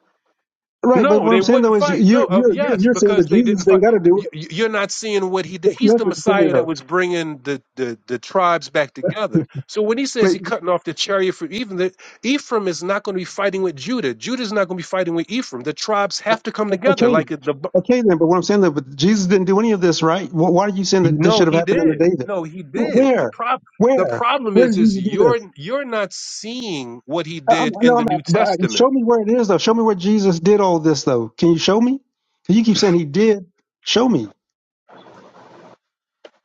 S6: Right, but
S14: no,
S6: what
S14: they
S6: I'm saying
S14: wouldn't
S6: though is
S14: fight. No,
S6: you're
S14: uh,
S6: you're you're,
S14: yes,
S6: you're saying that
S14: because they didn't
S6: Jesus ain't
S14: fight.
S6: got to do
S14: You,
S6: it.
S14: you- you're not seeing what he did.
S6: But
S14: He's
S6: That's
S14: the
S6: what you're saying
S14: Messiah that
S6: though.
S14: was bringing the, the, the tribes back together. So when he says
S6: But
S14: he cutting off the chariot for even the, Ephraim is not going to be fighting with Judah. Judah's not going to be fighting with Ephraim. The tribes have to come together,
S6: okay,
S14: like the
S6: okay then. But what I'm saying though, but Jesus didn't do any of this, right? Wh- Why are you saying that this
S14: No,
S6: should have
S14: he
S6: happened under
S14: did.
S6: David?
S14: No, he
S6: Wh-
S14: did. The
S6: Where,
S14: problem the
S6: where,
S14: problem
S6: where
S14: is
S6: did
S14: is
S6: Jesus do
S14: you're
S6: this?
S14: you're not seeing what he
S6: Um,
S14: did in
S6: no, I'm,
S14: the New
S6: but uh,
S14: Testament.
S6: show me where it is though. Show me where Jesus did all this though. Can you show me? 'Cause you keep saying he did. Show me.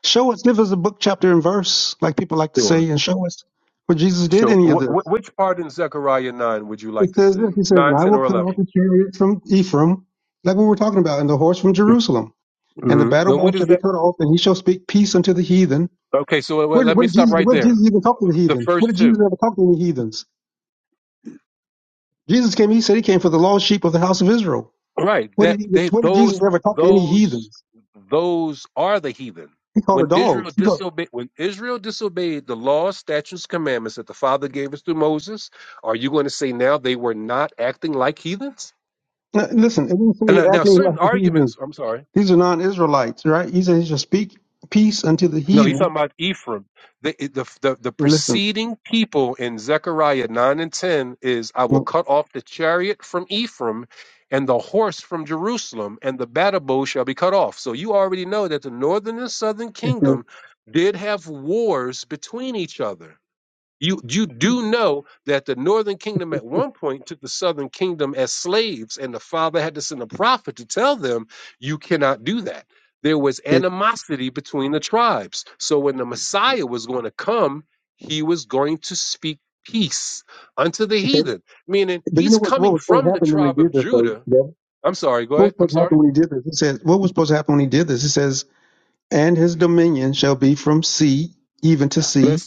S6: Show us. Give us a book, chapter, and verse, like people like to
S14: Sure.
S6: say, and show us where Jesus did
S14: Sure.
S6: any of
S14: Wh- wh-
S6: this.
S14: which part in Zechariah 9 would you like
S6: It
S14: to
S6: says
S14: see?
S6: this. He says, "And
S14: 9,
S6: I
S14: 10,
S6: will
S14: or
S6: cut
S14: 11?
S6: off the chariot from Ephraim, like we were talking about, and the horse from Jerusalem, and the
S14: hmm
S6: battle
S14: And
S6: bow
S14: what is
S6: shall be
S14: that?
S6: cut off, and he shall speak peace unto the heathen."
S14: Okay, so uh,
S6: What,
S14: let
S6: what
S14: me
S6: did
S14: stop
S6: Jesus?
S14: right
S6: What did
S14: there.
S6: Jesus even talk to the
S14: The
S6: heathen? What
S14: first
S6: did Jesus
S14: two.
S6: ever talk to any heathens? Jesus came. He said he came for the lost sheep of the house of Israel.
S14: Right.
S6: What
S14: That
S6: did he?
S14: they
S6: What did Jesus
S14: those
S6: ever talk to any
S14: those
S6: heathens?
S14: those are the heathen.
S6: He called her
S14: When Israel
S6: dogs. He called.
S14: disobeyed when Israel disobeyed the laws, statutes, commandments that the Father gave us through Moses, are you going to say now they were not acting like heathens?
S6: Now, Listen, it didn't say
S14: And now, now
S6: acting
S14: certain
S6: like a heathen.
S14: arguments I'm sorry.
S6: These are non-Israelites, right? He said he should speak peace unto the
S14: No, he's talking
S6: heathen.
S14: about Ephraim. The, the, the, the
S6: Okay, listen.
S14: preceding people in Zechariah 9 and 10 is I will
S6: Well,
S14: cut off the chariot from Ephraim and the horse from Jerusalem, and the battle bow shall be cut off. So you already know that the northern and southern
S6: <laughs> it says,
S14: kingdom did have wars between each other. You you do know that the northern kingdom at one point took the southern kingdom as slaves, and the father had to send a prophet to tell them, "You cannot do that." There was
S6: Okay,
S14: animosity between the tribes. So when the Messiah was going to come, he was going to speak peace unto the
S6: okay.
S14: heathen, meaning
S6: But you
S14: he's
S6: know what? What
S14: coming
S6: was supposed
S14: from
S6: to
S14: the
S6: happen then when
S14: tribe
S6: he
S14: of
S6: did this, though?
S14: Judah.
S6: Devin?
S14: I'm sorry. Go
S6: What was
S14: ahead. I'm
S6: supposed to
S14: sorry.
S6: happen when he did this? It says, what was supposed to happen when he did this? It says, and his dominion shall be from sea even to sea,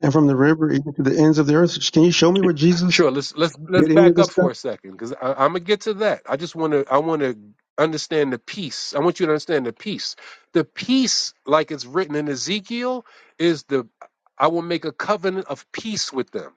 S6: and from the river even to the ends of the earth. Can you show me where Jesus
S14: Sure. Let's let's let's
S6: did any of
S14: back
S6: this
S14: up
S6: stuff?
S14: for a second because I'm gonna get to that. I just want to I want to understand the peace. I want you to understand the peace. The peace, like it's written in Ezekiel, is the I will make a covenant of peace with them.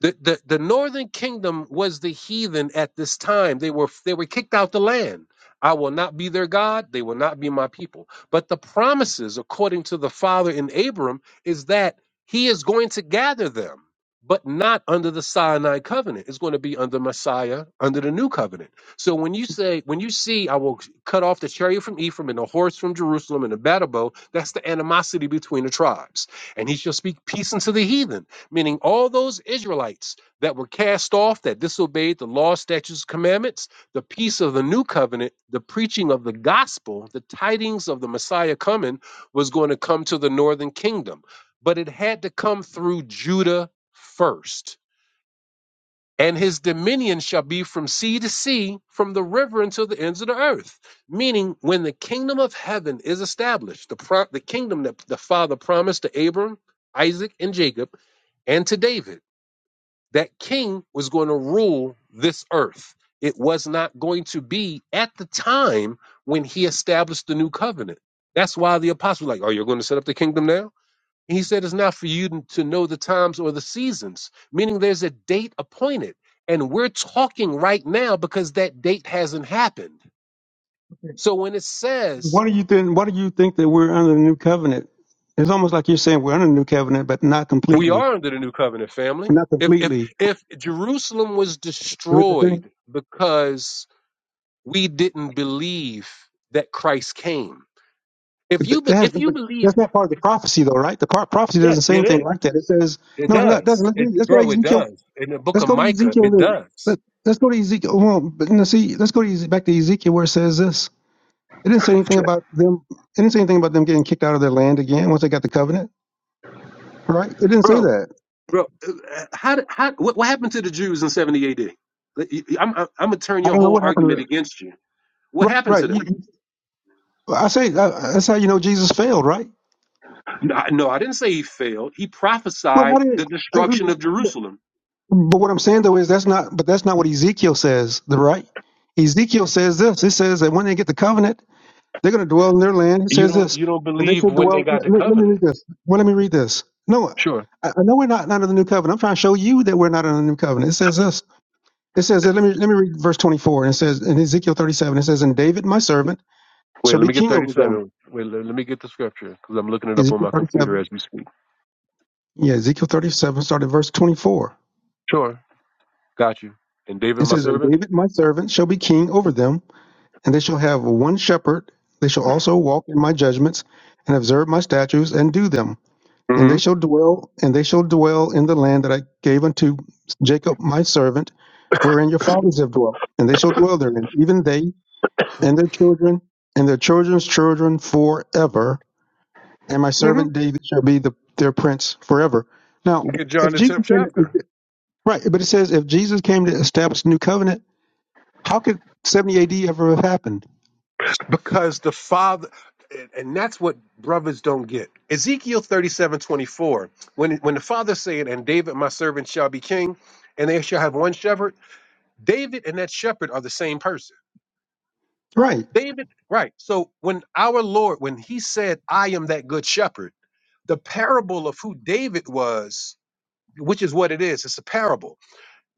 S14: The, the the northern kingdom was the heathen at this time. They were they were kicked out the land. I will not be their God. They will not be my people. But the promises, according to the father in Abram, is that he is going to gather them, but not under the Sinai covenant. It's going to be under Messiah, under the new covenant. So when you say, when you see, I will cut off the chariot from Ephraim and the horse from Jerusalem and the battle bow, that's the animosity between the tribes. And he shall speak peace unto the heathen meaning all those Israelites that were cast off, that disobeyed the law, statutes, commandments, the peace of the new covenant, the preaching of the gospel, the tidings of the Messiah coming was going to come to the northern kingdom. But it had to come through Judah first. And his dominion shall be from sea to sea, from the river until the ends of the earth. Meaning, when the kingdom of heaven is established, the, pro- the kingdom that the Father promised to Abram, Isaac, and Jacob, and to David that king was going to rule this earth. It was not going to be at the time when he established the new covenant. That's why the apostles were like, Oh, you're going to set up the kingdom now? And he said, It's not for you to know the times or the seasons, meaning there's a date appointed. And we're talking right now because that date hasn't happened. So when it says
S6: What do you think? What do you think that we're under the new covenant? It's almost like you're saying we're under the new covenant, but not
S14: we
S6: completely.
S14: are under the new covenant family,
S6: Not
S14: if if
S6: completely.
S14: if Jerusalem was
S6: You know what the thing?
S14: destroyed because we didn't believe that Christ came. If
S6: That
S14: you be,
S6: has,
S14: if you believe,
S6: that's not part of the prophecy, though, right? The part, prophecy
S14: yes,
S6: doesn't say
S14: it
S6: anything
S14: is.
S6: like that. It says,
S14: It
S6: no, it's not. It doesn't.
S14: does.
S6: Let's,
S14: It,
S6: read- let's go to
S14: bro, it
S6: Ezekiel.
S14: does. In the book
S6: Let's
S14: of
S6: go to
S14: Micah,
S6: Ezekiel.
S14: it
S6: Then.
S14: does.
S6: Let, let's go to Ezekiel. Well, but now see, let's go to Eze- back to Ezekiel where it says this. It didn't say anything
S14: Sure.
S6: about them. It didn't say anything about them getting kicked out of their land again once they got the covenant, right? It didn't say
S14: Bro,
S6: that.
S14: bro, uh, how did- how what, what happened to the Jews in 70 AD? Let- you- I'm I'm gonna turn
S6: I
S14: your
S6: don't know
S14: whole
S6: what happened
S14: argument
S6: to that.
S14: against you. What
S6: Right,
S14: happened
S6: right.
S14: to
S6: You,
S14: them?
S6: Well, I say uh, that's how you know Jesus failed, right?
S14: No, I- no, I didn't say he failed. He
S6: Well,
S14: prophesied
S6: how did?
S14: the
S6: Uh,
S14: destruction of
S6: but
S14: Jerusalem.
S6: but what I'm saying though is that's not, but that's not what Ezekiel says, the right? Ezekiel says this. It says that when they get the covenant, they're going to dwell in their land. It
S14: You
S6: says
S14: don't
S6: this,
S14: you don't
S6: and they
S14: believe
S6: should
S14: when they
S6: dwell.
S14: got
S6: Let,
S14: the
S6: let- let me
S14: covenant.
S6: read this. Well, let me read this. No,
S14: Sure.
S6: I, I know we're not, not under the new covenant. I'm trying to show you that we're not under the new covenant. It says this. It says that. Let me let me read verse 24. And it says in Ezekiel 37. It says, "And David, my servant,
S14: Wait,
S6: shall
S14: let
S6: be
S14: me get
S6: king over them."
S14: 37. Wait, let, let me get the scripture because I'm looking it up on
S6: Ezekiel
S14: my computer
S6: 37.
S14: as we speak.
S6: Yeah, Ezekiel 37, started verse 24
S14: Sure. Got you. And David,
S6: It
S14: my
S6: says, And
S14: servant?
S6: David my servant shall be king over them, and they shall have one shepherd. They shall also walk in my judgments, and observe my statutes, and do them. And they
S14: mm
S6: shall dwell, and they shall dwell in the land that I gave unto Jacob my servant, wherein your fathers have dwelt. And they shall dwell therein, even they and their children, and their children's children forever. And my
S14: hmm mm
S6: servant David shall be the, their prince forever. Now,
S14: hmm Get John
S6: if
S14: the
S6: Jesus
S14: 10th
S6: came,
S14: chapter.
S6: right, but it says if Jesus came to establish the new covenant how could 70 AD ever have happened?
S14: Because the Father, and and that's what brothers don't get. Ezekiel thirty-seven twenty-four. when, when the Father said, And David, my servant, shall be king, and they shall have one shepherd, David and that shepherd are the same person.
S6: Right.
S14: David, right. So when our Lord, when he said, I am that good shepherd, the parable of who David was which is what it is. It's a parable.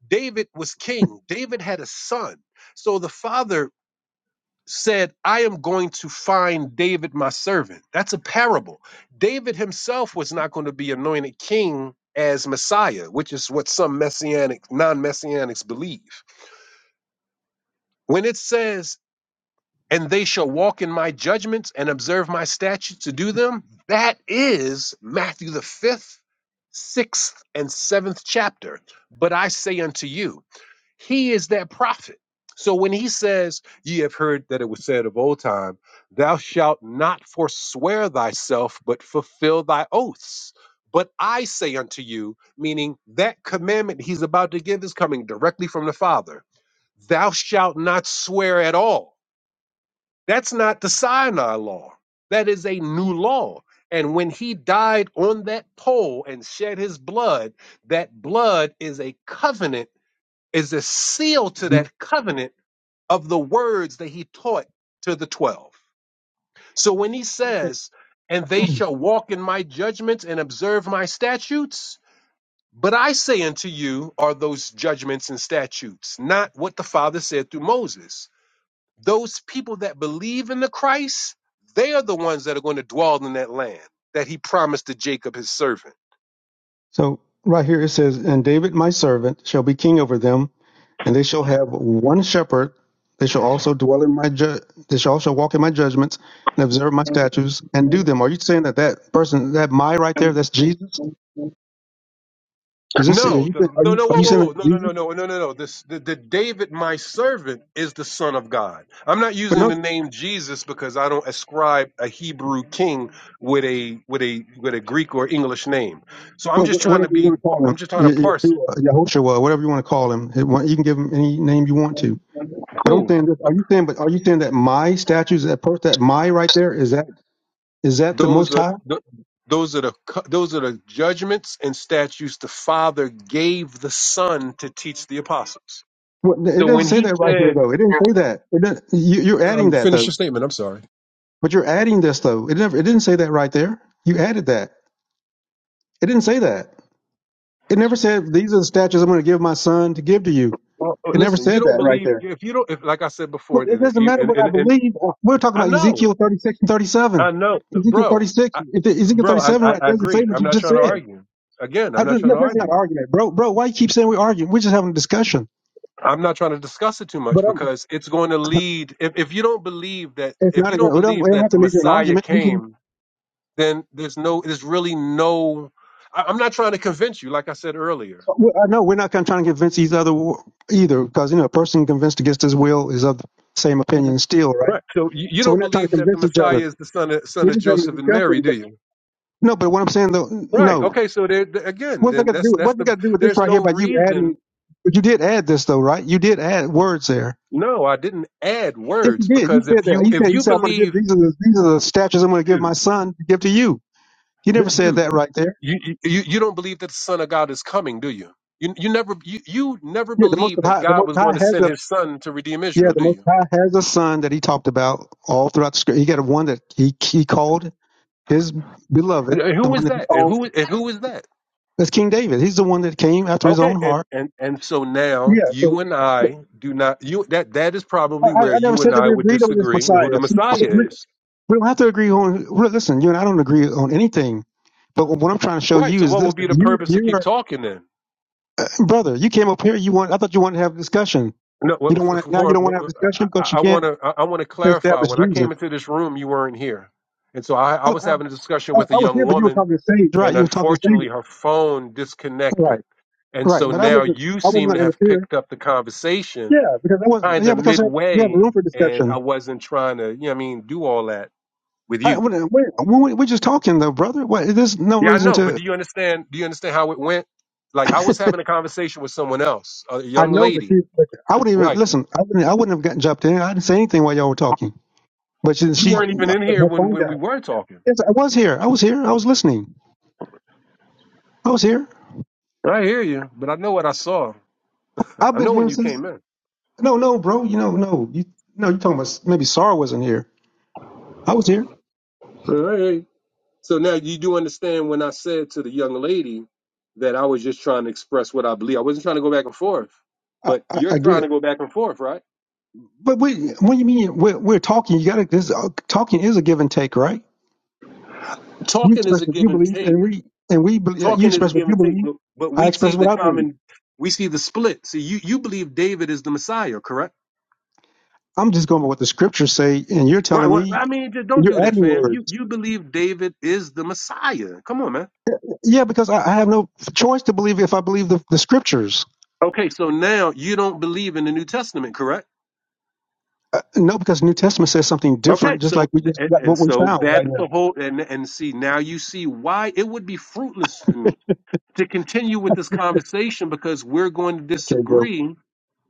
S14: David was king. David had a son. So the father said, I am going to find David, my servant. That's a parable. David himself was not going to be anointed king as Messiah, which is what some messianic, non messianics believe. When it says, and they shall walk in my judgments and observe my statutes to do them, that is Matthew the fifth, sixth, and seventh chapter. But I say unto you, He is that prophet. So when he says, Ye have heard that it was said of old time, Thou shalt not forswear thyself, but fulfill thy oaths. But I say unto you, meaning that commandment he's about to give is coming directly from the Father, Thou shalt not swear at all. That's not the Sinai law, that is a new law. And when he died on that pole and shed his blood, that blood is a covenant is a seal to
S6: Mhm.
S14: that covenant of the words that he taught to the 12. So when he
S6: Okay.
S14: says, and they
S6: <clears throat>
S14: shall walk in my judgments and observe my statutes, but I say unto you are those judgments and statutes, not what the Father said through Moses. Those people that believe in the Christ, they are the ones that are going to dwell in that land that he promised to Jacob, his servant.
S6: so right here it says, And David my servant shall be king over them, and they shall have one shepherd. They shall also dwell in my ju- they shall also walk in my judgments and observe my statutes and do them. Are you saying that that person that my right there that's Jesus? Is this are
S14: No,
S6: you
S14: the,
S6: are
S14: no,
S6: you,
S14: no,
S6: are
S14: whoa,
S6: you
S14: whoa,
S6: saying
S14: whoa,
S6: that's
S14: no, no, no,
S6: Jesus?
S14: no, no, no, no. This, the, the David, my servant, is the son of God. I'm not
S6: But
S14: using
S6: no,
S14: the name Jesus because I don't ascribe a Hebrew king with a with a with a Greek or English name. So I'm
S6: Well,
S14: just
S6: wh-
S14: trying to
S6: whatever you
S14: be,
S6: want to call
S14: I'm
S6: him,
S14: just trying to
S6: Ye-
S14: parse it.
S6: Yeshua, Yahushua, whatever you want to call him, It wa- you can give him any name you want to. But I'm
S14: Cool.
S6: saying this: Are you saying, but are you saying that my statues, that per, that my right there, is that is that the
S14: Those
S6: Most
S14: are
S6: High?
S14: th- those are the cu- those are the judgments and statutes the Father gave the Son to teach the apostles.
S6: What, it
S14: So
S6: doesn't
S14: when
S6: say
S14: he
S6: that right here,
S14: said,
S6: though. It didn't say that. It doesn't, you, you're adding
S14: um,
S6: that
S14: finish your
S6: though,
S14: statement. I'm sorry.
S6: but you're adding this though. It never. It didn't say that right there. You added that. It didn't say that. It never said these are the statues I'm going to give my son to give to you.
S14: Well, uh,
S6: It never
S14: listen, you
S6: said
S14: don't
S6: that right
S14: believe
S6: there.
S14: if you don't if like I said before,
S6: But it
S14: and
S6: doesn't matter
S14: and
S6: what I
S14: and, and
S6: believe. Uh, We're talking
S14: I
S6: about
S14: know,
S6: Ezekiel 36 and 37.
S14: I know,
S6: Ezekiel
S14: bro,
S6: 36,
S14: I,
S6: if it- Ezekiel
S14: bro, I,
S6: 37
S14: I
S6: right
S14: I
S6: doesn't say
S14: agree.
S6: what
S14: I'm
S6: you
S14: not
S6: just
S14: trying to
S6: said.
S14: argue. Again, I'm
S6: I,
S14: not trying
S6: no,
S14: to
S6: that's not an
S14: argue.
S6: argument, bro. Bro, why you keep saying we're arguing? We're just having a discussion.
S14: I'm not trying to discuss it too
S6: But
S14: much
S6: um,
S14: because it's going to lead. If, if you don't believe that,
S6: it's
S14: if
S6: not.
S14: you
S6: A,
S14: don't
S6: we don't. We
S14: believe
S6: don't
S14: that
S6: have
S14: the
S6: to leave it an
S14: Messiah
S6: argument. We can,
S14: came, then there's no, there's really no. I, I'm not trying to convince you, like I said earlier.
S6: uh, we, I know we're not kind of trying to convince each other w- either, because you know, a person convinced against his will is of the same opinion still, right?
S14: Right. So you, you
S6: So
S14: don't
S6: we're not trying to
S14: believe that the
S6: convince each
S14: Messiah
S6: other.
S14: is the son of son
S6: We're
S14: of
S6: just having a
S14: Joseph and Mary,
S6: discussion.
S14: do
S6: But
S14: you?
S6: no, but what I'm saying though,
S14: Right.
S6: no.
S14: Okay. So there th- again,
S6: What's that
S14: then
S6: got to
S14: that's
S6: do?
S14: that's
S6: What's it
S14: the
S6: got to do with this
S14: there's
S6: right
S14: no
S6: here? By you adding,
S14: reason.
S6: but you did add this though, right? You did add words there.
S14: No, I didn't add
S6: Yes, you
S14: words
S6: did. You
S14: because if
S6: said that.
S14: you
S6: You
S14: if
S6: said you
S14: you
S6: said I'm going to give
S14: believe,
S6: these are the these are the statues I'm going to give
S14: dude,
S6: my son to give to you. He
S14: d-
S6: never said
S14: dude,
S6: that right there.
S14: you you you you don't believe that the Son of God is coming, do you? You you never you, you never
S6: Yeah, the most
S14: believed that
S6: high, the
S14: God
S6: most
S14: was going
S6: high
S14: to
S6: has
S14: send
S6: a
S14: His Son to redeem
S6: yeah,
S14: Israel,
S6: the
S14: do
S6: most
S14: you?
S6: high has a son that he talked about all throughout the script. He got a one that he he called his beloved,
S14: And- and
S6: the
S14: who
S6: one
S14: is
S6: that he
S14: that? And
S6: called
S14: who and who is that?
S6: that's King David. He's the one that came after his
S14: Okay,
S6: own
S14: and
S6: heart.
S14: and and so now
S6: Yeah. So,
S14: you and
S6: so
S14: I do not you that that is
S6: I,
S14: probably
S6: I I
S14: where
S6: never
S14: you
S6: said
S14: and
S6: that
S14: I
S6: we
S14: would
S6: agreed on this
S14: disagree on
S6: Messiah.
S14: who the
S6: So,
S14: Messiah is.
S6: We don't have to agree on. well, Listen, you and I don't agree on anything. But what I'm trying to show
S14: Right.
S6: you
S14: So
S6: is
S14: what
S6: this:
S14: would be the
S6: you,
S14: purpose to
S6: you
S14: keep
S6: are
S14: talking then?
S6: brother. You came up here. You want. I thought you wanted to have a discussion.
S14: No,
S6: You
S14: wh-
S6: don't
S14: f-
S6: want to now. You
S14: for,
S6: don't want to have a
S14: wh-
S6: discussion because you
S14: I want
S6: can't
S14: to I want to clarify.
S6: establish
S14: When I came
S6: Jesus.
S14: into this room, you weren't here, and so I, I
S6: I,
S14: was having a
S6: I,
S14: discussion with a
S6: I was
S14: young
S6: here, but you were
S14: woman,
S6: talking to Sage. Right.
S14: and
S6: You were talking to Sage.
S14: unfortunately, her phone disconnected,
S6: Right.
S14: and
S6: Right.
S14: so
S6: But I
S14: now
S6: wasn't.
S14: you
S6: I wasn't
S14: seem
S6: going
S14: to
S6: to
S14: have
S6: interfere.
S14: picked up the conversation
S6: Yeah, because I was.
S14: kind
S6: Yeah,
S14: of
S6: because I, we have
S14: midway,
S6: room for
S14: and I
S6: discussion.
S14: wasn't trying to, you know, what I mean, do all that with
S6: I,
S14: you.
S6: we, we, we- we're just talking though, brother. What? There's no
S14: Yeah, I
S6: reason
S14: know, but
S6: to.
S14: do you understand? Do you understand how it went? Like I
S6: <laughs>
S14: was having a conversation with someone else, a
S6: I
S14: young
S6: know, but
S14: lady,
S6: she, but I wouldn't even
S14: right?
S6: listen. I wouldn't. I wouldn't have gotten jumped in. I didn't say anything while y'all were talking. But she,
S14: You
S6: she
S14: weren't even
S6: my,
S14: in here
S6: my
S14: when
S6: phone
S14: when we
S6: died.
S14: were talking.
S6: Yes, I was here. I was here. I was listening. I was here.
S14: I hear you, but I know what I saw.
S6: I've
S14: I
S6: been
S14: know when
S6: here
S14: you
S6: since.
S14: came in.
S6: No, no, bro. You know, no. You no. You talking about s- maybe Sarah wasn't here. I was here.
S14: All right. So now you do understand when I said to the young lady that I was just trying to express what I believe. I wasn't trying to go back and forth,
S6: I,
S14: but
S6: I,
S14: you're
S6: I get
S14: trying to
S6: it.
S14: go back and forth, right?
S6: But we, what do you mean we're, we're talking? You got to. This uh, talking is a give and take, right? You
S14: Talking is
S6: express
S14: a
S6: what
S14: give
S6: you
S14: and
S6: believe,
S14: take.
S6: and we and we believe, you
S14: Talking is a
S6: express what
S14: give
S6: you
S14: and take,
S6: believe.
S14: but, but
S6: I
S14: we see
S6: express
S14: the
S6: what I believe.
S14: common, we see the split. See, you, you believe David is the Messiah, correct?
S6: I'm just going by what the scriptures say, and you're
S14: Right.
S6: telling
S14: Well,
S6: me
S14: I mean, just don't
S6: you're
S14: do that,
S6: adding
S14: fam. You
S6: words.
S14: you believe David is the Messiah. Come on, man.
S6: Yeah, because I, I have no choice to believe if I believe the, the scriptures.
S14: Okay, so now you don't believe in the New Testament, correct?
S6: Uh, no, because New Testament says something
S14: Okay,
S6: different, just
S14: so
S6: like we
S14: th-
S6: just
S14: and
S6: got what we
S14: so
S6: found
S14: that's
S6: right
S14: the
S6: now.
S14: whole and and see now you see why it would be fruitless for me to continue with this conversation because we're going to
S6: Okay, bro.
S14: disagree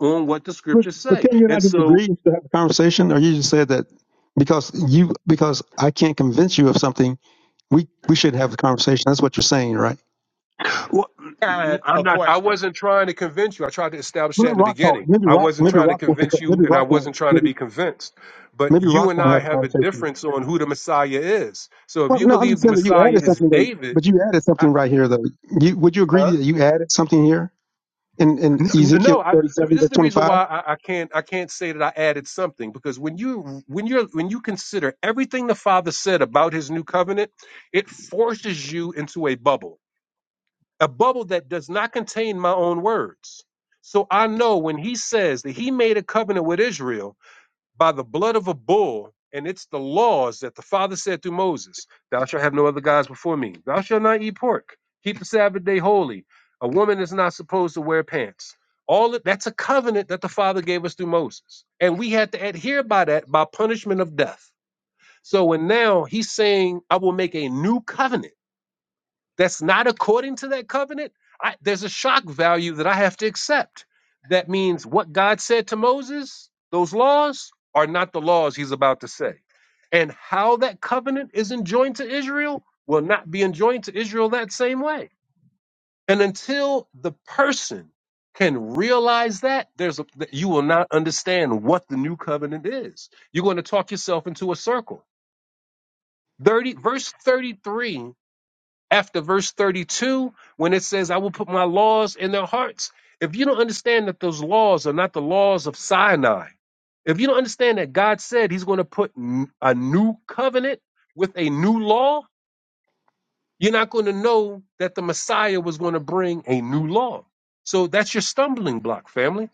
S14: on what the
S6: But,
S14: scriptures
S6: but
S14: say.
S6: can you and I
S14: And
S6: just
S14: so
S6: agree and still have a conversation, or you just said that because you because I can't convince you of something, we we should have a conversation. That's what you're saying, right?
S14: well,
S17: got
S14: I'm
S17: a
S14: not I
S17: question.
S14: wasn't trying to convince you. I tried to establish
S6: Well,
S14: that
S6: let
S14: in the
S6: Rock talk.
S14: beginning.
S6: Maybe
S14: I
S6: Rock.
S14: wasn't
S6: Maybe
S14: trying to
S6: Rock wants to.
S14: convince
S6: Maybe
S14: you and I
S6: Rock. Wants,
S14: wasn't trying to
S6: maybe
S14: be convinced. But
S6: maybe
S14: you
S6: Rock
S14: and
S6: will not
S14: I
S6: have a
S14: have a
S6: conversation.
S14: difference on who the Messiah is. So if
S6: Well,
S14: you
S6: no, I'm
S14: believe
S6: just
S14: the
S6: saying that you
S14: Messiah
S6: added
S14: is
S6: something, though.
S14: David,
S6: but you added
S14: I,
S6: something right here, though. You, would you
S14: huh?
S6: agree that you added something here in, in
S14: N- n- No,
S6: Ezekiel
S14: I,
S6: 37,
S14: this is
S6: verse
S14: the reason
S6: 25?
S14: why I, I can't I can't say that I added something because when you when you're when you consider everything the Father said about His new covenant, it forces you into a bubble, a bubble that does not contain my own words. So I know when He says that He made a covenant with Israel by the blood of a bull, and it's the laws that the Father said through Moses, Thou shalt have no other gods before me. Thou shalt not eat pork. Keep the Sabbath day holy. A woman is not supposed to wear pants. All of, that's a covenant that the Father gave us through Moses, and we had to adhere by that by punishment of death. So when now He's saying, "I will make a new covenant." that's not according to that covenant, I, there's a shock value that I have to accept. That means what God said to Moses, those laws are not the laws he's about to say. And how that covenant is enjoined to Israel will not be enjoined to Israel that same way. And until the person can realize that, there's a, that you will not understand what the new covenant is. You're going to talk yourself into a circle. 30 verse 33 after verse 32 when it says i will put my laws in their hearts if you don't understand that those laws are not the laws of sinai if you don't understand that god said he's going to put n- a new covenant with a new law you're not going to know that the messiah was going to bring a new law so that's your stumbling block family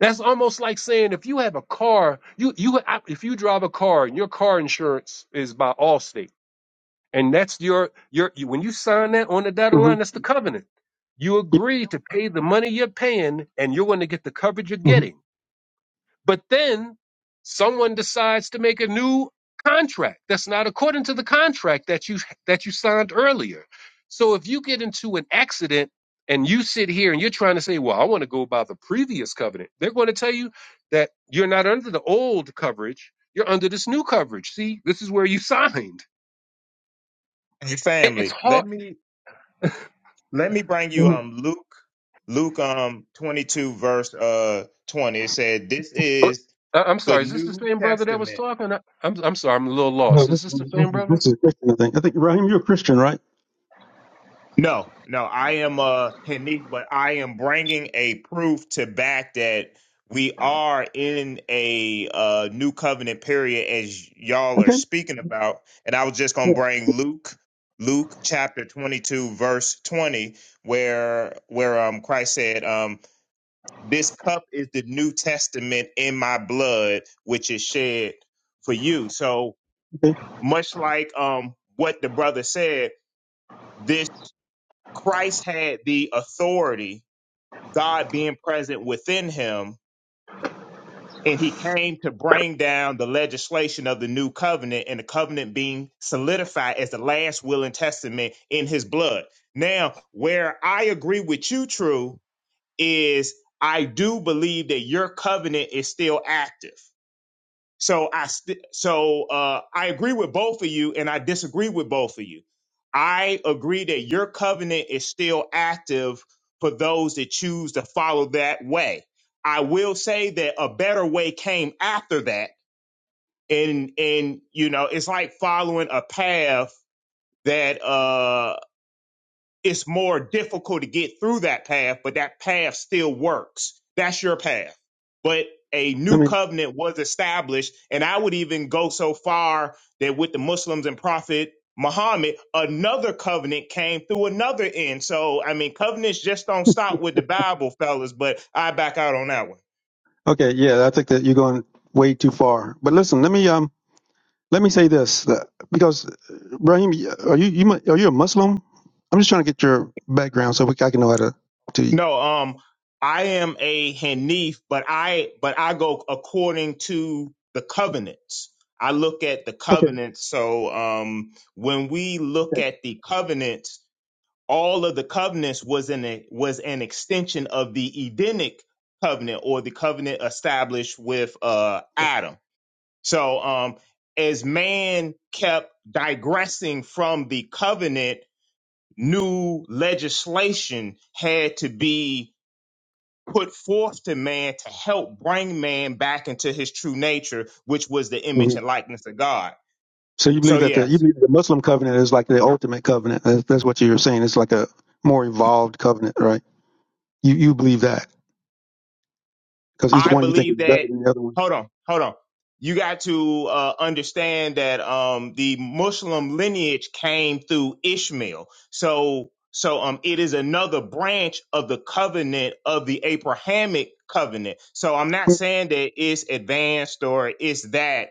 S14: that's almost like saying if you have a car you you I- if you drive a car and your car insurance is by allstate And that's your your you- when you sign that on the dotted
S6: Mm-hmm.
S14: line, that's the covenant. You
S6: Yeah.
S14: agree to pay the money you're paying, and you're going to get the coverage you're
S6: hmm
S14: getting. But then someone decides to make a new contract that's not according to the contract that you that you signed earlier. So if you get into an accident and you sit here and you're trying to say, "Well, I want to go by the previous covenant," they're going to tell you that you're not under the old coverage. You're under this new coverage. See, this is where you <laughs> signed.
S17: Hey
S14: It, it's
S17: family, let
S14: hard
S17: me let me bring
S6: Let
S17: you
S6: me,
S17: um Luke Luke um 22 verse uh 20. It said this
S14: What-
S17: is
S14: I- I'm
S17: the
S14: sorry. Is this the
S17: New
S14: same brother that was
S17: Testament.
S14: talking? I- I'm I'm sorry. I'm a little
S6: no,
S14: lost.
S6: this,
S14: Is this the
S6: this,
S14: same
S6: is,
S14: brother?
S6: this is Christian, I think. I think, Raheem, you're a Christian, right?
S17: No, no, I am uh Hanif, but I am bringing a proof to back that we are in a uh new covenant period as y'all are
S6: Okay.
S17: speaking about. And I was just
S6: Yeah.
S17: going to bring Luke Luke chapter 22 verse 20 where where um Christ said um This cup is the New Testament in my blood, which is shed for you. So
S6: Okay.
S17: much like um what the brother said, this Christ had the authority, God being present within him, and he came to bring down the legislation of the new covenant and the covenant being solidified as the last will and testament in his blood. Now, where I agree with you, True, is I do believe that your covenant is still active So I st- so uh, I agree with both of you, and I disagree with both of you. I agree that your covenant is still active for those that choose to follow that way. I will say that a better way came after that, and and you know it's like following a path that uh, it's more difficult to get through that path, but that path still works. That's your path. But a
S6: Let
S17: new
S6: me,
S17: covenant was established. And I would even go so far that with the Muslims and Prophet Muhammad, another covenant came through another end. So, I mean, covenants just don't stop with the Bible, fellas, but I back out on that one.
S6: okay. Yeah. I think that you're going way too far. But listen, let me, um, let me say this uh, because, uh, Raheem, are you, you, mu- are you a Muslim? I'm just trying to get your background so we, I can know how to talk to you.
S17: No, um, I am a Hanif, but I but I go according to the covenants. I look at the
S6: Okay.
S17: covenants. So um, when we look at the covenants, all of the covenants was in a, was an extension of the Edenic covenant or the covenant established with uh, Adam. So um, as man kept digressing from the covenant, new legislation had to be put forth to man to help bring man back into his true nature, which was the image
S6: hmm
S17: and likeness of God.
S6: So you
S17: So,
S6: believe that the you
S17: yes,
S6: believe the Muslim covenant is like the ultimate covenant. That's, that's what you're saying. It's like a more evolved covenant, right? You you believe that because each
S17: I
S6: one you think is
S17: believe
S6: better
S17: that.
S6: than the other one,
S17: Hold on, hold on. You got to uh, understand that um, the Muslim lineage came through Ishmael. So, so um, it is another branch of the covenant of the Abrahamic covenant. So I'm not saying that it's advanced or it's that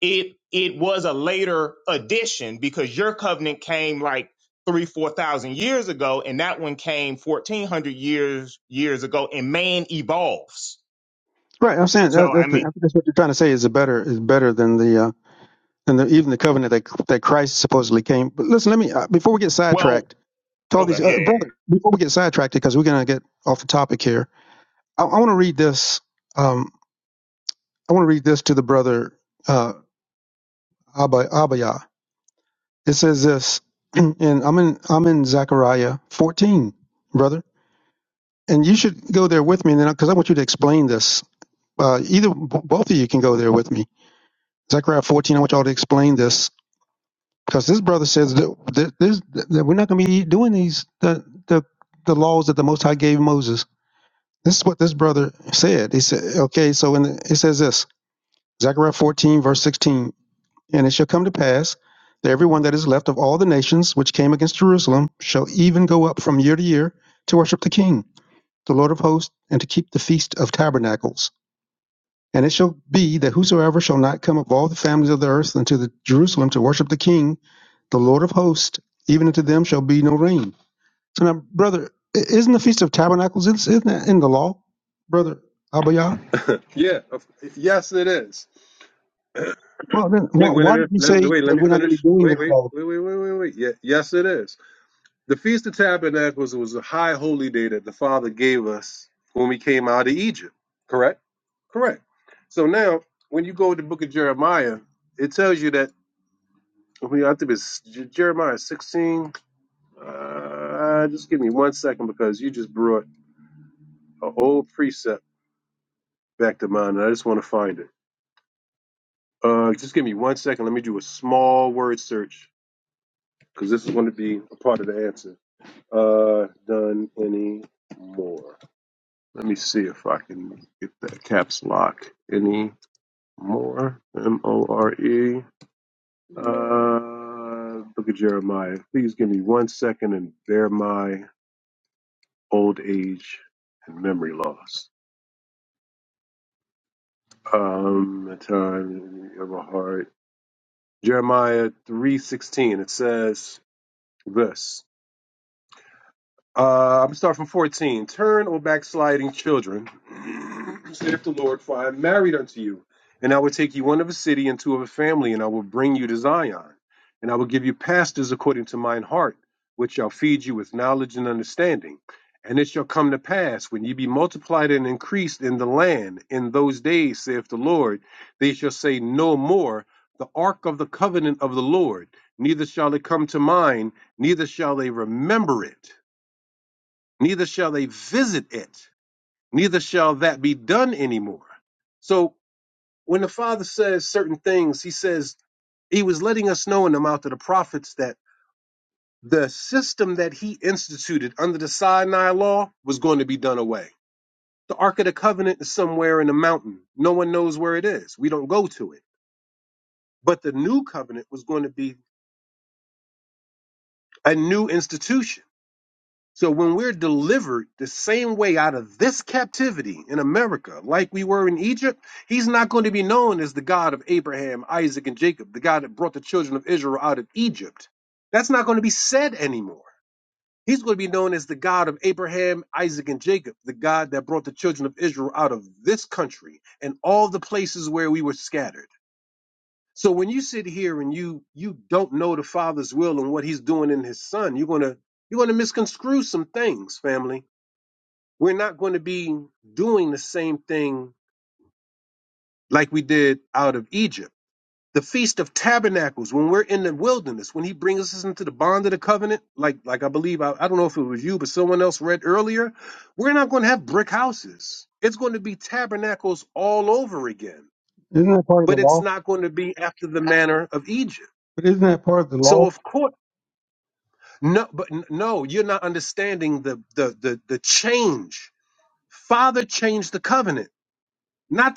S17: it it was a later addition because your covenant came like three four thousand years ago and that one came 1400 years years ago and man evolves
S6: right? I'm saying
S17: so
S6: that,
S17: i
S6: that's the, I
S17: mean
S6: think that's what you're trying to say is a better is better than the uh, than the, even the covenant that that Christ supposedly came. But listen, let me uh, before we get sidetracked.
S17: well
S6: to all these
S17: okay yeah,
S6: uh,
S17: yeah,
S6: brother before we get sidetracked because we're going to get off the topic here i, I want to read this um, i want to read this to the brother uh, Abba, abaya it says this <clears throat> and i'm in i'm in zechariah 14 brother and you should go there with me and then because i want you to explain this uh, either b- both of you can go there with me zechariah 14 i want y'all to explain this because this brother says that, that, there's- that we're not going to be doing these the, the the laws that the most high gave moses This is what this brother said. He said, okay, so in the, it says this, Zechariah 14, verse 16, and it shall come to pass that everyone that is left of all the nations which came against Jerusalem shall even go up from year to year to worship the King, the Lord of hosts, and to keep the feast of tabernacles. And it shall be that whosoever shall not come of all the families of the earth unto the Jerusalem to worship the King, the Lord of hosts, even unto them shall be no rain. So now, brother, i- isn't the Feast of Tabernacles, isn't that in the law, brother Abayah?
S14: Yeah, of- yes, it is.
S6: Well, then why,
S14: Wait, wait, let
S6: why
S14: me,
S6: did you
S14: let, me-
S6: say
S14: wait, let
S6: that
S14: me
S6: we're not going to be
S14: finish.
S6: doing
S14: Wait,
S6: this
S14: wait,
S6: law?
S14: wait, wait, wait, wait, wait. Yeah, yes, it is. The Feast of Tabernacles was a high holy day that the Father gave us when we came out of Egypt. Correct? Correct. So now, when you go to the book of Jeremiah, it tells you that, I, mean, I think it's J- Jeremiah 16. Uh, just give me one second because you just brought a whole precept. back to mine. and I just want to find it. Uh, just give me one second. Let me do a small word search because this is going to be a part of the answer. Uh, done any more? Let me see if I can get that caps lock. Any more? M O R E. Uh, look at Jeremiah. Please give me one second and bear my old age and memory loss. Um, a time of a heart. Jeremiah three sixteen. It says. verse uh, I'm starting from 14. Turn, O backsliding children, <clears throat> saith the Lord, for I am married unto you. And I will take you one of a city and two of a family, and I will bring you to Zion. And I will give you pastors according to mine heart, which shall feed you with knowledge and understanding. And it shall come to pass, when ye be multiplied and increased in the land, in those days, saith the Lord, they shall say no more, the ark of the covenant of the Lord, neither shall it come to mind, neither shall they remember it neither shall they visit it, neither shall that be done anymore. So when the Father says certain things, he says he was letting us know in the mouth of the prophets that the system that he instituted under the Sinai law was going to be done away. The Ark of the Covenant is somewhere in a mountain. No one knows where it is. We don't go to it. But the new covenant was going to be a new institution So when we're delivered the same way out of this captivity in America, like we were in Egypt, he's not going to be known as the God of Abraham, Isaac, and Jacob, the God that brought the children of Israel out of Egypt. That's not going to be said anymore. He's going to be known as the God of Abraham, Isaac, and Jacob, the God that brought the children of Israel out of this country and all the places where we were scattered. So when you sit here and you you don't know the Father's will and what He's doing in His Son, you're gonna you're gonna misconstrue some things, family we're not going to be doing the same thing like we did out of Egypt. The Feast of Tabernacles, when we're in the wilderness, when he brings us into the bond of the covenant, like like I believe I, I don't know if it was you, but someone else read earlier, we're not going to have brick houses. It's going to be tabernacles all over again.
S6: Isn't that part of the
S14: But it's
S6: law?
S14: not going to be after the manner of Egypt.
S6: But isn't that part of the
S14: So
S6: law?
S14: of course, no, but no, you're the change. Father covenant, Naya.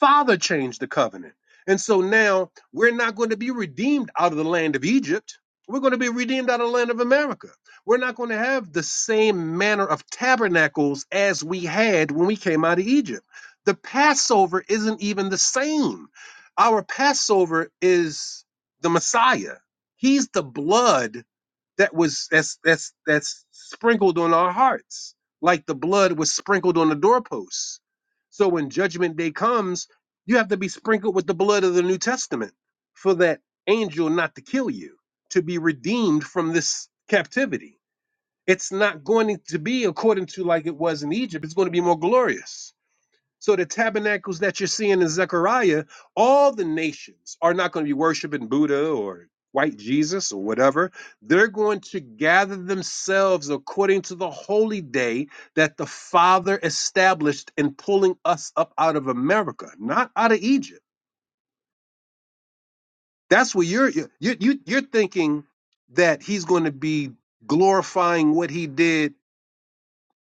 S14: Father changed the covenant. And so now we're not going to be redeemed out of the land of Egypt. We're going to be redeemed out of the land of America. We're not going to have the same manner of tabernacles as we had when we came out of Egypt. The Passover isn't even the same. Our Passover is the Messiah. He's the blood that was that's that's that's sprinkled on our hearts like the blood was sprinkled on the doorposts so when judgment day comes you have to be sprinkled with the blood of the new testament for that angel not to kill you to be redeemed from this captivity it's not going to be according to like it was in egypt it's going to be more glorious so the tabernacles that you're seeing in Zechariah, all the nations are not going to be worshiping Buddha or white Jesus or whatever. They're going to gather themselves according to the holy day that the Father established in pulling us up out of America, not out of Egypt. That's what you're you you you're thinking that he's going to be glorifying what he did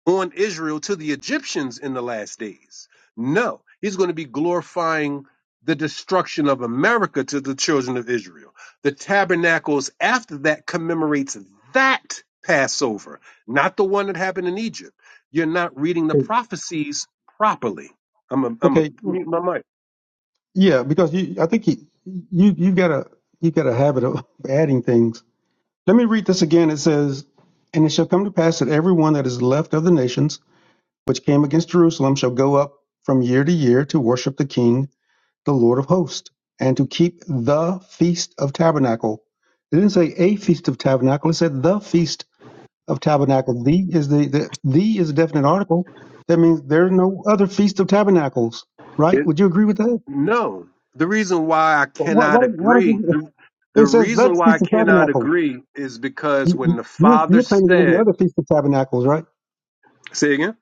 S14: on Israel to the Egyptians in the last days. No, he's going to be glorifying the destruction of America to the children of Israel. The tabernacles after that commemorates that Passover, not the one that happened in Egypt. You're not reading the
S6: It,
S14: prophecies properly. I'm a, I'm a
S6: okay, well,
S14: mute my mic.
S6: yeah, because you, I think you, you you've got a you've got a habit of <laughs> adding things. Let me read this again. It says, "And it shall come to pass that everyone that is left of the nations which came against Jerusalem shall go up from year to year to worship the King, the Lord of hosts, and to keep the feast of tabernacle." It didn't say a feast of tabernacle. It said the feast of tabernacle. The is the, the the is a definite article. That means there's no other feast of tabernacles, right?
S14: It-
S6: Would you agree with that?
S14: no, the reason why I
S6: Why, why,
S14: cannot
S6: why don't
S14: agree,
S6: you?
S14: the, the
S6: It says
S14: reason
S6: that
S14: why I
S6: feast of
S14: cannot
S6: tabernacle.
S14: agree is because
S6: You,
S14: when
S6: you,
S14: the
S6: you're
S14: father
S6: you're claiming there's going to be
S14: said,
S6: other feast of tabernacles, right?
S14: say again,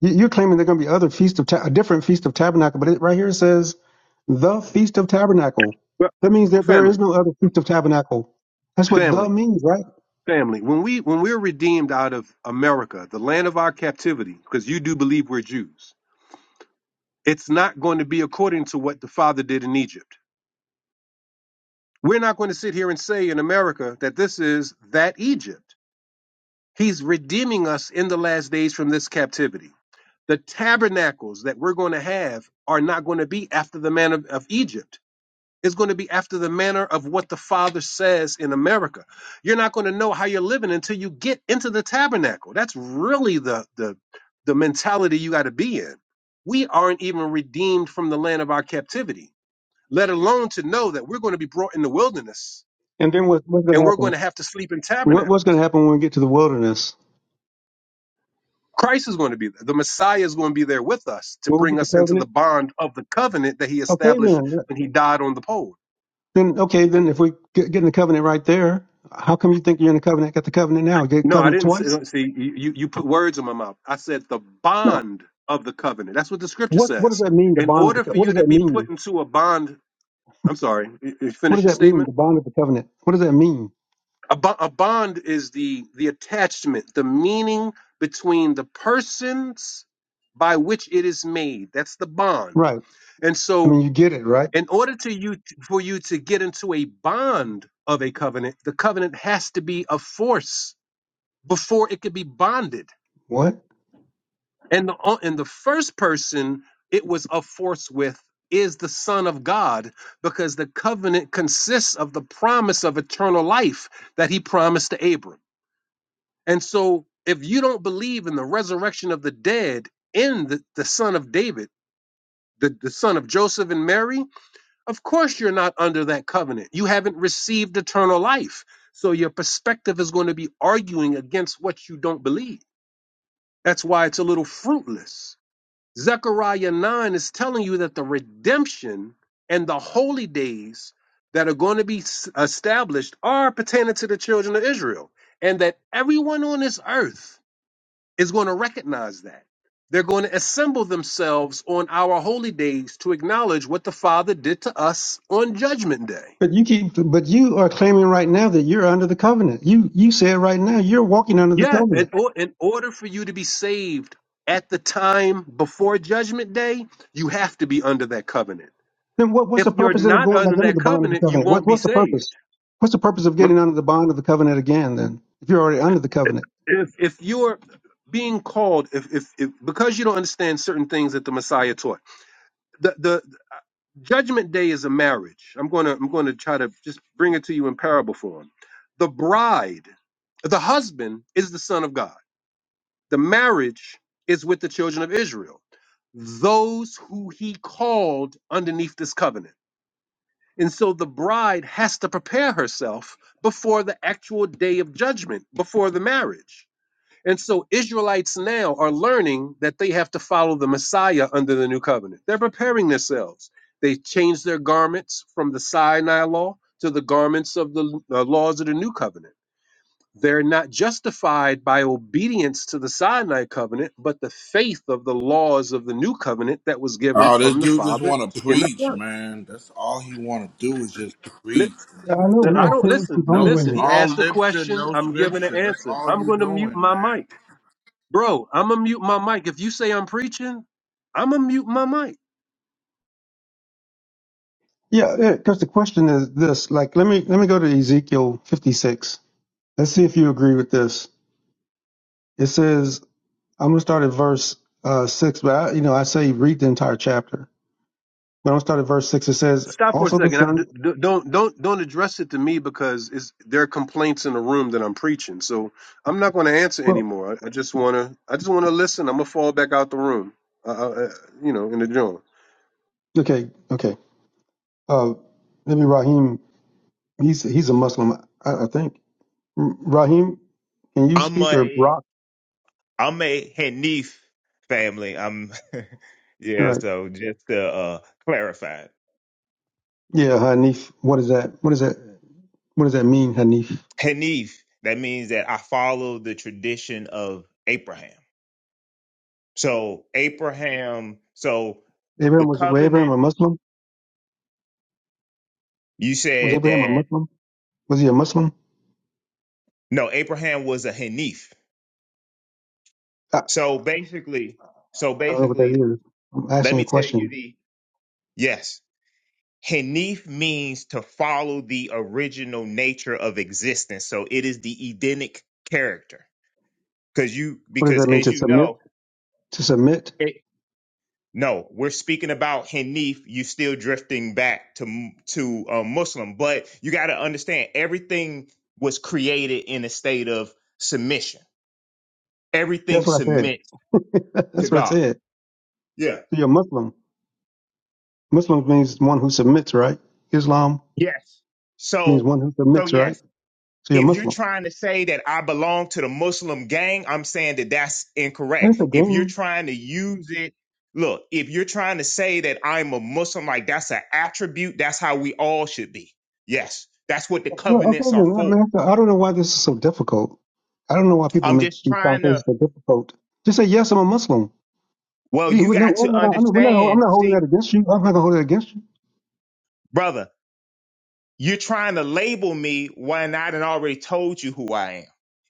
S6: You- You're claiming there's going to be other feast of ta- a different feast of tabernacle, but it, right here it says the feast of tabernacle.
S14: Well,
S6: That means that there
S14: family.
S6: is no other feast of tabernacle. That's what the
S14: Family,
S6: means, right?
S14: family. When we when we're redeemed out of America, the land of our captivity, because you do believe we're Jews, it's not going to be according to what the Father did in Egypt. We're not going to sit here and say in America that this is that Egypt. He's redeeming us in the last days from this captivity. The tabernacles that we're going to have are not going to be after the man of, of Egypt. Is going to be after the manner of what the Father says in America. You're not going to know how you're living until you get into the tabernacle. That's really the the the mentality you got to be in. We aren't even redeemed from the land of our captivity, let alone to know that we're going to be brought in the wilderness
S6: And then what, what's going
S14: and
S6: to
S14: we're going
S6: happen?
S14: to have to sleep in
S6: What,
S14: tabernacle.
S6: what's going to happen when we get to the wilderness?
S14: Christ is going to be there. The Messiah is going to be there with us to
S6: When we
S14: bring
S6: get to
S14: us into the
S6: covenant?
S14: bond of the covenant that he
S6: Okay,
S14: established
S6: then.
S14: when he died on the pole.
S6: Then okay, then if we get, get in the covenant right there, how come you think you're in the covenant? Got the covenant now? Get
S14: No, I
S6: covenant
S14: didn't say,
S6: twice?
S14: see you. You put words in my mouth. I said the
S6: No.
S14: bond of the covenant. That's what the scripture
S6: What what does
S14: says.
S6: that mean? The
S14: In
S6: bond of the
S14: order
S6: co-
S14: for
S6: what
S14: you
S6: does
S14: to
S6: that
S14: be put
S6: mean?
S14: into a bond, I'm sorry. You you
S6: What
S14: finish
S6: does
S14: your
S6: that mean?
S14: statement.
S6: The bond of the covenant. What does that mean?
S14: A, bo- a bond is the the attachment, the meaning between the persons by which it is made. That's the bond.
S6: Right.
S14: And
S6: I
S14: so,
S6: mean, you get it, right?
S14: in order to you for you to get into a bond of a covenant, the covenant has to be a force before it could be bonded.
S6: What?
S14: And the o- and the first person it was a force with is the Son of God, because the covenant consists of the promise of eternal life that he promised to Abram. And so if you don't believe in the resurrection of the dead in the, the son of David, the, the son of Joseph and Mary, of course you're not under that covenant. You haven't received eternal life. So your perspective is going to be arguing against what you don't believe. That's why it's a little fruitless. Zechariah 9 is telling you that the redemption and the holy days that are going to be s- established are pertaining to the children of Israel, and that everyone on this earth is going to recognize that. They're going to assemble themselves on our holy days to acknowledge what the Father did to us on Judgment Day.
S6: But you keep. But you are claiming right now that you're under the covenant. You you said right now you're walking under the
S14: Yeah, in,
S6: covenant.
S14: or- in order for you to be saved at the time before Judgment Day, you have to be under that covenant.
S6: Then what? What's
S14: If
S6: the
S14: you're
S6: purpose then of
S14: not
S6: going back
S14: under
S6: under
S14: that
S6: the bond of the
S14: covenant, you
S6: covenant? What
S14: won't be
S6: what's the purpose?
S14: saved.
S6: What's the purpose of getting under the bond of the covenant again? Then if you're already under the covenant.
S14: If if you're being called, if if, if because you don't understand certain things that the Messiah taught, the the judgment day is a marriage. I'm gonna I'm gonna try to just bring it to you in parable form. The bride, the husband is the son of God. The marriage is with the children of Israel, those who he called underneath this covenant. And so the bride has to prepare herself before the actual day of judgment, before the marriage. And so Israelites now are learning that they have to follow the Messiah under the new covenant. They're preparing themselves. They change their garments from the Sinai law to the garments of the uh, laws of the new covenant. They're not justified by obedience to the Sinai covenant, but the faith of the laws of the new covenant that was given
S1: Oh, this
S14: from the
S1: dude just
S14: Father
S1: want to
S14: in the
S1: preach,
S14: Son.
S1: man. That's all he want to do is just preach.
S6: Yeah, I
S1: man.
S6: know.
S14: That I
S6: Yeah,
S1: All-
S6: <laughs>
S14: don't
S6: it's
S14: listen. uh,
S1: No,
S6: long
S14: Listen, he
S1: all
S14: asked a
S1: literature,
S14: question.
S1: no
S14: I'm giving an
S1: scripture. That's
S14: answer.
S1: all
S14: I'm
S1: you
S14: going to mute
S1: doing,
S14: my
S1: man.
S14: mic, bro. I'm gonna mute my mic. If you say I'm preaching, I'm gonna mute my mic.
S6: Yeah, because the question is this. Like, let me let me go to Ezekiel 56. Let's see if you agree with this. It says, I'm gonna start at verse uh, six, but I, you know, I say read the entire chapter. But I'm gonna start at verse six. It says,
S14: Stop for a
S6: also the
S14: second. I, d-
S6: sons.
S14: d- don't don't don't address it to me because it's, there are complaints in the room that I'm preaching. So I'm not going to answer
S6: Well,
S14: anymore. I, I just wanna I just wanna listen. I'm gonna fall back out the room. Uh, uh, uh, you know, in the joint.
S6: okay, okay. Uh, maybe Raheem. He's he's a Muslim, I, I think. R- Raheem, can
S17: yeah.
S6: you
S17: i'm
S6: speak or
S17: a
S6: Rock?
S17: i'm a hanif family i'm <laughs> yeah
S6: Right.
S17: so just to uh clarify
S6: Yeah, Hanif. What is that? What is that? What does that mean, Hanif?
S17: hanif that means that i follow the tradition of abraham so abraham so the
S6: Abraham was, was Abraham
S17: covenant
S6: a Muslim?
S17: You
S6: Was
S17: said
S6: Abraham a
S17: that
S6: Muslim? Was he a Muslim?
S17: no, Abraham was a Hanif.
S6: I,
S17: So basically, so
S6: I don't know what that
S17: basically,
S6: is. I'm
S17: let
S6: asking you
S17: me
S6: a
S17: tell you
S6: question.
S17: the yes. Hanif means to follow the original nature of existence. So it is the Edenic character. Because you
S6: What does
S17: because
S6: that mean
S17: as
S6: to
S17: you
S6: submit?
S17: know,
S6: To submit?
S17: it, no, we're speaking about Hanif, you still drifting back to m- to uh, Muslim, but you got to understand everything was created in a state of submission. Everything
S6: That's what I said.
S17: submits
S6: <laughs>
S17: to
S6: That's what I
S17: God.
S6: said.
S17: Yeah.
S6: So you're Muslim. Muslim means one who submits, right? Islam
S17: Yes.
S6: means
S17: So,
S6: one who
S17: so
S6: submits, right?
S17: yes,
S6: So you're
S17: if you're
S6: Muslim.
S17: trying to say that I belong to the Muslim gang, I'm saying that that's incorrect.
S6: That's a
S17: If you're
S6: game.
S17: trying to use it, look, if you're trying to say that I'm a Muslim, like that's an attribute, that's how we all should be. Yes, that's what the
S6: Yeah, okay,
S17: covenants are
S6: then. I,
S17: for.
S6: mean, I don't know why this is so difficult. I don't know why people
S17: I'm
S6: make
S17: just
S6: these
S17: trying to,
S6: conversations so difficult. Just say, yes, I'm a Muslim.
S17: well,
S6: Hey,
S17: you
S6: we're- No,
S17: got
S6: we're
S17: to
S6: not- gonna- I'm not, we're not- gonna- I'm
S17: understand,
S6: not holding
S17: see,
S6: that against you. I'm not going to hold it against you.
S17: brother, You're trying to label me when I done already told you who I am.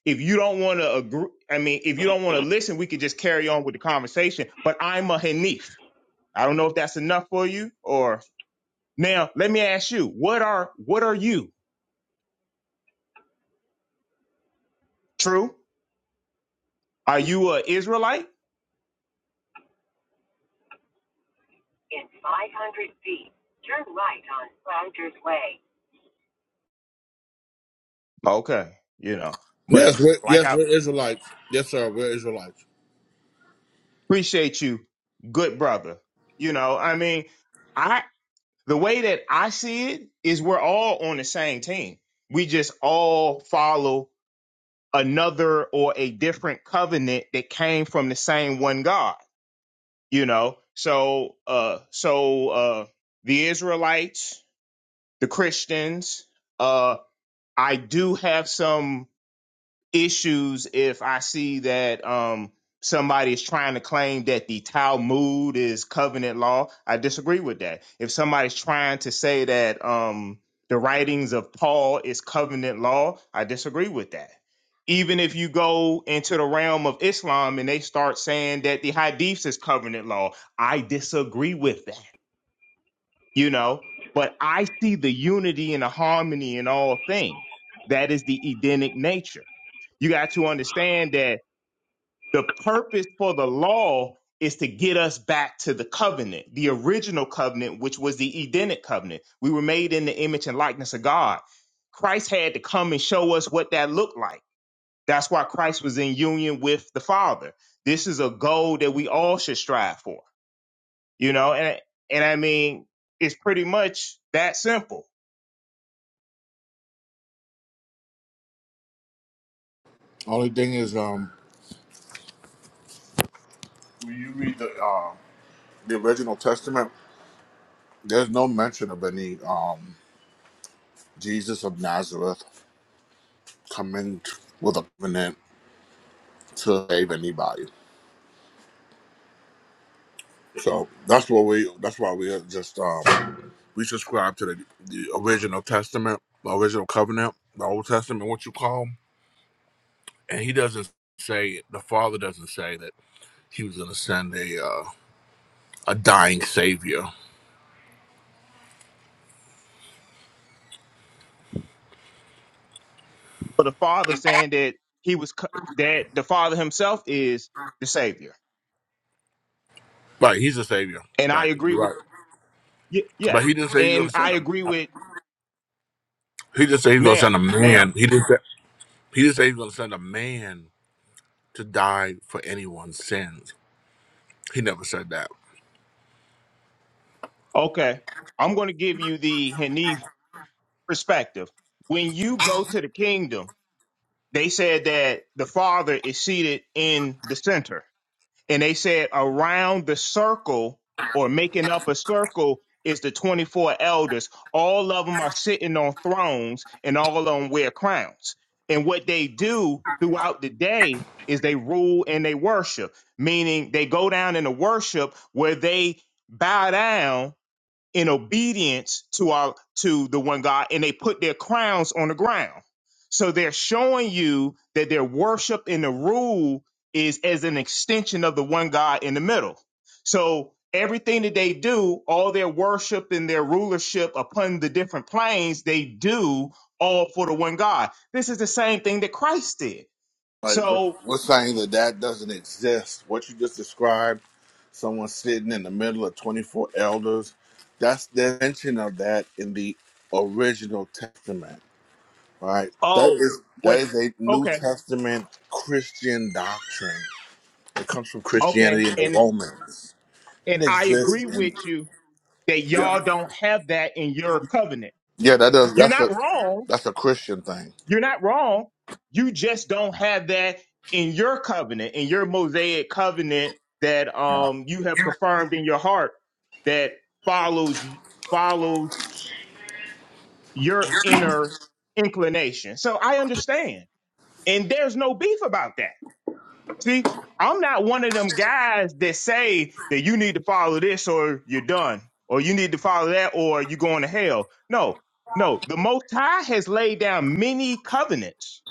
S17: If you don't want to agree, I mean, if you don't want to listen, we could just carry on with the conversation. But I'm a Hanif. I don't know if that's enough for you or now let me ask you, what are what are you? True? Are you a Israelite? Okay. You know. But
S1: Yes, we're,
S17: like
S1: yes,
S17: I
S1: we're Israelites. Yes, sir, we're Israelites.
S17: appreciate you, good brother. You know, I mean, I the way that I see it is we're all on the same team we just all follow another or a different covenant that came from the same one God. You know, so uh, so uh, the Israelites, the Christians. Uh, I do have some issues if I see that um, somebody is trying to claim that the Talmud is covenant law. I disagree with that. If somebody's trying to say that um, the writings of Paul is covenant law, I disagree with that. Even if you go into the realm of Islam and they start saying that the Hadiths is covenant law, I disagree with that you know but i see the unity and the harmony in all things that is the edenic nature you got to understand that the purpose for the law is to get us back to the covenant the original covenant which was the edenic covenant we were made in the image and likeness of god christ had to come and show us what that looked like that's why christ was in union with the father this is a goal that we all should strive for you know and and i mean it's pretty much that simple
S1: Only thing is, um, when you read the uh, the original Testament, there's no mention of any um Jesus of Nazareth coming with a covenant to save anybody. So that's what we. That's why we just um we subscribe to the, the original Testament, the original covenant, the Old Testament, what you call. 'em. And he doesn't say the Father doesn't say that he was going to send a uh, a dying Savior.
S17: for the father saying that he was co- that the father himself is the savior
S1: Right, he's a Savior.
S17: and i
S1: Right,
S17: agree
S1: you're
S17: with
S1: right.
S17: yeah, yeah.
S1: But he didn't say he's going
S17: and
S1: to
S17: i
S1: send him.
S17: agree with
S1: He didn't say he's going to
S17: now
S1: send a
S17: now
S1: man. He didn't. Say, he didn't say he's going to send a man to die for anyone's sins. He never said that.
S17: okay i'm going to give you the hanif perspective when you go to the kingdom they said that the father is seated in the center and they said around the circle or making up a circle is the 24 elders all of them are sitting on thrones and all of them wear crowns and what they do throughout the day is they rule and they worship meaning they go down in the worship where they bow down in obedience to our to the one God and they put their crowns on the ground. So they're showing you that their worship in the rule is as an extension of the one God in the middle. So everything that they do, all their worship and their rulership upon the different planes, they do all for the one God. This is the same thing that Christ did.
S1: Like we're
S17: So,
S1: we're saying that that doesn't exist. What you just described, someone sitting in the middle of twenty four elders, that's the mention of that in the original Testament, right? That
S17: oh,
S1: is that
S17: what
S1: is a New
S17: okay,
S1: Testament Christian doctrine. It comes from
S17: okay.
S1: Christianity and the
S17: And
S1: Romans. It
S17: and I
S1: exists
S17: agree
S1: in
S17: with you that y'all don't have that in your covenant.
S1: yeah. That does
S17: You're
S1: that's a
S17: not wrong.
S1: that's a Christian thing.
S17: You're not wrong. You just don't have that in your covenant, in your Mosaic covenant that um you have confirmed in your heart that follows follows your inner inclination. So I understand. And there's no beef about that. See, I'm not one of them guys that say that you need to follow this or you're done, or you need to follow that or you're going to hell. No, no. The Most High has laid down many covenants.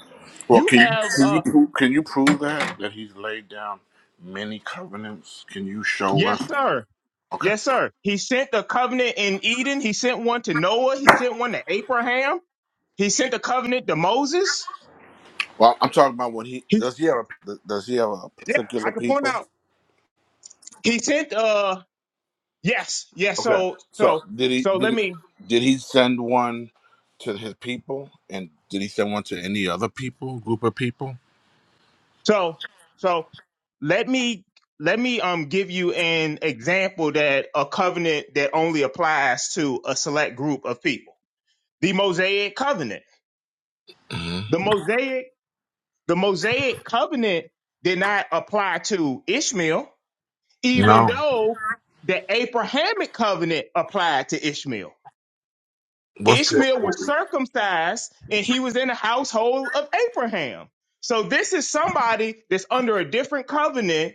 S1: Well,
S17: You
S1: can you
S17: have,
S1: can
S17: uh,
S1: you prove, can you prove that that he's laid down many covenants? Can you show
S17: yes,
S1: us?
S17: sir.
S1: Okay.
S17: Yes, sir. He sent a covenant in Eden. He sent one to Noah. He sent one to Abraham. He sent a covenant to Moses.
S1: Well, I'm talking about when he
S17: He,
S1: does. He have a, does he have a
S17: yeah, I
S1: particular
S17: could point
S1: people?
S17: out. He sent, uh, yes, yes.
S1: Okay.
S17: So,
S1: So
S17: so,
S1: did he
S17: so
S1: did
S17: let
S1: he,
S17: me,
S1: did he send one to his people, and did he send one to any other people, group of people?
S17: So so let me let me um give you an example that a covenant that only applies to a select group of people. The Mosaic covenant.
S1: Mhm.
S17: The Mosaic the Mosaic covenant did not apply to Ishmael even
S1: No.
S17: though the Abrahamic covenant applied to Ishmael.
S1: What's the?
S17: Ishmael was circumcised and he was in the household of Abraham. So this is somebody that's under a different covenant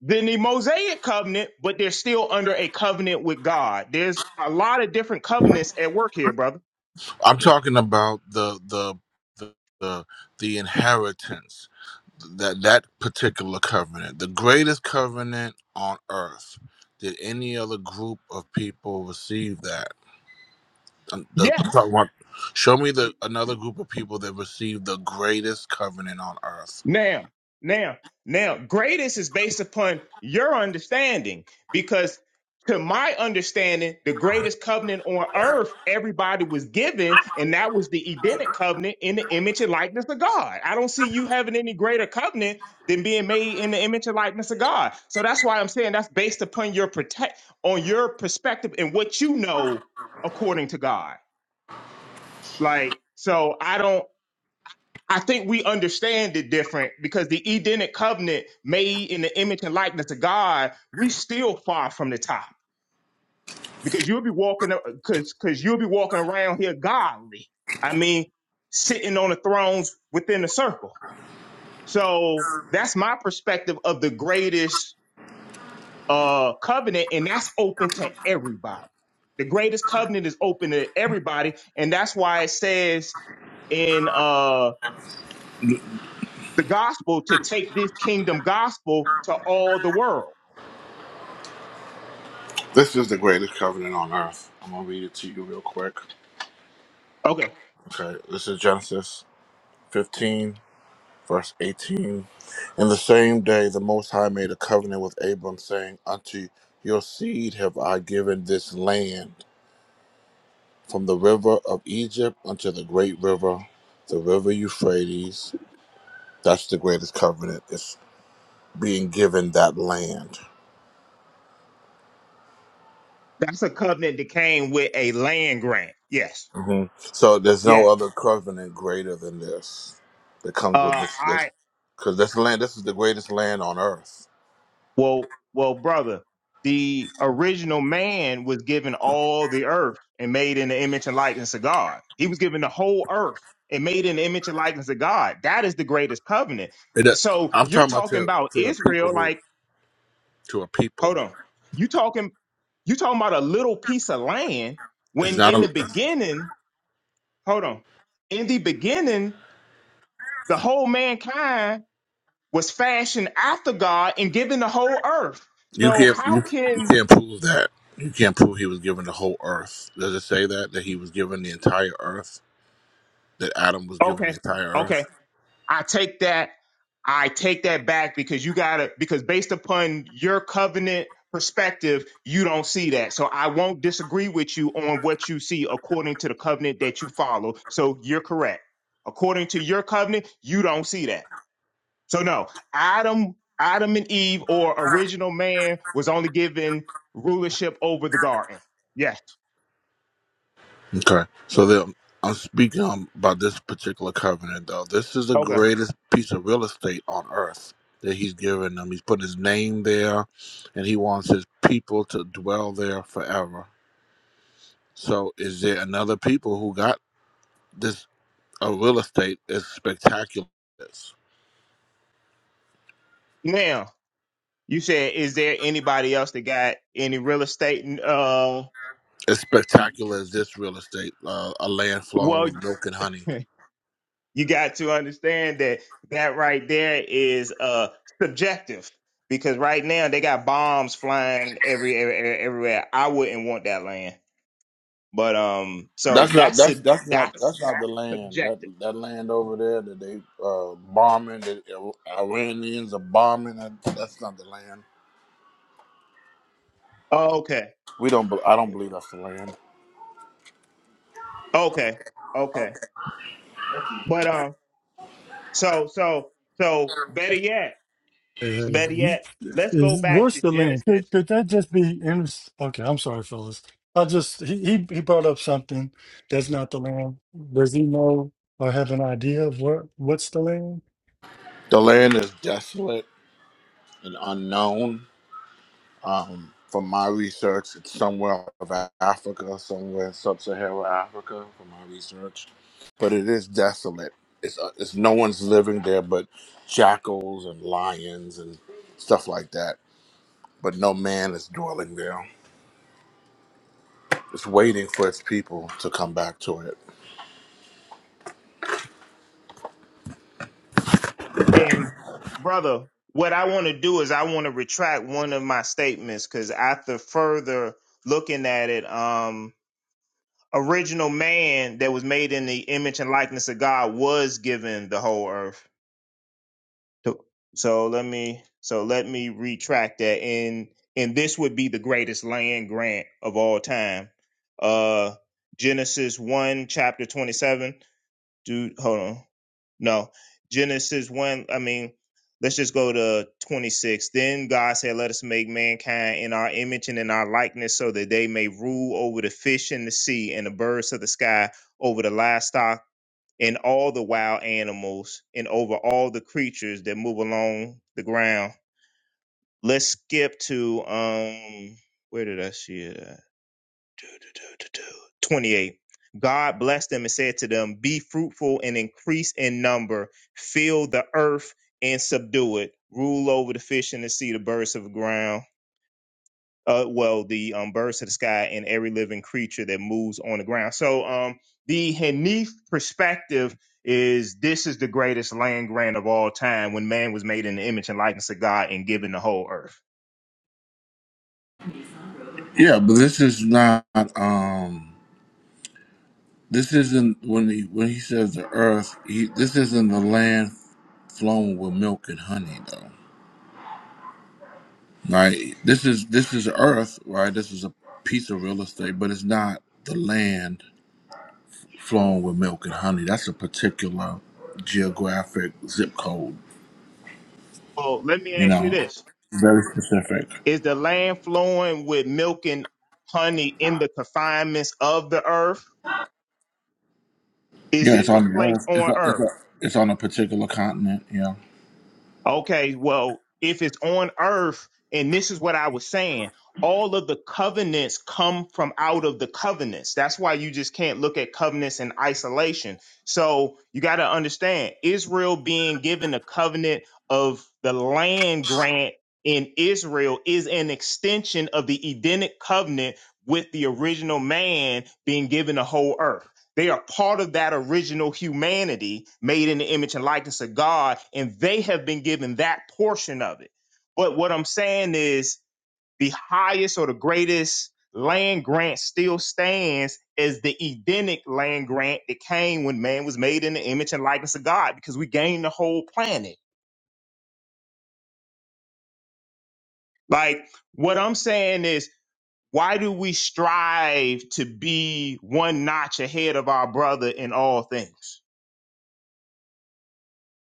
S17: Than the Mosaic covenant, but they're still under a covenant with God. There's a lot of different covenants at work here, brother.
S1: I'm talking about the the the the, the inheritance that that particular covenant, the greatest covenant on earth. Did any other group of people receive that? And the- I'm
S17: Yes.
S1: talking about- show me the another group of people that received the greatest covenant on earth.
S17: Now, now, now, greatest is based upon your understanding because, to my understanding, the greatest covenant on earth everybody was given, and that was the Edenic covenant in the image and likeness of God. I don't see you having any greater covenant than being made in the image and likeness of God. So that's why I'm saying that's based upon your protect on your perspective and what you know according to God. Like, so I don't. I think we understand it different because the Edenic covenant made in the image and likeness of God, we still far from the top because you'll be walking because because you'll be walking around here godly. I mean, sitting on the thrones within the circle. So that's my perspective of the greatest uh covenant, and that's open to everybody. The greatest covenant is open to everybody, and that's why it says in uh the gospel to take this kingdom gospel to all the world.
S1: This is the greatest covenant on earth. I'm gonna read it to you real quick.
S17: Okay.
S1: Okay, this is Genesis 15, verse 18. In the same day, the Most High made a covenant with Abram, saying, "Unto your seed have I given this land, from the river of Egypt unto the great river, the river Euphrates." That's the greatest covenant. It's being given that land.
S17: That's a covenant that came with a land grant. Yes.
S1: hmm So there's no
S17: Yes.
S1: other covenant greater than this that comes with
S17: Uh
S1: this. Because this,
S17: I
S1: 'cause this land, this is the greatest land on earth.
S17: well well brother, the original man was given all the earth and made in the image and likeness of God. He was given the whole earth and made in the image and likeness of God. That is the greatest covenant.
S1: It,
S17: So
S1: I'm
S17: you're
S1: talking about
S17: talking
S1: to,
S17: about
S1: to a people
S17: Israel
S1: who,
S17: like
S1: to a people.
S17: hold on. You talking you talking about a little piece of land
S1: It's
S17: when
S1: not
S17: in the
S1: a
S17: beginning hold on. In the beginning, the whole mankind was fashioned after God and given the whole earth.
S1: you
S17: So
S1: can't you,
S17: how
S1: you
S17: can
S1: can't prove that. You can't prove he was given the whole earth. Does it say that that he was given the entire earth? That Adam was given the
S17: okay,
S1: entire earth?
S17: okay, I take that, I take that back because you gotta because based upon your covenant perspective, you don't see that. So I won't disagree with you on what you see according to the covenant that you follow. So you're correct. According to your covenant, you don't see that. So no, Adam, Adam and Eve, or original man, was only given rulership over the garden. Yes.
S1: Okay. So the, I'm speaking on, about this particular covenant, though. This is the
S17: Okay.
S1: greatest piece of real estate on earth that he's given them. He's put his name there, and he wants his people to dwell there forever. So, is there another people who got this a real estate as spectacular as,
S17: Now you said, is there anybody else that got any real estate? Uh,
S1: as spectacular as this real estate, uh, a land flowing
S17: well,
S1: with milk and honey?
S17: <laughs> you got to understand that that right there is uh subjective because right now they got bombs flying every, every every- everywhere. I wouldn't want that land, but um, so
S1: That's not
S17: that's a
S1: that's that's not
S17: that's
S1: that's not the
S17: that's
S1: land that
S17: subjective.
S1: that land over there that they uh, bombing the Iranians are bombing. That, that's not the land. We don't. be- I don't believe that's the land.
S17: Okay. Okay. But um so so so better yet,
S18: Uh,
S17: better
S18: you-
S17: yet, let's go
S18: is
S17: back to
S18: what's the link? Could,
S17: Genesis
S18: could that just be? In, okay, I'm sorry, fellas. I just he he he brought up something that's not the land. Does he know or have an idea of what what's the land?
S1: The land is desolate and unknown. Um, from my research, it's somewhere of Africa, somewhere in sub-Saharan Africa. From my research, but it is desolate. It's uh, it's no one's living there but jackals and lions and stuff like that. but no man is dwelling there. It's waiting for its people to come back to it.
S17: and brother, what I want to do is I want to retract one of my statements cuz after further looking at it, um original man that was made in the image and likeness of God was given the whole earth So so let me so let me retract that and and this would be the greatest land grant of all time. Uh Genesis 1 chapter 27. Dude, hold on. No. Genesis 1, I mean, let's just go to 26. Then God said, "Let us make mankind in our image and in our likeness so that they may rule over the fish in the sea and the birds of the sky, over the livestock and all the wild animals and over all the creatures that move along the ground. Let's skip to um where did I see it? at? 28. God blessed them and said to them, Be fruitful and increase in number, fill the earth and subdue it, rule over the fish in the sea, the birds of the ground uh, well, the um, birds of the sky and every living creature that moves on the ground. So um, the Hanif perspective is this is the greatest land grant of all time when man was made in the image and likeness of God and given the whole earth.
S1: Yeah, but this is not. um This isn't when he when he says the earth. He this isn't the land flowing with milk and honey, though. Right. This is this is earth. Right. This is a piece of real estate, but it's not the land flowing with milk and honey. That's a particular geographic zip code.
S17: Well, let me
S1: You
S17: ask you
S1: know,
S17: this.
S1: very specific.
S17: Is the land flowing with milk and honey in the confinements of the earth? Is
S1: Yeah,
S17: this
S1: it's
S17: a
S1: on the
S17: place
S1: earth. It's,
S17: on
S1: on-
S17: earth?
S1: it's, on- it's on a particular continent. Yeah.
S17: Okay, well, if it's on earth, and this is what I was saying, all of the covenants come from out of the covenants. That's why you just can't look at covenants in isolation. So you got to understand Israel being given a covenant of the land grant in Israel is an extension of the Edenic covenant with the original man being given the whole earth. They are part of that original humanity made in the image and likeness of God, and they have been given that portion of it. But what I'm saying is the highest or the greatest land grant still stands as the Edenic land grant that came when man was made in the image and likeness of God, because we gained the whole planet. Like what I'm saying is, why do we strive to be one notch ahead of our brother in all things?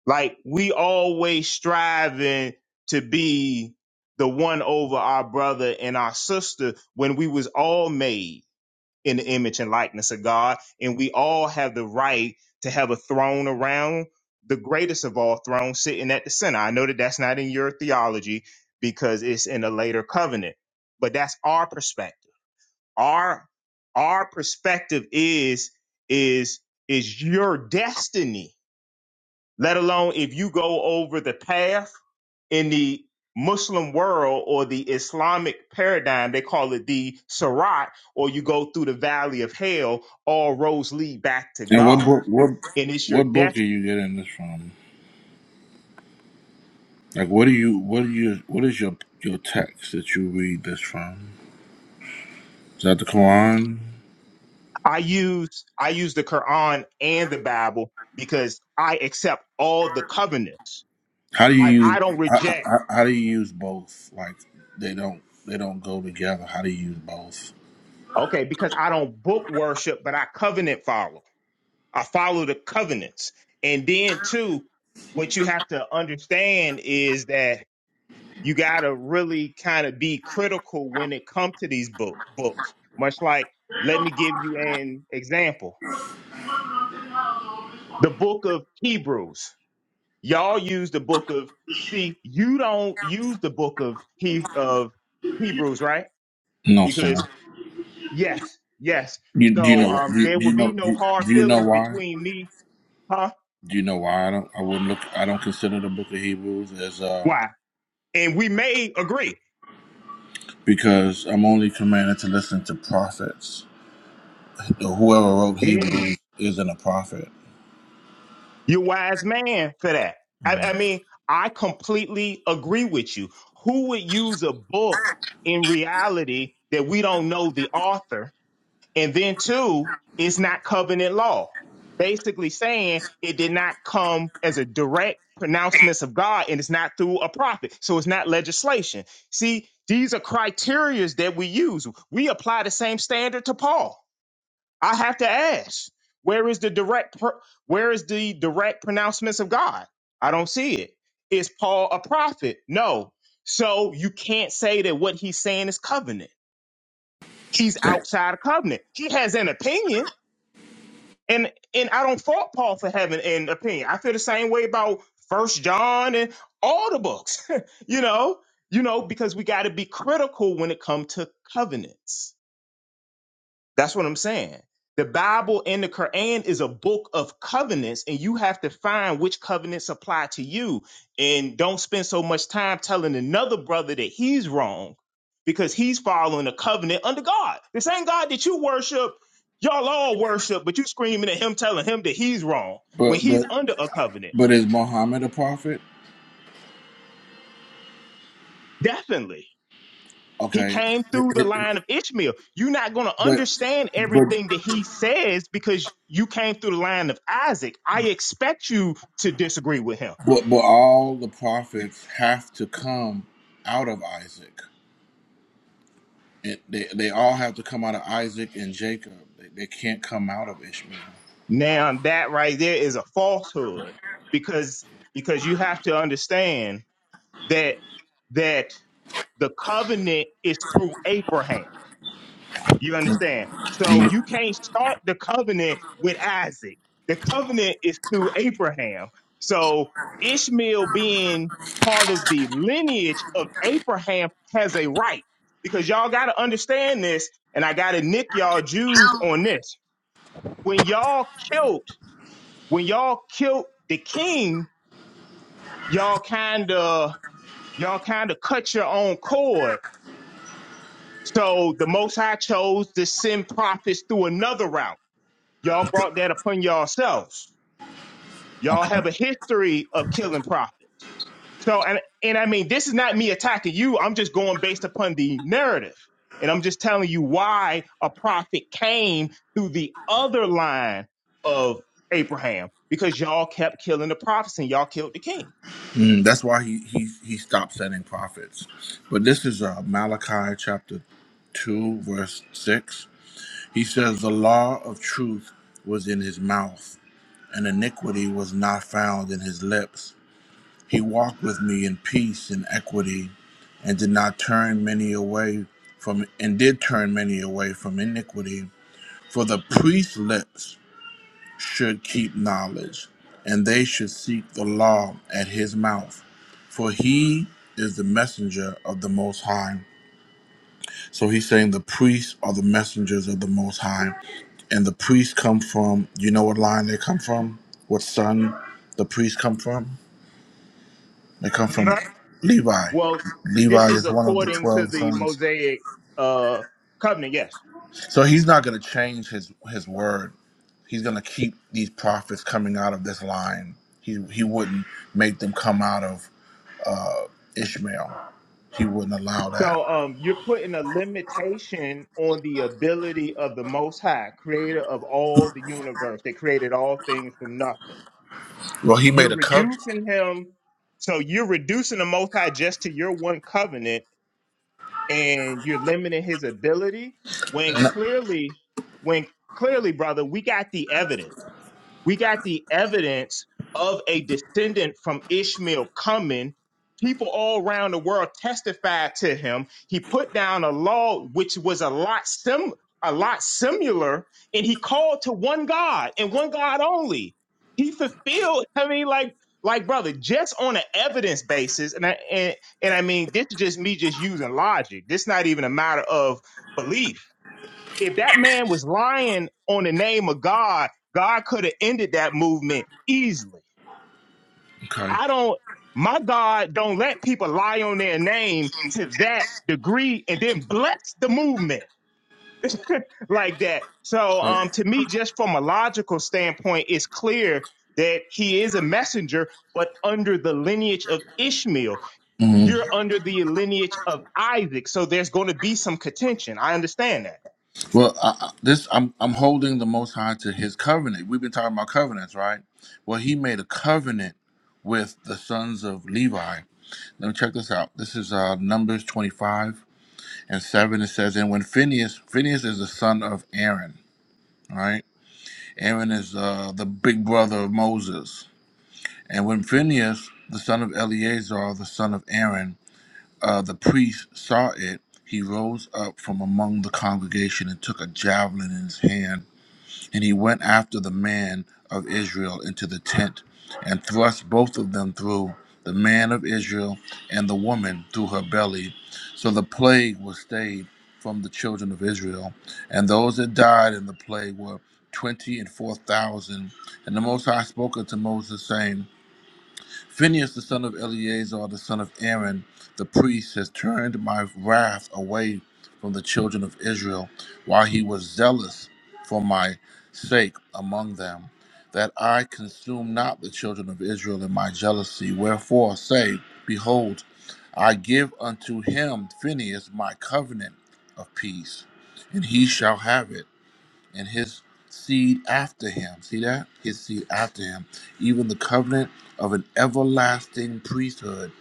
S17: Like we always striving to be the one over our brother and our sister when we was all made in the image and likeness of God, and we all have the right to have a throne around the greatest of all thrones sitting at the center. I know that that's not in your theology because it's in a later covenant, but that's our perspective. Our our perspective is is is your destiny let alone if you go over the path in the Muslim world or the Islamic paradigm, they call it the Sirat, or you go through the valley of hell, all roads lead back to
S1: And what
S17: God.
S1: book? What
S17: And it's your
S1: what
S17: death.
S1: book are you getting this from? Like, what do you? What do you? What is your your text that you read this from? Is that the Quran?
S17: I use I use the Quran and the Bible because I accept all the covenants.
S1: How do
S17: Like
S1: you
S17: I
S1: use?
S17: don't
S1: How,
S17: reject,
S1: how, how do you use both? Like, they don't they don't go together. How do you use both?
S17: okay, because I don't book worship, but I covenant follow. I follow the covenants. And then too, what you have to understand is that you got to really kind of be critical when it comes to these book, books. Much like, let me give you an example. The book of Hebrews. Y'all use the book of see, you don't use the book of he of Hebrews, right?
S1: No, sir.
S17: Because yes, yes.
S1: You, do you
S17: So
S1: know?
S17: um
S1: Do you,
S17: there
S1: do
S17: will
S1: you
S17: be
S1: know? Do
S17: no
S1: you,
S17: hard
S1: do you know
S17: feelings
S1: why?
S17: between me, huh?
S1: Do you know why I don't? I wouldn't look. I don't consider the Book of Hebrews as uh
S17: Why? And we may agree.
S1: because I'm only commanded to listen to prophets. Whoever wrote
S17: Mm.
S1: Hebrews isn't a prophet.
S17: You're a wise man for that. I,
S1: Mhm.
S17: I mean, I completely agree with you. Who would use a book in reality that we don't know the author? And then, two, it's not covenant law. Basically saying it did not come as a direct pronouncements of God and it's not through a prophet. So it's not legislation. See, these are criterias that we use. We apply the same standard to Paul. I have to ask, where is the direct pro- where is the direct pronouncements of God? I don't see it. Is Paul a prophet? No. So you can't say that what he's saying is covenant. He's outside of covenant. He has an opinion, and and I don't fault Paul for having an opinion. I feel the same way about First John and all the books. <laughs> you know, you know, because we got to be critical when it comes to covenants That's what I'm saying. The Bible and the Quran is a book of covenants, and you have to find which covenants apply to you. And don't spend so much time telling another brother that he's wrong because he's following a covenant under God. The same God that you worship, y'all all worship, but you screaming at him telling him that he's wrong when
S1: But
S17: he's
S1: but
S17: under a covenant.
S1: but is Muhammad a prophet?
S17: Definitely. He
S1: Okay,
S17: came through the
S1: but
S17: line of Ishmael. You're not going to understand
S1: but
S17: everything that he says because you came through the line of Isaac. I expect you to disagree with him.
S1: but but all the prophets have to come out of Isaac. It, they they all have to come out of Isaac and Jacob. They, they can't come out of Ishmael.
S17: Now that right there is a falsehood because because you have to understand that that the covenant is through Abraham. You understand? So you
S1: Mhm.
S17: can't start the covenant with Isaac. The covenant is through Abraham. So Ishmael being part of the lineage of Abraham has a right because y'all got to understand this. And I got to nick y'all Jews on this. When y'all killed, when y'all killed the king, y'all kind of, y'all kind of cut your own cord. So the Most High chose to send prophets through another route Y'all brought that upon yourselves. Y'all
S1: Okay.
S17: have a history of killing prophets. So, and, and I mean, this is not me attacking you. I'm just going based upon the narrative. And I'm just telling you why a prophet came through the other line of Abraham, because y'all kept killing the prophets and y'all killed the king.
S1: Mm, that's why he, he, he stopped sending prophets. But this is uh, Malachi chapter 2, verse 6. He says, The law of truth was in his mouth, and iniquity was not found in his lips. He walked with me in peace and equity, and did not turn many away from, and did turn many away from iniquity. For the priest's lips should keep knowledge, and they should seek the law at his mouth, for he is the messenger of the Most High. So he's saying the priests are the messengers of the Most High, and the priests come from. You know what line they come from? What son the priests come from? They come from
S17: Mhm.
S1: Levi.
S17: Well,
S1: Levi
S17: this is
S1: is one of the
S17: according to
S1: twelve
S17: the
S1: sons.
S17: Mosaic uh, covenant, yes.
S1: So he's not going to change his his word. He's going to keep these prophets coming out of this line. He he wouldn't make them come out of uh, Ishmael. He wouldn't allow that.
S17: So um, you're putting a limitation on the ability of the Most High, creator of all the universe that created all things from nothing.
S1: Well, he
S17: You're
S1: made a covenant.
S17: reducing him. So you're reducing the Most High just to your one covenant and you're limiting his ability when
S1: No,
S17: clearly, when clearly, brother, we got the evidence we got the evidence of a descendant from Ishmael coming. People all around the world testified to him. He put down a law which was a lot sim a lot similar, and he called to one God and one God only. He fulfilled. I mean, like like brother, just on an evidence basis, and I and, and I mean, this is just me just using logic. This not even a matter of belief if that man was lying on the name of God, God could have ended that movement easily.
S1: okay.
S17: I don't, my God don't let people lie on their name to that degree and then bless the movement like that. So,
S1: So,
S17: um, to me, just from a logical standpoint, it's clear that he is a messenger, but under the lineage of Ishmael,
S1: mhm.
S17: you're under the lineage of Isaac. So there's going to be some contention. I understand that.
S1: well, I, I- this I'm I'm holding the Most High to His covenant. We've been talking about covenants, right? Well, He made a covenant with the sons of Levi. Let me check this out. This is uh, Numbers 25 and 7. It says, And when Phineas, Phineas is the son of Aaron, right? Aaron is uh, the big brother of Moses. And when Phineas, the son of Eleazar, the son of Aaron, uh, the priest saw it, he rose up from among the congregation and took a javelin in his hand, and he went after the man of Israel into the tent and thrust both of them through, the man of Israel and the woman through her belly. So the plague was stayed from the children of Israel, and those that died in the plague were twenty and four thousand. And the Most High spoke unto Moses, saying, Phinehas, the son of Eleazar, the son of Aaron, the priest, has turned my wrath away from the children of Israel, while he was zealous for my sake among them, that I consume not the children of Israel in my jealousy. Wherefore say, Behold, I give unto him, Phinehas, my covenant of peace, and he shall have it and his seed after him. See that? His seed after him. Even the covenant of an everlasting priesthood,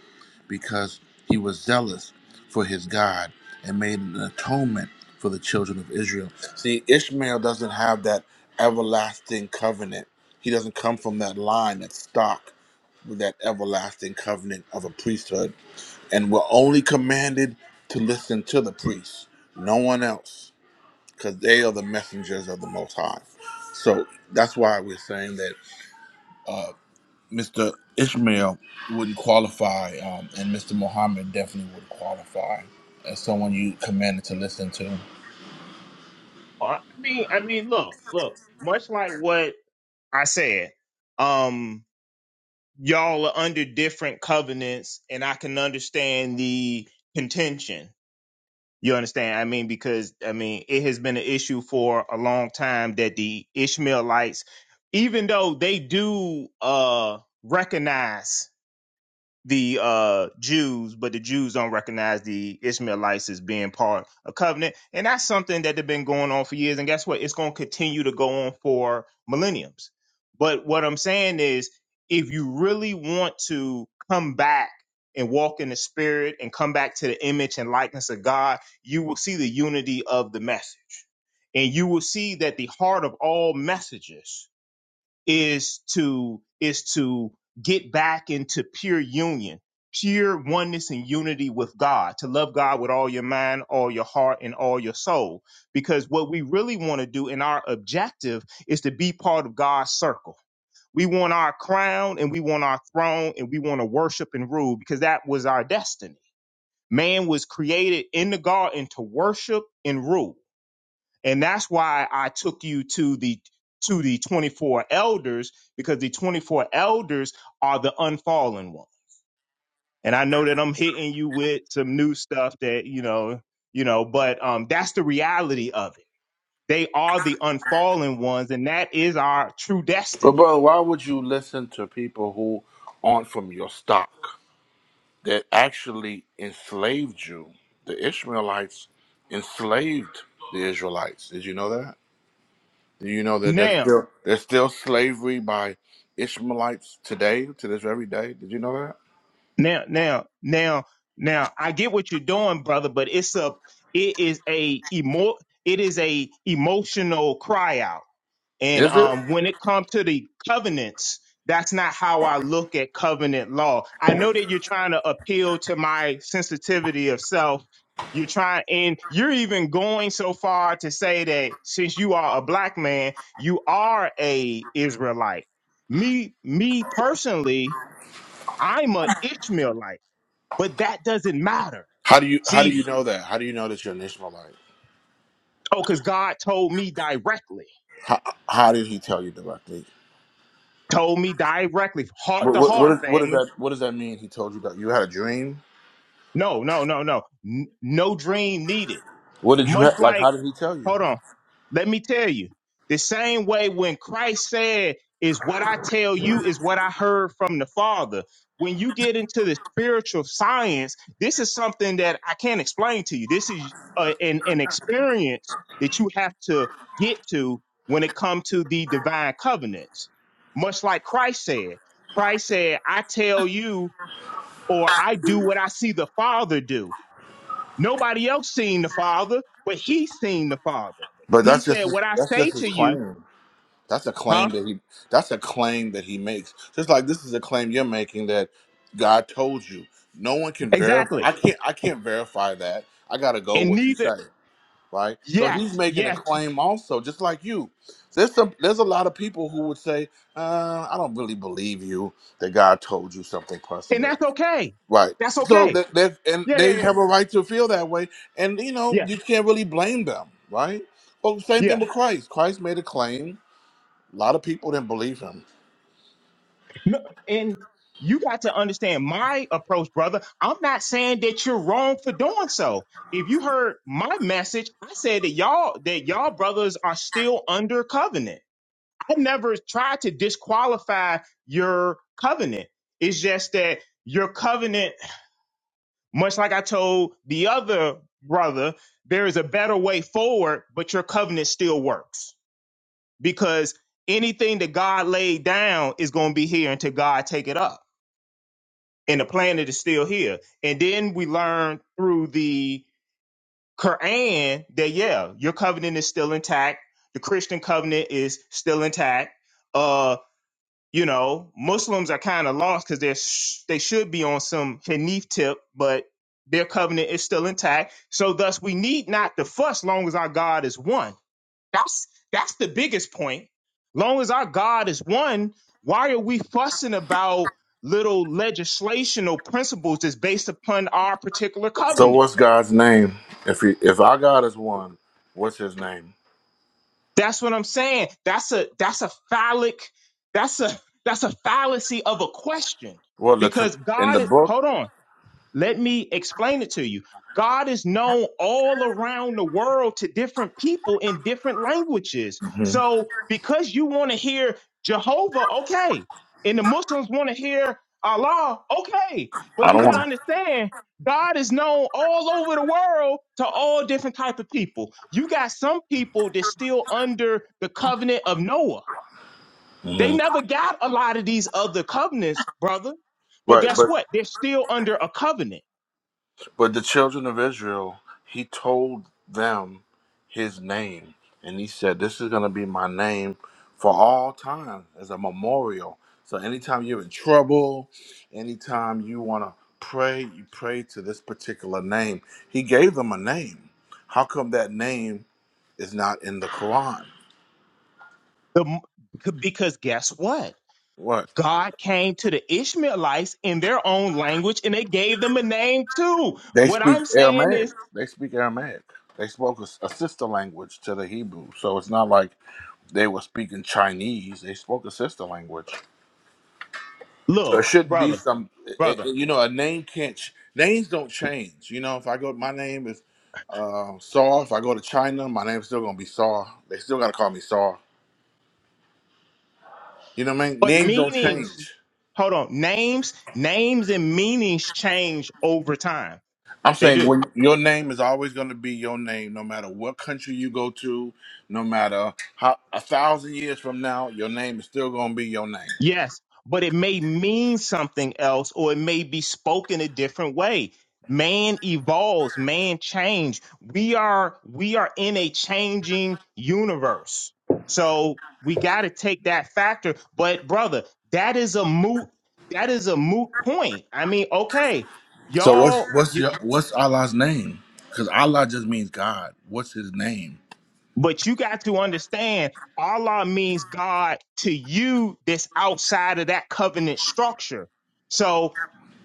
S1: because he was zealous for his God and made an atonement for the children of Israel. See, Ishmael doesn't have that everlasting covenant. He doesn't come from that line, that stock, with that everlasting covenant of a priesthood. And we're only commanded to listen to the priest, no one else because they are the messengers of the Most High. So that's why we're saying that uh, Mr. Ishmael wouldn't qualify, um, and Mr. Muhammad definitely would qualify as someone you commanded to listen to.
S17: Oh, I mean, I mean, look, look, much like what I said, um, y'all are under different covenants, and I can understand the contention. You understand? I mean, because I mean, it has been an issue for a long time that the Ishmaelites, even though they do uh recognize the uh Jews, but the Jews don't recognize the Ishmaelites as being part of covenant. And that's something that has been going on for years. And guess what? It's gonna continue to go on for millenniums. But what I'm saying is if you really want to come back and walk in the spirit and come back to the image and likeness of God, you will see the unity of the message. And you will see that the heart of all messages is to is to get back into pure union pure oneness and unity with god to love god with all your mind all your heart and all your soul because what we really want to do and our objective is to be part of god's circle we want our crown and we want our throne and we want to worship and rule because that was our destiny man was created in the garden to worship and rule and that's why I took you to the to the 24 elders because the 24 elders are the unfallen one. And I know that I'm hitting you with some new stuff that, you know, you know, but um that's the reality of it. They are the unfallen ones and that is our true
S1: But
S17: destiny.
S1: brother, why would you listen to people who aren't from your stock that actually enslaved you? The Ishmaelites enslaved the Israelites. Did you know that? Do you know that there's
S17: Now,
S1: still there's still slavery by Ishmaelites today to this very day? Did you know that?
S17: now, now, now, now I get what you're doing, brother, but it's a it is a emo it is a emotional cry out And
S1: Is it?
S17: um, when it comes to the covenants, that's not how I look at covenant law. I know that you're trying to appeal to my sensitivity of self. You're trying, and you're even going so far to say that since you are a black man, you are a Israelite. Me, me personally, I'm a Ishmaelite, but that doesn't matter.
S1: How do you how do
S17: See,
S1: you know that? How do you know that you're an Ishmaelite?
S17: oh, because God told me directly,
S1: How, how did he tell you directly?
S17: told me directly, heart
S1: What
S17: to
S1: what what,
S17: heart,
S1: is, what does
S17: family.
S1: that what does that mean? He told you that you had a dream.
S17: No, no, no, no. N- no dream needed.
S1: What did you
S17: Much
S1: have? Like
S17: like,
S1: how did he tell you?
S17: hold on. Let me tell you. The same way when Christ said, is what I tell you is what I heard from the Father. When you get into the spiritual science, this is something that I can't explain to you. This is uh, an, an experience that you have to get to when it comes to the divine covenants. Much like Christ said, Christ said, I tell you, or I do what I see the Father do Nobody else seen the Father, but he seen the Father.
S1: But
S17: He
S1: that's just
S17: said,
S1: his,
S17: What I
S1: that's
S17: say
S1: just
S17: to
S1: his
S17: you,
S1: claim. That's a claim
S17: huh?
S1: that he. That's a claim that he makes. Just like this is a claim you're making that God told you. No one can verify.
S17: Exactly.
S1: I can't. I can't verify that. I gotta go
S17: And
S1: with what you
S17: neither,
S1: say, right? So
S17: yes,
S1: he's making a
S17: yes.
S1: claim also, just like you. There's some. There's a lot of people who would say, uh, "I don't really believe you that God told you something
S17: And
S1: personally."
S17: that's okay.
S1: Right.
S17: That's
S1: So
S17: okay.
S1: that that and
S17: Yeah,
S1: they
S17: yeah, yeah.
S1: have a right to feel that way, and you know
S17: Yeah,
S1: you can't really blame them, right? Well, same thing
S17: yeah.
S1: with Christ. Christ made a claim a lot of people didn't believe him.
S17: No, and you got to understand my approach, brother. I'm not saying that you're wrong for doing so. If you heard my message, I said that y'all that y'all brothers are still under covenant I never tried to disqualify your covenant. It's just that your covenant, much like I told the other brother, there is a better way forward, but your covenant still works because anything that God laid down is going to be here until God take it up. And the planet is still here. And then we learn through the Quran that, yeah, your covenant is still intact. The Christian covenant is still intact Uh. you know, Muslims are kind of lost because they're sh- they should be on some Hanif tip, but their covenant is still intact. So thus, we need not to fuss long as our God is one. That's that's the biggest point. Long as our God is one, why are we fussing about little legislational principles that's based upon our particular
S1: So
S17: covenant?
S1: what's God's name? If he, if our God is one, what's His name?
S17: That's what I'm saying. That's a that's a phallic. That's a that's a fallacy of a question
S1: Well, the t-
S17: because
S1: in
S17: God
S1: the
S17: is.
S1: book,
S17: Hold on. Let me explain it to you. God is known all around the world to different people in different languages.
S1: hmm
S17: So because you want to hear Jehovah, okay, and the Muslims want to hear Allah, okay, but
S1: I
S17: you
S1: don't
S17: got to
S1: want.
S17: understand God is known all over the world to all different type of people. You got some people that's still under the covenant of Noah. They
S1: hmm
S17: never got a lot of these other covenants, brother. But
S1: Right,
S17: guess
S1: but
S17: what? They're still under a covenant.
S1: but the children of Israel, He told them His name, and He said, "This is going to be my name for all time as a memorial." So anytime you're in trouble, anytime you want to pray, you pray to this particular name. He gave them a name. How come that name? is not in the Quran.
S17: The, because guess what?
S1: What?
S17: God came to the Ishmaelites in their own language and they gave them a name too.
S1: They
S17: What
S1: speak
S17: I'm saying
S1: Aramaic.
S17: is,
S1: They speak Aramaic. They spoke a, s- a sister language to the Hebrew. So it's not like they were speaking Chinese. They spoke a sister language. So
S17: look,
S1: it shouldn't be
S17: brother,
S1: some, i i-
S17: brother,
S1: you know, a name can't, ch- names don't change. You know, if I go, my name is uh, Saw. If I go to China, my name's still going to be Saw. They still got to call me Saw. You know what I mean?
S17: but
S1: Names don't
S17: meanings,
S1: change.
S17: hold on, names, names and meanings change over time.
S1: I'm
S17: They
S1: saying
S17: do.
S1: when your name is always going to be your name, no matter what country you go to, no matter how a thousand years from now, your name is still going to be your name.
S17: Yes, but it may mean something else or it may be spoken a different way. Man evolves, man change. We are we are in a changing universe. So we got to take that factor, but brother, that is a moot that is a moot point. I mean, okay,
S1: So what's
S17: y'all
S1: what's
S17: you,
S1: your what's Allah's name? Because Allah just means God. What's His name?
S17: but you got to understand Allah means God to you that's outside of that covenant structure. So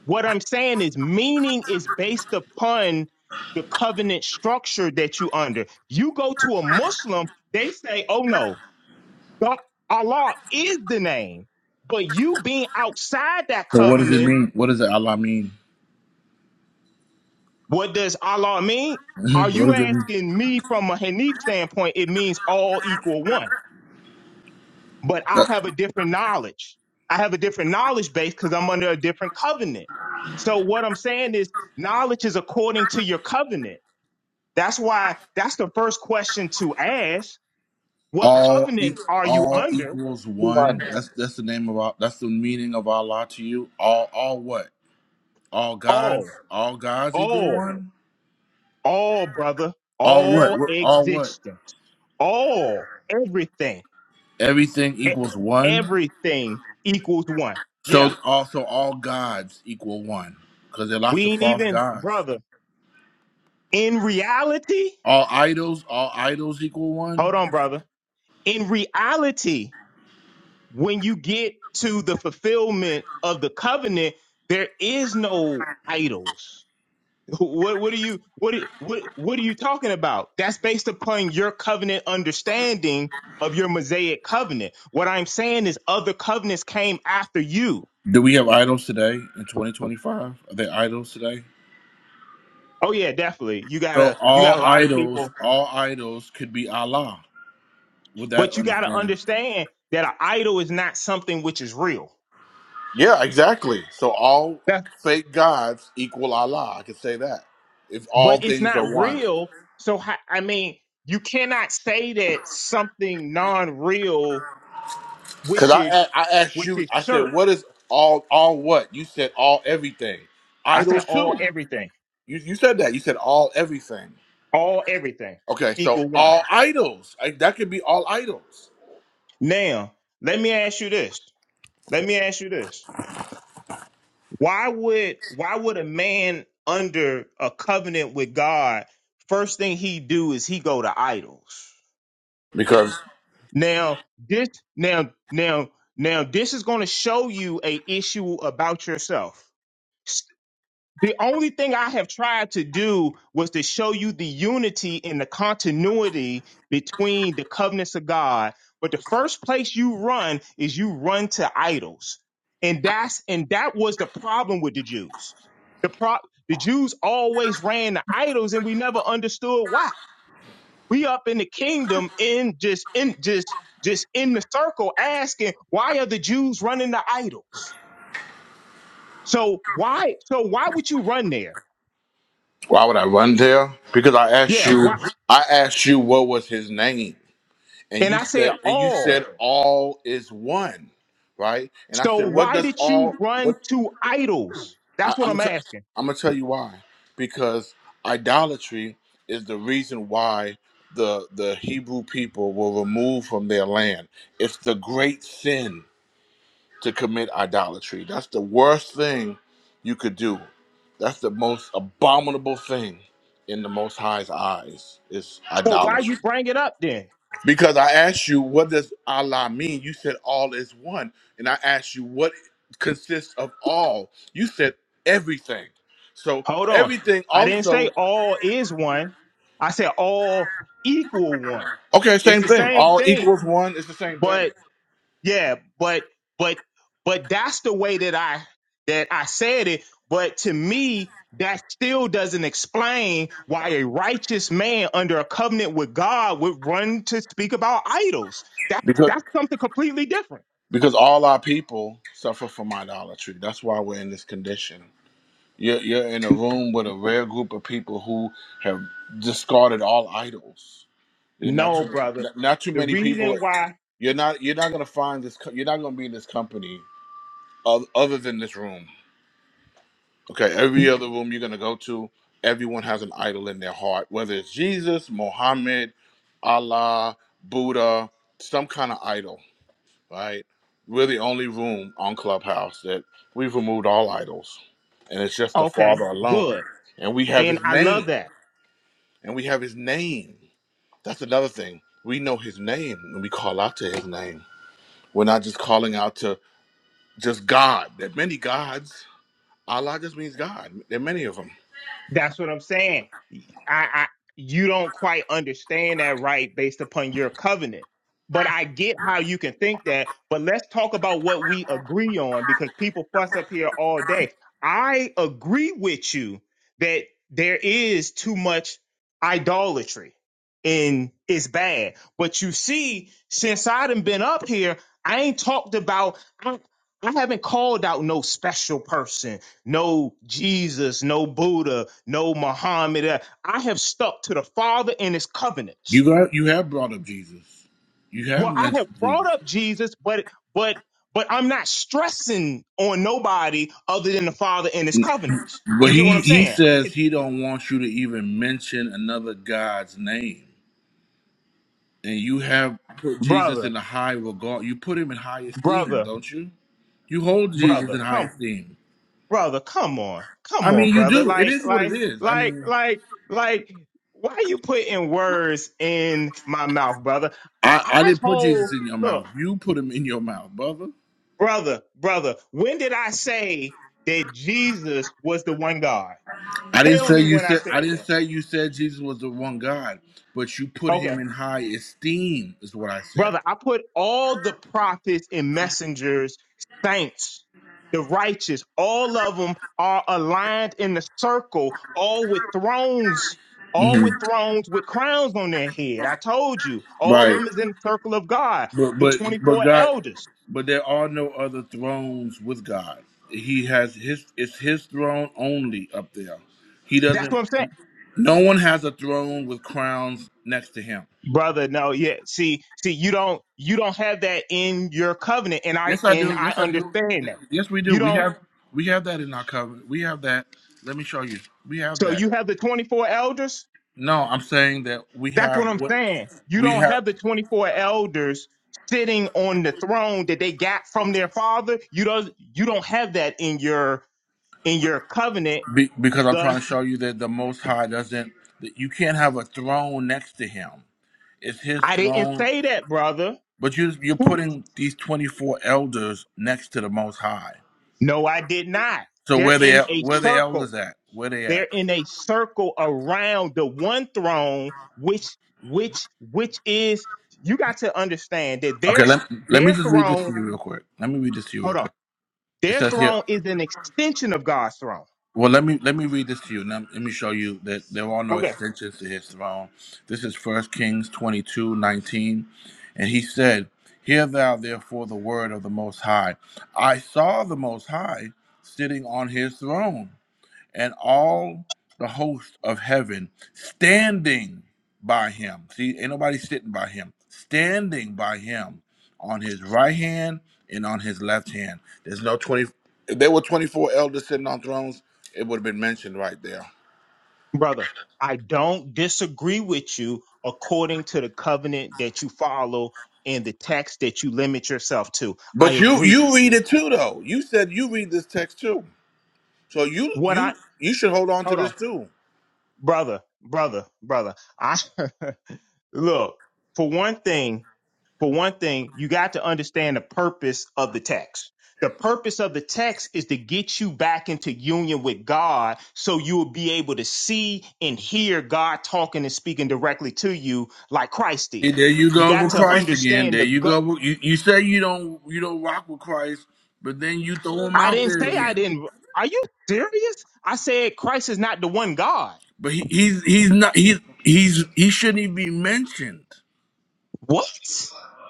S17: What I'm saying is meaning is based upon the covenant structure that you under. You go to a Muslim, they say, "Oh no, God- Allah is the name." But you being outside that
S1: So what does it
S17: covenant,
S1: mean? What does Allah mean? <laughs>
S17: what does Allah mean? Are
S1: Mhm. What
S17: you
S1: does it mean?
S17: asking me from a Hanif standpoint? It means all equal one. But I
S1: Uh,
S17: have a different knowledge. I have a different knowledge base because I'm under a different covenant. So what I'm saying is knowledge is according to your covenant. That's why that's the first question to ask. What
S1: All e-
S17: covenant are you
S1: all
S17: under?
S1: equals one.
S19: London.
S1: That's that's the name of all. That's the meaning of Allah to you. All all what? All gods.
S17: All,
S1: All gods equal
S17: all,
S1: one.
S17: all, brother,
S1: All what?
S17: all
S1: What- All what?
S17: existence, all, everything,
S1: everything
S17: E-
S1: equals one.
S17: everything equals one.
S1: So
S17: Yeah,
S1: also all gods equal one because there are lots
S17: we
S1: of
S17: ain't
S1: false
S17: even,
S1: gods.
S17: brother, in reality,
S1: All idols, all idols equal one.
S17: hold on, brother, in reality, when you get to the fulfillment of the covenant, there is no idols What what are you what are- what what are you talking about? That's based upon your covenant understanding of your Mosaic covenant. What I'm saying is other covenants came after you.
S1: Do we have idols today in 2025? Are there idols today?
S17: Oh yeah, definitely. You
S1: So
S17: gotta you
S1: all
S17: got a lot of
S1: idols,
S17: people,
S1: all idols could be Allah with that
S17: but you gotta
S1: understanding.
S17: understand that an idol is not something which is real.
S1: Yeah, exactly. So all
S17: That's
S1: fake gods equal Allah. I could say that if
S17: but
S1: all
S17: it's
S1: things
S17: not
S1: are one.
S17: real. So ho- I mean, you cannot say that something non-real,
S1: Cause
S17: which
S1: I
S17: is
S1: a- I asked
S17: which
S1: you,
S17: is
S1: I said,
S17: shirk.
S1: what is all all what? You said all everything.
S17: I said
S1: Idols too.
S17: all everything.
S1: You you said that. You said all everything.
S17: All everything
S1: Okay, so
S17: equal one.
S1: all idols. I, that could be all idols.
S17: Now, let me ask you this. Let me ask you this. Why would why would a man under a covenant with God first thing he do is he go to idols?
S1: Because
S17: Now, this now now now this is going to show you a issue about yourself. The only thing I have tried to do was to show you the unity and the continuity between the covenants of God. But the first place you run is you run to idols. And that's and that was the problem with the Jews. The pro the Jews always ran to idols and we never understood why. We up in the kingdom in just in just just in the circle asking why are the Jews running to idols? So why so why would you run there?
S1: why would I run there? Because I asked
S17: Yeah,
S1: you I asked you what was his name. And
S17: And
S1: you
S17: I
S1: said
S17: said
S1: and you
S17: all.
S1: said all is one. Right? And I
S17: So
S1: said, what
S17: why
S1: does
S17: did
S1: all
S17: you run
S1: what
S17: to idols? That's
S1: I,
S17: what
S1: I'm
S17: I'm
S1: gonna t-
S17: asking.
S1: I'm gonna tell you why. Because idolatry is the reason why the the Hebrew people were removed from their land. It's the great sin to commit idolatry. That's the worst thing you could do. That's the most abominable thing in the Most High's eyes is
S17: So why
S1: idolatry.
S17: you bring it up then?
S1: Because I asked you, what does Allah mean? You said all is one. And I asked you, what consists of all? You said everything. So
S17: Hold on.
S1: everything
S17: I didn't say
S1: also,
S17: all is one. I said all equal one.
S1: okay,
S17: It's
S1: same
S17: the
S1: thing.
S17: same
S1: All
S17: thing,
S1: equals one is the same
S17: but
S1: thing.
S17: Yeah, but but but that's the way that I that I said it. But to me, that still doesn't explain why a righteous man under a covenant with God would run to speak about idols. That's
S1: Because
S17: that's something completely different.
S1: because all our people suffer from idolatry. That's why we're in this condition. You're, you're in a room with a rare group of people who have discarded all idols. You're not
S17: No,
S1: too,
S17: brother.
S1: not too
S17: The
S1: many people
S17: reason why
S1: you're not you're not gonna find this. co- You're not gonna be in this company oth- other than this room. Okay, every other room you're gonna go to, everyone has an idol in their heart, whether it's Jesus, Mohammed, Allah, Buddha, some kind of idol, right? We're the only room on Clubhouse that we've removed all idols, and it's just the
S17: okay,
S1: Father alone.
S17: good.
S1: And we have
S17: And
S1: His
S17: I love
S1: name,
S17: that.
S1: and we have His name. That's another thing. We know His name, and we call out to His name. We're not just calling out to just God. There are many gods, Allah just means God. There are many of them.
S17: That's what I'm saying. I, I you don't quite understand that right based upon your covenant. But I get how you can think that. But let's talk about what we agree on because people fuss up here all day. I agree with you that there is too much idolatry and it's bad. But you see, since I done been up here, I ain't talked about I, I haven't called out no special person no Jesus, no Buddha, no Muhammad. Uh, I have stuck to the Father and His
S1: You
S17: covenants.
S1: got you have brought up Jesus. You have
S17: Well, I have
S1: mentioned
S17: brought
S1: Jesus.
S17: up Jesus, but but but I'm not stressing on nobody other than the Father and His covenants.
S1: But
S17: You get
S1: he
S17: what I'm
S1: he
S17: saying, I
S1: says
S17: could-
S1: he don't want you to even mention another God's name. And you have put Jesus
S17: brother,
S1: in a high regard. You put him in high esteem,
S17: brother,
S1: don't you? You hold Jesus
S17: brother?
S1: in high
S17: Come,
S1: esteem.
S17: brother, come on, come
S1: I
S17: on,
S1: mean, you
S17: brother.
S1: do. It
S17: Like
S1: is what it
S17: like
S1: is. I
S17: like
S1: mean,
S17: like like. Why are you putting words in my mouth, brother?
S1: I, I
S17: I
S1: didn't put Jesus
S17: hold.
S1: in your
S17: Look.
S1: mouth. You put him in your mouth, brother.
S17: brother, brother, when did I say that Jesus was the one God?
S1: I didn't
S17: Tell
S1: say
S17: me
S1: you
S17: when I
S1: said I
S17: said
S1: didn't
S17: that.
S1: say you said Jesus was the one God, but you put
S17: Okay.
S1: him in high esteem is what I said.
S17: Brother, I put all the prophets and messengers, saints, the righteous, all of them are aligned in the circle, all with thrones, all
S1: hmm
S17: with thrones with crowns on their head. I told you, all
S1: Right,
S17: of them is in the circle of God,
S1: but
S17: the
S1: but but
S17: 24
S1: God,
S17: elders.
S1: but there are no other thrones with God. He has his it's his throne only up there. He
S17: That's
S1: doesn't.
S17: what I'm saying.
S1: No one has a throne with crowns next to him.
S17: brother no yeah see see you don't you don't have that in your covenant and i
S1: Yes, I
S17: and
S1: do.
S17: i
S1: Yes, I do.
S17: understand that
S1: Yes, we do.
S17: you
S1: We
S17: don't
S1: have we have that in our covenant. We have that. Let me show you. We have
S17: so
S1: that.
S17: you have the 24 elders
S1: No, I'm saying that we
S17: that's what
S1: have
S17: i'm
S1: what
S17: saying you
S1: we
S17: don't
S1: have
S17: have the 24 elders sitting on the throne that they got from their father you don't you don't have that in your in your covenant
S1: be, because I'm trying
S17: thus
S1: to show you that the Most High doesn't. That you can't have a throne next to Him. It's His
S17: i didn't
S1: throne,
S17: say that brother
S1: but you you're
S17: Who-
S1: putting these 24 elders next to the Most High.
S17: no i did not
S1: So
S17: they're
S1: where they
S17: in
S1: at?
S17: a
S1: Where the
S17: circle
S1: elders at? Where they
S17: They're
S1: at?
S17: in a circle around the one throne, which which which is you got to understand that their
S1: Okay, let let me
S17: their
S1: just read this
S17: throne.
S1: to you real quick. Let me read this to you real
S17: Hold on,
S1: quick. It
S17: their
S1: says here.
S17: throne is an extension of God's throne.
S1: Well, let me let me read this to you. Now, let me show you that there are no
S17: Okay,
S1: extensions to his throne. This is First Kings twenty two nineteen, and he said, "Hear thou therefore the word of the Most High. I saw the Most High sitting on his throne." and all the host of heaven standing by him. See, ain't nobody sitting by him, standing by him on his right hand and on his left hand. There's no 20. If there were 24 elders sitting on thrones, it would have been mentioned right there.
S17: brother, I don't disagree with you according to the covenant that you follow and the text that you limit yourself to. I
S1: But you
S17: agree
S1: you
S17: with
S1: read
S17: you.
S1: it too though. You said you read this text too. So you
S17: What I
S1: you you should hold on to
S17: hold
S1: this
S17: on,
S1: too.
S17: brother, brother, brother. I <laughs> look for one thing. for one thing, you got to understand the purpose of the text. The purpose of the text is to get you back into union with God so you will be able to see and hear God talking and speaking directly to you like Christ
S1: Hey,
S17: did.
S1: There you
S17: You
S1: go
S17: got
S1: with
S17: to
S1: Christ again.
S17: understand
S1: There
S17: the
S1: you go.
S17: go-
S1: with- You, you say you don't you don't rock with Christ, but then you throw him
S17: I
S1: out
S17: didn't
S1: there
S17: say I
S1: again.
S17: didn't. Are you serious? I said Christ is not the one God.
S1: But he, he's he's not he's he's he shouldn't even be mentioned.
S17: What?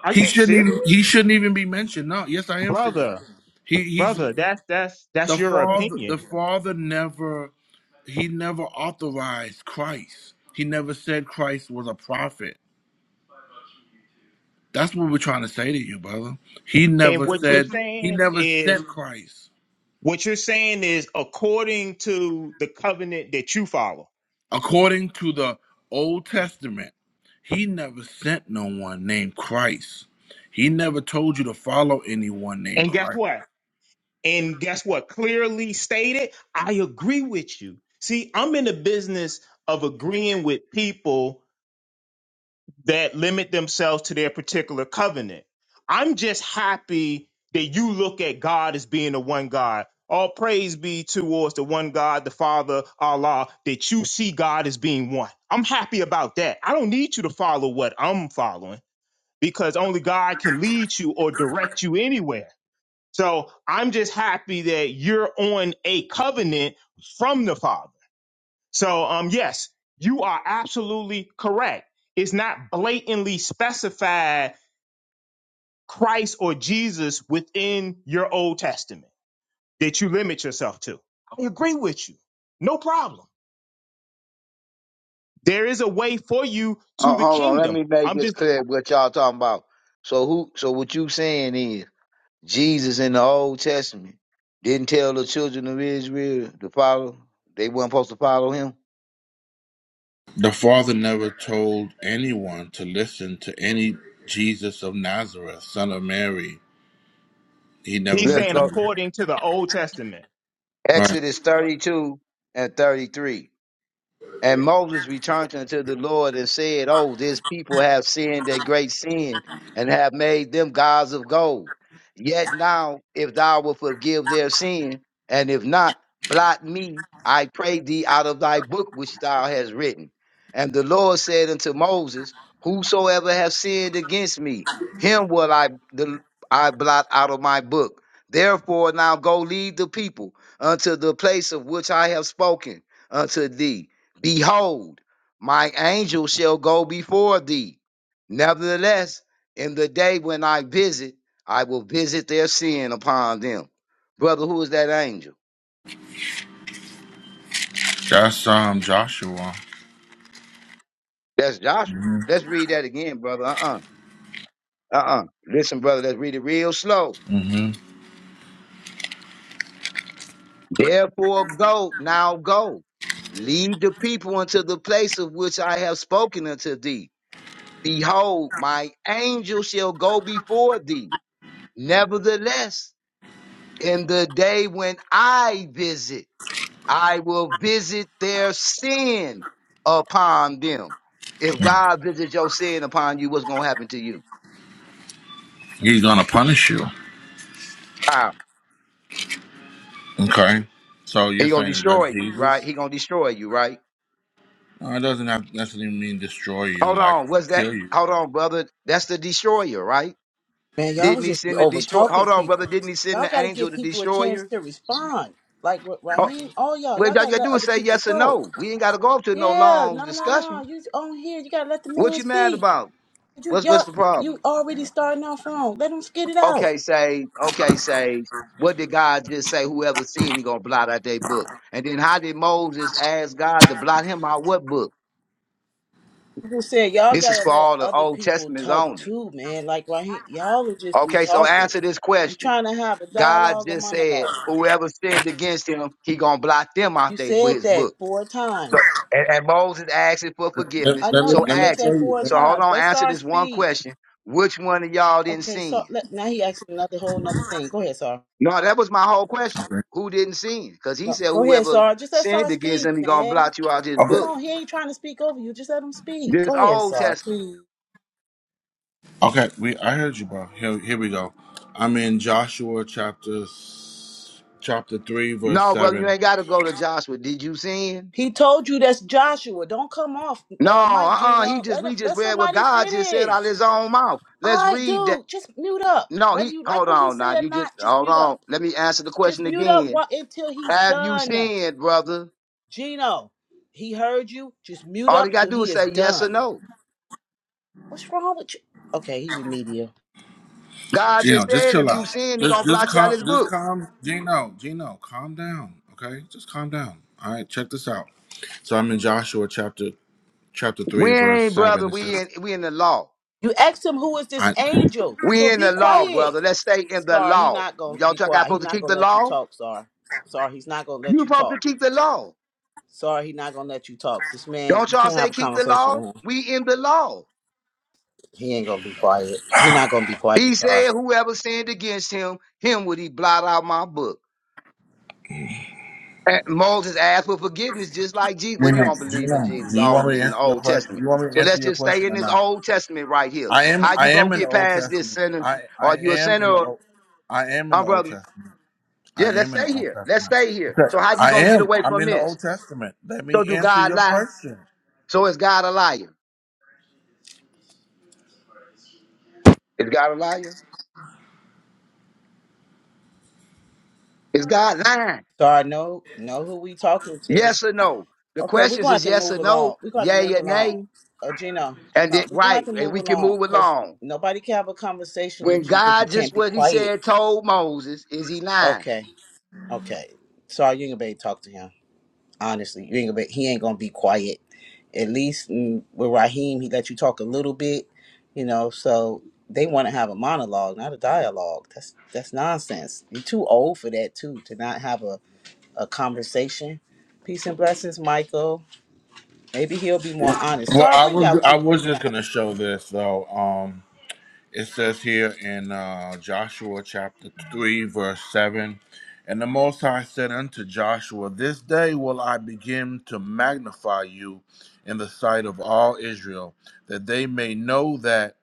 S17: Are
S1: He
S17: you
S1: shouldn't
S17: serious?
S1: even he shouldn't even be mentioned. No, yes, I am serious.
S17: Brother,
S1: He he's
S17: brother, that that's that's
S1: the
S17: your
S1: father the
S17: opinion.
S1: father never he never authorized Christ. He never said Christ was a prophet. That's what we're trying to say to you, brother. He
S17: And
S1: never
S17: what you're
S1: said he
S17: saying
S1: never
S17: is
S1: sent Christ.
S17: What you're saying is according to the covenant that you follow.
S1: According to the Old Testament, he never sent no one named Christ. He never told you to follow anyone named
S17: And guess
S1: Christ.
S17: what? And guess what? Clearly stated, I agree with you. See, I'm in the business of agreeing with people that limit themselves to their particular covenant. I'm just happy that you look at God as being the one God. All praise be towards the one God, the Father, Allah, that you see God as being one. I'm happy about that. I don't need you to follow what I'm following. because only God can lead you or direct you anywhere. So I'm just happy that you're on a covenant from the Father. So um yes, you are absolutely correct. It's not blatantly specified Christ or Jesus within your Old Testament that you limit yourself to. I agree with you. No problem. There is a way for you to
S19: Uh,
S17: the
S19: hold on, let
S17: kingdom.
S19: me make
S17: I'm
S19: this
S17: just
S19: clear what y'all talking about. So who? So what you saying is Jesus in the Old Testament didn't tell the children of Israel to follow. They weren't supposed to follow him.
S1: The father never told anyone to listen to any Jesus of Nazareth, son of Mary. He never
S17: he's
S19: Let's
S17: saying
S1: mentioned
S19: go.
S1: him.
S17: according to the Old Testament.
S1: Right.
S19: Exodus thirty-two and thirty-three. And Moses returned unto the Lord and said, Oh, this people have sinned a great sin and have made them gods of gold. Yet now, if thou wilt forgive their sin, and if not, blot me, I pray thee, out of thy book which thou hast written. And the Lord said unto Moses, Whosoever hath sinned against me, him will I, the, I blot out of my book. Therefore, now go lead the people unto the place of which I have spoken unto thee Behold, my angel shall go before thee. Nevertheless, in the day when I visit, I will visit their sin upon them. Brother, who is that angel?
S1: That's um Joshua.
S19: That's Joshua. Let's read that again, brother. Uh uh-uh. uh. Listen, brother, let's read it real slow.
S1: hmm
S19: Therefore, go, now go. Lead the people unto the place of which I have spoken unto thee. Behold, my angel shall go before thee. Nevertheless, In the day when I visit, I will visit their sin upon them. If God visits your sin upon you, what's gonna happen to you?
S1: He's gonna punish you.
S19: How?
S1: Okay. So you're
S19: He gonna
S1: saying that
S19: destroy
S1: that's
S19: you, right?
S1: Jesus?
S19: He gonna destroy you, right?
S1: No, it doesn't have necessarily mean destroy you,
S19: Hold
S1: like
S19: on, what's that?
S1: kill you.
S19: Hold on, brother. That's the destroyer, right?
S9: Man, y'all
S19: Didn't he
S9: just be
S19: send the
S9: over
S19: destroyer?
S9: talking
S19: Hold on, brother.
S9: people.
S19: Didn't he send
S9: Y'all
S19: the
S9: got to
S19: angel,
S9: give
S19: the
S9: people a chance
S19: destroyer?
S9: to respond. Like Ra-
S19: Oh,
S9: Raheem, all y'all,
S19: you all
S9: y'all got to
S19: gotta
S9: let
S19: do is
S9: other
S19: say
S9: people
S19: yes or
S9: talk.
S19: no. We ain't gotta go up to no
S9: Yeah,
S19: long
S9: no, no, no.
S19: discussion.
S9: You on here? You got to let the
S19: What
S9: man
S19: you mad
S9: speak.
S19: about?
S9: You
S19: What's what's
S9: y'all,
S19: the problem?
S9: you already starting off wrong. Let them get it out.
S19: Okay, Sage. Okay, Sage. What did God just say? Whoever sinned, he gonna blot out their book. And then how did Moses ask God to blot him out? What book?
S9: Who said y'all
S19: This is
S9: got to
S19: for
S9: let
S19: all the
S9: other
S19: Old
S9: people
S19: Testaments
S9: talk
S19: only.
S9: too, man? Like Raheem, y'all will just be
S19: Okay, so
S9: talking.
S19: answer this
S9: You
S19: question.
S9: trying to have a
S19: God
S9: dialogue or
S19: just said,
S9: monologue?
S19: whoever sinned against him, he gonna blot them out
S9: You
S19: they
S9: said
S19: his
S9: that
S19: book.
S9: four
S19: So
S9: times.
S19: and, and Moses asked him for
S1: Let,
S19: forgiveness.
S9: I
S1: let
S9: know
S1: me
S19: So
S9: you
S1: let me
S9: said
S19: ask
S1: show
S19: me.
S9: that
S1: you.
S9: four
S1: Let-
S19: So hold
S9: times.
S19: on,
S9: Let's
S19: answer
S9: start
S19: this one
S9: speak.
S19: question. Which one of y'all didn't
S9: Okay, so
S19: sin?
S9: let, now he asked me another whole another thing. Go ahead, Sar.
S19: No, that was my whole question. Who didn't sin? Because he
S9: No,
S19: said
S9: go ahead,
S19: whoever
S9: Sar. Just let
S19: sinned
S9: Sar
S19: against
S9: speak,
S19: him, he gonna
S9: man.
S19: blot you out his
S9: Come
S1: Okay.
S19: book.
S9: on, he ain't trying to speak over you. Just let him speak.
S19: This
S9: Go ahead,
S19: Old
S9: Sar,
S19: Testament.
S9: please.
S1: Okay. We I heard you, bro. Here here we go. I'm in Joshua chapter s- chapter three, verse
S19: No, brother, you
S1: seven.
S19: ain't gotta go to Joshua. Did you sin?
S9: He told you that's Joshua. Don't come off,
S19: No,
S9: uh, Mike
S19: uh-uh. He
S9: Gino.
S19: just
S9: Let him-
S19: we just
S9: let
S19: read what
S9: somebody
S19: God just said out of
S9: finish.
S19: his own mouth. Let's
S9: All right,
S19: read that.
S9: dude, just mute up.
S19: No,
S9: Whether
S19: he
S9: you like
S19: hold
S9: what he
S19: on
S9: say
S19: now.
S9: or
S19: You just
S9: not, just
S19: hold
S9: mute
S19: on.
S9: up.
S19: Let me answer the
S9: Just
S19: question
S9: mute up
S19: again.
S9: while, until he's
S19: Have you
S9: done.
S19: sinned, brother?
S9: Gino, he heard you. Just mute
S19: All you
S9: up
S19: gotta
S9: till
S19: do
S9: he
S19: is
S9: is
S19: say yes or
S9: done.
S19: no.
S9: What's wrong with you? Okay, he remedial.
S19: God
S1: Gino,
S19: just
S1: just
S19: said
S1: chill
S19: if
S1: out.
S19: you sin, he
S1: Just
S19: gonna
S1: just
S19: blot you out
S1: calm
S19: his
S1: just
S19: book.
S1: calm Gino, Gino, calm down. Okay? Just calm down. All right, check this out. So I'm in Joshua chapter chapter three,
S19: We
S1: verse
S19: ain't
S1: seven.
S19: brother,
S1: It says
S19: we in we in the law.
S9: You asked him who is this
S1: I Gino,
S9: angel.
S19: We
S9: So
S19: in
S9: be
S19: the law,
S9: quiet.
S19: brother. Let's stay in the
S9: Sorry, he
S19: law.
S9: not gonna
S19: Y'all
S9: be
S19: talk I
S9: quiet. He
S19: supposed to
S9: not
S19: keep the
S9: gonna let you
S19: law?
S9: talk, sorry. Sorry, he's not gonna let
S19: You
S9: you
S19: supposed to
S9: talk.
S19: keep the law.
S9: Sorry, he not gonna let you talk. This man,
S19: Don't
S9: you
S19: y'all
S9: can't
S19: say
S9: have a
S19: keep the law?
S9: conversation with him.
S19: We in the law.
S9: He ain't gonna be quiet. He not gonna be
S19: He
S9: quiet, sorry.
S19: said, whoever sinned against him, him would he blot out my book. And Moses asked for forgiveness just like Jesus. Well, you don't believe in
S1: Gino,
S19: Jesus.
S1: do you
S19: Y'all only
S1: want me to
S19: believe in the
S1: answer your
S19: Old
S1: question? Do
S19: Testament.
S1: you want me to
S19: So let's
S1: answer your
S19: just stay
S1: question
S19: in
S1: or
S19: this
S1: not?
S19: Old Testament right here.
S1: I am
S19: How
S1: I
S19: you gonna
S1: am in the
S19: get
S1: Old
S19: past this
S1: Testament.
S19: sinner?
S1: I I
S19: Are you a
S1: am
S19: sinner
S1: in the
S19: or
S1: Old I am in
S19: um,
S1: the Old
S19: brother?
S1: Testament. I
S19: Yeah, let's
S1: am in the
S19: stay
S1: Old
S19: here. Let's
S1: Testament.
S19: stay here.
S1: Okay.
S19: So how you
S1: I
S19: gonna get
S1: am.
S19: away
S1: I'm
S19: from
S1: in the
S19: this?
S1: Old Testament. Let
S19: So
S1: me
S19: do
S1: answer
S19: God
S1: your
S19: lie?
S1: question.
S19: So is God a liar? Is God a liar? Is God lying?
S9: Sorry, no, know who we talking to.
S19: Yes or no? The
S9: Okay, we're
S19: questions
S9: gonna have
S19: is
S9: to
S19: yes
S9: move
S19: or no,
S9: along. We're gonna have to
S19: yay
S9: move
S19: or
S9: along.
S19: nay,
S9: Uh, Gino,
S19: and
S9: Gino,
S19: it
S9: we're gonna have
S19: right,
S9: to
S19: and
S9: move
S19: we can
S9: along
S19: move
S9: because
S19: along.
S9: nobody can have a conversation
S19: When
S9: with you because you
S19: God just
S9: can't be
S19: what he
S9: quiet.
S19: said told Moses, is he lying?
S9: Okay, okay. Sorry, you ain't gonna be able to talk to him. Honestly, you ain't gonna be, he ain't gonna be quiet. At least mm, with Raheem, he let you talk a little bit, you know. So they want to have a monologue, not a dialogue. That's that's nonsense. You're too old for that too to not have a a conversation. Peace and blessings, Michael. Maybe he'll be more honest.
S1: Well,
S9: Sorry,
S1: I
S9: bring out
S1: was
S9: what you
S1: I
S9: was
S1: was
S9: bringing
S1: just
S9: out.
S1: gonna show this though. It says here in uh, Joshua chapter 3, verse 7 And the Most High said unto Joshua, This day will I begin to magnify you in the sight of all Israel, that they may know that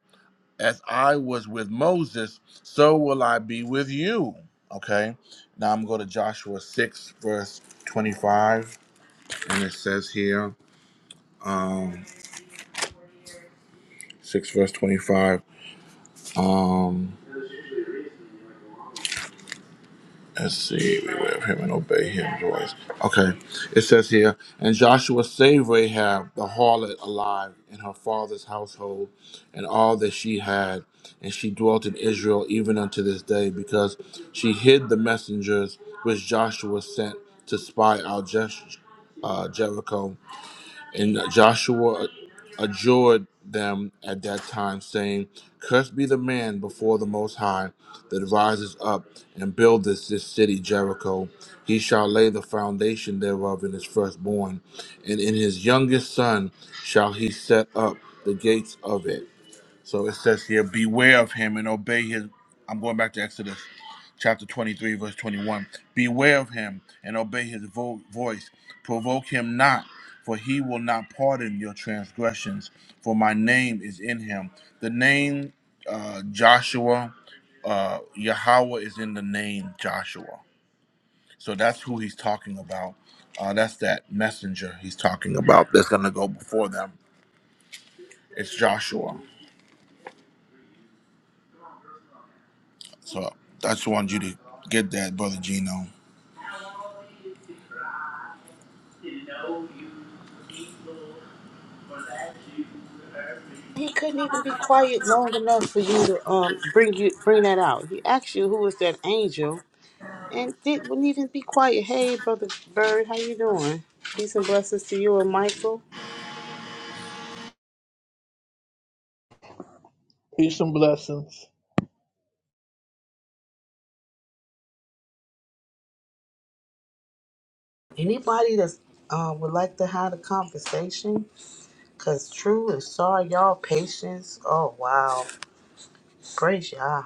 S1: as I was with Moses, so will I be with you. Okay, now I'm going to Joshua 6, verse 25, and it says here, um, 6 verse 25. Um, Let's see, we will of him and obey his voice. Okay, it says here, and Joshua saved Rahab the harlot alive in her father's household and all that she had, and she dwelt in Israel even unto this day, because she hid the messengers which Joshua sent to spy out Jesh- uh, Jericho. And Joshua adjured them at that time, saying, Cursed be the man before the Most High that rises up and buildeth this city Jericho. He shall lay the foundation thereof in his firstborn, and in his youngest son shall he set up the gates of it. So it says here, beware of him and obey his. I'm going back to Exodus chapter 23, verse 21. Beware of him and obey his vo- voice. Provoke him not, for he will not pardon your transgressions, for my name is in him. The name uh, Joshua, uh, Yahweh is in the name Joshua. So that's who he's talking about. Uh, that's that messenger he's talking about that's going to go before them. It's Joshua. So I just wanted you to get that, Brother Gino.
S9: He couldn't even be quiet long enough for you to um bring you bring that out. He asked you who was that angel, and Dick wouldn't even be quiet. Hey, brother Bird, how you doing? Peace and blessings to you and Michael.
S10: Peace and blessings.
S9: Anybody that uh, would like to have a conversation, cause true and sorry, y'all patience. Oh wow, praise y'all.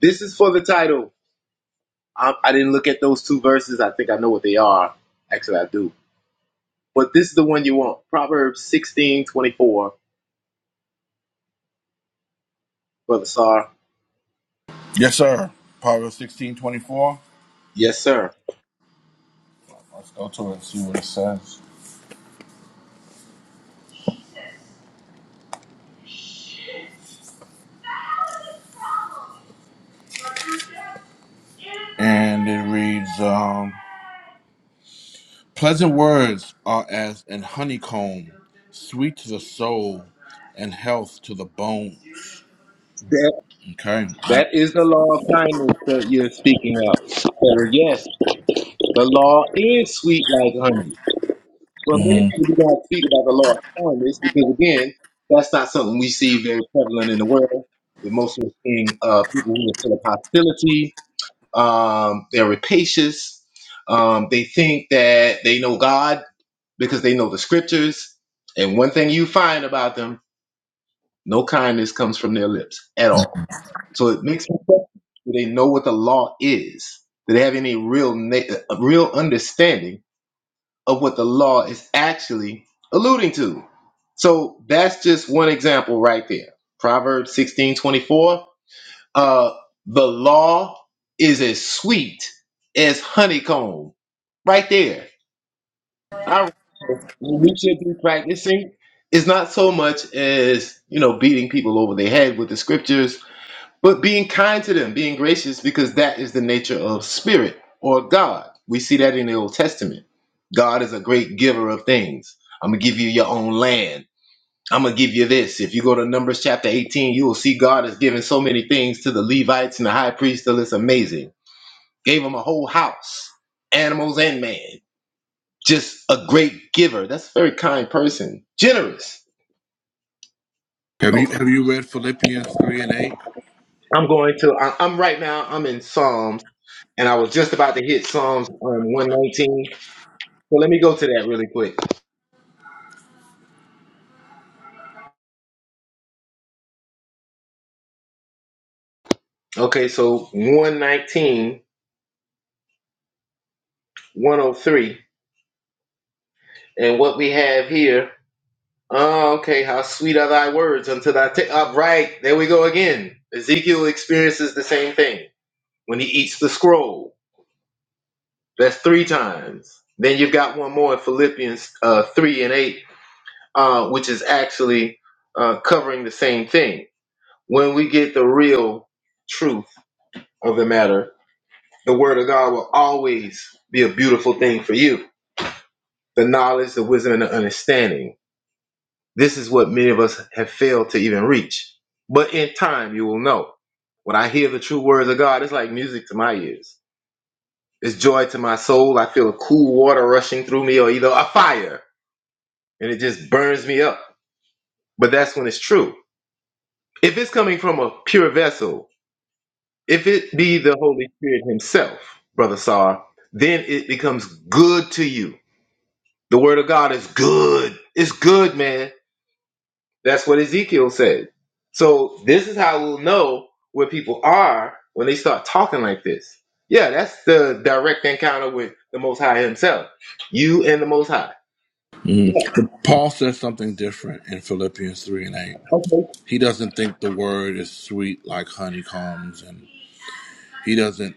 S20: This is for the title. I, I didn't look at those two verses. I think I know what they are. Actually, I do. But this is the one you want. Proverbs sixteen twenty four, Brother Sar.
S1: Yes, sir. Proverbs 16:24.
S20: Yes, sir.
S1: let Let's go to it and see what it says. And it reads um, Pleasant words are as an honeycomb, sweet to the soul and health to the bones.
S20: That,
S1: Okay.
S20: that is the law of kindness that you're speaking of. So, yes, the law is sweet like honey. Well, many
S1: hmm
S20: people do not speak about the law of kindness because, again, that's not something we see very prevalent in the world. The most of the thing, uh, people who are full of hostility, Um, they're rapacious. Um, they think that they know God because they know the scriptures. And one thing you find about them, no kindness comes from their lips at all. So it makes me question, do they know what the law is? Do they have any real na- a real understanding of what the law is actually alluding to? So that's just one example right there. Proverbs sixteen twenty four. Uh, the law is as sweet as honeycomb. Right there. All right. So what we should be practicing is not so much as, you know, beating people over their head with the scriptures, but being kind to them, being gracious, because that is the nature of spirit or God. We see that in the Old Testament. God is a great giver of things. I'm going to give you your own land. I'm gonna give you this. If you go to Numbers chapter 18, you will see God has given so many things to the Levites and the high priest till it's amazing. Gave them a whole house, animals and man. Just a great giver. That's a very kind person. Generous.
S1: Have you
S20: Okay.
S1: have you read Philippians 3 and 8?
S20: I'm going to I, I'm right now, I'm in Psalms, and I was just about to hit Psalms um, 119. So let me go to that really quick. Okay, so 119, 103. And what we have here Oh, okay. How sweet are thy words unto thy ta- All right. There we go again. Ezekiel experiences the same thing when he eats the scroll. That's three times. Then you've got one more in Philippians uh, 3 and 8, uh, which is actually uh, covering the same thing. When we get the real truth of the matter, the word of God will always be a beautiful thing for you. The knowledge, the wisdom, and the understanding. This is what many of us have failed to even reach. But in time, you will know. When I hear the true words of God, it's like music to my ears. It's joy to my soul. I feel a cool water rushing through me or either a fire, and it just burns me up. But that's when it's true. If it's coming from a pure vessel, if it be the Holy Spirit Himself, Brother Sar, then it becomes good to you. The Word of God is good. It's good, man. That's what Ezekiel said. So this is how we'll know where people are when they start talking like this. Yeah, that's the direct encounter with the Most High Himself. You and the Most High. Yeah.
S1: Mhm. But Paul says something different in Philippians 3 and 8.
S20: Okay.
S1: He doesn't think the word is sweet like honeycombs and. He doesn't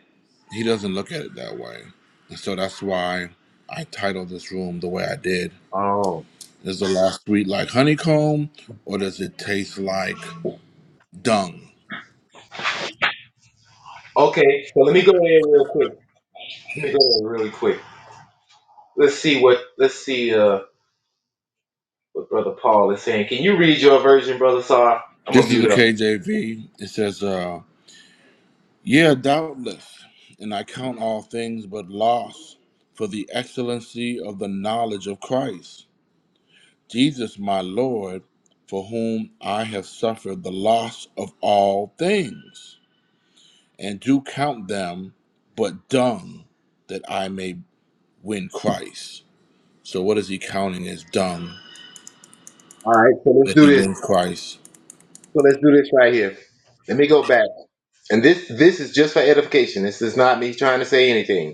S1: he doesn't look at it that way. And so that's why I titled this room the way I did.
S20: Oh,
S1: Is the last sweet like honeycomb or does it taste like dung?
S20: Okay. So let me go in real quick. Let me go in really quick. Let's see what let's see uh, what Brother Paul is saying. Can you read your version, Brother Sar? I'm gonna
S1: This is the
S20: mute up.
S1: KJV. It says, uh, yeah, doubtless, and I count all things but loss for the excellency of the knowledge of Christ, Jesus my Lord, for whom I have suffered the loss of all things and do count them but dung that I may win Christ. So what is he counting as dung
S20: All right. So let's
S1: that
S20: do
S1: he
S20: this.
S1: wins Christ?
S20: So let's do this right here. Let me go back. And this this is just for edification. This is not me trying to say anything.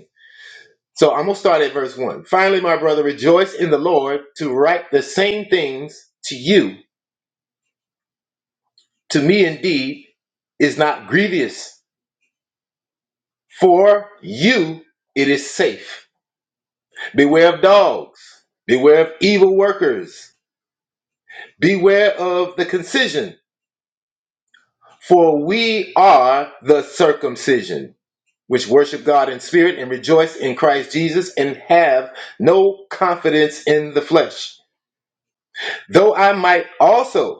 S20: So I'm going to start at verse 1. Finally, my brother, rejoice in the Lord to write the same things to you. To me, indeed, is not grievous. For you, it is safe. Beware of dogs. Beware of evil workers. Beware of the concision. For we are the circumcision, which worship God in spirit and rejoice in Christ Jesus and have no confidence in the flesh. Though I might also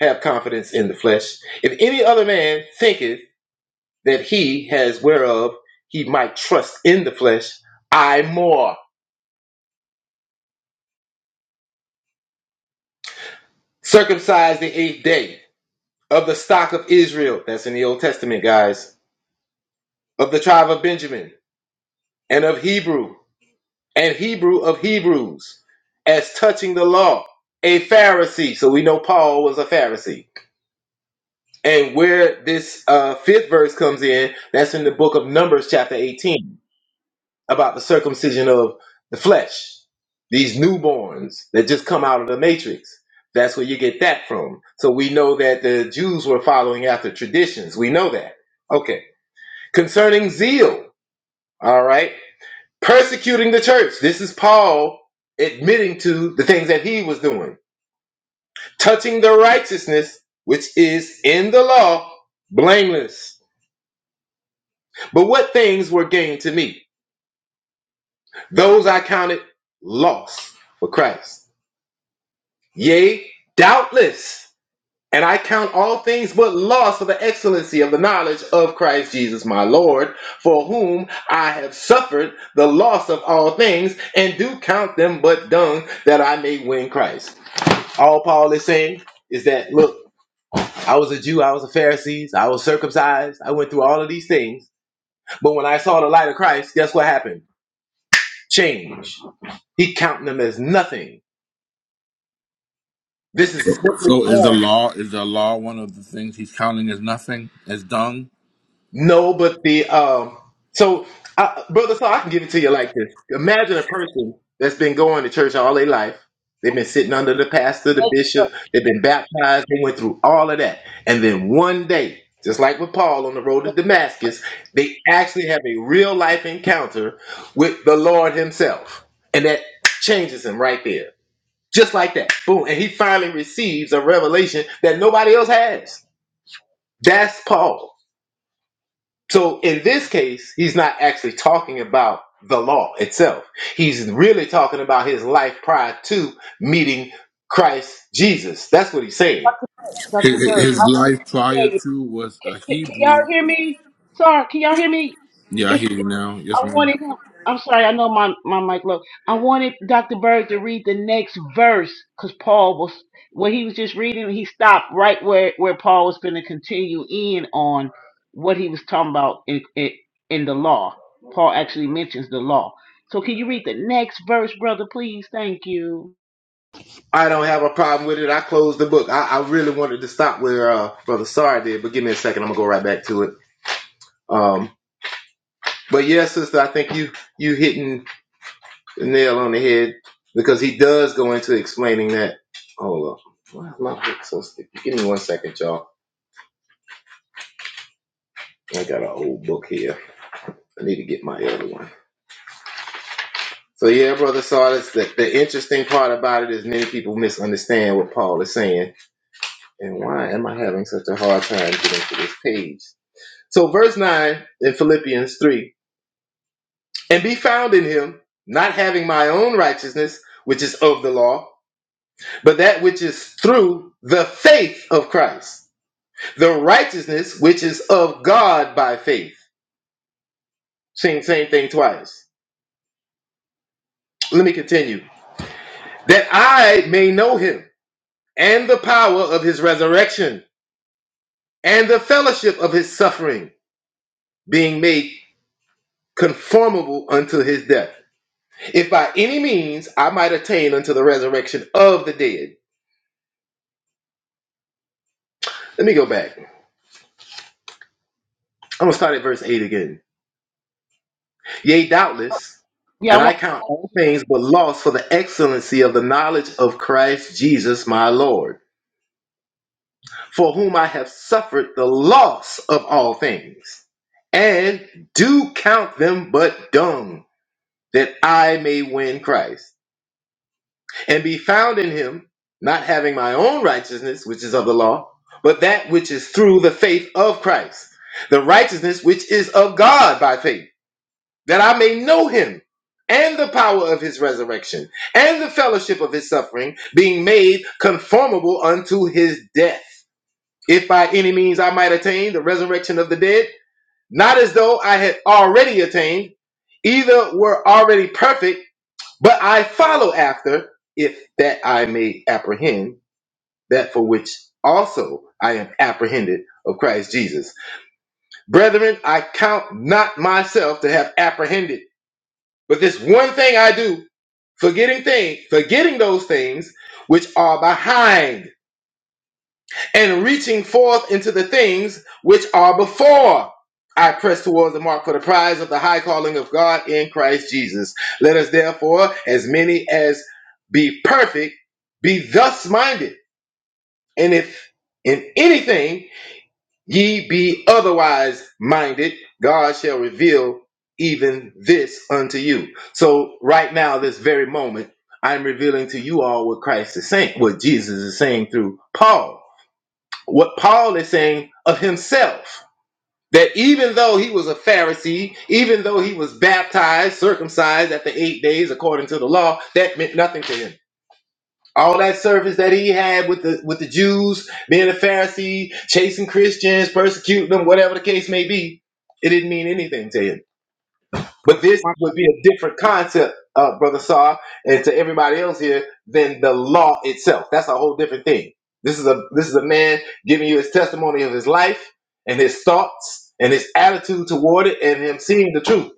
S20: have confidence in the flesh. If any other man thinketh that he has whereof he might trust in the flesh, I more circumcised the eighth day of the stock of Israel, that's in the Old Testament, guys, of the tribe of Benjamin, and of Hebrew, and Hebrew of Hebrews, as touching the law, a Pharisee. So we know Paul was a Pharisee. And where this uh, fifth verse comes in, that's in the book of Numbers, chapter 18 about the circumcision of the flesh. These newborns that just come out of the matrix. That's where you get that from. So we know that the Jews were following after traditions. We know that. Okay. Concerning zeal, all right, persecuting the church. This is Paul admitting to the things that he was doing. Touching the righteousness which is in the law, blameless. But what things were gained to me? Those I counted loss for Christ. Yea, doubtless. And I count all things but loss for the excellency of the knowledge of Christ Jesus my Lord, for whom I have suffered the loss of all things, and do count them but dung that I may win Christ. All Paul is saying is that, look, I was a Jew, I was a Pharisee, I was circumcised, I went through all of these things, but when I saw the light of Christ, guess what happened? Change. He counted them as nothing. This is simply
S1: So is the
S20: Paul
S1: law is the law one of the things he's counting as nothing as dung?
S20: No, but the um, so I, brother, so I can give it to you like this. Imagine a person that's been going to church all their life. They've been sitting under the pastor, the bishop. They've been baptized. They went through all of that, and then one day, just like with Paul on the road to Damascus, they actually have a real life encounter with the Lord Himself, and that changes him right there, just like that. Boom, and he finally receives a revelation that nobody else has. That's Paul. So in this case, he's not actually talking about the law itself. He's really talking about his life prior to meeting Christ Jesus. That's what he's saying.
S9: Dr.
S1: His,
S9: Bird, I
S1: his
S9: want
S1: life
S9: to tell
S1: prior
S9: you.
S1: to was
S9: Can,
S1: a
S9: can, can y'all
S1: Hebrew.
S9: hear me? Sorry, can y'all hear me?
S1: Yeah, I
S9: If.
S1: hear you now. Yes,
S9: I
S1: ma'am.
S9: wanted him. I'm sorry, I know my, my mic low. I wanted Dr. Bird to read the next verse because Paul was, what he was just reading, he stopped right where, where Paul was going to continue in on what he was talking about in, in, in the law. Paul actually mentions the law. So can you read the next verse, brother, please? Thank you.
S20: I don't have a problem with it. I closed the book. I, I really wanted to stop where uh, Brother Sar did, but give me a second. I'm gonna go right back to it. Um, but yes, sister, I think you you hitting the nail on the head because he does go into explaining that. Hold up, why is my book so sticky? Give me one second, y'all. I got an old book here. I need to get my other one. So yeah, brother Sardis, the, the interesting part about it is many people misunderstand what Paul is saying. And why am I having such a hard time getting to this page? So verse 9 in Philippians 3, and be found in him, not having my own righteousness, which is of the law, but that which is through the faith of Christ, the righteousness which is of God by faith. Same, same thing twice. Let me continue. That I may know him and the power of his resurrection, and the fellowship of his suffering, being made conformable unto his death. If by any means I might attain unto the resurrection of the dead. Let me go back. I'm going to start at verse 8 again. Yea, doubtless,
S9: Yeah, I
S20: and I
S9: want,
S20: count all things but loss for the excellency of the knowledge of Christ Jesus my Lord, for whom I have suffered the loss of all things, and do count them but dung that I may win Christ and be found in him, not having my own righteousness, which is of the law, but that which is through the faith of Christ, the righteousness which is of God by faith, that I may know him and the power of his resurrection and the fellowship of his suffering, being made conformable unto his death. If by any means I might attain the resurrection of the dead, not as though I had already attained, either were already perfect but I follow after, if that I may apprehend that for which also I am apprehended of Christ Jesus. Brethren, I count not myself to have apprehended, but this one thing I do, forgetting thing, forgetting those things which are behind and reaching forth into the things which are before. I press towards the mark for the prize of the high calling of God in Christ Jesus. Let us therefore, as many as be perfect, be thus minded. And if in anything ye be otherwise minded, God shall reveal even this unto you. So, right now, this very moment, I'm revealing to you all what Christ is saying, what Jesus is saying through Paul what Paul is saying of himself. That even though he was a Pharisee, even though he was baptized, circumcised after eight days according to the law, that meant nothing to him. All that service that he had with the with the Jews, being a Pharisee, chasing Christians, persecuting them, whatever the case may be, it didn't mean anything to him.
S9: okay,
S20: But this
S9: my,
S20: would be a different concept, uh, Brother Saw, and to everybody else here than the law itself. That's a whole different thing. This is a this is a man giving you his testimony of his life and his thoughts and his attitude toward it and him seeing the truth.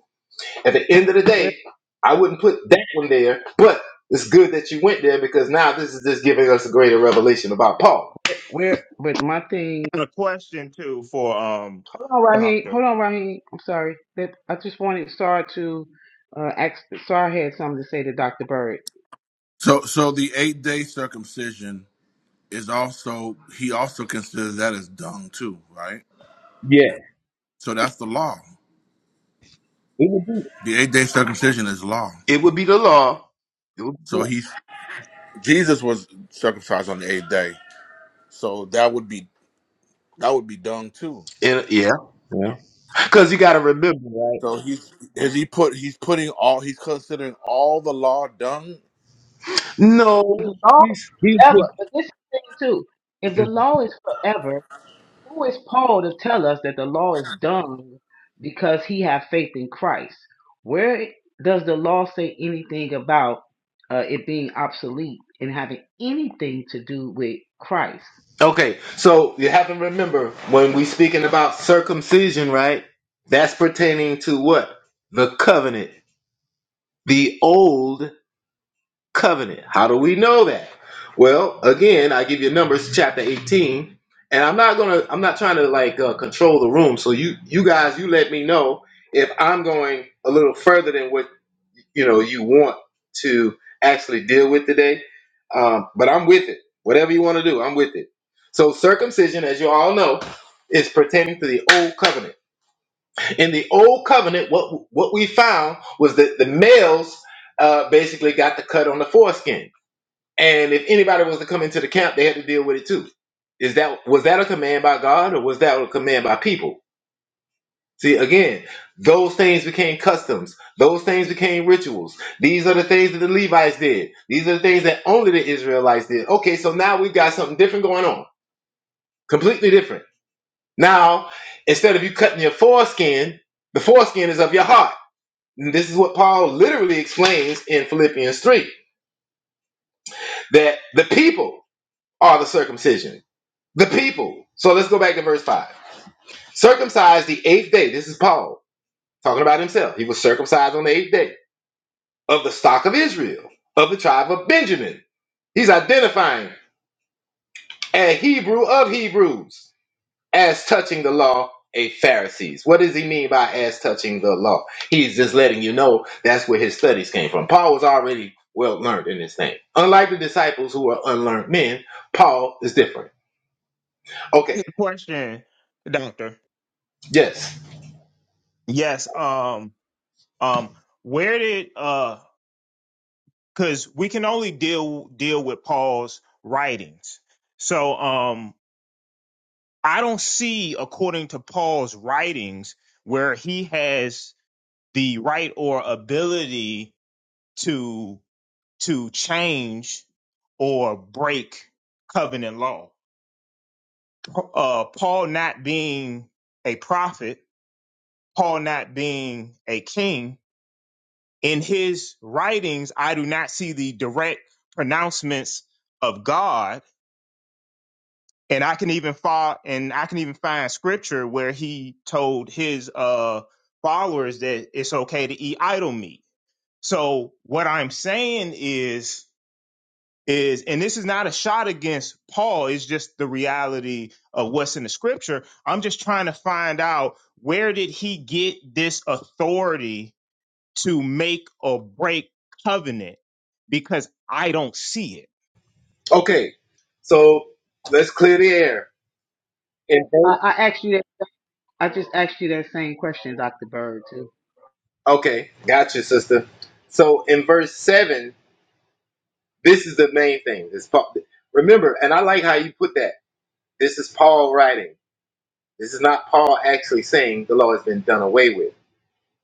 S20: At the end of the
S9: where,
S20: day, I wouldn't put that one there, but it's good that you went there because now this is just giving us a greater revelation about Paul.
S9: where, but my thing
S17: And a question too for um
S9: Hold on, Raheem.
S17: doctor.
S9: Hold on, Raheem. I'm sorry. That I just wanted Sar to uh, ask. Sar had something to say to Dr. Bird.
S1: So so the eight day circumcision is also he also considers that as dung too, right?
S20: Yeah.
S1: So that's the law.
S20: It would be
S1: The eight day circumcision is law.
S20: it would be the law. It would
S1: So
S20: be,
S1: he's Jesus was circumcised on the eighth day, so that would be that would be dung too.
S20: it, yeah. Yeah. Because you got to remember, right?
S1: So he's is he put he's putting all he's considering all the law dung.
S20: No,
S9: The law
S20: he's he's
S9: is
S20: the
S9: forever, but this is the thing too. If the law is forever, who is Paul to tell us that the law is done because he have faith in Christ? Where does the law say anything about uh, it being obsolete and having anything to do with Christ?
S20: okay. So you have to remember when we speaking about circumcision, right? That's pertaining to what the covenant, the old covenant. How do we know that? Well, again, I give you Numbers chapter eighteen, and I'm not gonna, I'm not trying to like uh, control the room. So you, you guys, you let me know if I'm going a little further than what you know you want to actually deal with today. Um, but I'm with it. Whatever you want to do, I'm with it. So circumcision, as you all know, is pertaining to the old covenant. In the old covenant, what what we found was that the males uh, basically got the cut on the foreskin, and if anybody was to come into the camp, they had to deal with it too. Is that was that a command by God or was that a command by people? See, again, those things became customs. Those things became rituals. These are the things that the Levites did. These are the things that only the Israelites did. Okay, so now we've got something different going on. Completely different. Now, instead of you cutting your foreskin, the foreskin is of your heart. And this is what Paul literally explains in Philippians 3 that the people are the circumcision. The people. So let's go back to verse 5. Circumcised the eighth day. This is Paul talking about himself. He was circumcised on the eighth day of the stock of Israel, of the tribe of Benjamin. He's identifying a Hebrew of Hebrews as touching the law, a Pharisees. What does he mean by as touching the law? He's just letting you know that's where his studies came from. Paul was already well learned in this thing. Unlike the disciples who are unlearned men, Paul is different.
S17: I
S20: Okay,
S17: got a question, doctor.
S20: yes.
S17: Yes. Um. Um. Where did uh? Because we can only deal deal with Paul's writings. So um, I don't see according to Paul's writings where he has the right or ability to to change or break covenant law. Uh, Paul not being a prophet Paul not being a king, in his writings, I do not see the direct pronouncements of God. And I can even find, and I can even find scripture where he told his uh, followers that it's okay to eat idol meat. So what I'm saying is, is, and this is not a shot against Paul. It's just the reality of what's in the scripture. I'm just trying to find out where did he get this authority to make or break covenant because I don't see it.
S20: Okay, so let's clear the air. In,
S9: I, I asked you that. I just asked you that same question, Dr. Bird, too.
S20: okay, gotcha, sister. So in verse 7, This is the main thing. This Paul. Remember, and I like how you put that. This is Paul writing. This is not Paul actually saying the law has been done away with.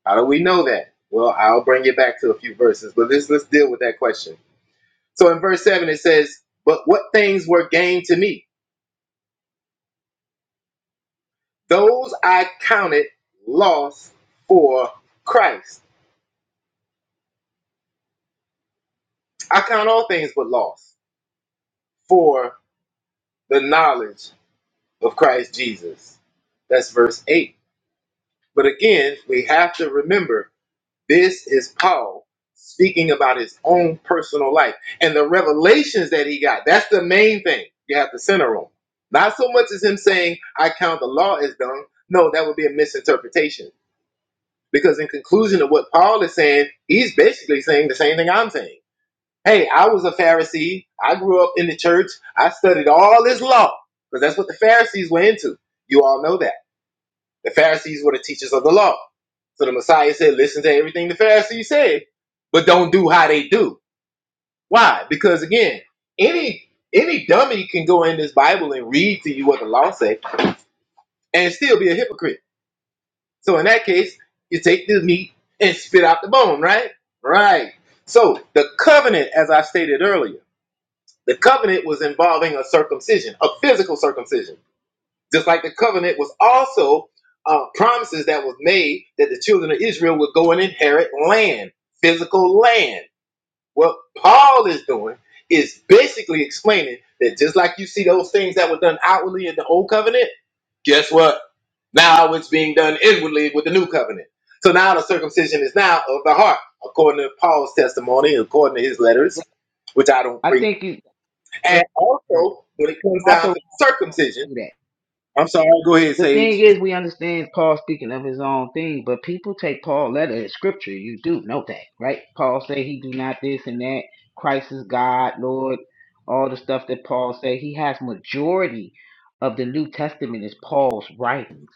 S20: How do we know that? Well, I'll bring it back to a few verses, but let's let's deal with that question. So in verse seven it says, "But what things were gain to me? Those I counted loss for Christ. I count all things but loss for the knowledge of Christ Jesus." That's verse eight. But again, we have to remember This is Paul speaking about his own personal life and the revelations that he got. That's the main thing you have to center on. Not so much as him saying, I count the law as done. No, that would be a misinterpretation. Because in conclusion of what Paul is saying, he's basically saying the same thing I'm saying. Hey, I was a Pharisee. I grew up in the church. I studied all this law because that's what the Pharisees were into. You all know that. The Pharisees were the teachers of the law. So the Messiah said, listen to everything the Pharisees said, but don't do how they do. Why? Because again, any any dummy can go in this Bible and read to you what the law says, and still be a hypocrite. So in that case, you take the meat and spit out the bone, right? Right. So the covenant, as I stated earlier, the covenant was involving a circumcision, a physical circumcision Just like the covenant was also uh, promises that was made that the children of Israel would go and inherit land, physical land. What Paul is doing is basically explaining that just like you see those things that were done outwardly in the old covenant, guess what? Now it's being done inwardly with the new covenant. So now the circumcision is now of the heart, according to Paul's testimony, according to his letters, which I don't
S9: I
S20: preach.
S9: think you,
S20: And
S9: question or
S20: also, when it comes down
S9: authorized
S20: to
S9: Paul
S20: circumcision,
S9: to do that.
S20: I'm sorry, go ahead,
S9: The
S20: Sage.
S9: thing is, we understand Paul speaking of his own thing, but people take Paul letter as scripture. You do know that, right? Paul say he do not this and that. Christ is God, Lord. All the stuff that Paul say, he has majority of the New Testament is Paul's writings.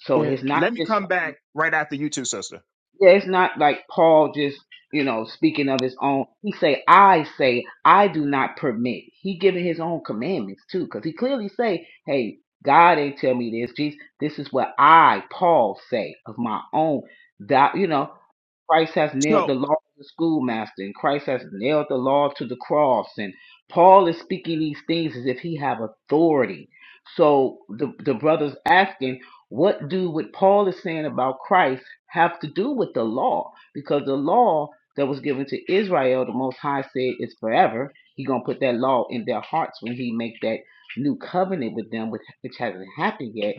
S9: So
S17: And
S9: it's not
S17: let me
S9: just
S17: come back right after you two, sister.
S9: Yeah, it's not like Paul just, you know, speaking of his own. He say, I say, I do not permit. He giving his own commandments too, because he clearly say, hey, God ain't tell me this. Jesus, this is what I, Paul, say of my own. That you know, Christ has nailed
S17: So,
S9: the law to the schoolmaster, and Christ has nailed the law to the cross. And Paul is speaking these things as if he have authority. So the the brothers asking, what do what Paul is saying about Christ have to do with the law? Because the law that was given to Israel, the Most High said, is forever. He gonna put that law in their hearts when he make that new covenant with them, which, which hasn't happened yet.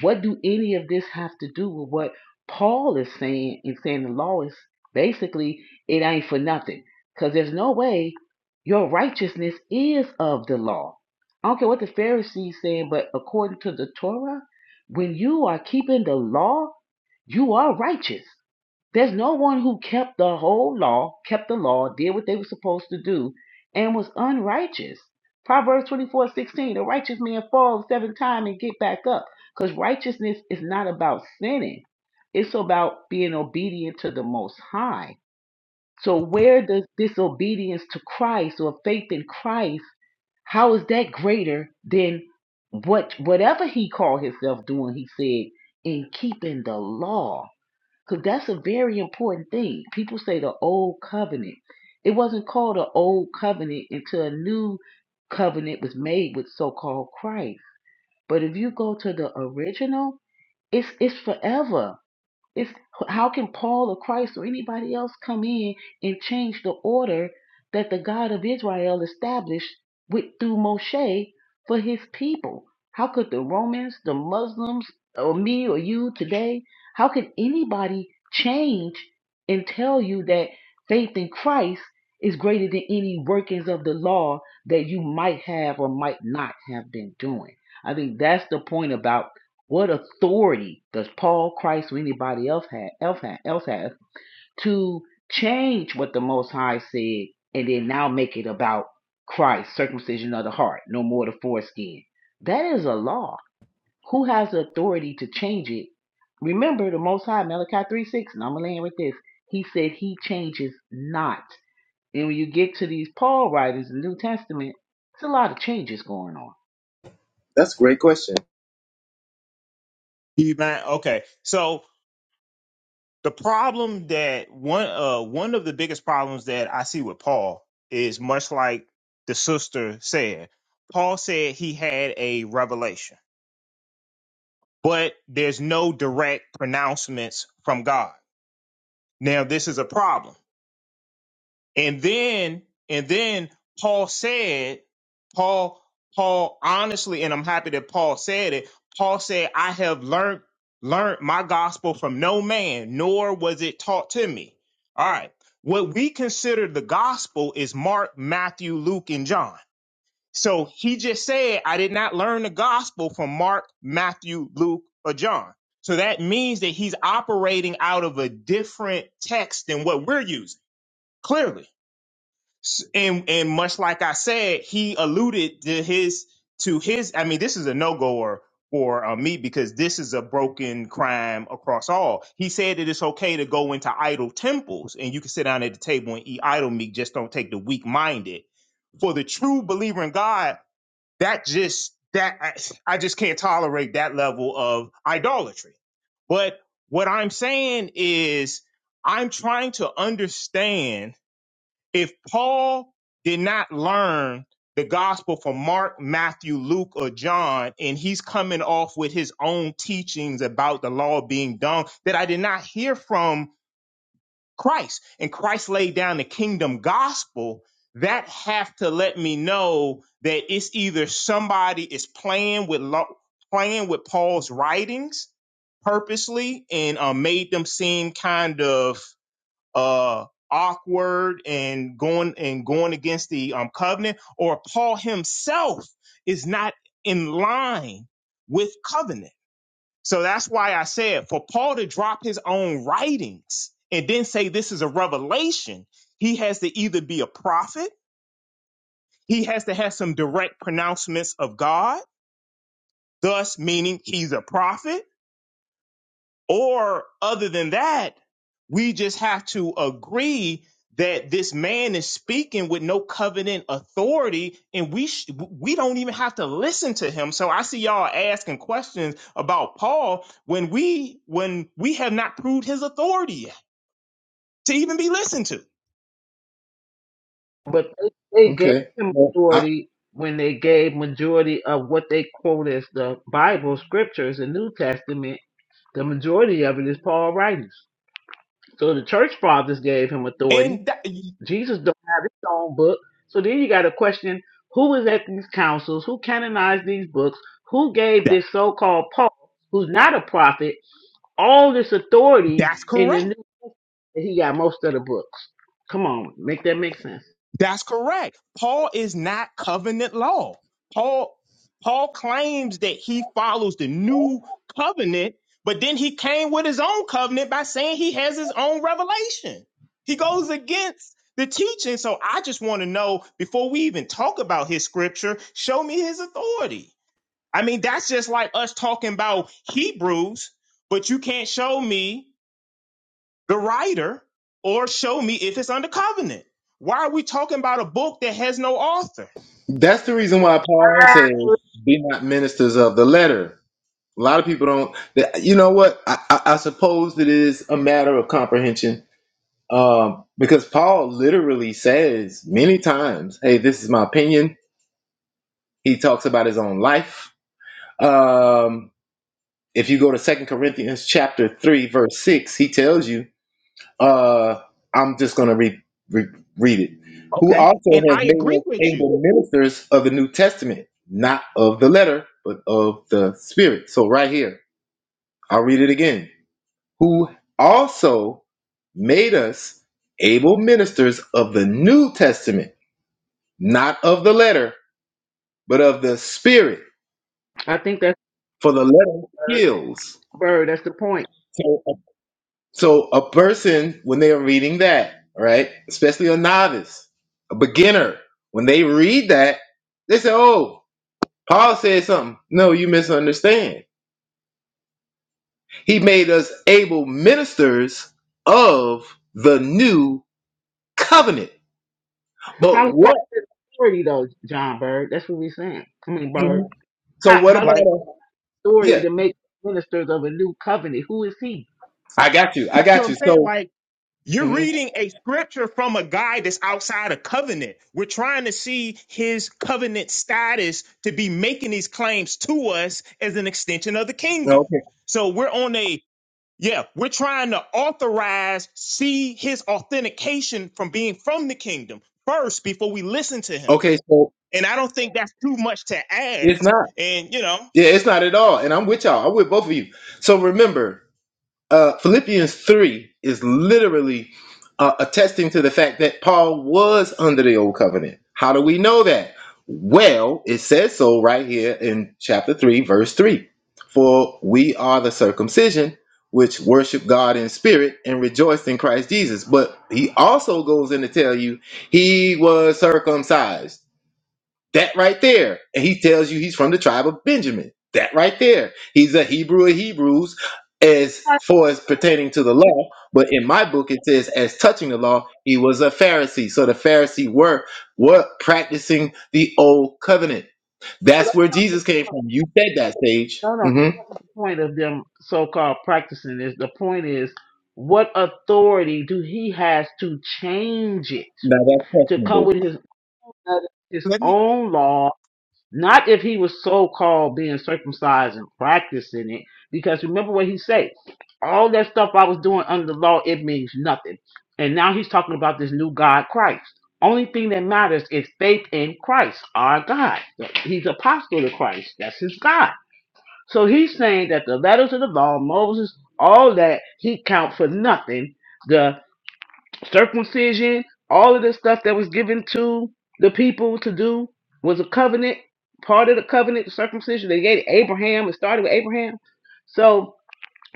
S9: What do any of this have to do with what? Paul is saying in saying the law is basically it ain't for nothing because there's no way your righteousness is of the law. I don't care what the Pharisees saying, but according to the Torah, when you are keeping the law, you are righteous. There's no one who kept the whole law, kept the law, did what they were supposed to do, and was unrighteous. Proverbs twenty-four sixteen: the righteous man falls seven times and get back up. Because righteousness is not about sinning. It's about being obedient to the Most High. So where does disobedience to Christ or faith in Christ, how is that greater than what whatever he called himself doing, he said, in keeping the law? Because that's a very important thing. People say the old covenant. It wasn't called the old covenant until a new covenant was made with so called Christ. But if you go to the original, it's it's forever. It's how can Paul or Christ or anybody else come in and change the order that the God of Israel established with through Moshe for his people? How could the Romans, the Muslims, or me or you today, how can anybody change and tell you that faith in Christ is greater than any workings of the law that you might have or might not have been doing? I think that's the point about what authority does Paul, Christ, or anybody else have, else have, else have to change what the Most High said and then now make it about Christ, circumcision of the heart, no more the foreskin? That is a law. Who has the authority to change it? Remember the Most High, Malachi 3 6, and I'm going to land with this. He said he changes not. And when you get to these Paul writings in the New Testament, there's a lot of changes going on.
S20: That's a great question.
S17: you man, okay. So the problem that one uh one of the biggest problems that I see with Paul is much like the sister said. Paul said he had a revelation, but there's no direct pronouncements from God. Now, this is a problem And then and then Paul said, Paul, Paul honestly, and I'm happy that Paul said it, Paul said, I have learned learned my gospel from no man, nor was it taught to me. All right. What we consider the gospel is Mark, Matthew, Luke, and John. So he just said, I did not learn the gospel from Mark, Matthew, Luke, or John. So that means that he's operating out of a different text than what we're using, clearly. S- and and much like I said, he alluded to his to his. I mean, this is a no goer for uh, me because this is a broken crime across all. He said that it's okay to go into idol temples and you can sit down at the table and eat idol meat. Just don't take the weak minded. For the true believer in God, that just that I, I just can't tolerate that level of idolatry. But what I'm saying is, I'm trying to understand if Paul did not learn the gospel from Mark, Matthew, Luke, or John, and he's coming off with his own teachings about the law being done that I did not hear from Christ, and Christ laid down the kingdom gospel, that have to let me know that it's either somebody is playing with law, playing with Paul's writings purposely and uh, made them seem kind of uh, awkward and going and going against the um, covenant, or Paul himself is not in line with covenant. So that's why I said for Paul to drop his own writings and then say this is a revelation, he has to either be a prophet, he has to have some direct pronouncements of God, thus meaning he's a prophet Or other than that, we just have to agree that this man is speaking with no covenant authority and we sh- we don't even have to listen to him. So I see y'all asking questions about Paul when we when we have not proved his authority yet to even be listened to.
S9: But they, they gave
S20: Okay.
S9: him
S20: Well, I,
S9: authority when they gave majority of what they quote as the Bible scriptures, the New Testament. The majority of it is Paul writings. So the church fathers gave him authority.
S17: And that,
S9: Jesus don't have his own book. So then you got to question who was at these councils, who canonized these books, who gave
S17: that
S9: this so-called Paul, who's not a prophet, all this authority
S17: that's
S9: in the
S17: correct.
S9: New. and He got most of the books. Come on, make that make sense.
S17: That's correct. Paul is not covenant law. Paul Paul claims that he follows the new covenant, but then he came with his own covenant by saying he has his own revelation. He goes against the teaching. So I just want to know before we even talk about his scripture, show me his authority. I mean, that's just like us talking about Hebrews, but you can't show me the writer or show me if it's under covenant. Why are we talking about a book that has no author?
S20: that's the reason why Paul says, "Be not ministers of the letter." A lot of people don't. that- You know what? I, I, I suppose it is a matter of comprehension, um, because Paul literally says many times, "Hey, this is my opinion." He talks about his own life. Um, if you go to Second Corinthians chapter three, verse six, he tells you uh, I'm just going to read, read read it. Who
S17: Okay.
S20: also
S17: And
S20: has
S17: I
S20: made
S17: agree
S20: us
S17: with you.
S20: able ministers of the New Testament, not of the letter, but of the Spirit. So right here, I'll read it again. Who also made us able ministers of the New Testament, not of the letter, but of the Spirit.
S9: I think that's
S20: For the letter
S9: Bird.
S20: kills.
S9: Bird, that's the point.
S20: So So a person, when they are reading that, right, especially a novice, a beginner, when they read that, they say, "Oh, Paul said something." No, you misunderstand. He made us able ministers of the new covenant.
S9: How
S20: But
S9: do you have
S20: what?
S9: the authority though, John Bird? That's what we're saying. I mean, Bird.
S20: mhm. So
S9: How
S20: what
S9: how
S20: about?
S9: do
S17: Like,
S20: A,
S9: you have authority
S20: yeah,
S9: to make ministers of a new covenant? Who is he?
S20: I got you. I
S17: that's what
S20: got
S17: I'm
S20: you.
S17: saying.
S20: So
S17: Like, you're
S20: mhm.
S17: reading a scripture from a guy that's outside of covenant. We're trying to see his covenant status to be making these claims to us as an extension of the kingdom.
S20: okay,
S17: So we're on a, yeah, we're trying to authorize, see his authentication from being from the kingdom first before we listen to him.
S20: okay. So
S17: And I don't think that's too much to
S20: it's
S17: ask.
S20: not.
S17: And you know,
S20: Yeah, it's not at all. And I'm with y'all. I'm with both of you. So remember. uh, Philippians 3 is literally uh, attesting to the fact that Paul was under the old covenant. How do we know that? Well, it says so right here in chapter 3, verse 3. For we are the circumcision which worship God in spirit and rejoice in Christ Jesus. But he also goes in to tell you he was circumcised. That right there. And he tells you he's from the tribe of Benjamin. That right there. He's a Hebrew of Hebrews as far as pertaining to the
S9: We
S20: law. But in my book, it says as touching the law, he was a Pharisee. So the Pharisee were were practicing the old covenant. That's where Jesus came from. You said that, Sage.
S9: No, no, that
S20: hmm
S9: wasn't the point of them so-called practicing this. The point is, what authority do he has to change it
S20: Now that's
S9: to come with
S20: questionable.
S9: his his
S17: let me
S9: own law? Not if he was so-called being circumcised and practicing it, because remember what he said: all that stuff I was doing under the law, it means nothing. And now he's talking about this new God, Christ. Only thing that matters is faith in Christ, our God. He's apostle to Christ. That's his God. So he's saying that the letters of the law, Moses, all that, he count for nothing. The circumcision, all of this stuff that was given to the people to do was a covenant, part of the covenant, the circumcision. They gave Abraham, it started with Abraham. So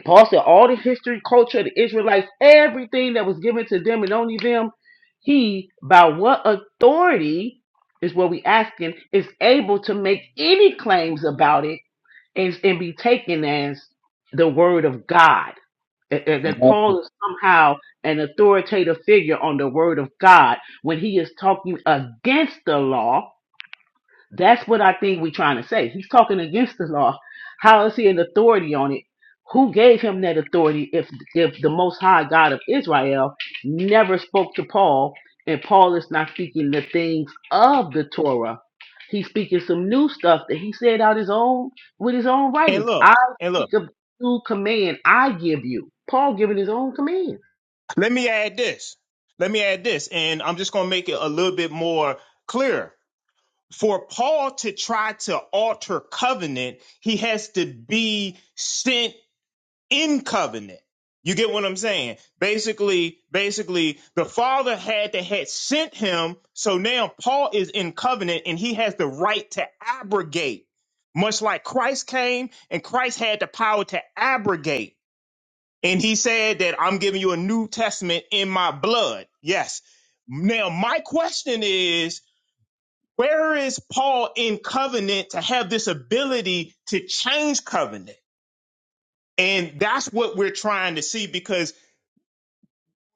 S9: Paul said all the history, culture, of the Israelites, everything that was given to them and only them, he, by what authority is what we asking, is able to make any claims about it and and be taken as the word of God. That, that
S20: That's
S9: that Paul is somehow an authoritative figure on the word of God when he is talking against the law that's what I think we're trying to say. He's talking against the law. How is he an authority on it? Who gave him that authority if if the most high God of Israel never spoke to Paul and Paul is not speaking the things of the Torah? He's speaking some new stuff that he said out his own with his own
S17: and
S9: writings.
S17: look
S9: I
S17: and look.
S9: speak of new command I give you. Paul giving his own command.
S17: Let me add this. Let me add this, and I'm just gonna make it a little bit more clear. For Paul to try to alter covenant, he has to be sent in covenant. You get what I'm saying? Basically, basically, the father had to had sent him, so now Paul is in covenant and he has the right to abrogate. Much like Christ came and Christ had the power to abrogate. And he said that I'm giving you a new testament in my blood. Yes. Now my question is where is Paul in covenant to have this ability to change covenant? And that's what we're trying to see because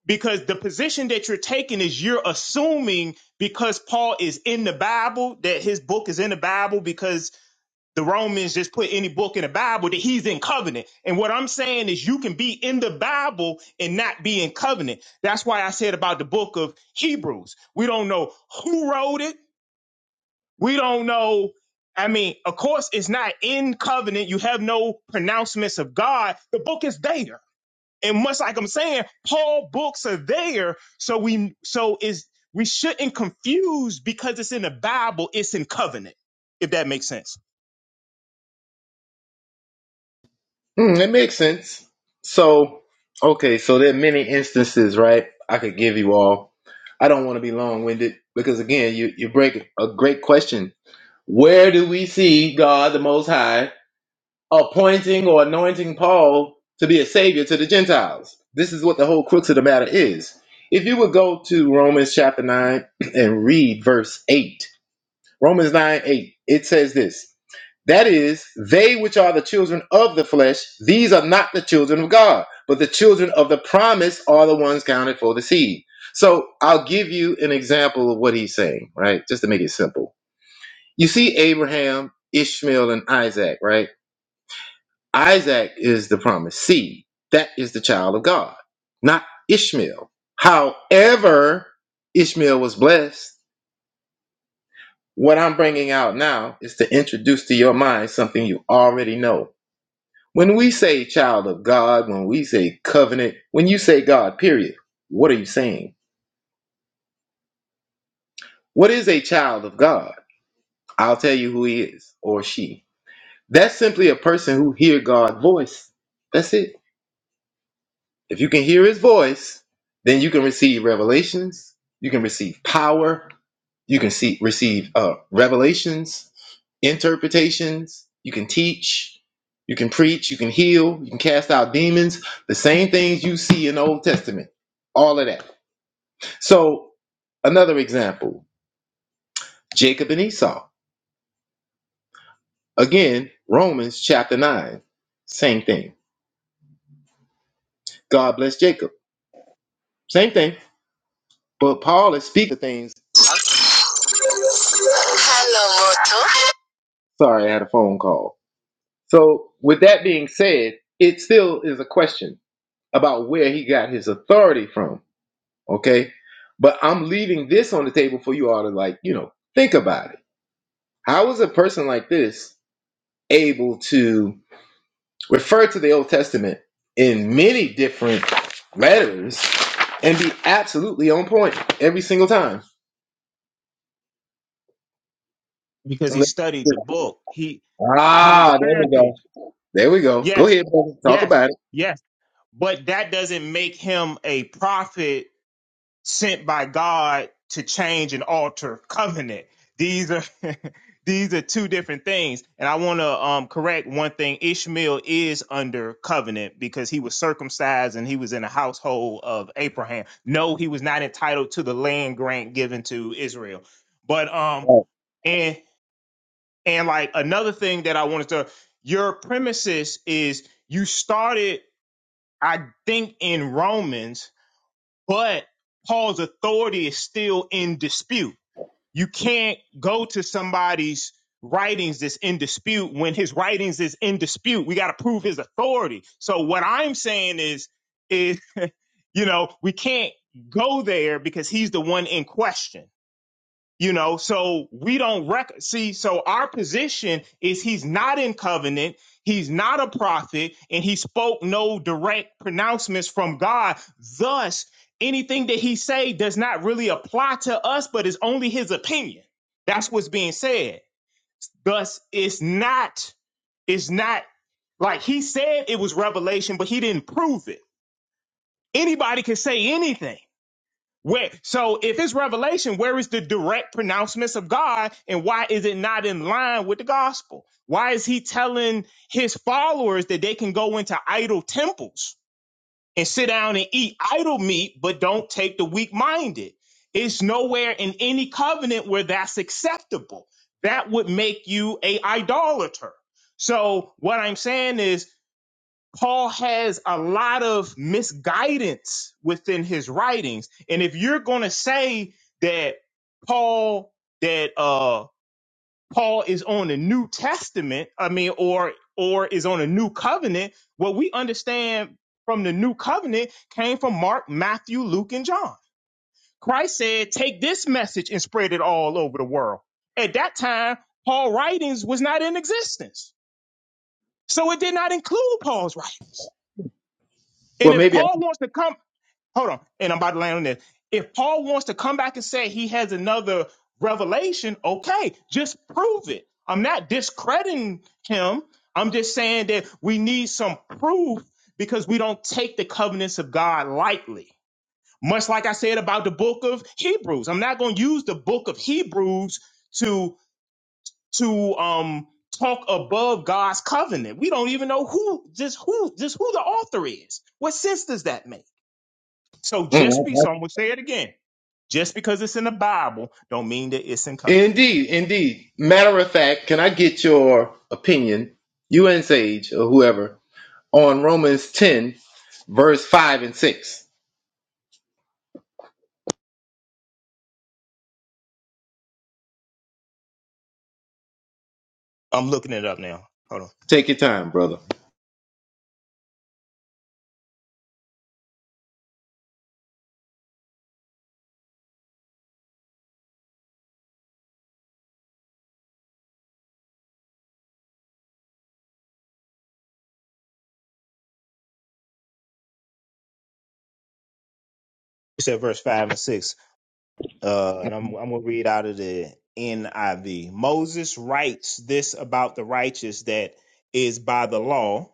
S17: because the position that you're taking is you're assuming because Paul is in the Bible that his book is in the Bible because the Romans just put any book in the Bible that he's in covenant. And what I'm saying is you can be in the Bible and not be in covenant. That's why I said about the book of Hebrews. We don't know who wrote it. We don't know. I mean, of course, it's not in covenant. You have no pronouncements of God. The book is there and much like I'm saying, Paul books are there. So we so is we shouldn't confuse because it's in the Bible, it's in covenant, if that makes sense.
S20: Mm, it makes sense. So, okay, so there are many instances, right? I could give you all. I don't want to be long winded because, again, you, you break a great question. Where do we see God the Most High appointing or anointing Paul to be a savior to the Gentiles? This is what the whole crux of the matter is. If you would go to Romans chapter 9 <clears throat> and read verse 8, Romans 9 8, it says this. That is, they which are the children of the flesh, these are not the children of God, but the children of the promise are the ones counted for the seed. So I'll give you an example of what he's saying, right? Just to make it simple. You see Abraham, Ishmael, and Isaac, right? Isaac is the promised seed. That is the child of God, not Ishmael. However, Ishmael was blessed. What I'm bringing out now is to introduce to your mind something you already know When we say child of God, when we say covenant, when you say God, period, what are you saying? What is a child of God? I'll tell you who he is or she. That's simply a person who hear God's voice. That's it. If you can hear his voice, then you can receive revelations, you can receive power, you can see receive uh, revelations, interpretations, you can teach, you can preach, you can heal, you can cast out demons, the same things you see in the Old Testament. All of that. So, another example, Jacob and Esau. Again, Romans chapter 9. Same thing. God bless Jacob. Same thing. But Paul is speaking things. Hello, mortal. Sorry, I had a phone call. So, with that being said, it still is a question about where he got his authority from. Okay. But I'm leaving this on the table for you all to, like, you know, think about it. How is a person like this able to refer to the Old Testament in many different letters and be absolutely on point every single time?
S17: Because he
S20: Unless-
S17: studied the book. He he was a
S20: Ah, there we go.
S17: Pharisee.
S20: There we go. Go
S17: Yes.
S20: ahead, brother. Talk
S17: Yes.
S20: about it.
S17: Yes. But that doesn't make him a prophet sent by God to change and alter covenant. These are <laughs> these are two different things. And I want to um, correct one thing. Ishmael is under covenant because he was circumcised and he was in the household of Abraham. No, he was not entitled to the land grant given to Israel. But um
S20: Right.
S17: and and like another thing that I wanted to your premises is you started I think in Romans but Paul's authority is still in dispute. You can't go to somebody's writings that's in dispute when his writings is in dispute. We got to prove his authority. So what I'm saying is, is <laughs> you know, we can't go there because he's the one in question. You know, so we don't rec- see. So our position is he's not in covenant, he's not a prophet, and he spoke no direct pronouncements from God. Thus, anything that he say does not really apply to us, but is only his opinion. That's what's being said. Thus, it's not. It's not like he said it was revelation, but he didn't prove it. Anybody can say anything where so if it's revelation, where is the direct pronouncements of God and why is it not in line with the gospel? Why is he telling his followers that they can go into idol temples and sit down and eat idol meat, but don't take the weak minded? It's nowhere in any covenant where that's acceptable. That would make you a idolater. So what I'm saying is Paul has a lot of misguidance within his writings. And if you're going to say that Paul that uh Paul is on the New Testament, I mean or or is on a new covenant, what we understand from the new covenant came from Mark, Matthew, Luke and John. Christ said, "Take this message and spread it all over the world." At that time, Paul writings was not in existence. So it did not include Paul's writings. And
S20: Well,
S17: if
S20: maybe I.
S17: Paul wants to come hold on, and I'm about to land on this. If Paul wants to come back and say he has another revelation, okay, just prove it. I'm not discrediting him. I'm just saying that we need some proof because we don't take the covenants of God lightly. Much like I said about the book of Hebrews, I'm not going to use the book of Hebrews to to um talk above God's covenant. We don't even know who just who just who the author is. What sense does that make? So just
S20: Mm,
S17: be so I'm gonna say it again. Just because it's in the Bible don't mean that it's in covenant.
S20: Indeed, indeed. Matter of fact, can I get your opinion, you and Sage or whoever, on Romans 10, verse 5 and 6?
S17: I'm looking it up now. Hold on.
S20: Take your time, brother.
S17: It said verse five and six. Uh and I'm I'm gonna read out of the NIV. Moses writes this about the righteous that is by the law.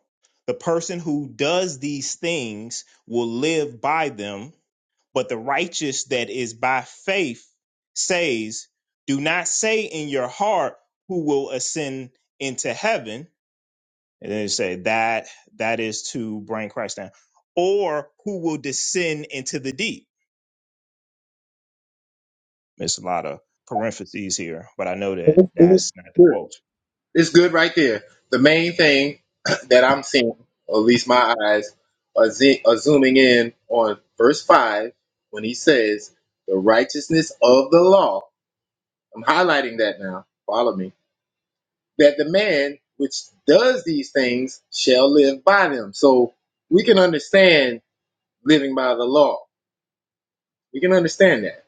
S17: The person who does these things will live by them, but the righteous that is by faith says, Do not say in your heart who will ascend into heaven And then you say that that is to bring Christ down. Or who will descend into the deep? There's a lot of parentheses here, but I know that that's not the
S20: Good.
S17: quote.
S20: It's good right there. The main thing <clears throat> that I'm seeing, or at least my eyes, are, ze- are zooming in on verse 5 when he says, The righteousness of the law. I'm highlighting that now. Follow me. that the man which does these things shall live by them. So we can understand living by the law. We can understand that.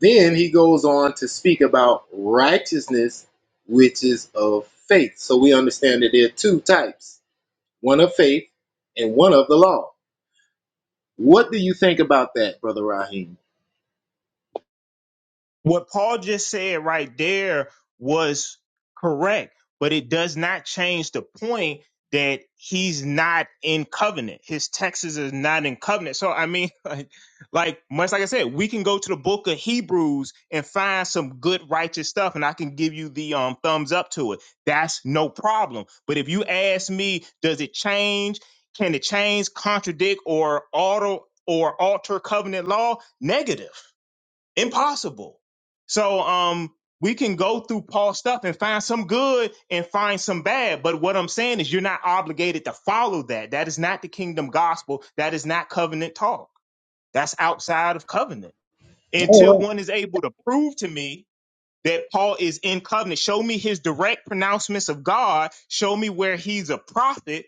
S20: Then he goes on to speak about righteousness, which is of faith. So we understand that there are two types one of faith and one of the law. What do you think about that, Brother Raheem?
S17: what Paul just said right there was correct, but it does not change the point that he's not in covenant. His Texas is not in covenant. So I mean, <laughs> like, like much like I said, we can go to the book of Hebrews and find some good righteous stuff, and I can give you the um thumbs up to it. That's no problem. But if you ask me, does it change? Can it change, contradict, or alter or alter covenant law? Negative. Impossible. So um we can go through Paul's stuff and find some good and find some bad. But what I'm saying is you're not obligated to follow that. That is not the kingdom gospel. That is not covenant talk. That's outside of covenant. Until one is able to prove to me that Paul is in covenant, show me his direct pronouncements of God, show me where he's a prophet,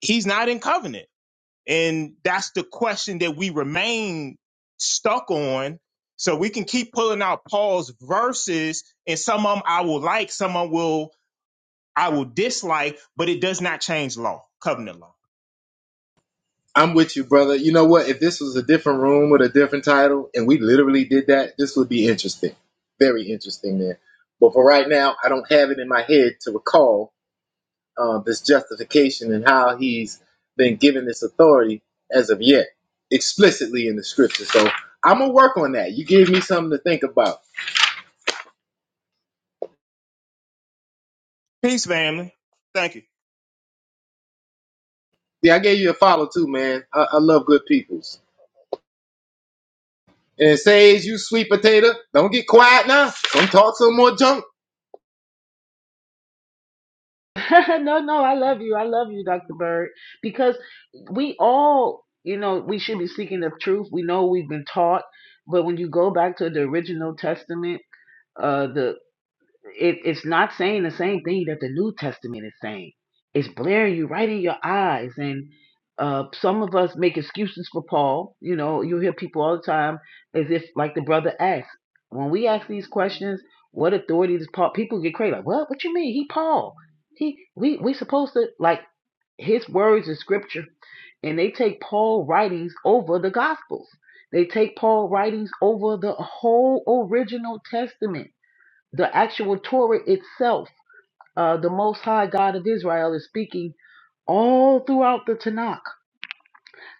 S17: he's not in covenant. And that's the question that we remain stuck on. So we can keep pulling out Paul's verses, and some of them I will like, some of them will I will dislike, but it does not change law, covenant law.
S20: I'm with you, brother. You know what? If this was a different room with a different title and we literally did that, this would be interesting. Very interesting, man. But for right now, I don't have it in my head to recall uh, this justification and how he's been given this authority as of yet, explicitly in the scripture. So I'm going to work on that. You gave me something to think about.
S17: Peace, family. Thank you.
S20: Yeah, I gave you a follow too, man. I, I love good peoples. And it says, you sweet potato, don't get quiet now. Don't talk some more junk.
S9: <laughs> no, no, I love you. I love you, Dr. Bird, because we all, you know, we should be seeking the truth. We know we've been taught, but when you go back to the original testament, uh, the it, it's not saying the same thing that the New Testament is saying. It's blaring you right in your eyes. And uh, some of us make excuses for Paul. You know, you hear people all the time as if, like the brother asked, when we ask these questions, what authority does Paul? People get crazy. Like, what? What you mean? He Paul? He we we supposed to like his words in scripture, and they take Paul writings over the Gospels. They take Paul writings over the whole original Testament the actual Torah itself, uh, the Most High God of Israel is speaking all throughout the Tanakh.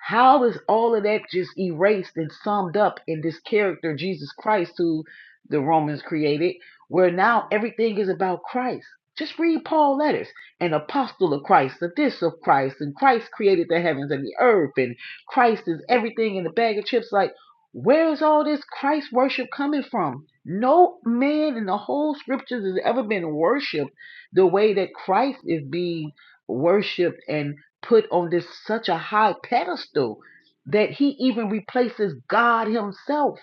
S9: How is all of that just erased and summed up in this character, Jesus Christ, who the Romans created, where now everything is about Christ? Just read Paul letters, an apostle of Christ, the this of Christ, and Christ created the heavens and the earth, and Christ is everything in the bag of chips. Like, where is all this Christ worship coming from? No man in the whole scriptures has ever been worshipped the way that Christ is being worshipped and put on this such a high pedestal that he even replaces God himself.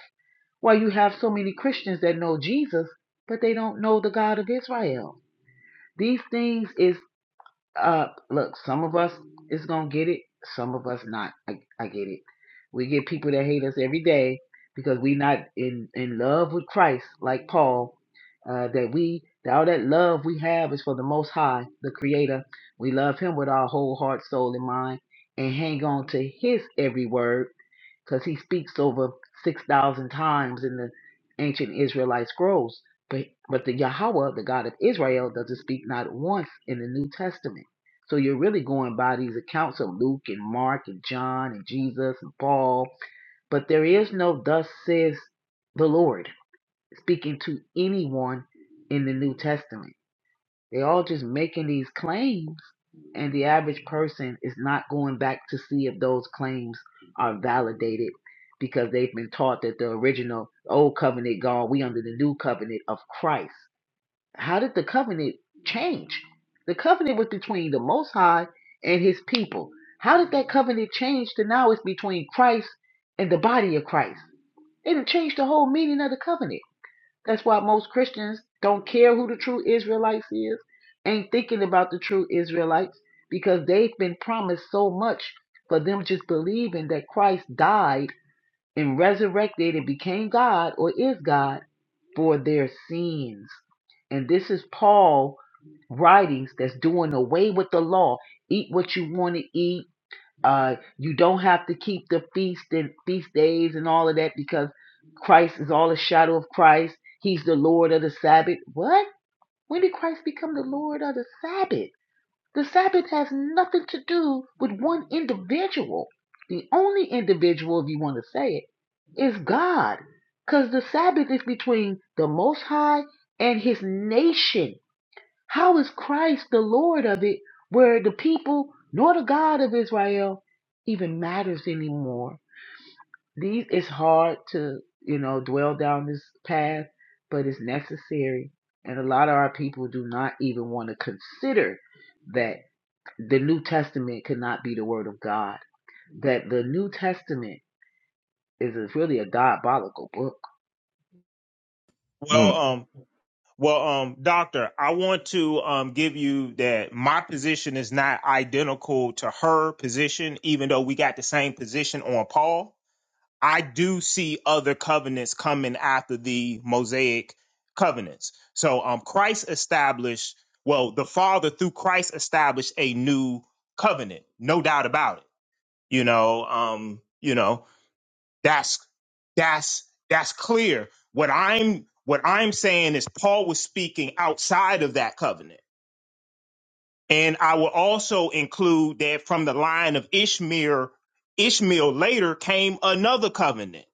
S9: Why you have so many Christians that know Jesus, but they don't know the God of Israel. These things is uh, look, some of us is gonna get it, some of us not. I, I get it. We get people that hate us every day because we not in in love with Christ like Paul. Uh, that we that all that love we have is for the Most High, the Creator. We love Him with our whole heart, soul, and mind, and hang on to His every word because he speaks over 6,000 times in the ancient Israelite scrolls. But, but the Yahweh, the God of Israel, doesn't speak not once in the New Testament. So you're really going by these accounts of Luke and Mark and John and Jesus and Paul. But there is no, thus says the Lord, speaking to anyone in the New Testament. They're all just making these claims, and the average person is not going back to see if those claims are validated because they've been taught that the original old covenant gone, we under the new covenant of Christ. How did the covenant change? The covenant was between the Most High and his people. How did that covenant change to now it's between Christ and the body of Christ? It changed the whole meaning of the covenant. That's why most Christians don't care who the true Israelites is, ain't thinking about the true Israelites because they've been promised so much for them just believing that Christ died and resurrected and became God or is God for their sins. And this is Paul writings that's doing away with the law. Eat what you want to eat uh, you don't have to keep the feast and feast days and all of that because Christ is all a shadow of Christ. He's the Lord of the Sabbath. What? When did Christ become the Lord of the Sabbath? The Sabbath has nothing to do with one individual. The only individual, if you want to say it, is God. Because the Sabbath is between the Most High and His nation how is Christ the Lord of it, where the people nor the God of Israel even matters anymore? These it's hard to you know dwell down this path, but it's necessary, and a lot of our people do not even want to consider that the New Testament cannot be the Word of God. That the New Testament is a, really a diabolical book.
S17: Well,
S20: Mm.
S17: um, well, um, doctor, I want to um give you that my position is not identical to her position, even though we got the same position on Paul I do see other covenants coming after the Mosaic covenants. So um Christ established, well, the Father through Christ established a new covenant, no doubt about it. You know, um, you know, that's that's that's clear. What I'm what I'm saying is Paul was speaking outside of that covenant. And I will also include that from the line of Ishmael, Ishmael later came another covenant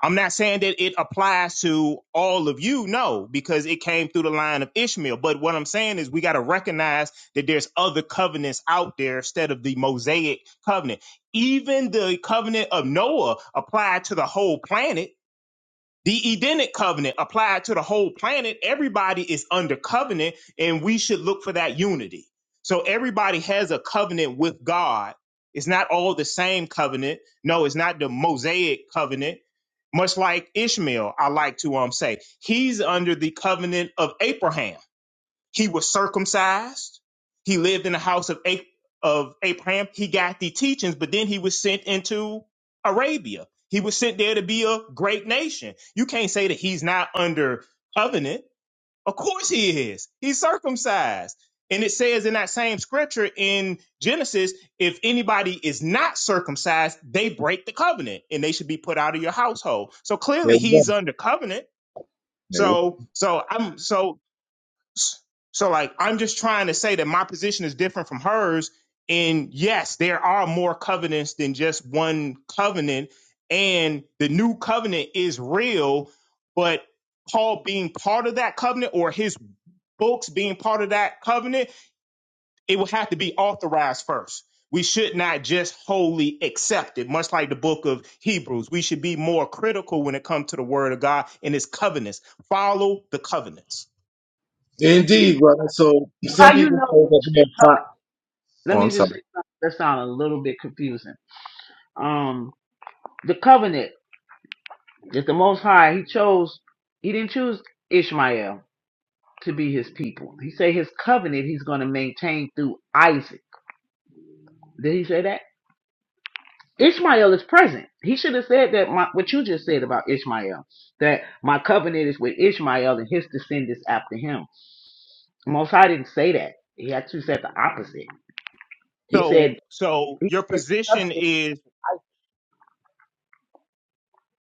S17: I'm not saying that it applies to all of you, no, because it came through the line of Ishmael. But what I'm saying is we got to recognize that there's other covenants out there instead of the Mosaic covenant. Even the covenant of Noah applied to the whole planet the Edenic covenant applied to the whole planet. Everybody is under covenant, and we should look for that unity. So everybody has a covenant with God. It's not all the same covenant. No, it's not the Mosaic covenant. Much like Ishmael, I like to um say he's under the covenant of Abraham. He was circumcised. He lived in the house of, A- of Abraham. He got the teachings, but then he was sent into Arabia. He was sent there to be a great nation. You can't say that he's not under covenant. Of course he is. He's circumcised. And it says in that same scripture in Genesis, if anybody is not circumcised, they break the covenant and they should be put out of your household. So clearly he's under covenant. So so I'm so so like I'm just trying to say that my position is different from hers. And yes, there are more covenants than just one covenant. And the new covenant is real, but Paul being part of that covenant or his books being part of that covenant, it would have to be authorized first. We should not just wholly accept it, much like the book of Hebrews. We should be more critical when it comes to the word of God and its covenants. Follow the covenants.
S9: Yeah.
S20: Indeed, brother. So some
S9: How you
S20: people say
S9: know
S20: that
S9: which
S20: they're fine.
S9: covenant? Let
S20: Oh, I'm
S9: me just
S20: sorry.
S9: say something that sound a little bit confusing. Um, the covenant. If the Most High, He chose, He didn't choose Ishmael to be His people. He said His covenant He's going to maintain through Isaac. Did He say that? Ishmael is present. He should have said that my, what you just said about Ishmael, that my covenant is with Ishmael and his descendants after him. The Most High didn't say that. He actually said the opposite. He
S20: Yeah,
S17: So
S9: said,
S17: so
S9: he
S17: your
S9: said the
S17: position
S9: covenant.
S17: is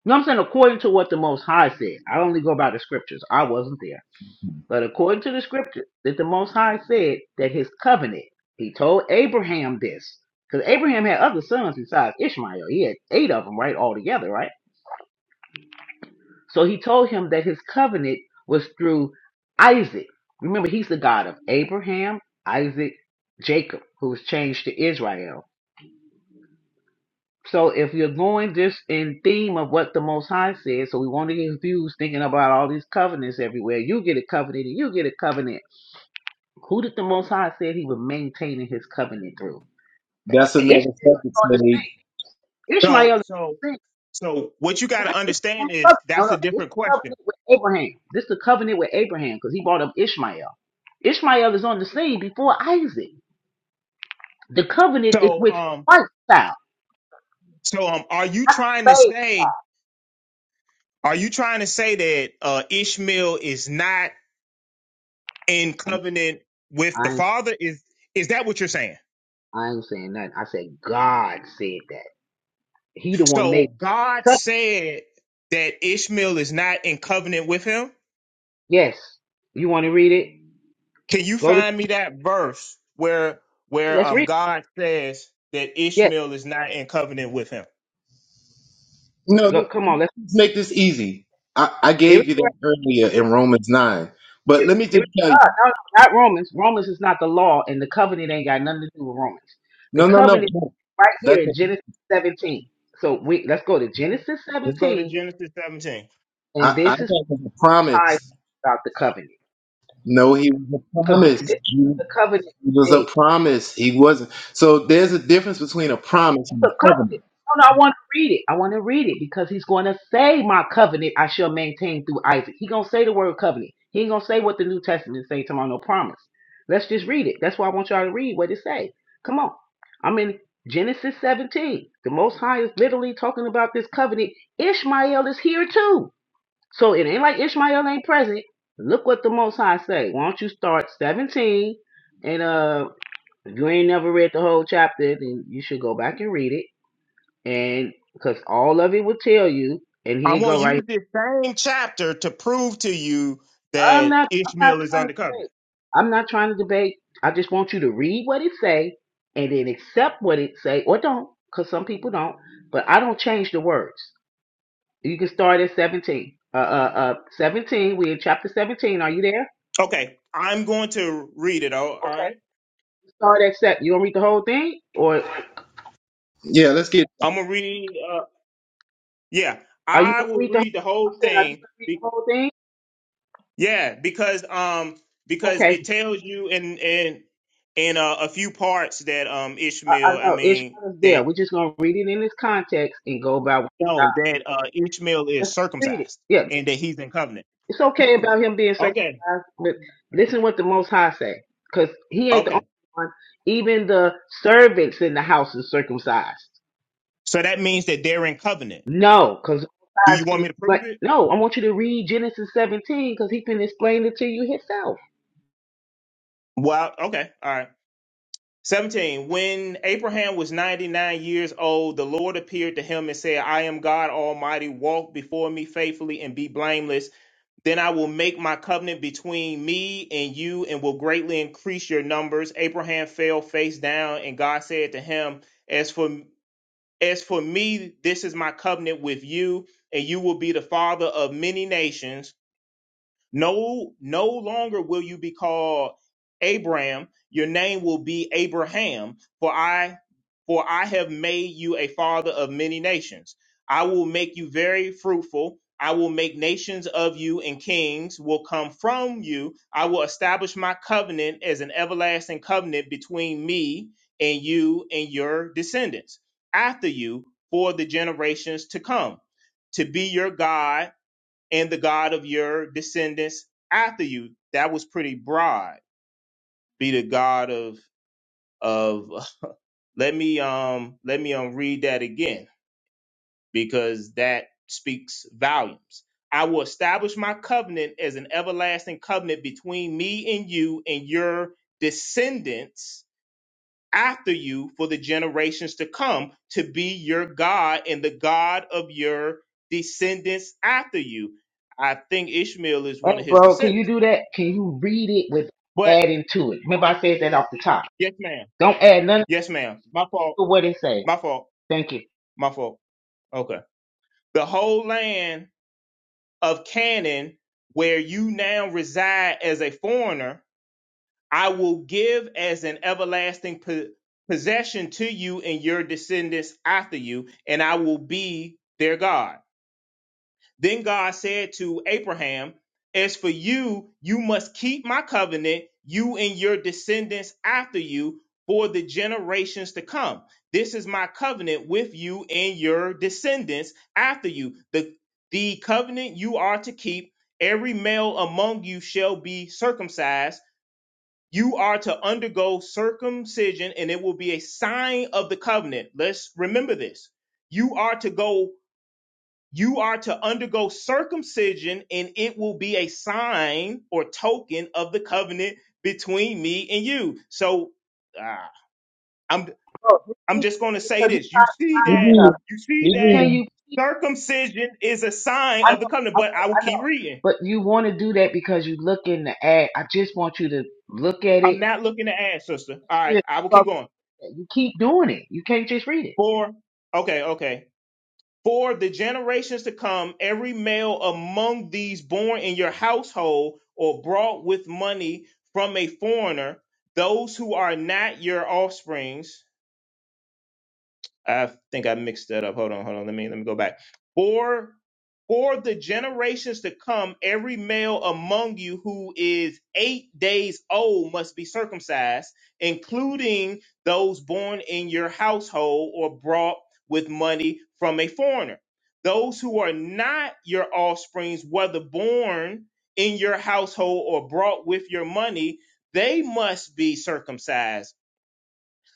S9: No, I'm saying according to what the Most High said. I only go by the scriptures. I wasn't there. But according to the scripture, that the Most High said that his covenant, he told Abraham this. Because Abraham had other sons besides Ishmael. He had eight of them, right, altogether, right? So he told him that his covenant was through Isaac. Remember, he's the God of Abraham, Isaac, Jacob, who was changed to Israel. So if you're going just in theme of what the Most High said, so we won't get confused thinking about all these covenants everywhere. You get a covenant and you get a covenant Who did the Most High said he was maintaining his covenant through?
S20: that's
S9: Ishmael
S20: another
S9: is
S20: subject
S9: on the scene.
S20: made.
S17: so
S9: Ishmael is on
S17: so
S9: the scene.
S17: so what you got to understand is
S9: No, no,
S17: that's a
S9: this is
S17: different
S9: the
S17: question.
S9: covenant with Abraham. This is the covenant with Abraham because he brought up Ishmael. Ishmael is on the scene before Isaac. The covenant is
S17: So
S9: with
S17: um
S9: Christ child,
S17: so um are you
S9: not
S17: trying
S9: the
S17: to
S9: slave.
S17: say are you trying to say that uh Ishmael is not in covenant with the
S9: I ain't,
S17: father is is that what you're saying?
S9: I ain't saying nothing. I said God said that. He the one made
S17: So
S9: the
S17: God
S9: covenant.
S17: said that Ishmael is not in covenant with him?
S9: Yes. You want to read it?
S17: Can you
S9: Go to.
S17: find me that verse where where
S9: Let's
S17: um
S9: read. It.
S17: God says that
S9: Yes.
S17: Ishmael is not in covenant with him?
S20: No,
S9: Go,
S20: this-
S9: come on. Let's.
S20: let's make this easy. I, I
S9: Here
S20: gave
S9: it
S20: you
S9: is.
S20: that earlier in Romans nine, but
S9: It,
S20: let me
S9: it
S20: just
S9: was
S20: tell you.
S9: God, no, no, not Romans. Romans is not the law, and the covenant ain't got nothing to do with Romans. The
S20: No, no, no.
S9: covenant
S20: no.
S9: right here
S20: That's a,
S9: in Genesis 17. So we let's go to Genesis
S17: Let's go to
S9: 17,
S17: Genesis 17.
S20: I,
S9: and
S20: I
S9: this is
S20: thought it was a
S9: what I
S20: promise.
S9: about the covenant
S20: No, he was a
S9: because the, this
S20: promise.
S9: is what
S20: He
S9: the covenant is
S20: was
S9: made.
S20: a promise. He wasn't. So there's a difference between a promise and
S9: the
S20: a covenant.
S9: covenant. No, no, I want to read it. I want to read it because he's going to say, "My covenant I shall maintain through Isaac." He gonna say the word covenant. He ain't gonna say what the New Testament say tomorrow. No promise. Let's just read it. That's why I want y'all to read what it say. Come on. I'm in Genesis 17. The Most High is literally talking about this covenant. Ishmael is here too. So it ain't like Ishmael ain't present. Look what the Most High say. Why don't you start 17 and uh, if you ain't never read the whole chapter, then you should go back and read it and because all of it will tell you, and
S17: I'm
S9: here
S17: going
S9: go
S17: to
S9: right.
S17: use
S9: here.
S17: this same chapter to prove to you
S9: I'm
S17: that
S9: not. I'm not
S17: Ishmael is
S9: trying to
S17: under
S9: debate.
S17: covenant.
S9: I'm not trying to debate. I just want you to read what it say, and then accept what it say, or don't, because some people don't. But I don't change the words. You can start at 17. Uh, uh, uh, 17. We in chapter 17. Are you there?
S17: Okay, I'm going to read it. All all
S9: Okay.
S17: right,
S9: Start at set. You gonna read the whole thing, or
S20: Yeah, let's get
S17: I'm going to read. Uh, yeah,
S9: are you
S17: I
S9: gonna
S17: will
S9: read the? Whole,
S17: read the
S9: I'm
S17: whole
S9: saying, are you
S17: thing.
S9: gonna read the
S17: Be-
S9: whole thing?
S17: yeah, because um because
S9: Okay.
S17: it tells you in in in uh, a few parts that um
S9: I, I
S17: Ishmael. I
S9: know
S17: mean
S9: Ishmael is there.
S17: that
S9: We're just gonna read it in its context and go by.
S17: no that uh Ishmael
S9: That's
S17: is
S9: treated.
S17: circumcised
S9: Yeah,
S17: and that he's in covenant.
S9: it's okay about him being circumcised,
S17: Okay,
S9: but listen what the Most High say, because he ain't the only
S17: okay.
S9: one. Even the servants in the house is circumcised.
S17: So that means that they're in covenant.
S9: No, because
S17: Do you want me to
S9: like
S17: prove it?
S9: no, I want you to read Genesis 17 because he can explain it to you himself.
S17: Well, okay. All right. 17. When Abraham was 99 years old, the Lord appeared to him and said, I am God Almighty. Walk before me faithfully and be blameless. Then I will make my covenant between me and you and will greatly increase your numbers. Abraham fell face down, and God said to him, As for as for me, this is my covenant with you, and you will be the father of many nations. No, no longer will you be called Abram. Your name will be Abraham, for I, for I have made you a father of many nations. I will make you very fruitful. I will make nations of you, and kings will come from you. I will establish my covenant as an everlasting covenant between me and you and your descendants after you for the generations to come, to be your God and the God of your descendants after you. That was pretty broad. Be the God of of let me um let me um read that again because that speaks volumes. I will establish my covenant as an everlasting covenant between me and you and your descendants after you for the generations to come to be your God and the God of your descendants after you. I think Ishmael is
S9: Hey,
S17: one of his
S9: bro, can you
S17: descendants.
S9: do that? Can you read it with
S17: But
S9: adding to it? Remember, I said that off the top.
S17: Yes, ma'am.
S9: Don't add nothing
S17: Yes, ma'am. My fault.
S9: to what it says.
S17: My fault.
S9: Thank you.
S17: My fault. Okay. The whole land of Canaan, where you now reside as a foreigner, I will give as an everlasting po- possession to you and your descendants after you, and I will be their God. Then God said to Abraham, As for you, you must keep my covenant, you and your descendants after you, for the generations to come. This is my covenant with you and your descendants after you. The, the covenant you are to keep, every male among you shall be circumcised. You are to undergo circumcision, and it will be a sign of the covenant. Let's remember this. You are to go you are to undergo circumcision, and it will be a sign or token of the covenant between me and you. So ah, I'm
S9: Bro, you
S17: I'm
S9: speak
S17: just going to say
S9: because you
S17: this. You
S9: type
S17: see that
S9: stuff.
S17: you see that
S9: Can
S20: Hebrews
S9: you?
S17: circumcision is a sign
S9: I
S17: of the
S9: know,
S17: covenant,
S9: I
S17: but
S9: know,
S17: I will
S9: I know.
S17: keep reading.
S9: But you want to do that because you're looking to add. I just want you to look at
S17: I'm
S9: it.
S17: not looking to add, sister. All right, I will keep
S9: Bro,
S17: going.
S9: you keep doing it. You can't just read it,
S17: Four. Okay, okay. For the generations to come, every male among these born in your household or brought with money from a foreigner, those who are not your offsprings, I think I mixed that up. Hold on, hold on. Let me let me go back. For for the generations to come, every male among you who is eight days old must be circumcised, including those born in your household or brought with money from a foreigner. Those who are not your offsprings, whether born in your household or brought with your money, they must be circumcised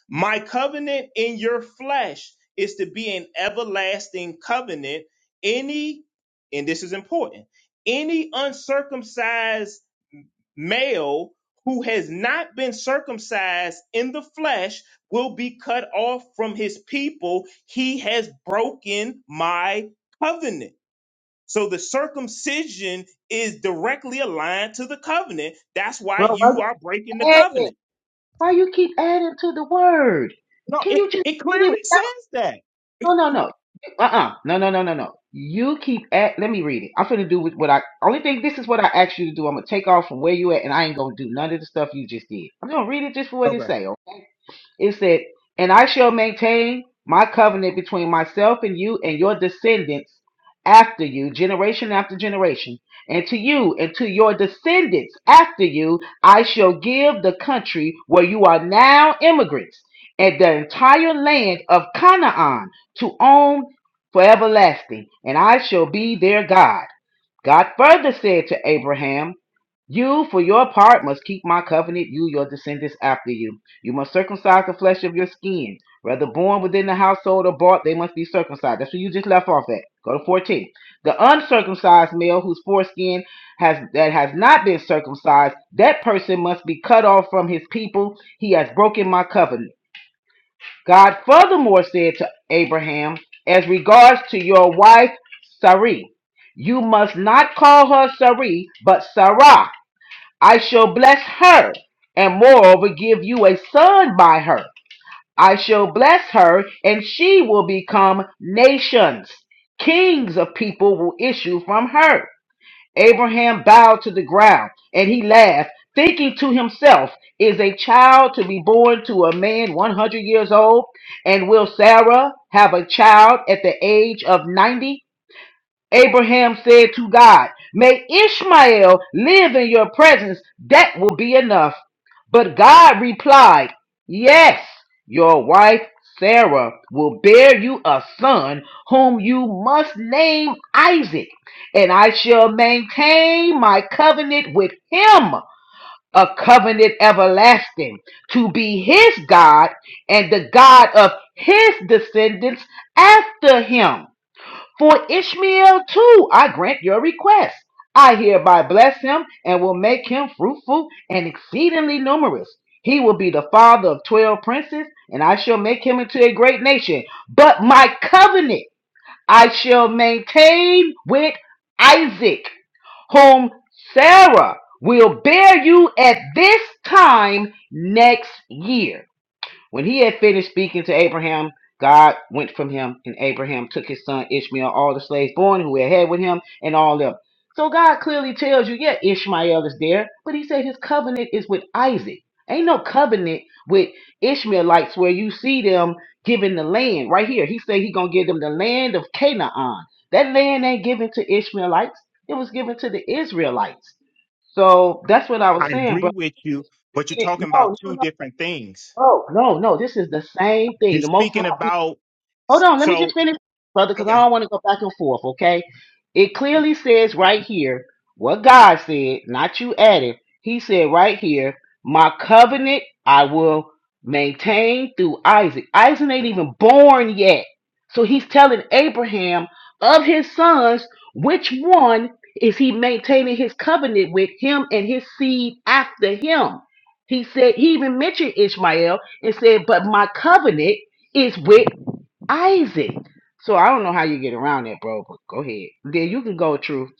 S17: my covenant in your flesh is to be an everlasting covenant. Any, and this is important, any uncircumcised male who has not been circumcised in the flesh will be cut off from his people. He has broken my covenant. So the circumcision is directly aligned to the covenant. That's why
S9: bro. Why
S17: you are breaking the
S9: you add it?
S17: covenant.
S9: Why you keep adding to the word?
S17: No,
S9: Can
S17: it,
S9: you just
S17: it
S9: read it?
S17: clearly says that.
S9: No, no, no. Uh-uh. No, no, no, no, no. You keep at let me read it. I'm finna do with what I only thing this is what I asked you to do. I'm gonna take off from where you at and I ain't gonna do none of the stuff you just did. I'm gonna read it just for what it say, okay? It said, And I shall maintain my covenant between myself and you and your descendants after you, generation after generation. And to you and to your descendants after you, I shall give the country where you are now immigrants and the entire land of Canaan to own for everlasting. And I shall be their God. God further said to Abraham, You, for your part, must keep my covenant, you, your descendants after you. You must circumcise the flesh of your skin. Whether born within the household or bought, they must be circumcised. That's what you just left off at. Go to 14. The uncircumcised male whose foreskin has that has not been circumcised, that person must be cut off from his people. He has broken my covenant. God furthermore said to Abraham, As regards to your wife Sarai, you must not call her Sarai, but Sarah. I shall bless her, and moreover give you a son by her. I shall bless her, and she will become nations. Kings of people will issue from her. Abraham bowed to the ground and he laughed, thinking to himself, Is a child to be born to a man 100 years old? And will Sarah have a child at the age of 90? Abraham said to God, May Ishmael live in your presence, that will be enough. But God replied, Yes, your wife Sarah will bear you a son whom you must name Isaac, and I shall maintain my covenant with him, a covenant everlasting, to be his God and the God of his descendants after him. For Ishmael too I grant your request. I hereby bless him and will make him fruitful and exceedingly numerous. He will be the father of twelve princes, and I shall make him into a great nation. But my covenant I shall maintain with Isaac, whom Sarah will bear you at this time next year. When he had finished speaking to Abraham, God went from him, and Abraham took his son Ishmael, all the slaves born who had had with him, and all them. So God clearly tells you, yeah, Ishmael is there, but he said his covenant is with Isaac. Ain't no covenant with Ishmaelites where you see them giving the land right here. He said he gonna give them the land of Canaan. That land ain't given to Ishmaelites. It was given to the Israelites. So that's what I
S17: I
S9: was saying,
S17: agree
S9: bro.
S17: with you, but you're talking about
S9: no, no. no,
S17: two different things.
S9: Oh, no, no. This is the same
S17: You're
S9: thing. The Most
S17: speaking
S9: High
S17: about
S9: Hold on, let me
S17: so
S9: just finish, brother, because I
S17: okay.
S9: don't want to go back and forth, okay? It clearly says right here what God said, not you added. He said right here, My covenant I will maintain through Isaac. Isaac ain't even born yet. So he's telling Abraham of his sons, which one is he maintaining his covenant with him and his seed after him? He said, he even mentioned Ishmael and said, But my covenant is with Isaac. So I don't know how you get around that, bro, but go ahead. Then you can go, Truth.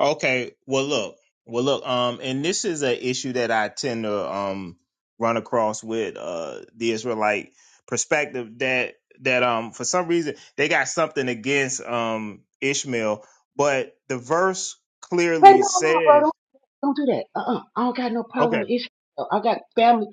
S17: Okay. Well, look. Well, look. Um, and this is an issue that I tend to um run across with uh the Israelite perspective that that um for some reason they got something against um Ishmael, but the verse
S9: Hey, no,
S17: clearly
S9: no, bro, don't,
S17: says
S9: don't do that. Uh-uh. I don't got no problem
S17: okay,
S9: with Ishmael. I got family.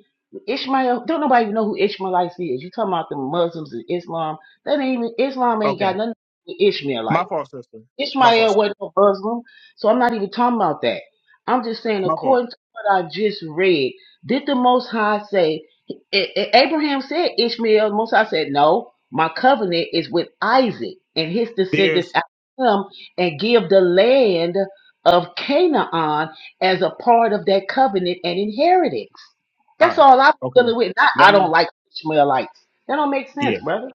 S9: Ishmael, don't nobody even know who Ishmaelites is. You talking about the Muslims and Islam. That ain't even, Islam ain't
S17: okay.
S9: got nothing to do with Ishmaelites.
S17: My fault, sister. My fault,
S9: Ishmael
S17: sister.
S9: wasn't a Muslim, so I'm not even talking about that. I'm just saying,
S17: My fault.
S9: according to what I just read, did the Most High say, A- A- Abraham said Ishmael, the Most High said, no, my covenant is with Isaac and his descendants
S17: There's
S9: after him, and give the land of Canaan as a part of that covenant and inheritance. That's
S17: uh
S9: all I'm
S17: okay.
S9: dealing with. Not,
S17: Let
S9: I don't
S17: me.
S9: like Ishmaelites. That don't make
S17: yeah,
S9: sense, brother.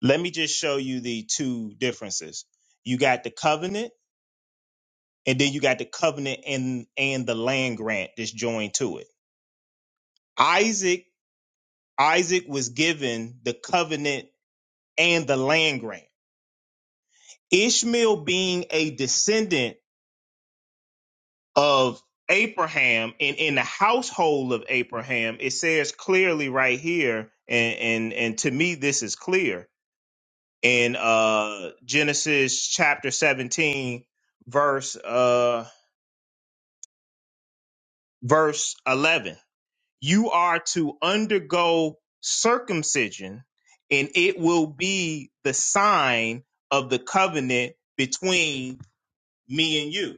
S17: Let me just show you the two differences. You got the covenant, and then you got the covenant and and the land grant that's joined to it. Isaac Isaac was given the covenant and the land grant. Ishmael being a descendant of Abraham and in the household of Abraham, it says clearly right here, and and, and to me this is clear in uh Genesis chapter 17, verse uh verse 11 you are to undergo circumcision and it will be the sign of the covenant between me and you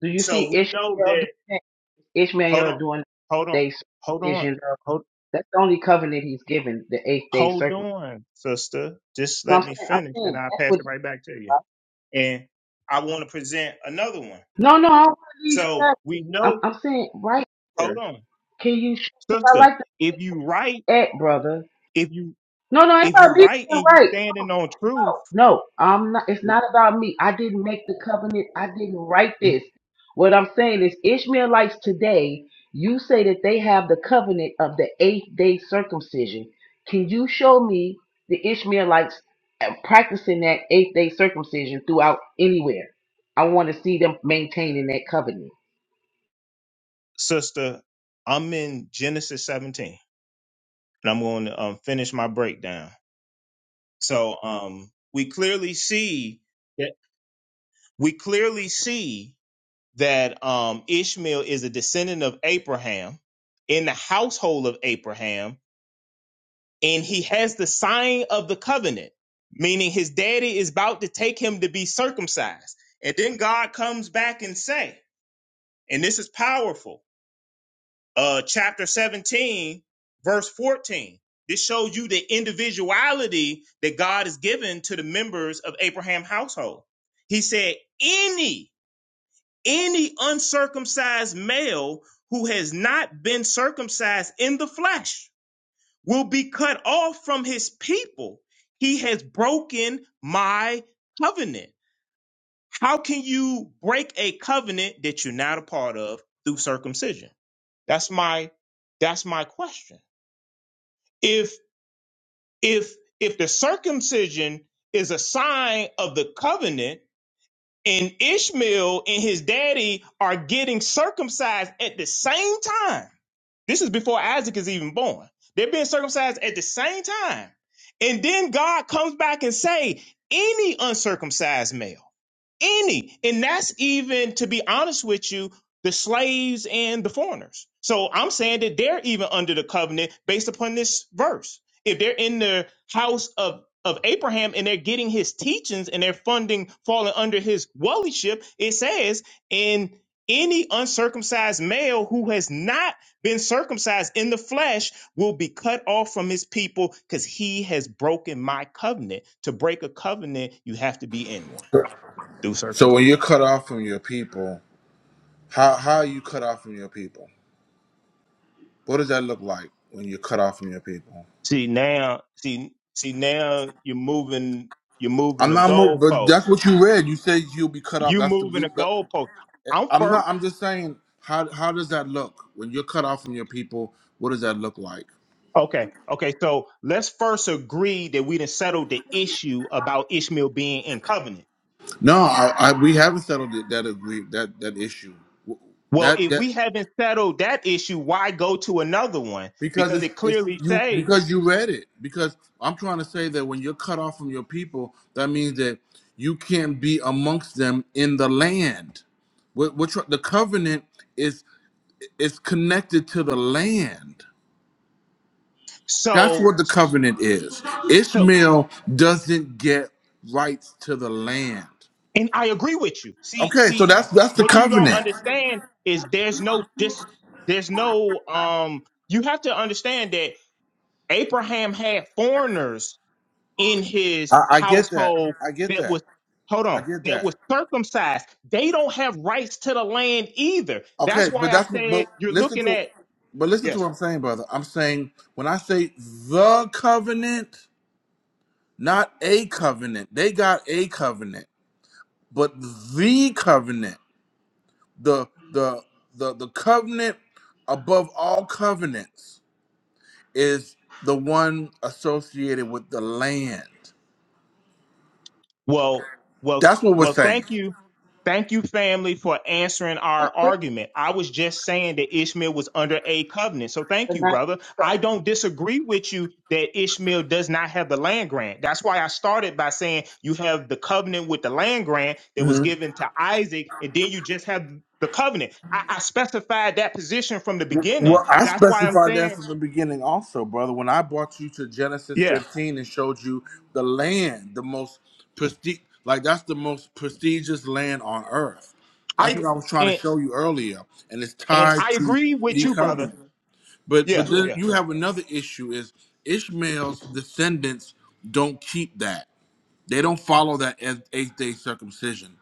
S9: Do you see
S17: so we know
S9: Ishmael?
S17: that hold
S9: Ishmael
S17: on
S9: doing
S17: hold
S9: the
S17: on
S9: eighth day
S17: hold on
S9: circumcision, though,
S17: hold,
S9: that's the only covenant he's given, the eighth day
S17: hold
S9: circumcision.
S17: on sister just
S9: So I'm
S17: let me
S9: saying, I'm
S17: finish and
S9: saying
S17: i'll
S9: that's
S17: pass
S9: what.
S17: it right back to you and i want to present another one
S9: No, no, I don't want to leave from
S17: so
S9: that.
S17: we
S9: I'm,
S17: know
S9: I'm saying right
S17: hold
S9: here.
S17: on
S9: Can you? Because I
S17: sister
S9: like
S17: if
S9: to
S17: you write
S9: at brother.
S17: if you
S9: No, no, it's
S17: if you
S9: about me
S17: write
S9: being
S17: and you
S9: right.
S17: standing on truth
S9: No, I'm not. It's not about me. I didn't make the covenant. I didn't write this. What I'm saying is, Ishmaelites today, you say that they have the covenant of the eighth day circumcision. Can you show me the Ishmaelites uh, practicing that eighth day circumcision throughout anywhere? I want to see them maintaining that covenant.
S17: sister, I'm in Genesis 17, and I'm going to um, finish my breakdown. So um, we clearly see that we clearly see that um, Ishmael is a descendant of Abraham in the household of Abraham, and he has the sign of the covenant, meaning his daddy is about to take him to be circumcised. And then God comes back and say, and this is powerful. uh, chapter 17, verse 14. This shows you the individuality that God has given to the members of Abraham's household. He said, any, any uncircumcised male who has not been circumcised in the flesh will be cut off from his people. He has broken my covenant. How can you break a covenant that you're not a part of through circumcision? That's my that's my question. if if if the circumcision is a sign of the covenant and Ishmael and his daddy are getting circumcised at the same time. This is before Isaac is even born. They're being circumcised at the same time. And then God comes back and say, any uncircumcised male any and that's even to be honest with you the slaves and the foreigners so i'm saying that they're even under the covenant based upon this verse if they're in the house of of abraham and they're getting his teachings and they're funding falling under his wallyship it says in any uncircumcised male who has not been circumcised in the flesh will be cut off from his people because he has broken my covenant. To break a covenant, you have to be in one through
S1: So when you're
S17: circumcision.
S1: cut off from your people, how how are you cut off from your people? What does that look like when you're cut off from your people?
S17: See now, see, see now you're moving, you're moving
S1: I'm
S17: a
S1: not, mo- but that's
S17: goalpost.
S1: what you read. You said you'll be cut off.
S17: You
S1: That's the
S17: moving a
S1: bleep. That,
S17: goalpost. I'm
S1: I'm
S17: first.
S1: not. I'm just saying. How how does that look when you're cut off from your people? What does that look like?
S17: Okay, okay. So let's first agree that we done settled the issue about Ishmael being in covenant.
S1: No, I, I we haven't settled it, that agree that that issue. W-
S17: Well,
S1: That
S17: if
S1: that
S17: we haven't settled that issue, why go to another one?
S1: because
S17: Because
S1: it's
S17: it
S1: it's
S17: clearly
S1: you
S17: say
S1: because you read it. Because I'm trying to say that when you're cut off from your people, that means that you can't be amongst them in the land. What what the covenant is is connected to the land. That's
S17: so.
S1: what the covenant is.
S17: So
S1: Ishmael doesn't get rights to the land.
S17: And I agree with you. See,
S1: Okay, so
S17: see,
S1: that's that's the
S17: what you don't
S1: covenant.
S17: understand is there's no dis, there's no um. You have to understand that Abraham had foreigners in his
S1: I, I get that.
S17: household
S1: I get
S17: that
S1: that.
S17: was hold
S1: I
S17: on
S1: get
S17: that
S1: that.
S17: was circumcised. They don't have rights to the land either. That's
S1: Okay, but
S17: why I
S1: that's what-
S17: said
S1: but
S17: you're
S1: listen
S17: looking
S1: to
S17: at
S1: but listen
S17: yes.
S1: to what I'm saying, brother. I'm saying when I say the covenant, not a covenant. They got a covenant, but the covenant, the the the the covenant above all covenants is the one associated with the land.
S17: Well, well,
S1: That's what we're
S17: well,
S1: saying.
S17: thank you. Thank you, family, for answering
S9: It's
S17: our
S9: really
S17: argument. I was just saying that Ishmael was under a covenant. So thank
S9: the
S17: you,
S9: not.
S17: brother. I don't disagree with you that Ishmael does not have the land grant. That's why I started by saying you have the covenant with the land grant that was given to Isaac, and then you just have the covenant. I, I specified that position from the beginning.
S1: Well, I
S17: That's why I'm
S1: specified that
S17: saying,
S1: from the beginning, also, brother. When I brought you to Genesis
S17: yeah,
S1: 15 and showed you the land, the most prestige, like that's the most prestigious land on earth. That's
S17: I
S1: what I was trying to
S17: and
S1: show you earlier, and it's
S17: and
S1: tied
S17: I
S1: to
S17: agree with
S1: the
S17: you, brother.
S1: covenant. But but
S17: Yeah,
S1: then
S17: yeah.
S1: you have another issue: is Ishmael's descendants don't keep that. They don't follow that as eighth day circumcision.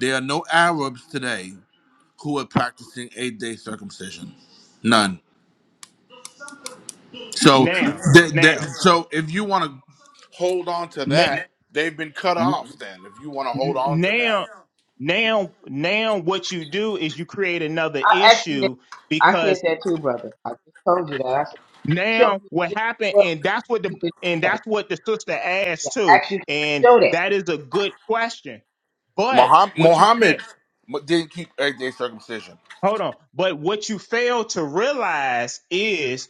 S1: There are no Arabs today who are practicing eighth day circumcision. None. So
S17: Now,
S1: that, that
S17: now.
S1: so if you want to hold on to
S17: Na-
S1: that, they've been cut
S17: n-
S1: off. Then if you want to hold
S17: n-
S1: on to that,
S17: now now now what you do is you create another
S9: I asked you that.
S17: issue
S9: I said
S17: because
S9: that too, brother. I just told you that. I said, show
S17: now
S9: me
S17: what happened
S9: Ishmael
S17: and that's what the
S9: keeping the
S17: and
S9: covenant.
S17: that's what the sister
S9: Yeah,
S17: asked too
S9: actually
S17: and
S9: show that.
S17: that is a good question but
S1: Muhammad,
S17: what you
S1: Muhammad
S17: fa-
S1: mu- didn't keep eight day circumcision.
S17: hold on but what you fail to realize is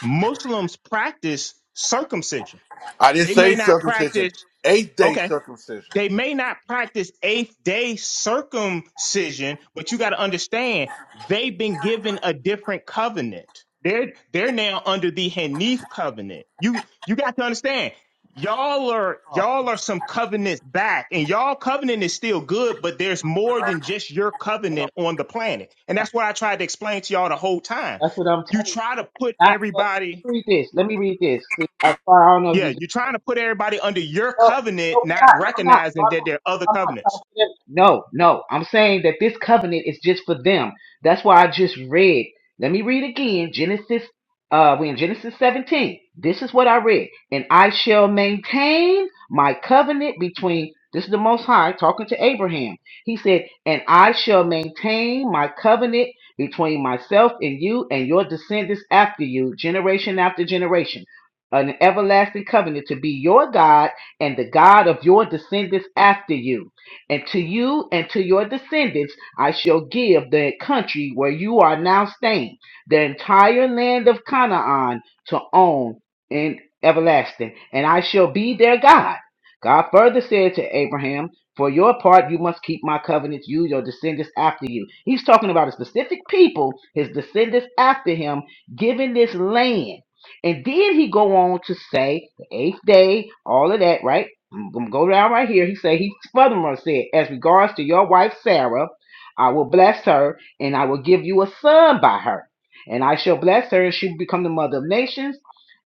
S17: muslims practice circumcision
S1: I didn't
S17: they
S1: say
S17: may not
S1: circumcision,
S17: practice
S1: eight day
S17: okay
S1: circumcision.
S17: They may not practice eighth day circumcision, but you got to understand they've been given a different covenant. They're they're now under the Hanif covenant. You you got to understand. Y'all are
S9: Oh,
S17: y'all
S9: and,
S17: are some covenants back, and y'all covenant is still good, but there's more
S9: uh,
S17: than just your
S9: I don't
S17: covenant on the planet. And
S9: know.
S17: that's what I tried to explain to y'all the whole time.
S9: That's what I'm
S17: You
S9: telling you.
S17: try to put
S9: Not what.
S17: everybody,
S9: Read this. Let me read this. See, I, I don't know if you
S17: yeah, you're trying to put everybody under your
S9: No,
S17: covenant,
S9: no, we're
S17: not
S9: not. No, I'm not. No,
S17: recognizing
S9: I'm
S17: that
S9: not.
S17: there are
S9: No,
S17: other
S9: I'm not
S17: covenants.
S9: confident. No, no. I'm saying that this covenant is just for them. That's why I just read. Let me read again. Genesis, uh, we in Genesis 17. This is what I read. And I shall maintain my covenant between, this is the Most High talking to Abraham. He said, and I shall maintain my covenant between myself and you and your descendants after you, generation after generation, an everlasting covenant to be your God and the God of your descendants after you. And to you and to your descendants I shall give the country where you are now staying, the entire land of Canaan to own in everlasting, and I shall be their God. God further said to Abraham, For your part, you must keep my covenants, you, your descendants after you. He's talking about a specific people, his descendants after him, giving this land. And then he go on to say the eighth day, all of that, right? I'm gonna go down right here. He said, he furthermore said, as regards to your wife Sarah, I will bless her and I will give you a son by her. And I shall bless her and she will become the mother of nations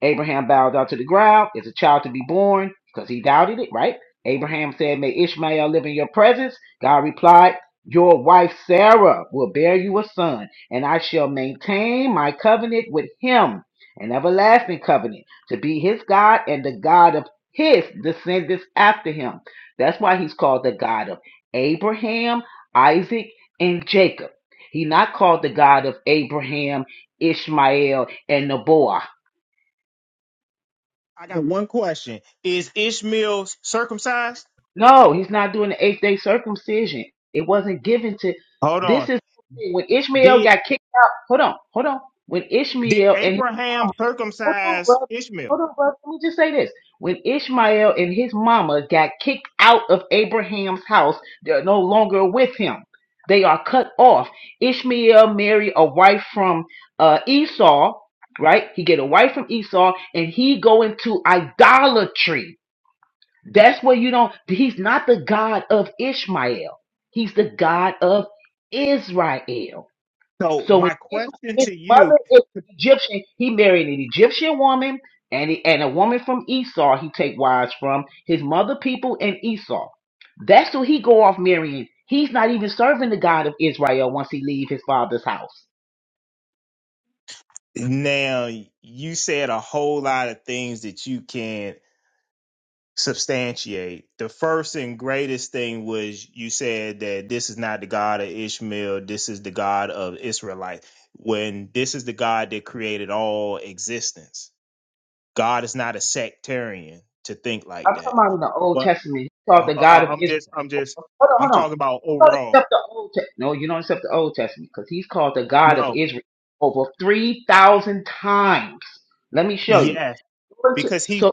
S9: Abraham bowed down to the ground. Is a child to be born? Because he doubted it, right? Abraham said, May Ishmael live in your presence. God replied, Your wife Sarah will bear you a son, and I shall maintain my covenant with him, an everlasting covenant, to be his God and the God of his descendants after him. That's why he's called the God of Abraham, Isaac, and Jacob. He not called the God of Abraham, Ishmael, and Noah.
S17: I got one question. Is Ishmael circumcised?
S9: No, he's not doing the eighth day circumcision. It wasn't given to.
S17: Hold
S9: This
S17: on.
S9: is when Ishmael
S17: Did
S9: got kicked out. Hold on, hold on. When
S17: did
S9: Ishmael and his
S17: Abraham
S9: mama, hold on,
S17: circumcise
S9: brother,
S17: Ishmael?
S9: hold on, brother. Let me just say this: when Ishmael and his mama got kicked out of Abraham's house, they're no longer with him. They are cut off. Ishmael married a wife from uh, Esau, right? He get a wife from Esau, and he go into idolatry that's where you don't, he's not the God of Ishmael. He's the God of Israel.
S17: So
S9: So when
S17: my
S9: Ishmael,
S17: question
S9: his
S17: to you
S9: mother is Egyptian, he married an Egyptian woman and, he, and a woman from Esau he take wives from, his mother people and Esau. That's who he go off marrying. He's not even serving the God of Israel once he leave his father's house.
S17: now you said a whole lot of things that you can substantiate. The first and greatest thing was you said that this is not the God of Ishmael, this is the God of Israelite. When this is the God that created all existence. God is not a sectarian to think like
S9: I'm
S17: that.
S9: talking about in the Old Testament. He called
S17: Uh,
S9: the
S17: uh, I,
S9: God of
S17: I'm
S9: Israel.
S17: just, I'm
S9: Hold
S17: just,
S9: on,
S17: I'm
S9: hold on.
S17: talking about
S9: You don't
S17: overall.
S9: accept the Old Testament. No, you don't accept the Old Testament because he's called the God of
S17: No,
S9: Israel over 3,000 times. Let me show you.
S17: yes, because he's
S9: So,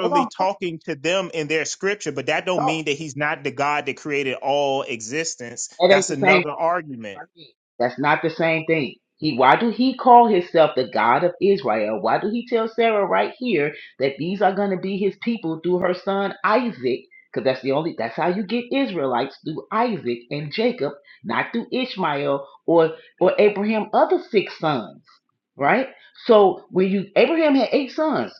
S9: hold on. hold
S17: talking to them in their scripture, but that don't
S9: on.
S17: mean that he's not the God that created all existence.
S9: That ain't
S17: That's
S9: the same
S17: another
S9: thing.
S17: argument.
S9: Raheem. That's not the same thing. He, why do he call himself the God of Israel? Why do he tell Sarah right here that these are going to be his people through her son Isaac? Because that's the only, that's how you get Israelites through Isaac and Jacob, not through Ishmael or, or Abraham other six sons, right? So when you, Abraham had eight sons.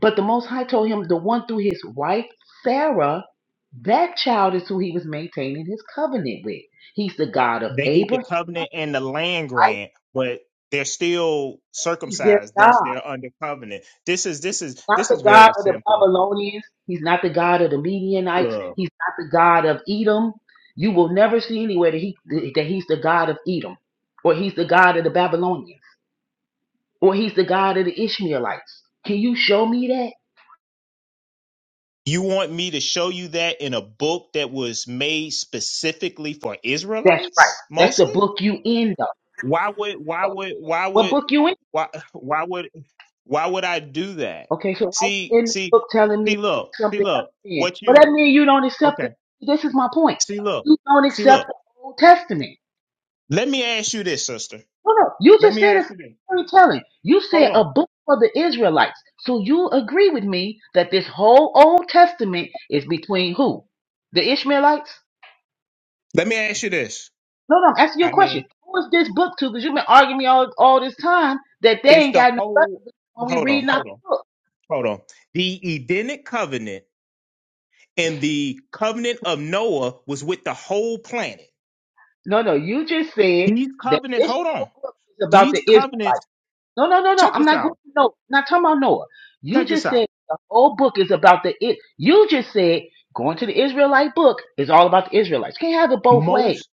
S9: But the Most High told him the one through his wife, Sarah, that child is who he was maintaining his covenant with. He's the God of
S17: They get the
S9: Abraham.
S17: covenant and the land grant, but they're still
S9: He's their
S17: circumcised, thus
S9: God.
S17: they're under covenant. This is, this is,
S9: Not
S17: this
S9: the
S17: is
S9: God
S17: very
S9: of the
S17: simple.
S9: Babylonians. He's not the God of the Medianites.
S17: Ugh.
S9: He's not the God of Edom. You will never see anywhere that, he, that he's the God of Edom, or he's the God of the Babylonians, or he's the God of the Ishmaelites. Can you show me that?
S17: You want me to show you that in a book that was made specifically for
S9: That's right.
S17: Israelites,
S9: That's the
S17: mostly?
S9: book you in, though.
S17: why would why
S9: What
S17: would why
S9: what
S17: would
S9: book you
S17: why why would why would I do that?
S9: Okay, so why
S17: See
S9: you in the
S17: see
S9: book telling me
S17: see look see
S9: something else
S17: look
S9: then?
S17: what
S9: Well,
S17: you
S9: that means you don't accept
S17: okay
S9: the, this is my point.
S17: see look
S9: You don't
S17: see
S9: accept
S17: look
S9: the Old Testament.
S17: let me ask you this sister
S9: No, no, you
S17: let
S9: just
S17: me
S9: said
S17: ask
S9: it's
S17: you this
S9: storytelling. You
S17: hold
S9: said a
S17: on
S9: book for the Israelites. So you agree with me that this whole Old Testament is between who? The Ishmaelites?
S17: let me ask you this
S9: No, no, I'm asking you
S17: I
S9: a question.
S17: mean
S9: Who is this book to? Because you've been arguing me all, all this time that they
S17: it's
S9: ain't
S17: the
S9: got no
S17: whole
S9: relevance when we
S17: hold on
S9: read out
S17: hold on
S9: the book.
S17: hold on the Edenic covenant and the covenant of Noah was with the whole planet
S9: No, no, you just said
S17: these
S9: that
S17: covenant
S9: this
S17: hold on
S9: whole book is about the
S17: these
S9: Israelites.
S17: covenants
S9: No, no, no, no.
S17: check
S9: I'm
S17: this
S9: not going
S17: out
S9: to Noah. I'm Not talking about Noah. You
S17: check this
S9: just
S17: out
S9: said the whole book is about the it. You just said going to the Israelite book is all about the Israelites. Can't have it both ways.
S17: Most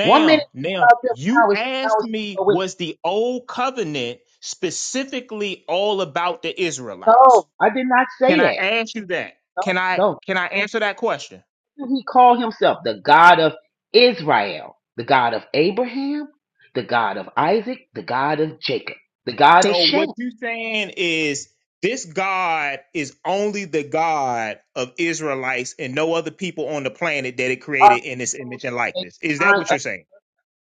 S9: One minute it's
S17: now
S9: about them,
S17: you
S9: now it's now
S17: asked
S9: it's
S17: me,
S9: with
S17: was the old covenant specifically all about the Israelites?
S9: no. I did not
S17: Can
S9: say
S17: I
S9: that.
S17: ask you that? Can
S9: No,
S17: I
S9: no.
S17: can I answer that question?
S9: Who did He called himself the God of Israel, the God of Abraham, the God of Isaac, the God of Jacob, the God of
S17: So
S9: Shem.
S17: what you saying is this God is only the God of Israelites and no other people on the planet that it
S9: Are
S17: created in its image
S9: his
S17: and likeness. Is that
S9: chosen,
S17: what you're saying?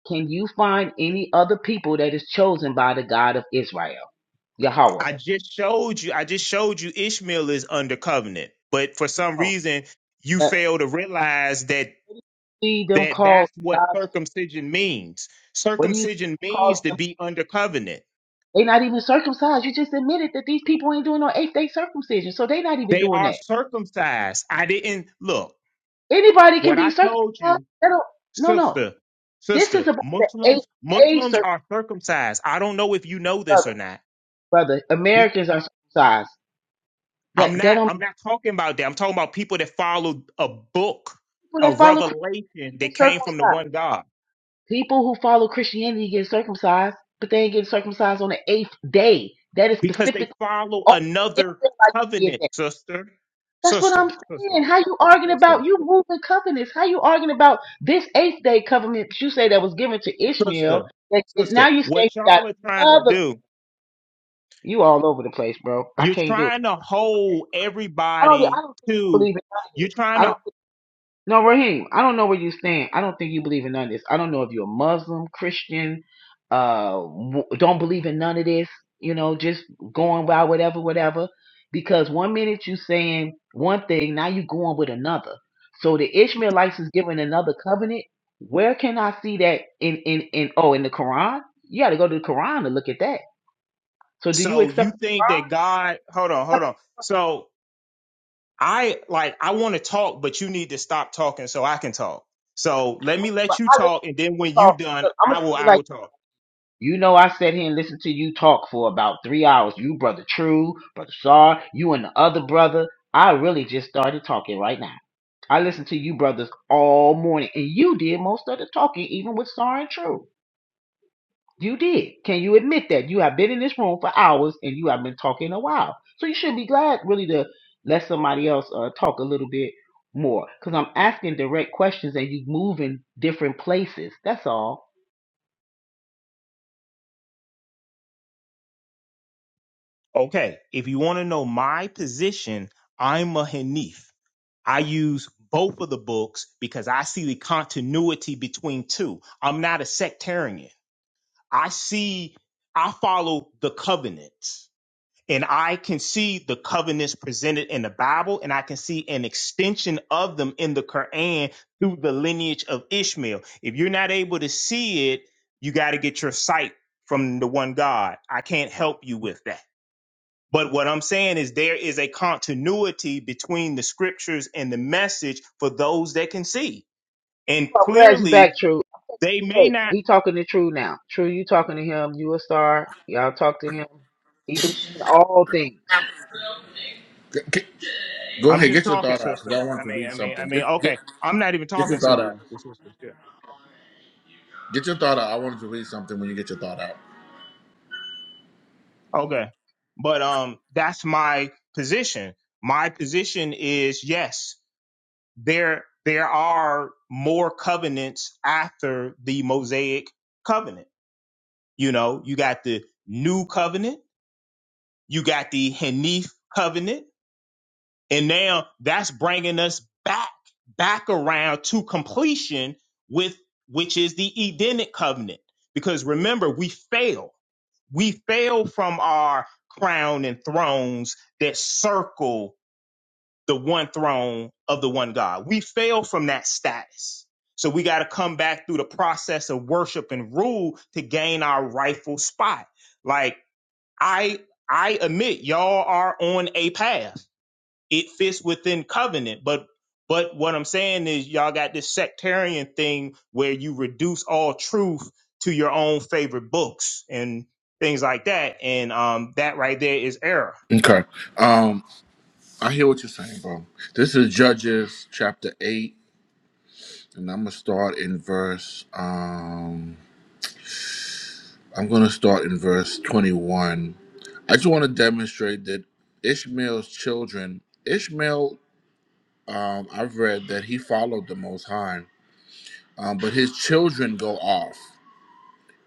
S9: Can you find any other people that is chosen by the God of Israel, Yahweh?
S17: I just showed you. I just showed you Ishmael is under covenant, but for some
S9: Oh,
S17: reason you
S9: That
S17: fail to realize that
S9: what do you see them
S17: that
S9: called
S17: that's what
S9: God's.
S17: circumcision means.
S9: What do you
S17: Circumcision means
S9: call
S17: to
S9: them?
S17: be under covenant.
S9: They're not even circumcised. You just admitted that these people ain't doing no eighth day circumcision, so they're not even
S17: They
S9: doing
S17: are
S9: that.
S17: circumcised. I didn't look
S9: Anybody can
S17: what
S9: be
S17: I told
S9: circumcised.
S17: you,
S9: They don't- no, no.
S17: sister.
S9: This
S17: Sister,
S9: is about the eighth
S17: Muslims
S9: day
S17: Muslims
S9: circumcision,
S17: are circumcised. I don't know if you know this or
S9: brother.
S17: not.
S9: Brother, Americans are circumcised.
S17: I'm
S9: That that
S17: not
S9: don't
S17: I'm not talking about that. I'm talking about people that followed a book,
S9: people
S17: a
S9: that follow Christ
S17: revelation
S9: get
S17: that came from the
S9: circumcised.
S17: one God.
S9: People who follow Christianity get circumcised, but they ain't getting circumcised on the eighth day. That is
S17: Because they
S9: specific.
S17: follow
S9: Only the
S17: another
S9: Israelites did
S17: covenant,
S9: that.
S17: sister.
S9: That's what
S17: Sister,
S9: I'm
S17: sister,
S9: saying. How you arguing
S17: sister,
S9: about you moving covenants? How you arguing about this eighth day covenant that you say that was given to
S17: sister,
S9: Ishmael? That that
S17: sister.
S9: now you say you
S17: What
S9: got
S17: y'all are trying to
S9: another.
S17: do,
S9: You all over the place, bro. I
S17: you're
S9: can't do it.
S17: trying to
S9: Okay.
S17: hold
S9: I don't. I
S17: everybody
S9: don't think you
S17: to
S9: believe in none of
S17: you're
S9: this.
S17: trying
S9: I don't.
S17: to
S9: No, Raheem, I don't know where you stand. I don't think you believe in none of this. I don't know if you're a Muslim, Christian, uh, w- don't believe in none of this. You know, just going by whatever, whatever. Because one minute you saying one thing, now you going with another. So the Ishmaelites is given another covenant. Where can I see that in in in oh in the Quran? You got to go to the Quran to look at that. So do you
S17: so
S9: accept?
S17: you think that God hold on, hold on. So I like I want to talk, but you need to stop talking so I can talk. So let me
S9: But
S17: let you
S9: I listen
S17: talk, and then when you
S9: to-
S17: done,
S9: I'm gonna
S17: I will
S9: tell you
S17: I
S9: like.
S17: will talk.
S9: You know, I sat here and listened to you talk for about three hours. You, brother True, brother Sar, you and the other brother. I really just started talking right now. I listened to you brothers all morning, and you did most of the talking, even with Sar and True. You did. Can you admit that you have been in this room for hours and you have been talking a while? So you should be glad, really, to let somebody else uh, talk a little bit more. Because I'm asking direct questions and you move in different places. That's all.
S17: Okay. If you want to know my position, I'm a Hanif. I use both of the books because I see the continuity between two. I'm not a sectarian. I see I follow the covenants. And I can see the covenants presented in the Bible, and I can see an extension of them in the Quran through the lineage of Ishmael. If you're not able to see it, you got to get your sight from the one God. I can't help you with that. But what I'm saying is there is a continuity between the scriptures and the message for those that can see. And
S9: Well, I'm glad you back,
S17: clearly,
S9: True.
S17: they may
S9: Wait,
S17: not.
S9: he talking to True now. True, you talking to him. You a star. Y'all talk to him. He believes in all things.
S1: G- g- Go
S17: I'm
S1: ahead,
S17: just
S1: get your
S17: talking,
S1: thought out because
S17: sister.
S1: I wanted
S17: I
S1: to
S17: mean,
S1: read
S17: I mean, I
S1: something.
S17: mean,
S1: Get, get
S17: okay. I'm not even
S1: get
S17: talking
S1: your thought
S17: to
S1: out.
S17: the sisters. Yeah.
S1: Get your thought out. I wanted to read something when you get your thought out.
S17: Okay. But um that's my position. My position is yes, there there are more covenants after the Mosaic covenant. You know, you got the new covenant, you got the Hanif covenant, and now that's bringing us back back around to completion with which is the Edenic covenant. Because remember, we failed We fell from our crown and thrones that circle the one throne of the one God. We fell from that status. So we got to come back through the process of worship and rule to gain our rightful spot. Like I I admit y'all are on a path it fits within covenant but but what i'm saying is y'all got this sectarian thing where you reduce all truth to your own favorite books and things like that and um that right there is error
S1: Okay. Um, I hear what you're saying, bro. This is Judges chapter eight, and I'm gonna start in verse um. I'm going to start in verse 21. I just want to demonstrate that Ishmael's children, Ishmael, um, I've read that he followed the Most High, um, but his children go off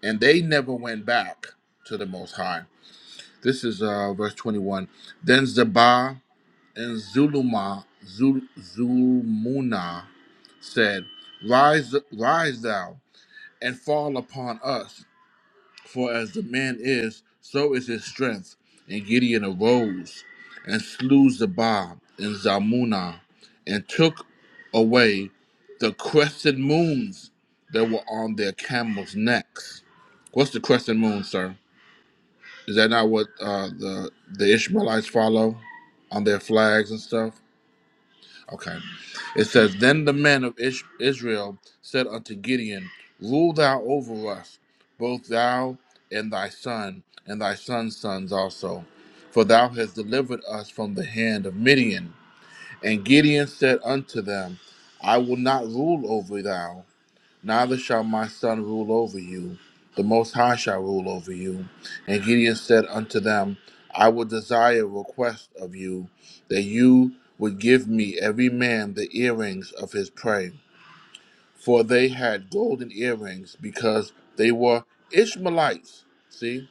S1: and they never went back to the Most High. This is uh, verse 21. Then Zabah and Zuluma, Zul, Zulmuna said, Rise, rise thou and fall upon us, For as the man is, so is his strength. And Gideon arose and slew Zabah and Zalmunna and took away the crescent moons that were on their camels' necks. What's the crescent moon, sir? Is that not what uh, the the Ishmaelites follow on their flags and stuff? Okay. It says, Then the men of Ish- Israel said unto Gideon, Rule thou over us, both thou and thy son, and thy son's sons also, for thou hast delivered us from the hand of Midian. And Gideon said unto them, I will not rule over thou, Neither shall my son rule over you. The Most High shall rule over you. And Gideon said unto them, I would desire a request of you, that you would give me every man the earrings of his prey. For they had golden earrings, because they were Ishmaelites. See?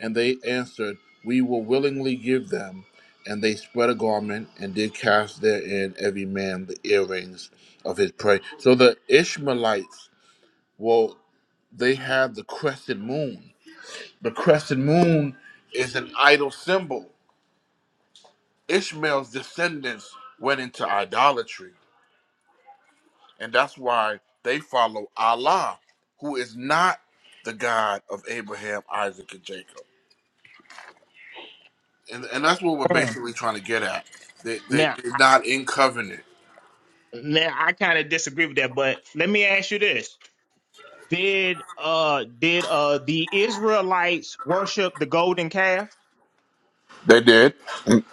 S1: And they answered, We will willingly give them. And they spread a garment, and did cast therein every man the earrings of his prey. So the Ishmaelites well, they have the crescent moon. The crescent moon is an idol symbol. Ishmael's descendants went into idolatry, and that's why they follow Allah, who is not the God of Abraham, Isaac, and Jacob. And, and that's what we're
S17: Mm.
S1: basically trying to get at. They, they,
S17: now
S1: they're not in covenant.
S17: now i kind of disagree with that but let me ask you this did uh did uh the israelites worship the golden calf
S1: They did, and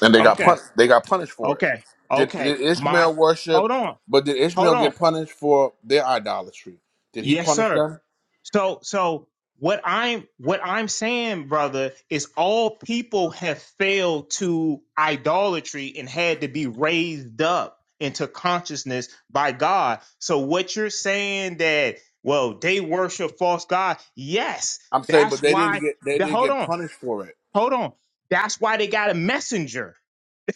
S1: and they got
S17: okay
S1: pun- They got punished for it.
S17: okay
S1: Did,
S17: okay
S1: did
S17: my
S1: Ishmael worship?
S17: hold on
S1: But did
S17: hold
S1: Ishmael
S17: on
S1: get punished for their idolatry? Did he
S17: yes
S1: punish
S17: sir
S1: them?
S17: So so what I'm what I'm saying, brother, is all people have failed to idolatry and had to be raised up into consciousness by God. So what you're saying that well they worship false God, yes,
S1: I'm saying, but
S17: that's
S1: they didn't
S17: why.
S1: get. They
S17: The,
S1: didn't
S17: hold
S1: get
S17: on,
S1: punished for it.
S17: hold on. That's why they got a messenger.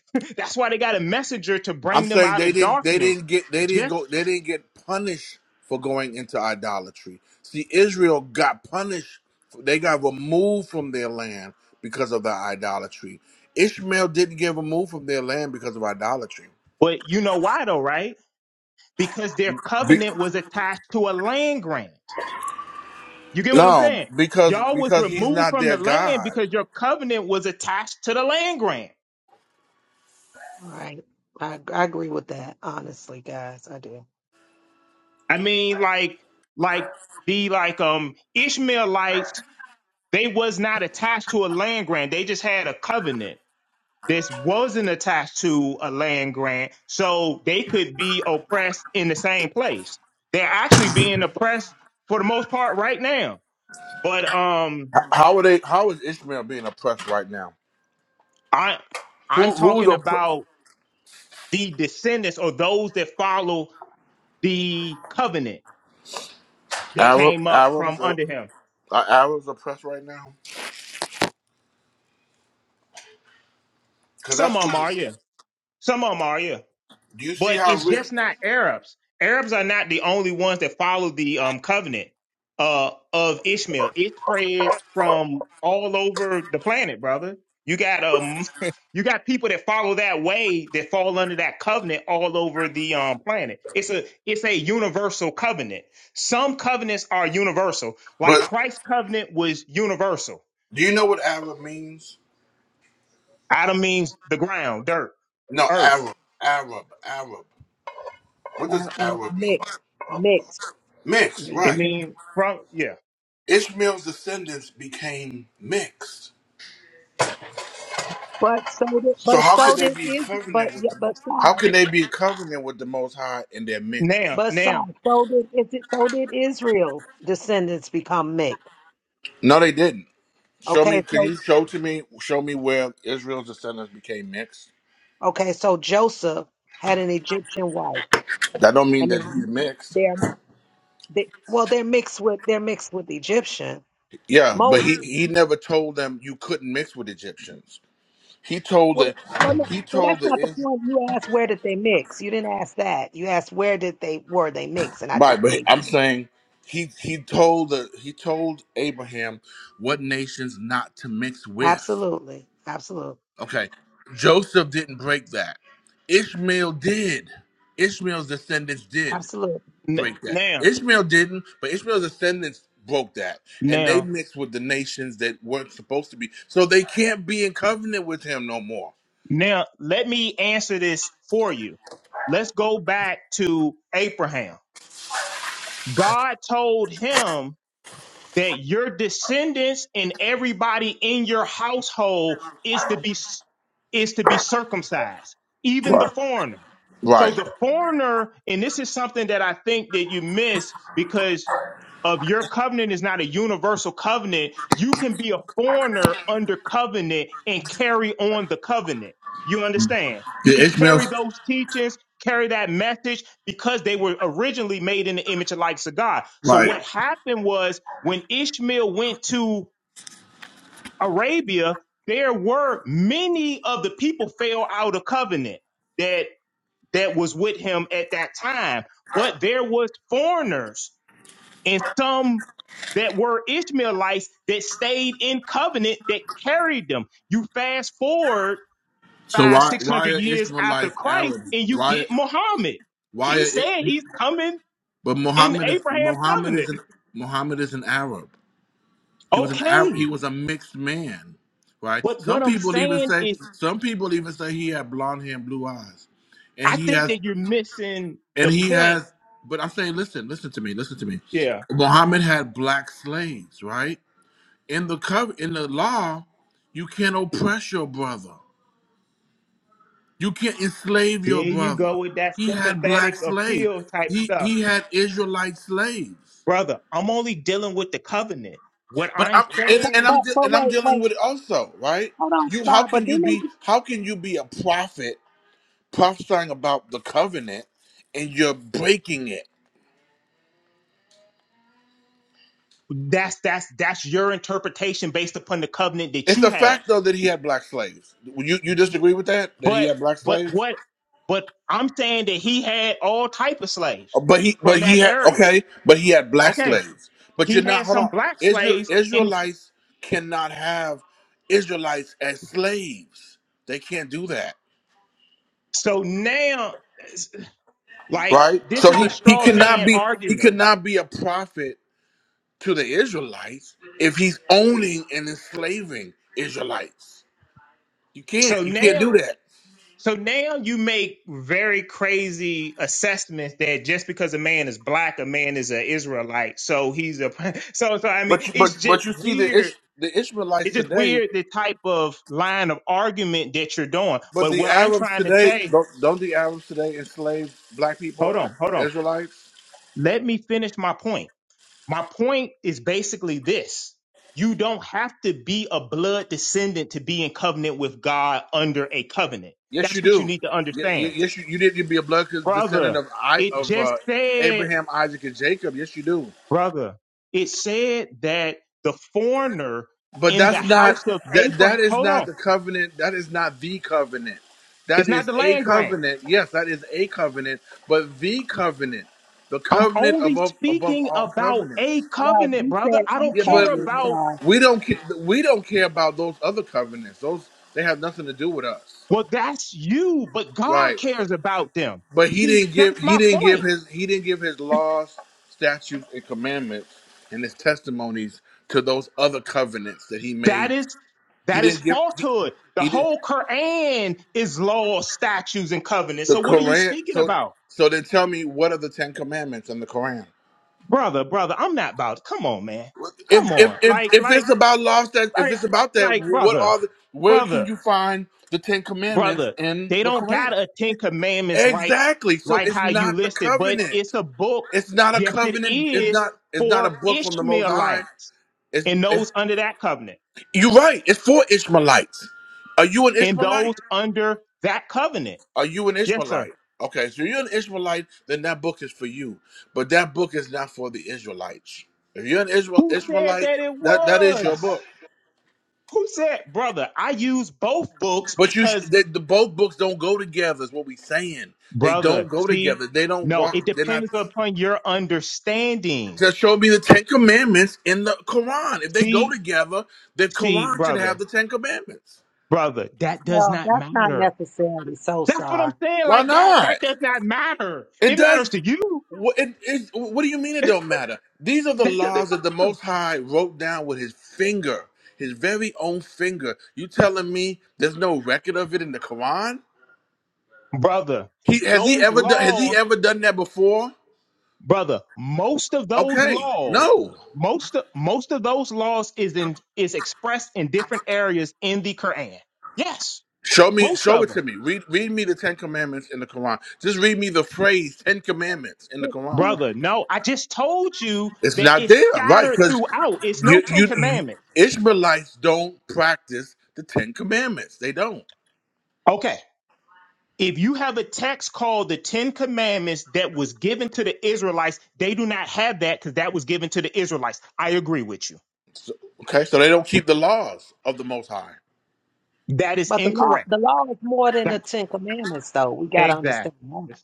S17: <laughs> that's why they got a messenger to
S1: I'm
S17: bring them
S1: saying
S17: out
S1: they
S17: of
S1: didn't. They
S17: darkness.
S1: didn't get. They didn't
S17: Just
S1: go. They didn't get punished for going into idolatry. See, Israel got punished. They got removed from their land because of their idolatry. Ishmael didn't get removed from their land because of idolatry.
S17: but you know why though, right? because their covenant was attached to a land grant. You get what I'm
S1: No,
S17: saying?
S1: because
S17: Y'all was
S1: because he's
S17: removed
S1: not
S17: from the
S1: their
S17: land
S1: God.
S17: because your covenant was attached to the land grant.
S21: All Right. I, I agree with that, honestly, guys. I do.
S17: I mean, like, like the like um Ishmaelites, they was not attached to a land grant. They just had a covenant. This wasn't attached to a land grant, so they could be oppressed in the same place. They're actually being oppressed for the most part right now. But um,
S1: H- How are they? How is Ishmael being oppressed right now?
S17: I I'm
S1: Who who's
S17: talking
S1: opp-
S17: about the descendants or those that follow the covenant that
S1: Arab
S17: came up from
S1: Arabs are,
S17: under him.
S1: are Arabs oppressed right now? Because
S17: Some
S1: that's
S17: of
S1: who.
S17: them are, yeah. Some of them are, yeah.
S1: Do you see
S17: But
S1: how?
S17: it's
S1: Rich,
S17: just not Arabs. Arabs are not the only ones that follow the um, covenant uh, of Ishmael. It spreads from all over the planet, brother. You got um, <laughs> you got people that follow that way that fall under that covenant all over the um, planet. It's a it's a universal covenant. Some covenants are universal, like
S1: but
S17: Christ's covenant was universal.
S1: do you know what Arab means?
S17: Adam means the ground, dirt,
S1: No,
S17: earth.
S1: Arab, Arab, Arab. What does
S21: Now,
S1: Arab mean?
S21: mix, mix.
S1: Mixed,
S21: Me-
S17: It
S1: right?
S17: means from yeah.
S1: Ishmael's descendants became mixed.
S21: But so did,
S1: So
S21: but
S1: how could
S21: so
S1: they
S21: did
S1: be in
S21: is, but
S1: covenant with
S21: yeah,
S1: the?
S21: but
S1: Most? How
S21: sorry,
S1: can they be in covenant with the Most High and they're mixed?
S17: Now,
S21: but
S17: now,
S21: sorry. So did is it? So did Israel. Descendants become mixed.
S1: No, they didn't. Show me.
S21: Okay,
S1: Can
S21: so
S1: you show to me? Show me where Israel's descendants became mixed.
S21: okay, so Joseph had an Egyptian wife,
S1: That don't mean
S21: and
S1: that he's
S21: then
S1: mixed.
S21: they're they, well, they're mixed with they're mixed with Egyptian.
S1: Yeah, but
S21: Moses.
S1: he he never told them you couldn't mix with Egyptians. He told
S21: Well,
S1: the
S21: well, no,
S1: he
S21: well, that's
S1: told the
S21: not the
S1: Is-
S21: point. You asked where did they mix. You didn't ask that. You asked where did they were they mix, and I just
S1: right, but
S21: gave
S1: I'm
S21: you.
S1: saying he he told the he told Abraham what nations not to mix with.
S21: absolutely, absolutely,
S1: Okay, Joseph didn't break that. Ishmael did. Ishmael's descendants did.
S21: absolutely.
S17: n-
S1: break that.
S17: now.
S1: Ishmael didn't, but Ishmael's descendants broke that, and they
S17: Now,
S1: mixed with the nations that weren't supposed to be. So they can't be in covenant with him no more.
S17: now let me answer this for you. Let's go back to Abraham. God told him that your descendants and everybody in your household is to be is to be circumcised, even the
S1: Right.
S17: foreigner. So
S1: Right.
S17: the foreigner, and this is something that I think that you miss because of your covenant is not a universal covenant. You can be a foreigner under covenant and carry on the covenant. You understand? You
S1: The
S17: could
S1: Ishmael.
S17: carry those teachings, carry that message because they were originally made in the image of likeness of God. So
S1: Right.
S17: what happened was when Ishmael went to Arabia, there were many of the people fell out of covenant that that was with him at that time, but there was foreigners and some that were Ishmaelites that stayed in covenant that carried them. You fast forward
S1: So
S17: five,
S1: why
S17: six
S1: why
S17: hundred
S1: are
S17: years after
S1: Ishmaelites
S17: Christ,
S1: Arab?
S17: and you
S1: Why
S17: get Muhammad.
S1: why are
S17: He
S1: it?
S17: said he's coming
S1: But
S17: in
S1: Muhammad is
S17: Abraham's
S1: Muhammad
S17: covenant.
S1: is an Muhammad is an Arab. He was an Arab, he
S17: Okay.
S1: was a mixed man. Right.
S17: But
S1: Some
S17: what I'm
S1: people even
S17: saying
S1: say
S17: is,
S1: some people even say he had blonde hair and blue eyes, and
S17: I
S1: he
S17: think
S1: has
S17: that you're missing
S1: And
S17: the
S1: he
S17: point.
S1: has, but I'm saying, listen, listen to me, listen to me.
S17: Yeah.
S1: Muhammad had black slaves, right? In the cover, in the law, you can't oppress your brother. You can't enslave
S17: There
S1: your
S17: you
S1: brother.
S17: go with that
S1: He had black
S17: sympathetic
S1: slaves.
S17: appeal type
S1: He
S17: stuff.
S1: he had Israelite slaves.
S17: Brother, I'm only dealing with the covenant. What
S1: But
S17: I'm
S1: I'm and,
S21: But,
S17: saying
S1: and
S21: but
S1: I'm de-
S21: but
S1: and I'm
S21: wait
S1: dealing
S21: wait
S1: with it also, right?
S21: hold on,
S1: You how
S21: Star. But
S1: can you
S21: then they
S1: be how can you be a prophet prophesying about the covenant and you're breaking it?
S17: that's that's that's your interpretation based upon the covenant that
S1: It's
S17: you
S1: a
S17: have
S1: fact though that he had black slaves. You you disagree with that? That he
S17: but
S1: had black
S17: but
S1: slaves?
S17: what but i'm saying that he had all type of
S1: Oh,
S17: slaves
S1: But he
S17: from
S1: but he
S17: that
S1: had
S17: area
S1: okay, but he had black
S17: okay
S1: slaves. But
S17: he
S1: you're not
S17: had
S1: hold
S17: some
S1: on.
S17: black
S1: Israel
S17: slaves and
S1: Israelites cannot have Israelites as slaves. They can't do that.
S17: so now it's like
S1: Right?
S17: this
S1: So
S17: is a
S1: he, he
S17: straw
S1: cannot
S17: man
S1: be he
S17: argument
S1: cannot be a prophet to the Israelites if he's owning and enslaving Israelites. You
S17: so
S1: can't. You can't
S17: now
S1: do that.
S17: so now you make very crazy assessments that just because a man is black a man is an israelite so he's a <laughs> so so i mean
S1: But you, but
S17: it's just
S1: but you see the
S17: weird
S1: Ish, the Ishmaelites
S17: It's just
S1: today.
S17: weird the type of line of argument that you're doing.
S1: But
S17: But
S1: the
S17: what I'm
S1: Arabs
S17: trying to
S1: today
S17: say,
S1: don't don't the Arabs today enslave black people,
S17: hold
S1: uh,
S17: on, hold on.
S1: Israelites?
S17: Let me finish my point. My point is basically this. You don't have to be a blood descendant to be in covenant with God under a covenant.
S1: Yes, you
S17: That's what
S1: do.
S17: you need to
S1: Y- y-
S17: understand.
S1: Yes, you, you did. You'd be a blood descendant
S17: Brother,
S1: of I
S17: it
S1: of uh,
S17: just said,
S1: Abraham, Isaac, and Jacob. Yes, you do.
S17: brother, it said that the foreigner
S1: But
S17: in the
S1: that's not
S17: house of
S1: that.
S17: Abraham,
S1: That is
S17: hold
S1: not
S17: on,
S1: the covenant. That is not the covenant.
S17: it's
S1: That
S17: not
S1: is
S17: the
S1: a
S17: land
S1: covenant. Yes, that is a covenant. But the covenant, the
S17: I'm
S1: covenant
S17: only
S1: above above
S17: speaking
S1: all
S17: about
S1: covenants.
S17: a
S21: right.
S17: covenant,
S21: You
S17: brother.
S21: said
S17: I don't
S21: a
S1: Yeah,
S17: care
S1: but
S21: covenant,
S17: about,
S21: Star.
S1: we don't ca- we don't care about those other covenants. Those they have nothing to do with us,
S17: well, that's you, but God
S1: right?
S17: cares about them.
S1: But he
S17: See,
S1: didn't give
S17: that's
S1: he
S17: my
S1: didn't give
S17: point.
S1: his he didn't give his laws, statutes, and commandments and his testimonies to those other covenants that he
S17: That
S1: made.
S17: is,
S1: He
S17: that is
S1: didn't give he,
S17: falsehood. The
S1: he did
S17: whole Quran is law, statutes, and covenants.
S1: the
S17: So what are you
S1: Quran.
S17: speaking
S1: So
S17: about?
S1: so then tell me what are the Ten Commandments in the Quran?
S17: Brother, brother, I'm not about, come on, man.
S1: If
S17: Come
S1: if
S17: on.
S1: if
S17: Like,
S1: if
S17: like,
S1: it's about laws that if
S17: like,
S1: it's about that,
S17: like,
S1: what
S17: brother,
S1: are the where can
S17: brother.
S1: you find the Ten Commandments
S17: brother.
S1: in
S17: They
S1: the
S17: don't got
S1: Quran?
S17: a Ten Commandments like
S1: Exactly. So
S17: like
S1: it's
S17: how you
S1: not the
S17: listed, but
S1: covenant.
S17: it's a book.
S1: It's not a
S17: Yes, it
S1: covenant. It's
S17: is
S1: not. It's not a
S17: for
S1: book from the Most High.
S17: Ishmaelites
S1: It's.
S17: and
S1: it's
S17: those under that covenant
S1: you're right. It's for Ishmaelites. Are you an
S17: and
S1: Ishmaelite?
S17: those under that covenant.
S1: Are you an
S17: Yes, sir.
S1: Ishmaelite? Okay, so you're an Ishmaelite, then that book is for you. But that book is not for the Israelites. If you're an Israel
S17: Who said
S1: Ishmaelite,
S17: that it
S1: that that is your
S17: was?
S1: book.
S17: Who said, brother? I use both books
S1: But you, sh-
S17: because,
S1: the, the both books don't go together. Is what we saying. They
S17: brother,
S1: don't go
S17: see,
S1: together. They don't
S17: no, it
S1: walk. They're not.
S17: depends upon your understanding.
S1: Just show me the Ten Commandments in the Quran. If they go
S17: See,
S1: together, the
S17: see,
S1: Quran should
S17: brother,
S1: have the Ten Commandments.
S17: brother, that does
S21: Well,
S17: not
S21: that's not
S17: matter
S21: necessarily so,
S17: That's what I'm
S21: Star.
S17: saying.
S1: Why
S17: Like that,
S1: not?
S17: that does not matter.
S1: It
S17: It
S1: does.
S17: matters to you.
S1: wh- It, it, what do you mean it don't matter? These are the
S17: That doesn't
S1: laws that the
S17: matter.
S1: Most High wrote down with His finger, His very own finger. You telling me there's no record of it in the Quran?
S17: Brother,
S1: He has he
S17: those
S1: ever done has he
S17: laws,
S1: ever done that before?
S17: brother, most of those
S1: Okay,
S17: laws,
S1: no.
S17: most of most of those laws is in is expressed in different areas in the Quran. Yes,
S1: Show me,
S17: most
S1: show
S17: of
S1: it
S17: them.
S1: to me. Read, read me the Ten Commandments in the Quran. Just read me the phrase Ten Commandments in the Quran.
S17: Brother, no, I just told you
S1: It's
S17: that
S1: not
S17: it's
S1: there, right?
S17: scattered
S1: Because
S17: throughout. It's no
S1: you,
S17: Ten
S1: you
S17: Commandments.
S1: Israelites don't practice the Ten Commandments. They don't.
S17: Okay. If you have a text called the Ten Commandments that was given to the Israelites, they do not have that because that was given to the Israelites. I agree with you.
S1: Okay, so they don't keep the laws of the Most High.
S17: That is
S21: But the law
S17: incorrect.
S21: the law is more
S17: <laughs>
S21: than the
S17: That-
S21: Ten Commandments, though. We got to understand
S17: exactly.
S21: that.
S17: Yes.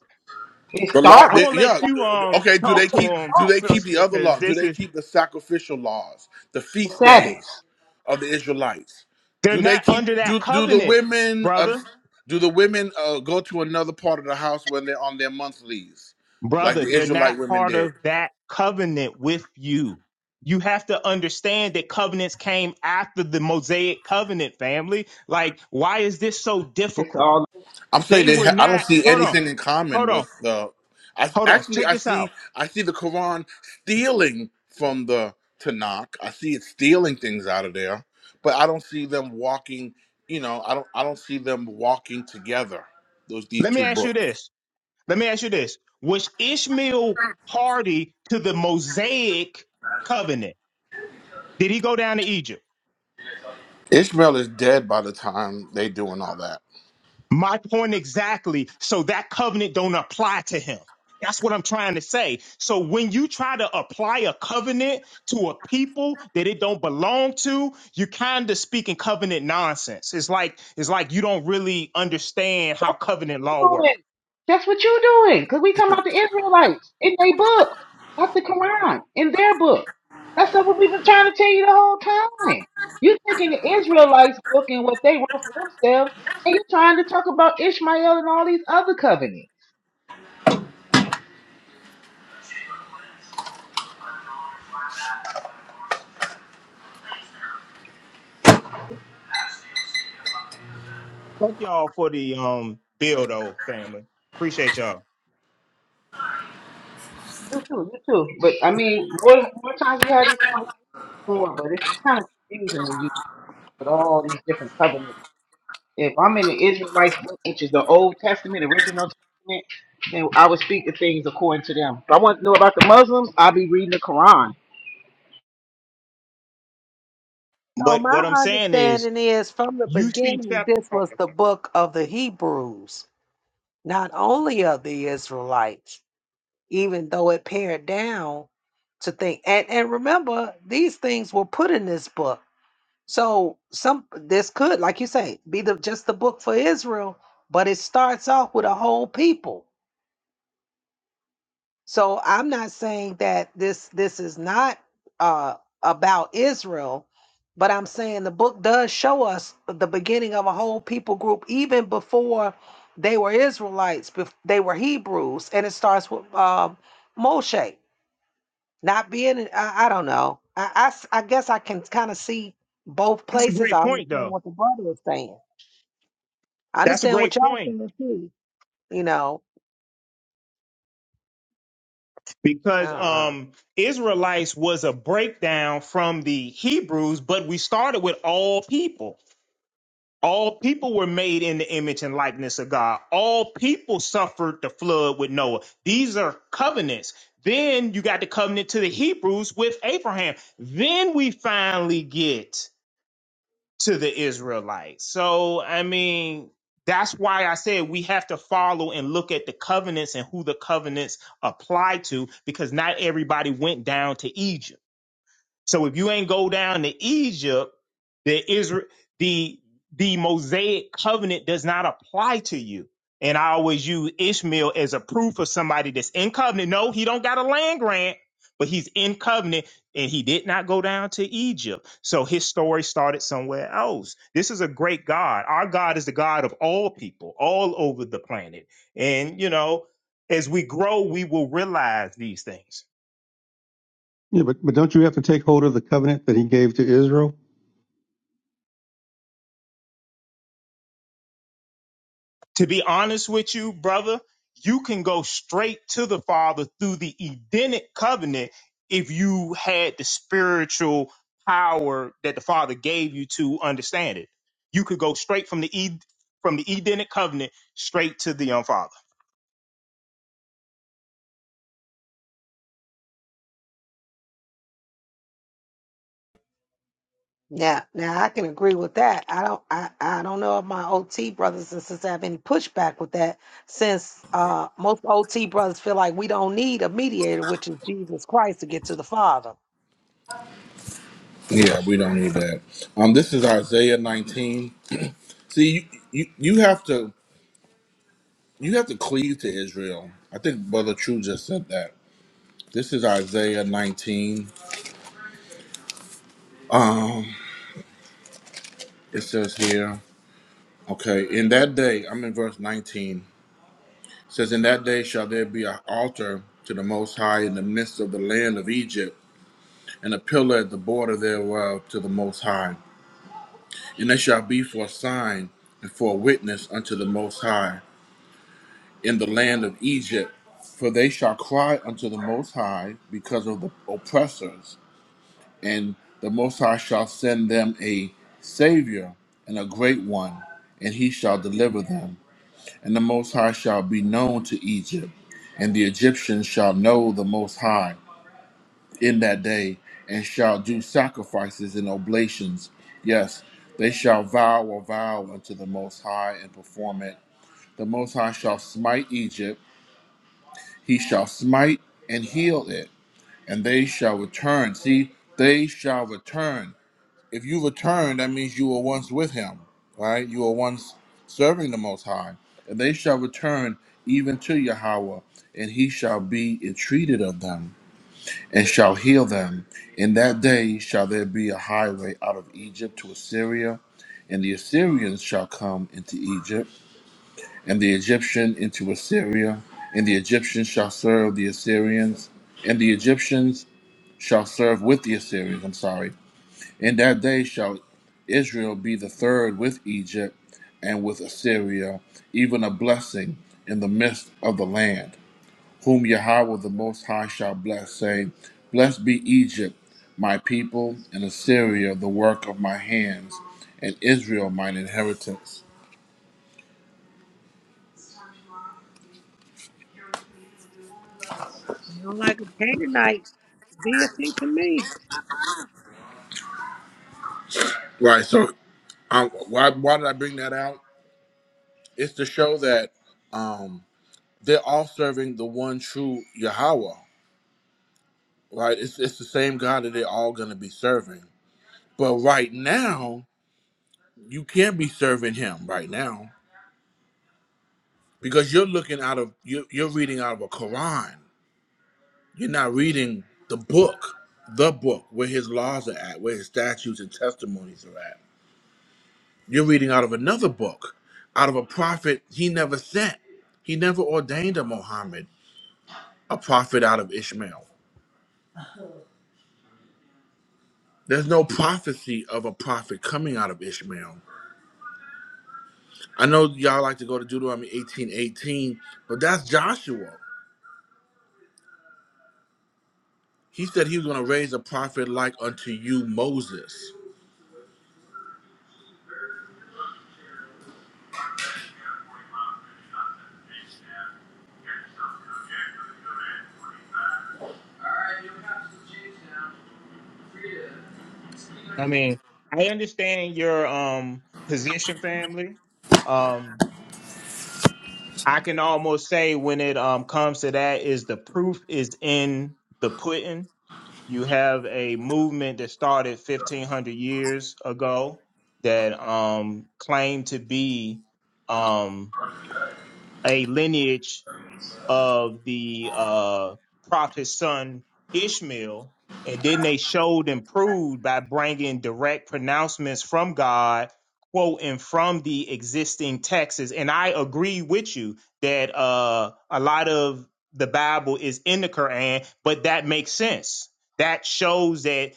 S9: It
S1: The law,
S9: start
S17: I'm
S9: with
S1: they,
S17: gonna
S1: yeah.
S17: let you um
S1: Okay, do
S9: that's
S1: they
S17: talk to
S1: keep?
S17: them,
S9: all
S1: Do they keep the
S17: sister,
S1: other
S17: because
S1: law? Do
S17: this
S1: they
S17: is
S1: keep the sacrificial laws, the
S9: the
S1: feast
S9: Sabbath.
S1: days of the Israelites?
S17: they're
S1: Do they
S17: not
S1: keep?
S17: under that
S1: Do do the
S17: covenant,
S1: women? Of,
S17: brother.
S1: do the women uh, go to another part of the house when they're on their monthlies, like
S17: Brother,
S1: the
S17: they're not
S1: Israelite women
S17: part
S1: did?
S17: of that covenant with you. You have to understand that covenants came after the Mosaic covenant, family. Like, why is this so
S9: It's
S17: difficult?
S9: all
S1: I'm saying
S17: They
S1: they
S17: were
S1: ha- I don't
S17: not.
S1: see
S17: Hold on.
S1: anything in common
S17: Hold on.
S1: with Uh, I
S17: Hold on.
S1: actually
S17: Check
S1: I
S17: this
S1: see
S17: out.
S1: I see the Quran stealing from the Tanakh. I see it stealing things out of there, but I don't see them walking. You know, I don't I don't see them walking together. Those these
S17: Let me
S1: two
S17: ask you
S1: books.
S17: this. Let me ask you this. Was Ishmael party to the Mosaic covenant? Did he go down to Egypt?
S1: Ishmael is dead by the time they doing all that.
S17: My point exactly. So that covenant don't apply to him. That's what I'm trying to say. So when you try to apply a covenant to a people that it don't belong to, you kind of speaking covenant nonsense. It's like it's like you don't really understand how
S9: that's what you
S17: covenant law works.
S9: doing. That's what you doing. Cause we talking about the Israelites in their book, not the Quran, in their book. That's what we've been trying to tell you the whole time. you taking the Israelites book and what they wrote for themselves, and you trying to talk about Ishmael and all these other covenants.
S17: Thank y'all for the um bill though, family. Appreciate y'all.
S9: You too, you too. But I mean, more, more times we had this conversation, more, but it's kind of confusing when you with all these different covenants. If I'm in the Israelite book, which is the Old Testament, original Testament, then I would speak to things according to them. If I want to know about the Muslims, I'll be reading the Quran.
S21: So
S17: But what
S21: my
S17: I'm saying is
S21: understanding is from the
S17: you see
S21: beginning,
S17: chapter
S21: this
S17: oh,
S21: was
S17: I'm
S21: the
S17: sorry.
S21: book of the Hebrews not only of the Israelites, even though it pared down to think. And and remember, these things were put in this book. So some this could, like you say, be the just the book for Israel, but it starts off with a whole people. So I'm not saying that this this is not uh, about Israel, but I'm saying the book does show us the beginning of a whole people group, even before they were Israelites. bef- They were Hebrews, and it starts with um, Moshe not being. I, I don't know. I, I s- I guess I can kind of see both
S17: that's a
S21: places.
S17: great
S21: I understand
S17: point though.
S21: what the brother is saying. I
S17: That's a
S21: understand
S17: great
S21: what y'all
S17: point
S21: saying too. You know. Uh,
S17: because
S21: uh,
S17: um Israelites was a breakdown from the Hebrews, but we started with all people. All people were made in the image and likeness of God. All people suffered the flood with Noah. These are covenants. Then you got the covenant to the Hebrews with Abraham. Then we finally get to the Israelites. So, I mean, that's why I said we have to follow and look at the covenants and who the covenants apply to, because not everybody went down to Egypt. So if you ain't go down to Egypt, the Israel, the the Mosaic covenant does not apply to you. And I always use Ishmael as a proof of somebody that's in covenant. No, he don't got a land grant, but he's in covenant and he did not go down to Egypt. So his story started somewhere else. This is a great God. Our God is the God of all people, all over the planet. And you know, as we grow, we will realize these things.
S6: Yeah, but, but don't you have to take hold of the covenant that he gave to Israel?
S17: To be honest with you, brother, you can go straight to the Father through the Edenic covenant if you had the spiritual power that the Father gave you to understand it. You could go straight from the Ed- from the Edenic covenant straight to the um, Father.
S21: Now, now I can agree with that. I don't, I, I don't know if my OT brothers and sisters have any pushback with that, since uh, most OT brothers feel like we don't need a mediator, which is Jesus Christ, to get to the Father.
S1: Yeah, we don't need that. Um, this is Isaiah 19. See, you, you you have to you have to cleave to Israel. I think Brother True just said that. This is Isaiah 19. Um, it says here, okay, in that day, I'm in verse 19. It says, In that day shall there be an altar to the Most High in the midst of the land of Egypt, and a pillar at the border thereof to the Most High. And it shall be for a sign and for a witness unto the Most High in the land of Egypt. For they shall cry unto the Most High because of the oppressors, and the Most High shall send them a Savior and a great one, and he shall deliver them. And the Most High shall be known to Egypt, and the Egyptians shall know the Most High in that day, and shall do sacrifices and oblations. Yes, they shall vow a vow unto the Most High and perform it. The Most High shall smite Egypt, he shall smite and heal it, and they shall return. See, they shall return if you return, that means you were once with him, right? You were once serving the Most High. And they shall return even to Yahweh, and he shall be entreated of them, and shall heal them. In that day shall there be a highway out of Egypt to Assyria, and the Assyrians shall come into Egypt, and the Egyptian into Assyria, and the Egyptians shall serve the Assyrians, and the Egyptians shall serve with the Assyrians, I'm sorry, in that day shall Israel be the third with Egypt and with Assyria, even a blessing in the midst of the land, whom Yahweh the Most High shall bless, saying, Blessed be Egypt, my people, and Assyria, the work of my hands, and Israel, mine inheritance.
S21: Sound like a Canaanite deity to me.
S1: Right. So, um, why why did I bring that out? It's to show that um, they're all serving the one true Yahweh. Right. It's it's the same God that they're all going to be serving. But right now, you can't be serving him right now because you're looking out of you're, you're reading out of a Quran. You're not reading the book, the book where his laws are at, where his statutes and testimonies are at. You're reading out of another book, out of a prophet he never sent. He never ordained a Muhammad, a prophet out of Ishmael. There's no prophecy of a prophet coming out of Ishmael. I know y'all like to go to Deuteronomy 18, 18, but that's Joshua. He said he was going to raise a prophet like unto you, Moses.
S17: I mean, I understand your um position, family. Um, I can almost say when it um comes to that, is the proof is in the pudding You have a movement that started 1500 years ago that um, claimed to be um, a lineage of the uh, prophet's son Ishmael, and then they showed and proved by bringing direct pronouncements from God, quoting from the existing texts. And I agree with you that uh, a lot of the Bible is in the Quran, but that makes sense. That shows that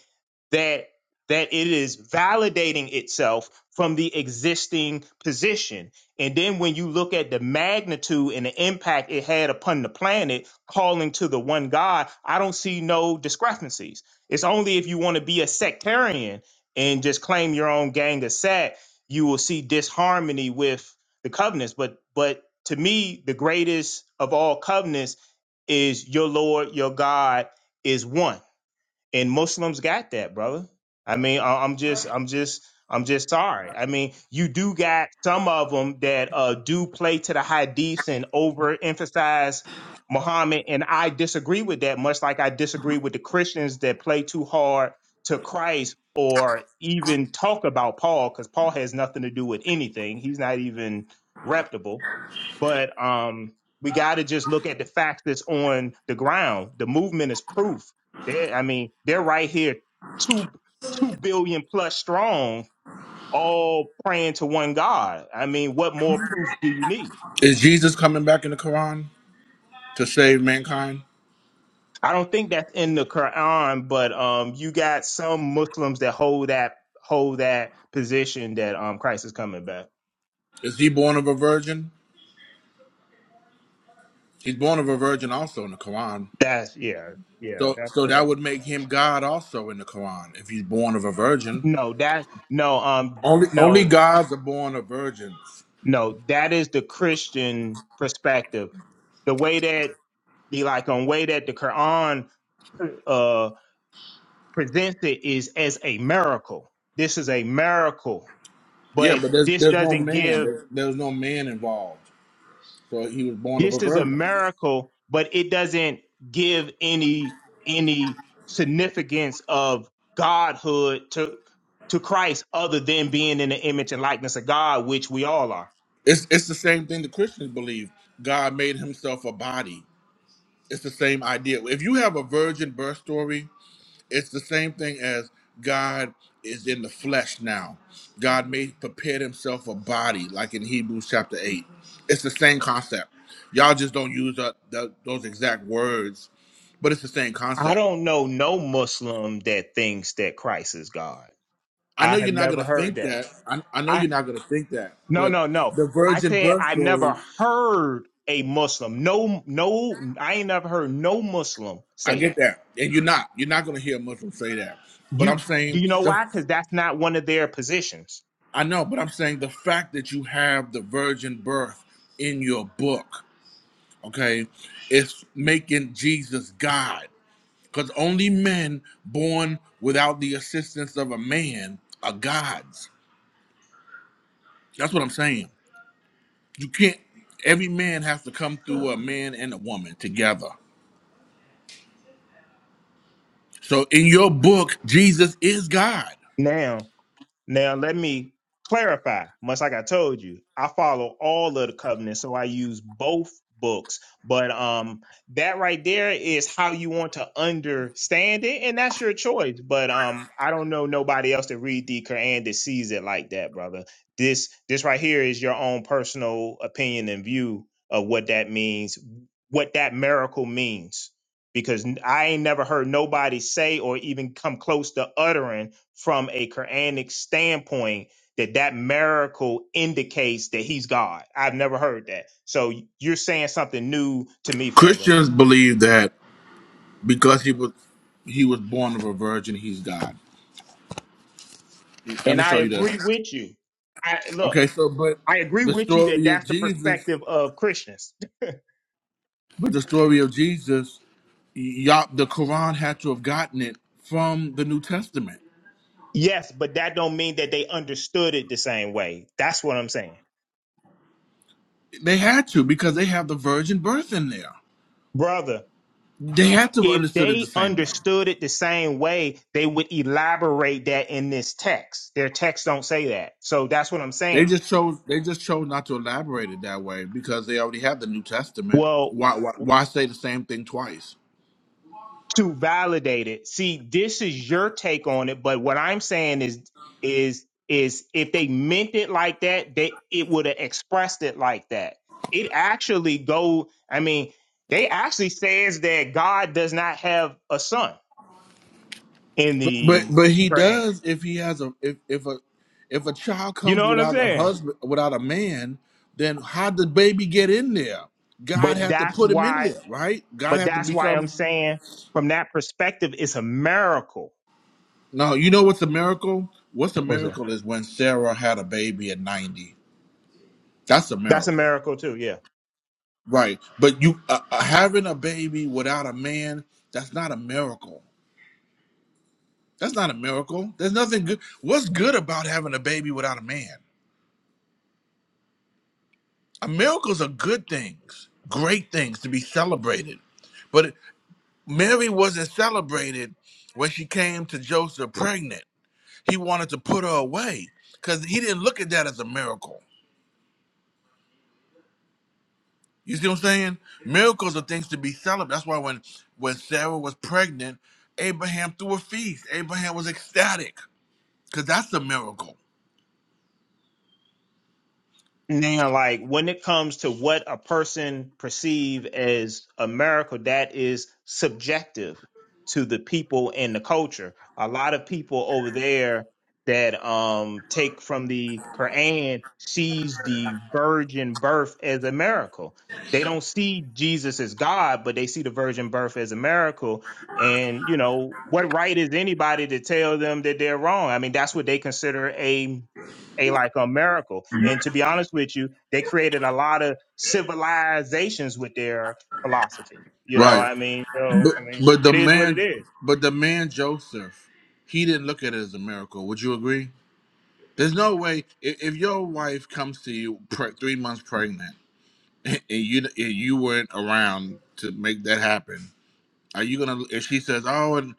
S17: that that it is validating itself from the existing position and then when you look at the magnitude and the impact it had upon the planet, calling to the one God, I don't see no discrepancies. It's only if you want to be a sectarian and just claim your own gang of sat, you will see disharmony with the covenants. But but to me, the greatest of all covenants is your Lord, your God is one and Muslims got that, brother. I mean, I, I'm just, I'm just, I'm just sorry. I mean, you do got some of them that uh, do play to the hadiths and overemphasize Muhammad, and I disagree with that. Much like I disagree with the Christians that play too hard to Christ or even talk about Paul, because Paul has nothing to do with anything. He's not even reputable but um, we got to just look at the facts that's on the ground. The movement is proof. They, I mean, they're right here, two two billion plus strong, all praying to one God. I mean, what more proof do you need?
S1: Is Jesus coming back in the Quran to save mankind?
S17: I don't think that's in the Quran, but um, you got some Muslims that hold that hold that position that um Christ is coming back.
S1: Is he born of a virgin? He's born of a virgin also in the Quran.
S17: That's yeah, yeah,
S1: So,
S17: that's
S1: so that
S17: correct.
S1: would make him God also in the Quran if he's born of a virgin.
S17: No, that no, um,
S1: Only, only
S17: no,
S1: gods are born of virgins.
S17: No, that is the Christian perspective. The way that the like on way that the Quran uh, presents it is as a miracle. This is a miracle,
S1: Yeah,
S17: but
S1: but there's
S17: this
S1: there's no
S17: doesn't
S1: man.
S17: give.
S1: There's, there's no man involved. So he was born of
S17: This
S1: a
S17: is a
S1: virgin.
S17: miracle, but it doesn't give any any significance of godhood to to Christ other than being in the image and likeness of God, which we all are.
S1: It's it's the same thing the Christians believe. God made himself a body. It's the same idea. If you have a virgin birth story, it's the same thing as God is in the flesh now. God made prepared himself a body, like in Hebrews chapter 8. It's the same concept. Y'all just don't use that, that, those exact words, but it's the same
S17: I
S1: concept.
S17: don't know no Muslim that thinks that Christ is God.
S1: I know
S17: I have
S1: you're not going
S17: never
S1: to
S17: heard
S1: think
S17: that.
S1: that. I, I know
S17: I
S1: you're not going to think that,
S17: no
S1: but
S17: no no.
S1: the
S17: I
S1: virgin
S17: said
S1: birth
S17: I
S1: story,
S17: never heard a Muslim. No no. I ain't never heard no Muslim
S1: I
S17: say
S1: get
S17: that.
S1: that. And you're not. You're not going to hear a Muslim say that. But I'm
S17: You do
S1: saying
S17: you know
S1: the
S17: why? Because that's not one of their positions.
S1: I know, but I'm saying the fact that you have the virgin birth in your book, okay, it's making Jesus God. Because only men born without the assistance of a man are gods. That's what I'm saying. You can't, every man has to come through a man and a woman together. So in your book, Jesus is God.
S17: Now, let me clarify, much like I told you, I follow all of the covenants, so I use both books. But um, that right there is how you want to understand it, and that's your choice. But um, I don't know nobody else that read the Quran that sees it like that, brother. This this right here is your own personal opinion and view of what that means, what that miracle means. Because I ain't never heard nobody say or even come close to uttering from a Quranic standpoint that that miracle indicates that he's God. I've never heard that. So you're saying something new to me, family.
S1: Christians believe that because he was he was born of a virgin, he's God. Let
S17: And
S1: me
S17: I
S1: show you this.
S17: agree with you. I look,
S1: Okay, so but
S17: I agree
S1: the
S17: with you that
S1: story of
S17: that's the
S1: Jesus,
S17: perspective of Christians.
S1: but the story of Jesus, y'all, the Quran had to have gotten it from the New Testament.
S17: Yes, but that don't mean that they understood it the same way. That's what I'm saying.
S1: They had to because they have the virgin birth in there.
S17: Brother,
S1: They had to have
S17: if
S1: understood it the
S17: they
S1: same way.
S17: understood it the same way, they would elaborate that in this text. Their text don't say that. So that's what I'm
S1: They
S17: saying.
S1: just chose. They just chose not to elaborate it that way because they already have the New Testament.
S17: Well,
S1: Why? Why, why say the same thing twice?
S17: to validate it. See, this is your take on it, but what I'm saying is is is if they meant it like that, they it would have expressed it like that. It actually go I mean, they actually says that God does not have a son in
S1: But but
S17: the
S1: but he
S17: Quran.
S1: does if he has a if if a if a child
S17: You
S1: comes
S17: know what I'm
S1: without a
S17: saying?
S1: husband without a man, then how did the baby get in there? God
S17: But
S1: had to
S17: that's
S1: put him in
S17: why
S1: there, right? God
S17: but
S1: had to
S17: that's why I'm
S1: become.
S17: saying from that perspective it's a miracle.
S1: No, you know what's a miracle? What's a
S17: What is that?
S1: miracle is when Sarah had a baby at ninety. That's a
S17: That's a
S1: miracle,
S17: miracle too, yeah.
S1: right? But you uh, uh, having a baby without a man, that's not a miracle. That's not a miracle. There's nothing good. What's good about having a baby without a man? miracles are good things, great things to be celebrated. But Mary wasn't celebrated when she came to Joseph pregnant. He wanted to put her away because he didn't look at that as a miracle. You see what I'm saying? Miracles are things to be celebrated. That's why when when Sarah was pregnant, Abraham threw a feast. Abraham was ecstatic because that's a miracle.
S17: Now, like when it comes to what a person perceive as a miracle, that is subjective to the people and the culture. A lot of people over there that um take from the Quran sees the virgin birth as a miracle. They don't see Jesus as God, but they see the virgin birth as a miracle. And you know, what right is anybody to tell them that they're wrong? I mean, that's what they consider a a like a miracle. And to be honest with you, they created a lot of civilizations with their philosophy. You know,
S1: Right.
S17: what I mean, so
S1: But,
S17: I mean,
S1: but the
S17: it is what it
S1: man,
S17: is.
S1: but the man Joseph, he didn't look at it as a miracle. Would you agree? There's no way if, if your wife comes to you pre- three months pregnant and you and you weren't around to make that happen, are you gonna? If she says, "Oh, and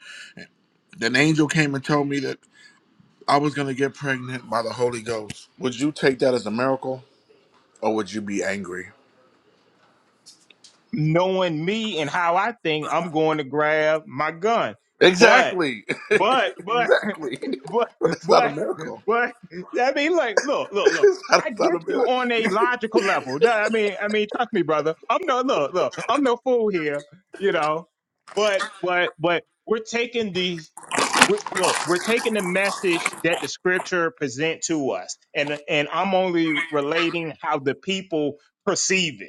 S1: an angel came and told me that I was gonna get pregnant by the Holy Ghost," would you take that as a miracle or would you be angry?
S17: Knowing me and how I think, I'm going to grab my gun. But
S1: Exactly,
S17: but
S1: <laughs>
S17: but
S1: exactly.
S17: <laughs> but
S1: But it's not a
S17: but
S1: miracle. <laughs>
S17: but I mean, like, look, look, look.
S1: It's not,
S17: I
S1: it's not a
S17: get you on a
S1: miracle.
S17: logical level. No, I mean, I mean, trust me, brother. I'm no look, look. I'm no fool here, you know. But but but we're taking the we're, look, we're taking the message that the scripture present to us, and and I'm only
S1: <laughs>
S17: relating how the people perceive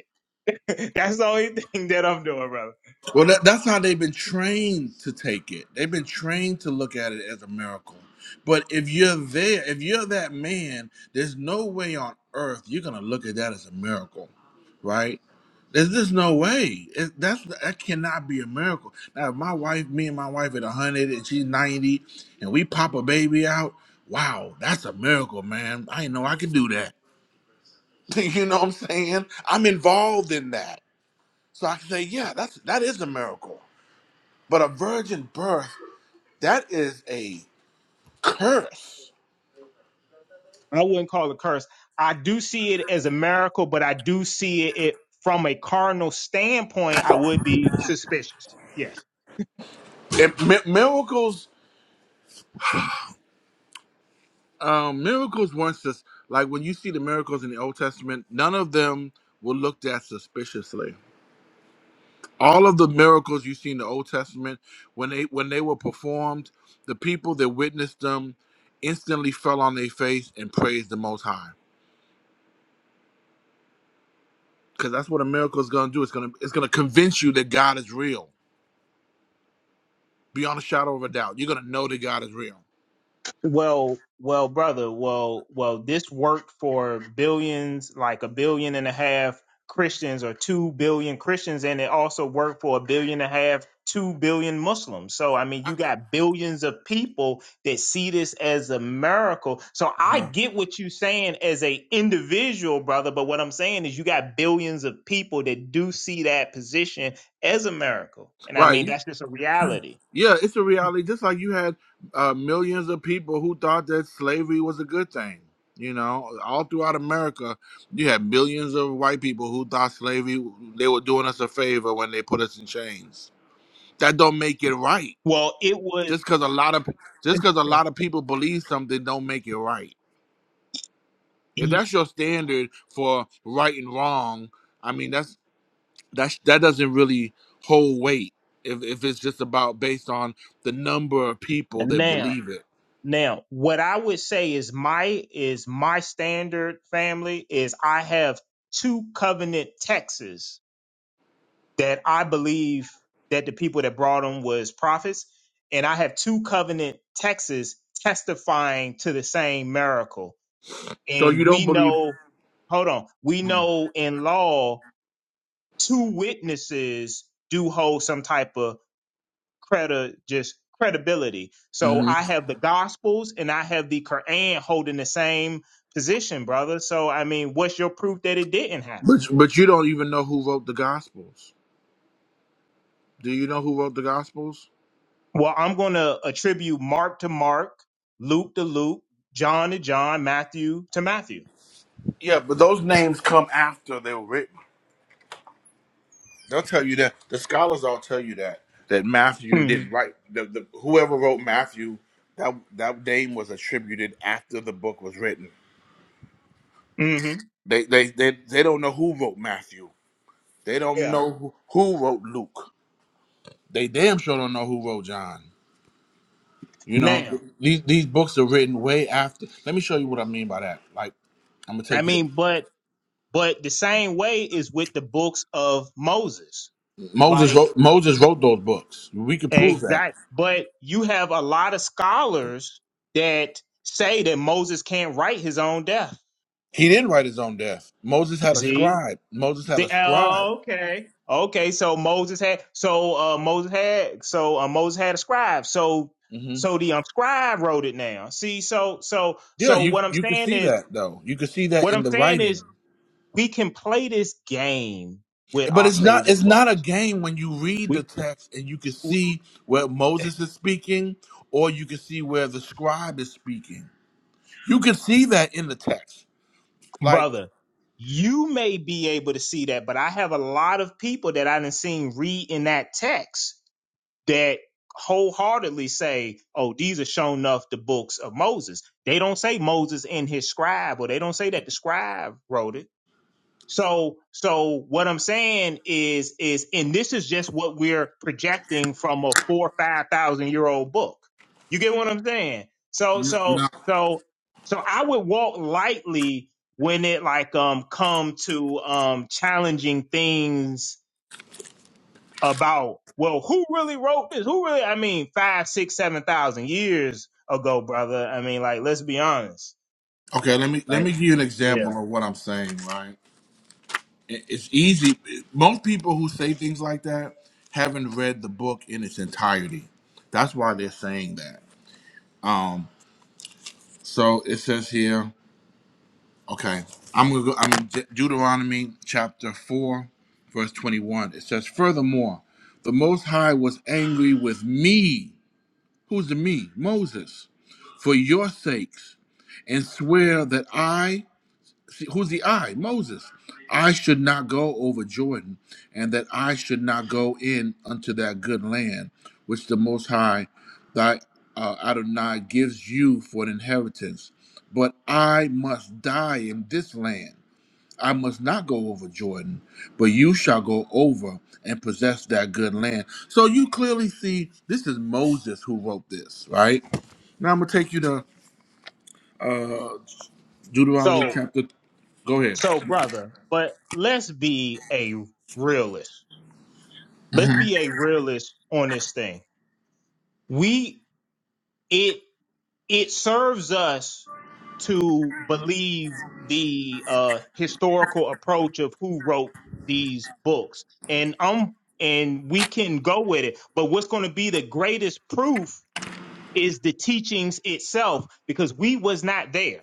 S17: it. <laughs> That's the only thing that I'm doing, brother.
S1: Well, that, that's how they've been trained to take it. They've been trained to look at it as a miracle. But if you're there, if you're that man, there's no way on earth you're gonna look at that as a miracle, right? There's just no way. It, that's that cannot be a miracle. Now, if my wife, me and my wife at 100 and she's 90, and we pop a baby out, wow, that's a miracle, man. I didn't know I could do that. <laughs> you know what I'm saying? I'm involved in that, so I can say, yeah, that's that is a miracle. But a virgin birth, that is a curse.
S17: I wouldn't call it a curse. I do see it as a miracle, but I do see it, it from a carnal standpoint. I would be suspicious. Yes.
S1: It, mi- miracles, um, miracles weren't sus- like when you see the miracles in the Old Testament. None of them were looked at suspiciously. All of the miracles you see in the Old Testament, when they when they were performed, the people that witnessed them instantly fell on their face and praised the Most High, because that's what a miracle is going to do. It's going to it's going to convince you that God is real beyond a shadow of a doubt. You're going to know that God is real.
S17: Well, well, brother, well, well, this worked for billions, like a billion and a half Christians or two billion Christians, and it also worked for a billion and a half, two billion Muslims. So, I mean,
S1: I-
S17: you got billions of people that see this as a miracle. So, I get what you're saying as a individual, brother, but what I'm saying is you got billions of people that do see that position as a miracle. And I mean,
S1: Right.
S17: that's just a reality.
S1: Yeah, it's a reality. Just like you had uh, millions of people who thought that slavery was a good thing. You know, all throughout America, you had millions of white people who thought slavery they were doing us a favor when they put us in chains. That don't make it right.
S17: Well, it was.
S1: Just because a lot of just because a lot of people believe something don't make it right. If that's your standard for right and wrong, I mean that's that's that doesn't really hold weight. If if it's just about based on the number of people that
S17: Now.
S1: believe it.
S17: Now, what I would say is my is my standard family is I have two covenant texts that I believe that the people that brought them was prophets, and I have two covenant texts testifying to the same miracle.
S1: So you
S17: And
S1: don't
S17: we
S1: believe,
S17: know, hold on, we know in law two witnesses do hold some type of credi- just credibility. So
S1: Mhm.
S17: I have the Gospels and I have the Quran holding the same position, brother. So I mean, what's your proof that it didn't happen?
S1: but but you don't even know who wrote the Gospels. Do you know who wrote the Gospels?
S17: Well, I'm going to attribute Mark to Mark, Luke to Luke, John to John, Matthew to Matthew.
S1: Yeah, but those names come after they were written. They'll tell you that. The scholars all tell you that that Matthew
S17: hmm
S1: didn't write. The, the, whoever wrote Matthew, that that name was attributed after the book was written.
S17: hmm
S1: They they they, they don't know who wrote Matthew. They don't
S17: Yeah.
S1: know who, who wrote Luke. They damn sure don't know who wrote John. You know,
S17: Now,
S1: these these books are written way after. Let me show you what I mean by that. Like, I'm gonna
S17: I
S1: take you. To,
S17: mean, but but the same way is with the books of Moses.
S1: Moses
S17: Like
S1: wrote Moses wrote those books. We could prove that
S17: Exactly, But you have a lot of scholars that say that Moses can't write his own death.
S1: he didn't write his own death. Moses had a
S17: See?
S1: scribe. Moses had
S17: The,
S1: a scribe.
S17: oh, okay. Okay. So Moses had. So uh, Moses had. So uh, Moses had a scribe. So
S1: hmm
S17: so the um, scribe wrote it now. See. So so
S1: Yeah,
S17: so
S1: you
S17: what I'm
S1: you could
S17: saying
S1: see
S17: is
S1: that though. You could see that
S17: what
S1: in
S17: I'm
S1: the
S17: saying
S1: writing.
S17: is we can play this game with
S1: But
S17: our
S1: it's not
S17: favorite
S1: it's not a
S17: books.
S1: game when you read
S17: We.
S1: the text and you can see where Moses is speaking, or you can see where the scribe is speaking. You can see that in the text. Like
S17: brother, you may be able to see that, but I have a lot of people that I didn't seen read in that text that wholeheartedly say, "Oh, these are shown enough the books of Moses." They don't say Moses in his scribe, or they don't say that the scribe wrote it so, so what I'm saying is, is, and this is just what we're projecting from a four, five thousand year old book. You get what I'm saying? So, so, so, so I would walk lightly when it like, um, come to, um, challenging things about, well, who really wrote this? Who really, I mean, five, six, seven thousand years ago, brother. I mean, like, let's be honest.
S1: Okay, let me let
S17: Right.
S1: me give you an
S17: Yeah.
S1: example of what I'm saying. Right, It- it's easy. Most people who say things like that haven't read the book in its entirety. That's why they're saying that. Um, so it says here. Okay, I'm gonna go. I'm in De- Deuteronomy chapter four, verse twenty-one. It says, "Furthermore, the Most High was angry with me. Who's the me? Moses, for your sakes, and swear that I." See, who's the I? Moses. I should not go over Jordan, and that I should not go in unto that good land, which the Most High, thy uh, Adonai, gives you for an inheritance. But I must die in this land. I must not go over Jordan, but you shall go over and possess that good land. So you clearly see this is Moses who wrote this, right? Now I'm gonna take you to uh, Deuteronomy
S17: So.
S1: chapter. Go ahead.
S17: So, brother, but let's be a realist. Let's be a realist on this thing. We it it serves us to believe the uh historical approach of who wrote these books. And um and we can go with it. But what's going to be the greatest proof is the teachings itself because we was not there.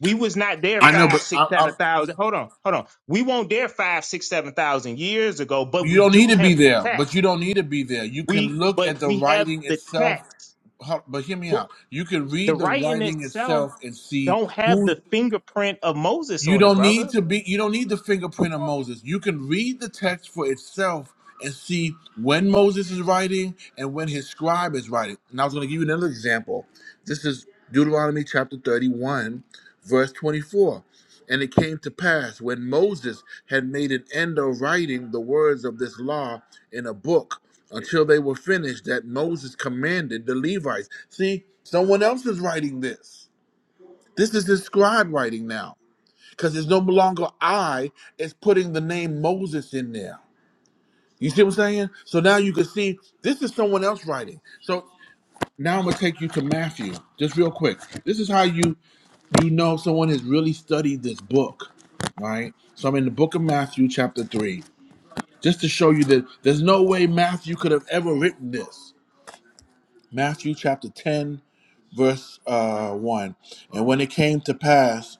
S17: We was not there
S1: I know,
S17: five,
S1: but
S17: six,
S1: I,
S17: seven
S1: I,
S17: thousand. Hold on, hold on. We weren't there five, six, seven thousand years ago, but
S1: you
S17: we
S1: don't
S17: do
S1: need to be
S17: have the
S1: there.
S17: text.
S1: But you don't need to be there. You
S17: We
S1: can look
S17: but
S1: at the
S17: we have
S1: writing
S17: the
S1: itself.
S17: text.
S1: Huh, But hear me
S17: But
S1: out. You can
S17: The
S1: read the
S17: writing
S1: writing
S17: itself
S1: itself and see
S17: don't have
S1: who.
S17: the fingerprint of Moses
S1: You
S17: on it,
S1: don't need
S17: brother.
S1: to be you don't need the fingerprint of Moses. You can read the text for itself and see when Moses is writing and when his scribe is writing. And I was going to give you another example. This is Deuteronomy chapter 31 verse 24. And it came to pass when Moses had made an end of writing the words of this law in a book until they were finished that Moses commanded the Levites. See, someone else is writing this. This is his scribe writing now because it's no longer I, it's putting the name Moses in there. You see what I'm saying? So now you can see this is someone else writing. So now I'm gonna take you to Matthew, just real quick. This is how you you know someone has really studied this book, right? So I'm in the book of Matthew, chapter three, just to show you that there's no way Matthew could have ever written this. Matthew chapter 10, verse uh, 1. And when it came to pass,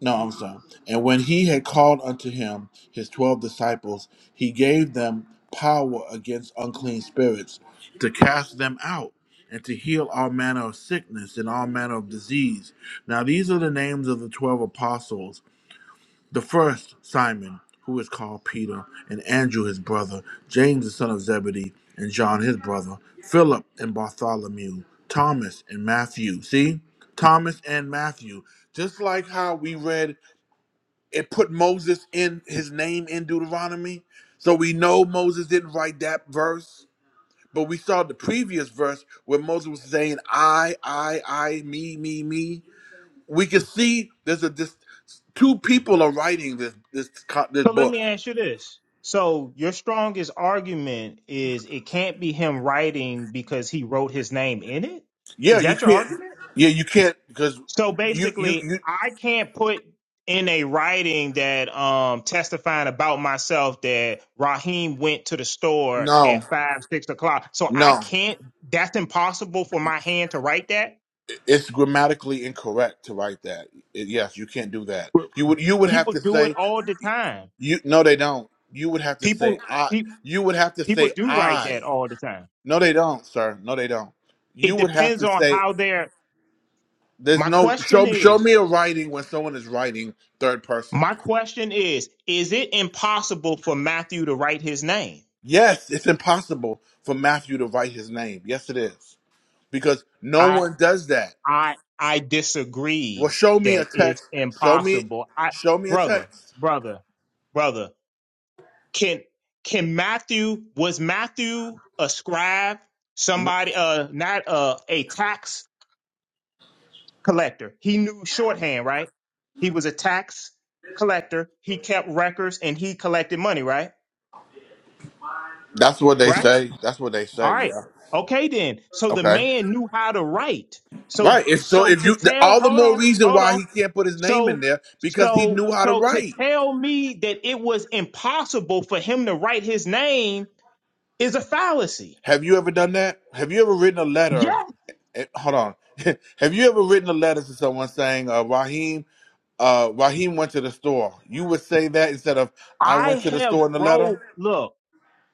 S1: No, I'm sorry. And when he had called unto him his twelve disciples, he gave them power against unclean spirits to cast them out and to heal all manner of sickness and all manner of disease. Now, these are the names of the twelve apostles. The first, Simon, who is called Peter, and Andrew his brother, James the son of Zebedee, and John his brother, Philip and Bartholomew, Thomas and Matthew. See? Thomas and Matthew. Just like how we read it put Moses in his name in Deuteronomy. So we know Moses didn't write that verse, but we saw the previous verse where Moses was saying, I, I, I, me, me, me. We can see there's a this two people are writing this this co- this
S17: So let
S1: book.
S17: me ask you this. So your strongest argument is it can't be him writing because he wrote his name in it?
S1: Yeah,
S17: Is
S1: you
S17: that your
S1: can't.
S17: argument?
S1: Yeah, you can't because
S17: So
S1: you you
S17: basically,
S1: you
S17: I can't put in a writing that um testifying about myself that Raheem went to the store
S1: no
S17: at five, six o'clock. So I
S1: no.
S17: can't that's impossible for my hand to write that.
S1: It's grammatically incorrect to write that. It- yes, you can't do that.
S17: But
S1: You would you would have
S17: People
S1: to
S17: do it
S1: say
S17: all the time.
S1: You no, they don't. You would have to say
S17: People
S1: I.
S17: pe-
S1: You would have to
S17: people
S1: say
S17: do write
S1: I.
S17: that all the time.
S1: No, they don't, sir. No, they don't.
S17: It
S1: You would have
S17: depends
S1: to
S17: on
S1: say
S17: how they're
S1: there's
S17: my
S1: no
S17: question
S1: show. Show
S17: is
S1: me a writing when someone is writing third person.
S17: my question is is it impossible for Matthew to write his name?
S1: Yes, it's impossible for Matthew to write his name. Yes, it is because no one does that.
S17: I I
S1: Well,
S17: disagree
S1: show me a
S17: that it's
S1: text. Show me,
S17: impossible. I
S1: show me a
S17: brother,
S1: text.
S17: brother, brother, can can Matthew was Matthew a scribe,
S1: No.
S17: somebody uh not uh a tax collector. He knew shorthand, right? He was a tax collector. He kept records and he collected money, right?
S1: That's what they
S17: Right?
S1: say. That's what they
S17: All
S1: say.
S17: right.
S1: Yeah.
S17: Okay then. So the
S1: Okay.
S17: man knew how to write. So
S1: Right. If so,
S17: so
S1: if
S17: to
S1: you
S17: tell
S1: all the
S17: hold
S1: more
S17: on,
S1: reason
S17: hold
S1: why
S17: on.
S1: he can't put his name in
S17: So
S1: there because he
S17: so
S1: knew how to
S17: so to
S1: write.
S17: tell me that it was impossible for him to write his name is a fallacy.
S1: Have you ever done that? Have you ever written a letter?
S17: Yes.
S1: eh, Hold on. <laughs> Have you ever written a letter to someone saying, uh, "Raheem, uh, Raheem went to the store"? You would say that instead of "I
S17: I
S1: went to the
S17: have
S1: store" in the
S17: wrote
S1: letter.
S17: look,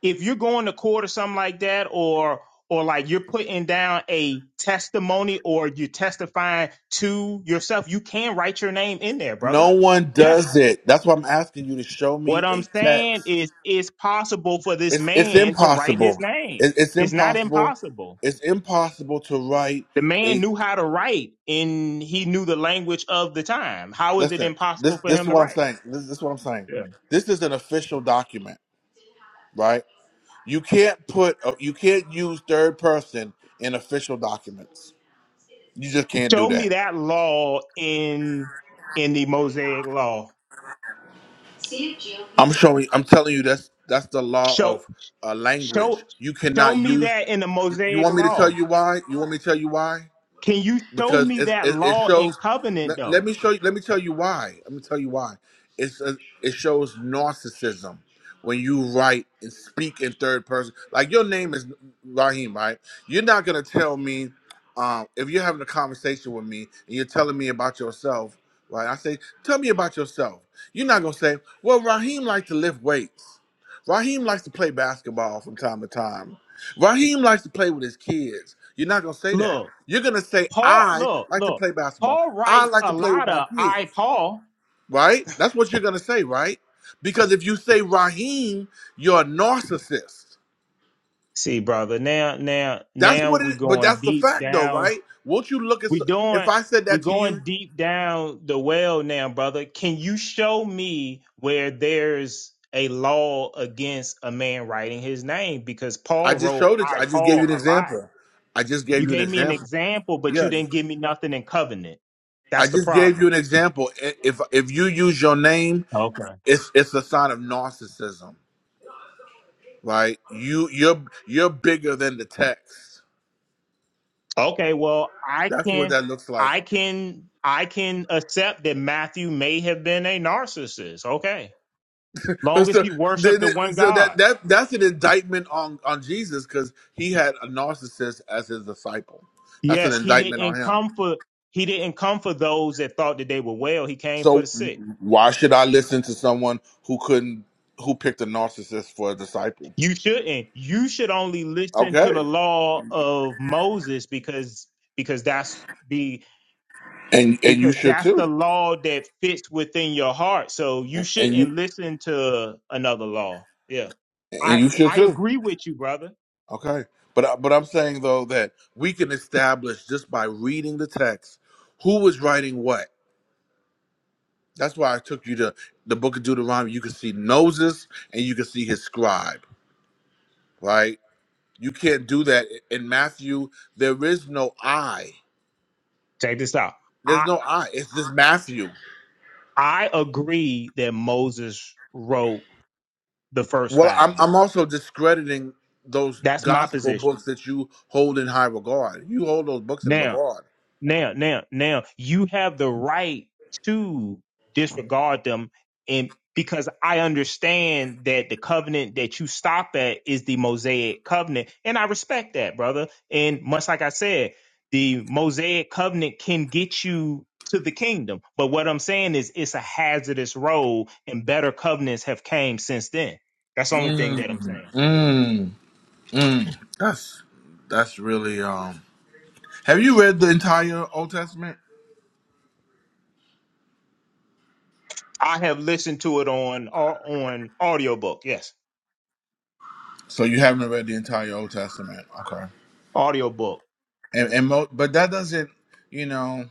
S17: if you're going to court or something like that or or like you're putting down a testimony or you're testifying to yourself, you can write your name in there, brother.
S1: No one
S17: Yes.
S1: does it. That's why I'm asking you to show
S17: What
S1: me
S17: I'm
S1: a
S17: saying
S1: text.
S17: is it's possible for this
S1: It's it's
S17: man to write his
S1: impossible.
S17: name.
S1: It, it's
S17: It's not
S1: impossible.
S17: impossible.
S1: It's impossible to write.
S17: The man knew how to write and he knew the language of the time. How is it
S1: Listen, this
S17: impossible for
S1: this is
S17: him to
S1: what I'm
S17: write?
S1: saying. This, this is what I'm saying.
S17: Yeah.
S1: This is an official document, right? You can't put uh, you can't use third person in official documents. You just can't do
S17: Show me
S1: that.
S17: that law in in the Mosaic law.
S1: I'm showing. I'm telling you that's that's the law
S17: Show
S1: of uh, language.
S17: show
S1: You
S17: show
S1: cannot
S17: me
S1: use.
S17: that in the
S1: You
S17: Mosaic
S1: want me to tell
S17: law.
S1: you why? You want me to tell you why?
S17: Can you show
S1: because
S17: me
S1: it,
S17: that
S1: it, it
S17: law in
S1: shows.
S17: covenant
S1: Let,
S17: though?
S1: let me show you. Let me tell you why. Let me tell you why. It's a, it shows narcissism when you write and speak in third person. Like your name is Raheem, right? You're not gonna tell me um, if you're having a conversation with me and you're telling me about yourself, right? I say, tell me about yourself. You're not gonna say, well, Raheem likes to lift weights. Raheem likes to play basketball from time to time. Raheem likes to play with his kids. You're not gonna say that.
S17: Look,
S1: You're gonna say,
S17: Paul
S1: I
S17: look,
S1: like to
S17: look.
S1: play basketball.
S17: Paul
S1: I
S17: writes
S1: like
S17: a
S1: to play with
S17: lot
S1: my
S17: of
S1: kids,
S17: I Paul.
S1: right? That's what you're gonna say, right? Because if you say Raheem, you're a narcissist.
S17: See, brother, now now
S1: That's
S17: now
S1: what
S17: we're
S1: it. But
S17: going
S1: that's the
S17: deep
S1: fact, though,
S17: down.
S1: right? Won't you look at?
S17: We
S1: so- If
S17: doing
S1: I said
S17: we're
S1: that to you,
S17: going deep down the well now, brother. Can you show me where there's a law against a man writing his name? Because
S1: I
S17: Paul
S1: just
S17: wrote
S1: showed it.
S17: I
S1: I just gave you
S17: Paul
S1: an
S17: a lot.
S1: example. I just
S17: You
S1: gave you an
S17: gave me an
S1: example.
S17: example, but
S1: Yeah,
S17: you
S1: I just
S17: didn't give me nothing in covenant.
S1: I
S17: That's the
S1: just gave you
S17: problem.
S1: an example. I- If if you use your name,
S17: Okay.
S1: it's it's a sign of narcissism, right? You you're you're bigger than the text.
S17: Okay, well, I
S1: That's what
S17: can
S1: that looks like.
S17: I can I can accept that Matthew may have been a narcissist. Okay
S1: But
S17: long as
S1: So,
S17: he
S1: th-
S17: worshiped the
S1: th-
S17: one
S1: so
S17: God.
S1: that that that's an indictment on on Jesus because he had a narcissist as his disciple. That's an
S17: Yes, he
S1: indictment on
S17: didn't
S1: him.
S17: come for he didn't come for those that thought that they were well. He came for
S1: So
S17: the sick.
S1: why should I listen to someone who couldn't who picked a narcissist for a disciple?
S17: You shouldn't. You should only listen
S1: Okay,
S17: to the law of Moses because because that's the
S1: and and you
S17: because
S1: should
S17: that's the
S1: too,
S17: law that fits within your heart. So you
S1: and
S17: shouldn't
S1: you
S17: listen to another law. Yeah.
S1: and
S17: I
S1: you should
S17: I
S1: too.
S17: agree with you, brother.
S1: Okay, but I- but I'm saying though that we can establish just by reading the text who was writing what That's why I took you to the book of Deuteronomy. You can see Moses and you can see his scribe, right? You can't do that in Matthew. There is no I.
S17: Check this out.
S1: There's
S17: I
S1: no I. It's just Matthew.
S17: I agree that Moses wrote the first
S1: Well, I'm
S17: five books.
S1: I'm also discrediting those
S17: That's my
S1: gospel
S17: position.
S1: books that you hold in high regard. You hold those books in
S17: Now,
S1: regard.
S17: now, now, now, you have the right to disregard them, and because I understand that the covenant that you stop at is the Mosaic covenant, and I respect that, brother. And much like I said, the Mosaic covenant can get you to the kingdom, but what I'm saying is it's a hazardous road, and better covenants have came since then. That's the only thing that I'm
S1: Mm,
S17: saying.
S1: mm, mm. That's that's really um. Have you read the entire Old Testament?
S17: I have listened to it on uh, on audiobook. Yes.
S1: So you haven't read the entire Old Testament. Okay.
S17: audiobook.
S1: and, and mo- but that doesn't you know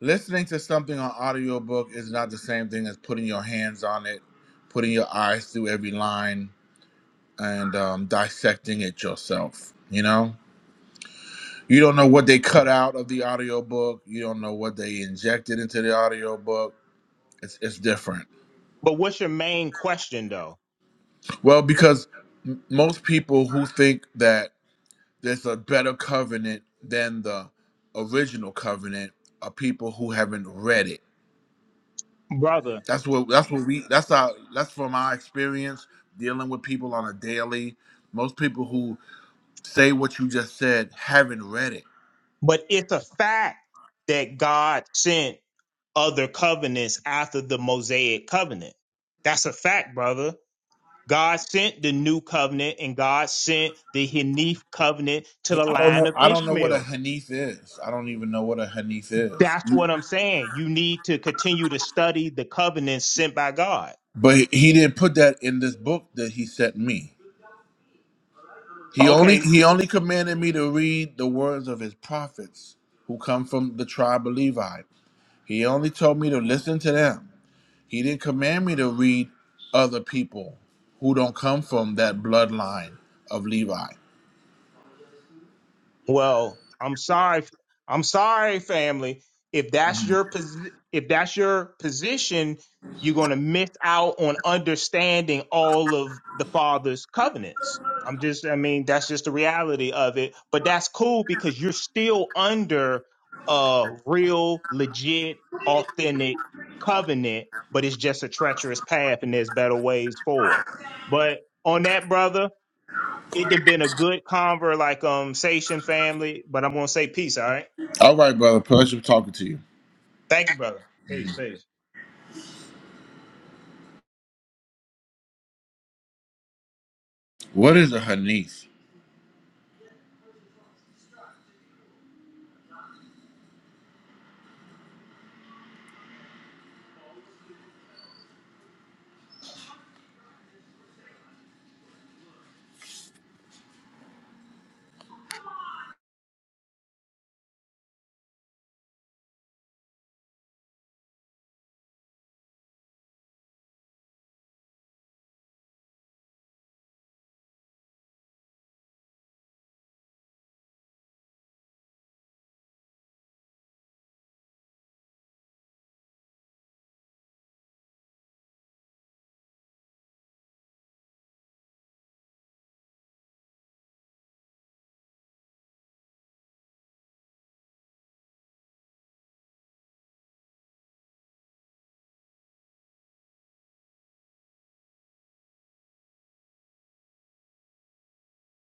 S1: listening to something on audiobook is not the same thing as putting your hands on it putting your eyes through every line and um, dissecting it yourself you know you don't know what they cut out of the audiobook you don't know what they injected into the audiobook it's, it's different
S17: But what's your main question though,
S1: well because m- most people who think that there's a better covenant than the original covenant are people who haven't read it
S17: brother?
S1: That's what that's what we that's our that's from our experience dealing with people on a daily. Most people who say what you just said haven't read it.
S17: But it's a fact that God sent other covenants after the Mosaic covenant. That's a fact, brother. God sent the new covenant and God sent the Hanif covenant to the
S1: I don't know.
S17: line of
S1: I don't know what a
S17: Ishmael.
S1: hanith is. I don't even know what a hanith is.
S17: That's what I'm saying. You need to continue to study the covenants sent by God.
S1: But he didn't put that in this book that he sent me. He only
S17: Okay,
S1: he only commanded me to read the words of his prophets who come from the tribe of Levi. He only told me to listen to them. He didn't command me to read other people who don't come from that bloodline of Levi.
S17: Well, I'm sorry. I'm sorry, family. If that's your posi- if that's your position, you're going to miss out on understanding all of the father's covenants. I'm just I mean, that's just the reality of it, but that's cool because you're still under a real legit authentic covenant, but it's just a treacherous path and there's better ways forward. But on that brother, it done been a good conver like um Sation family, but I'm gonna say peace, all right?
S1: All right, brother. Pleasure talking to you.
S17: Thank you, brother. Peace, peace.
S1: What is a Hanith?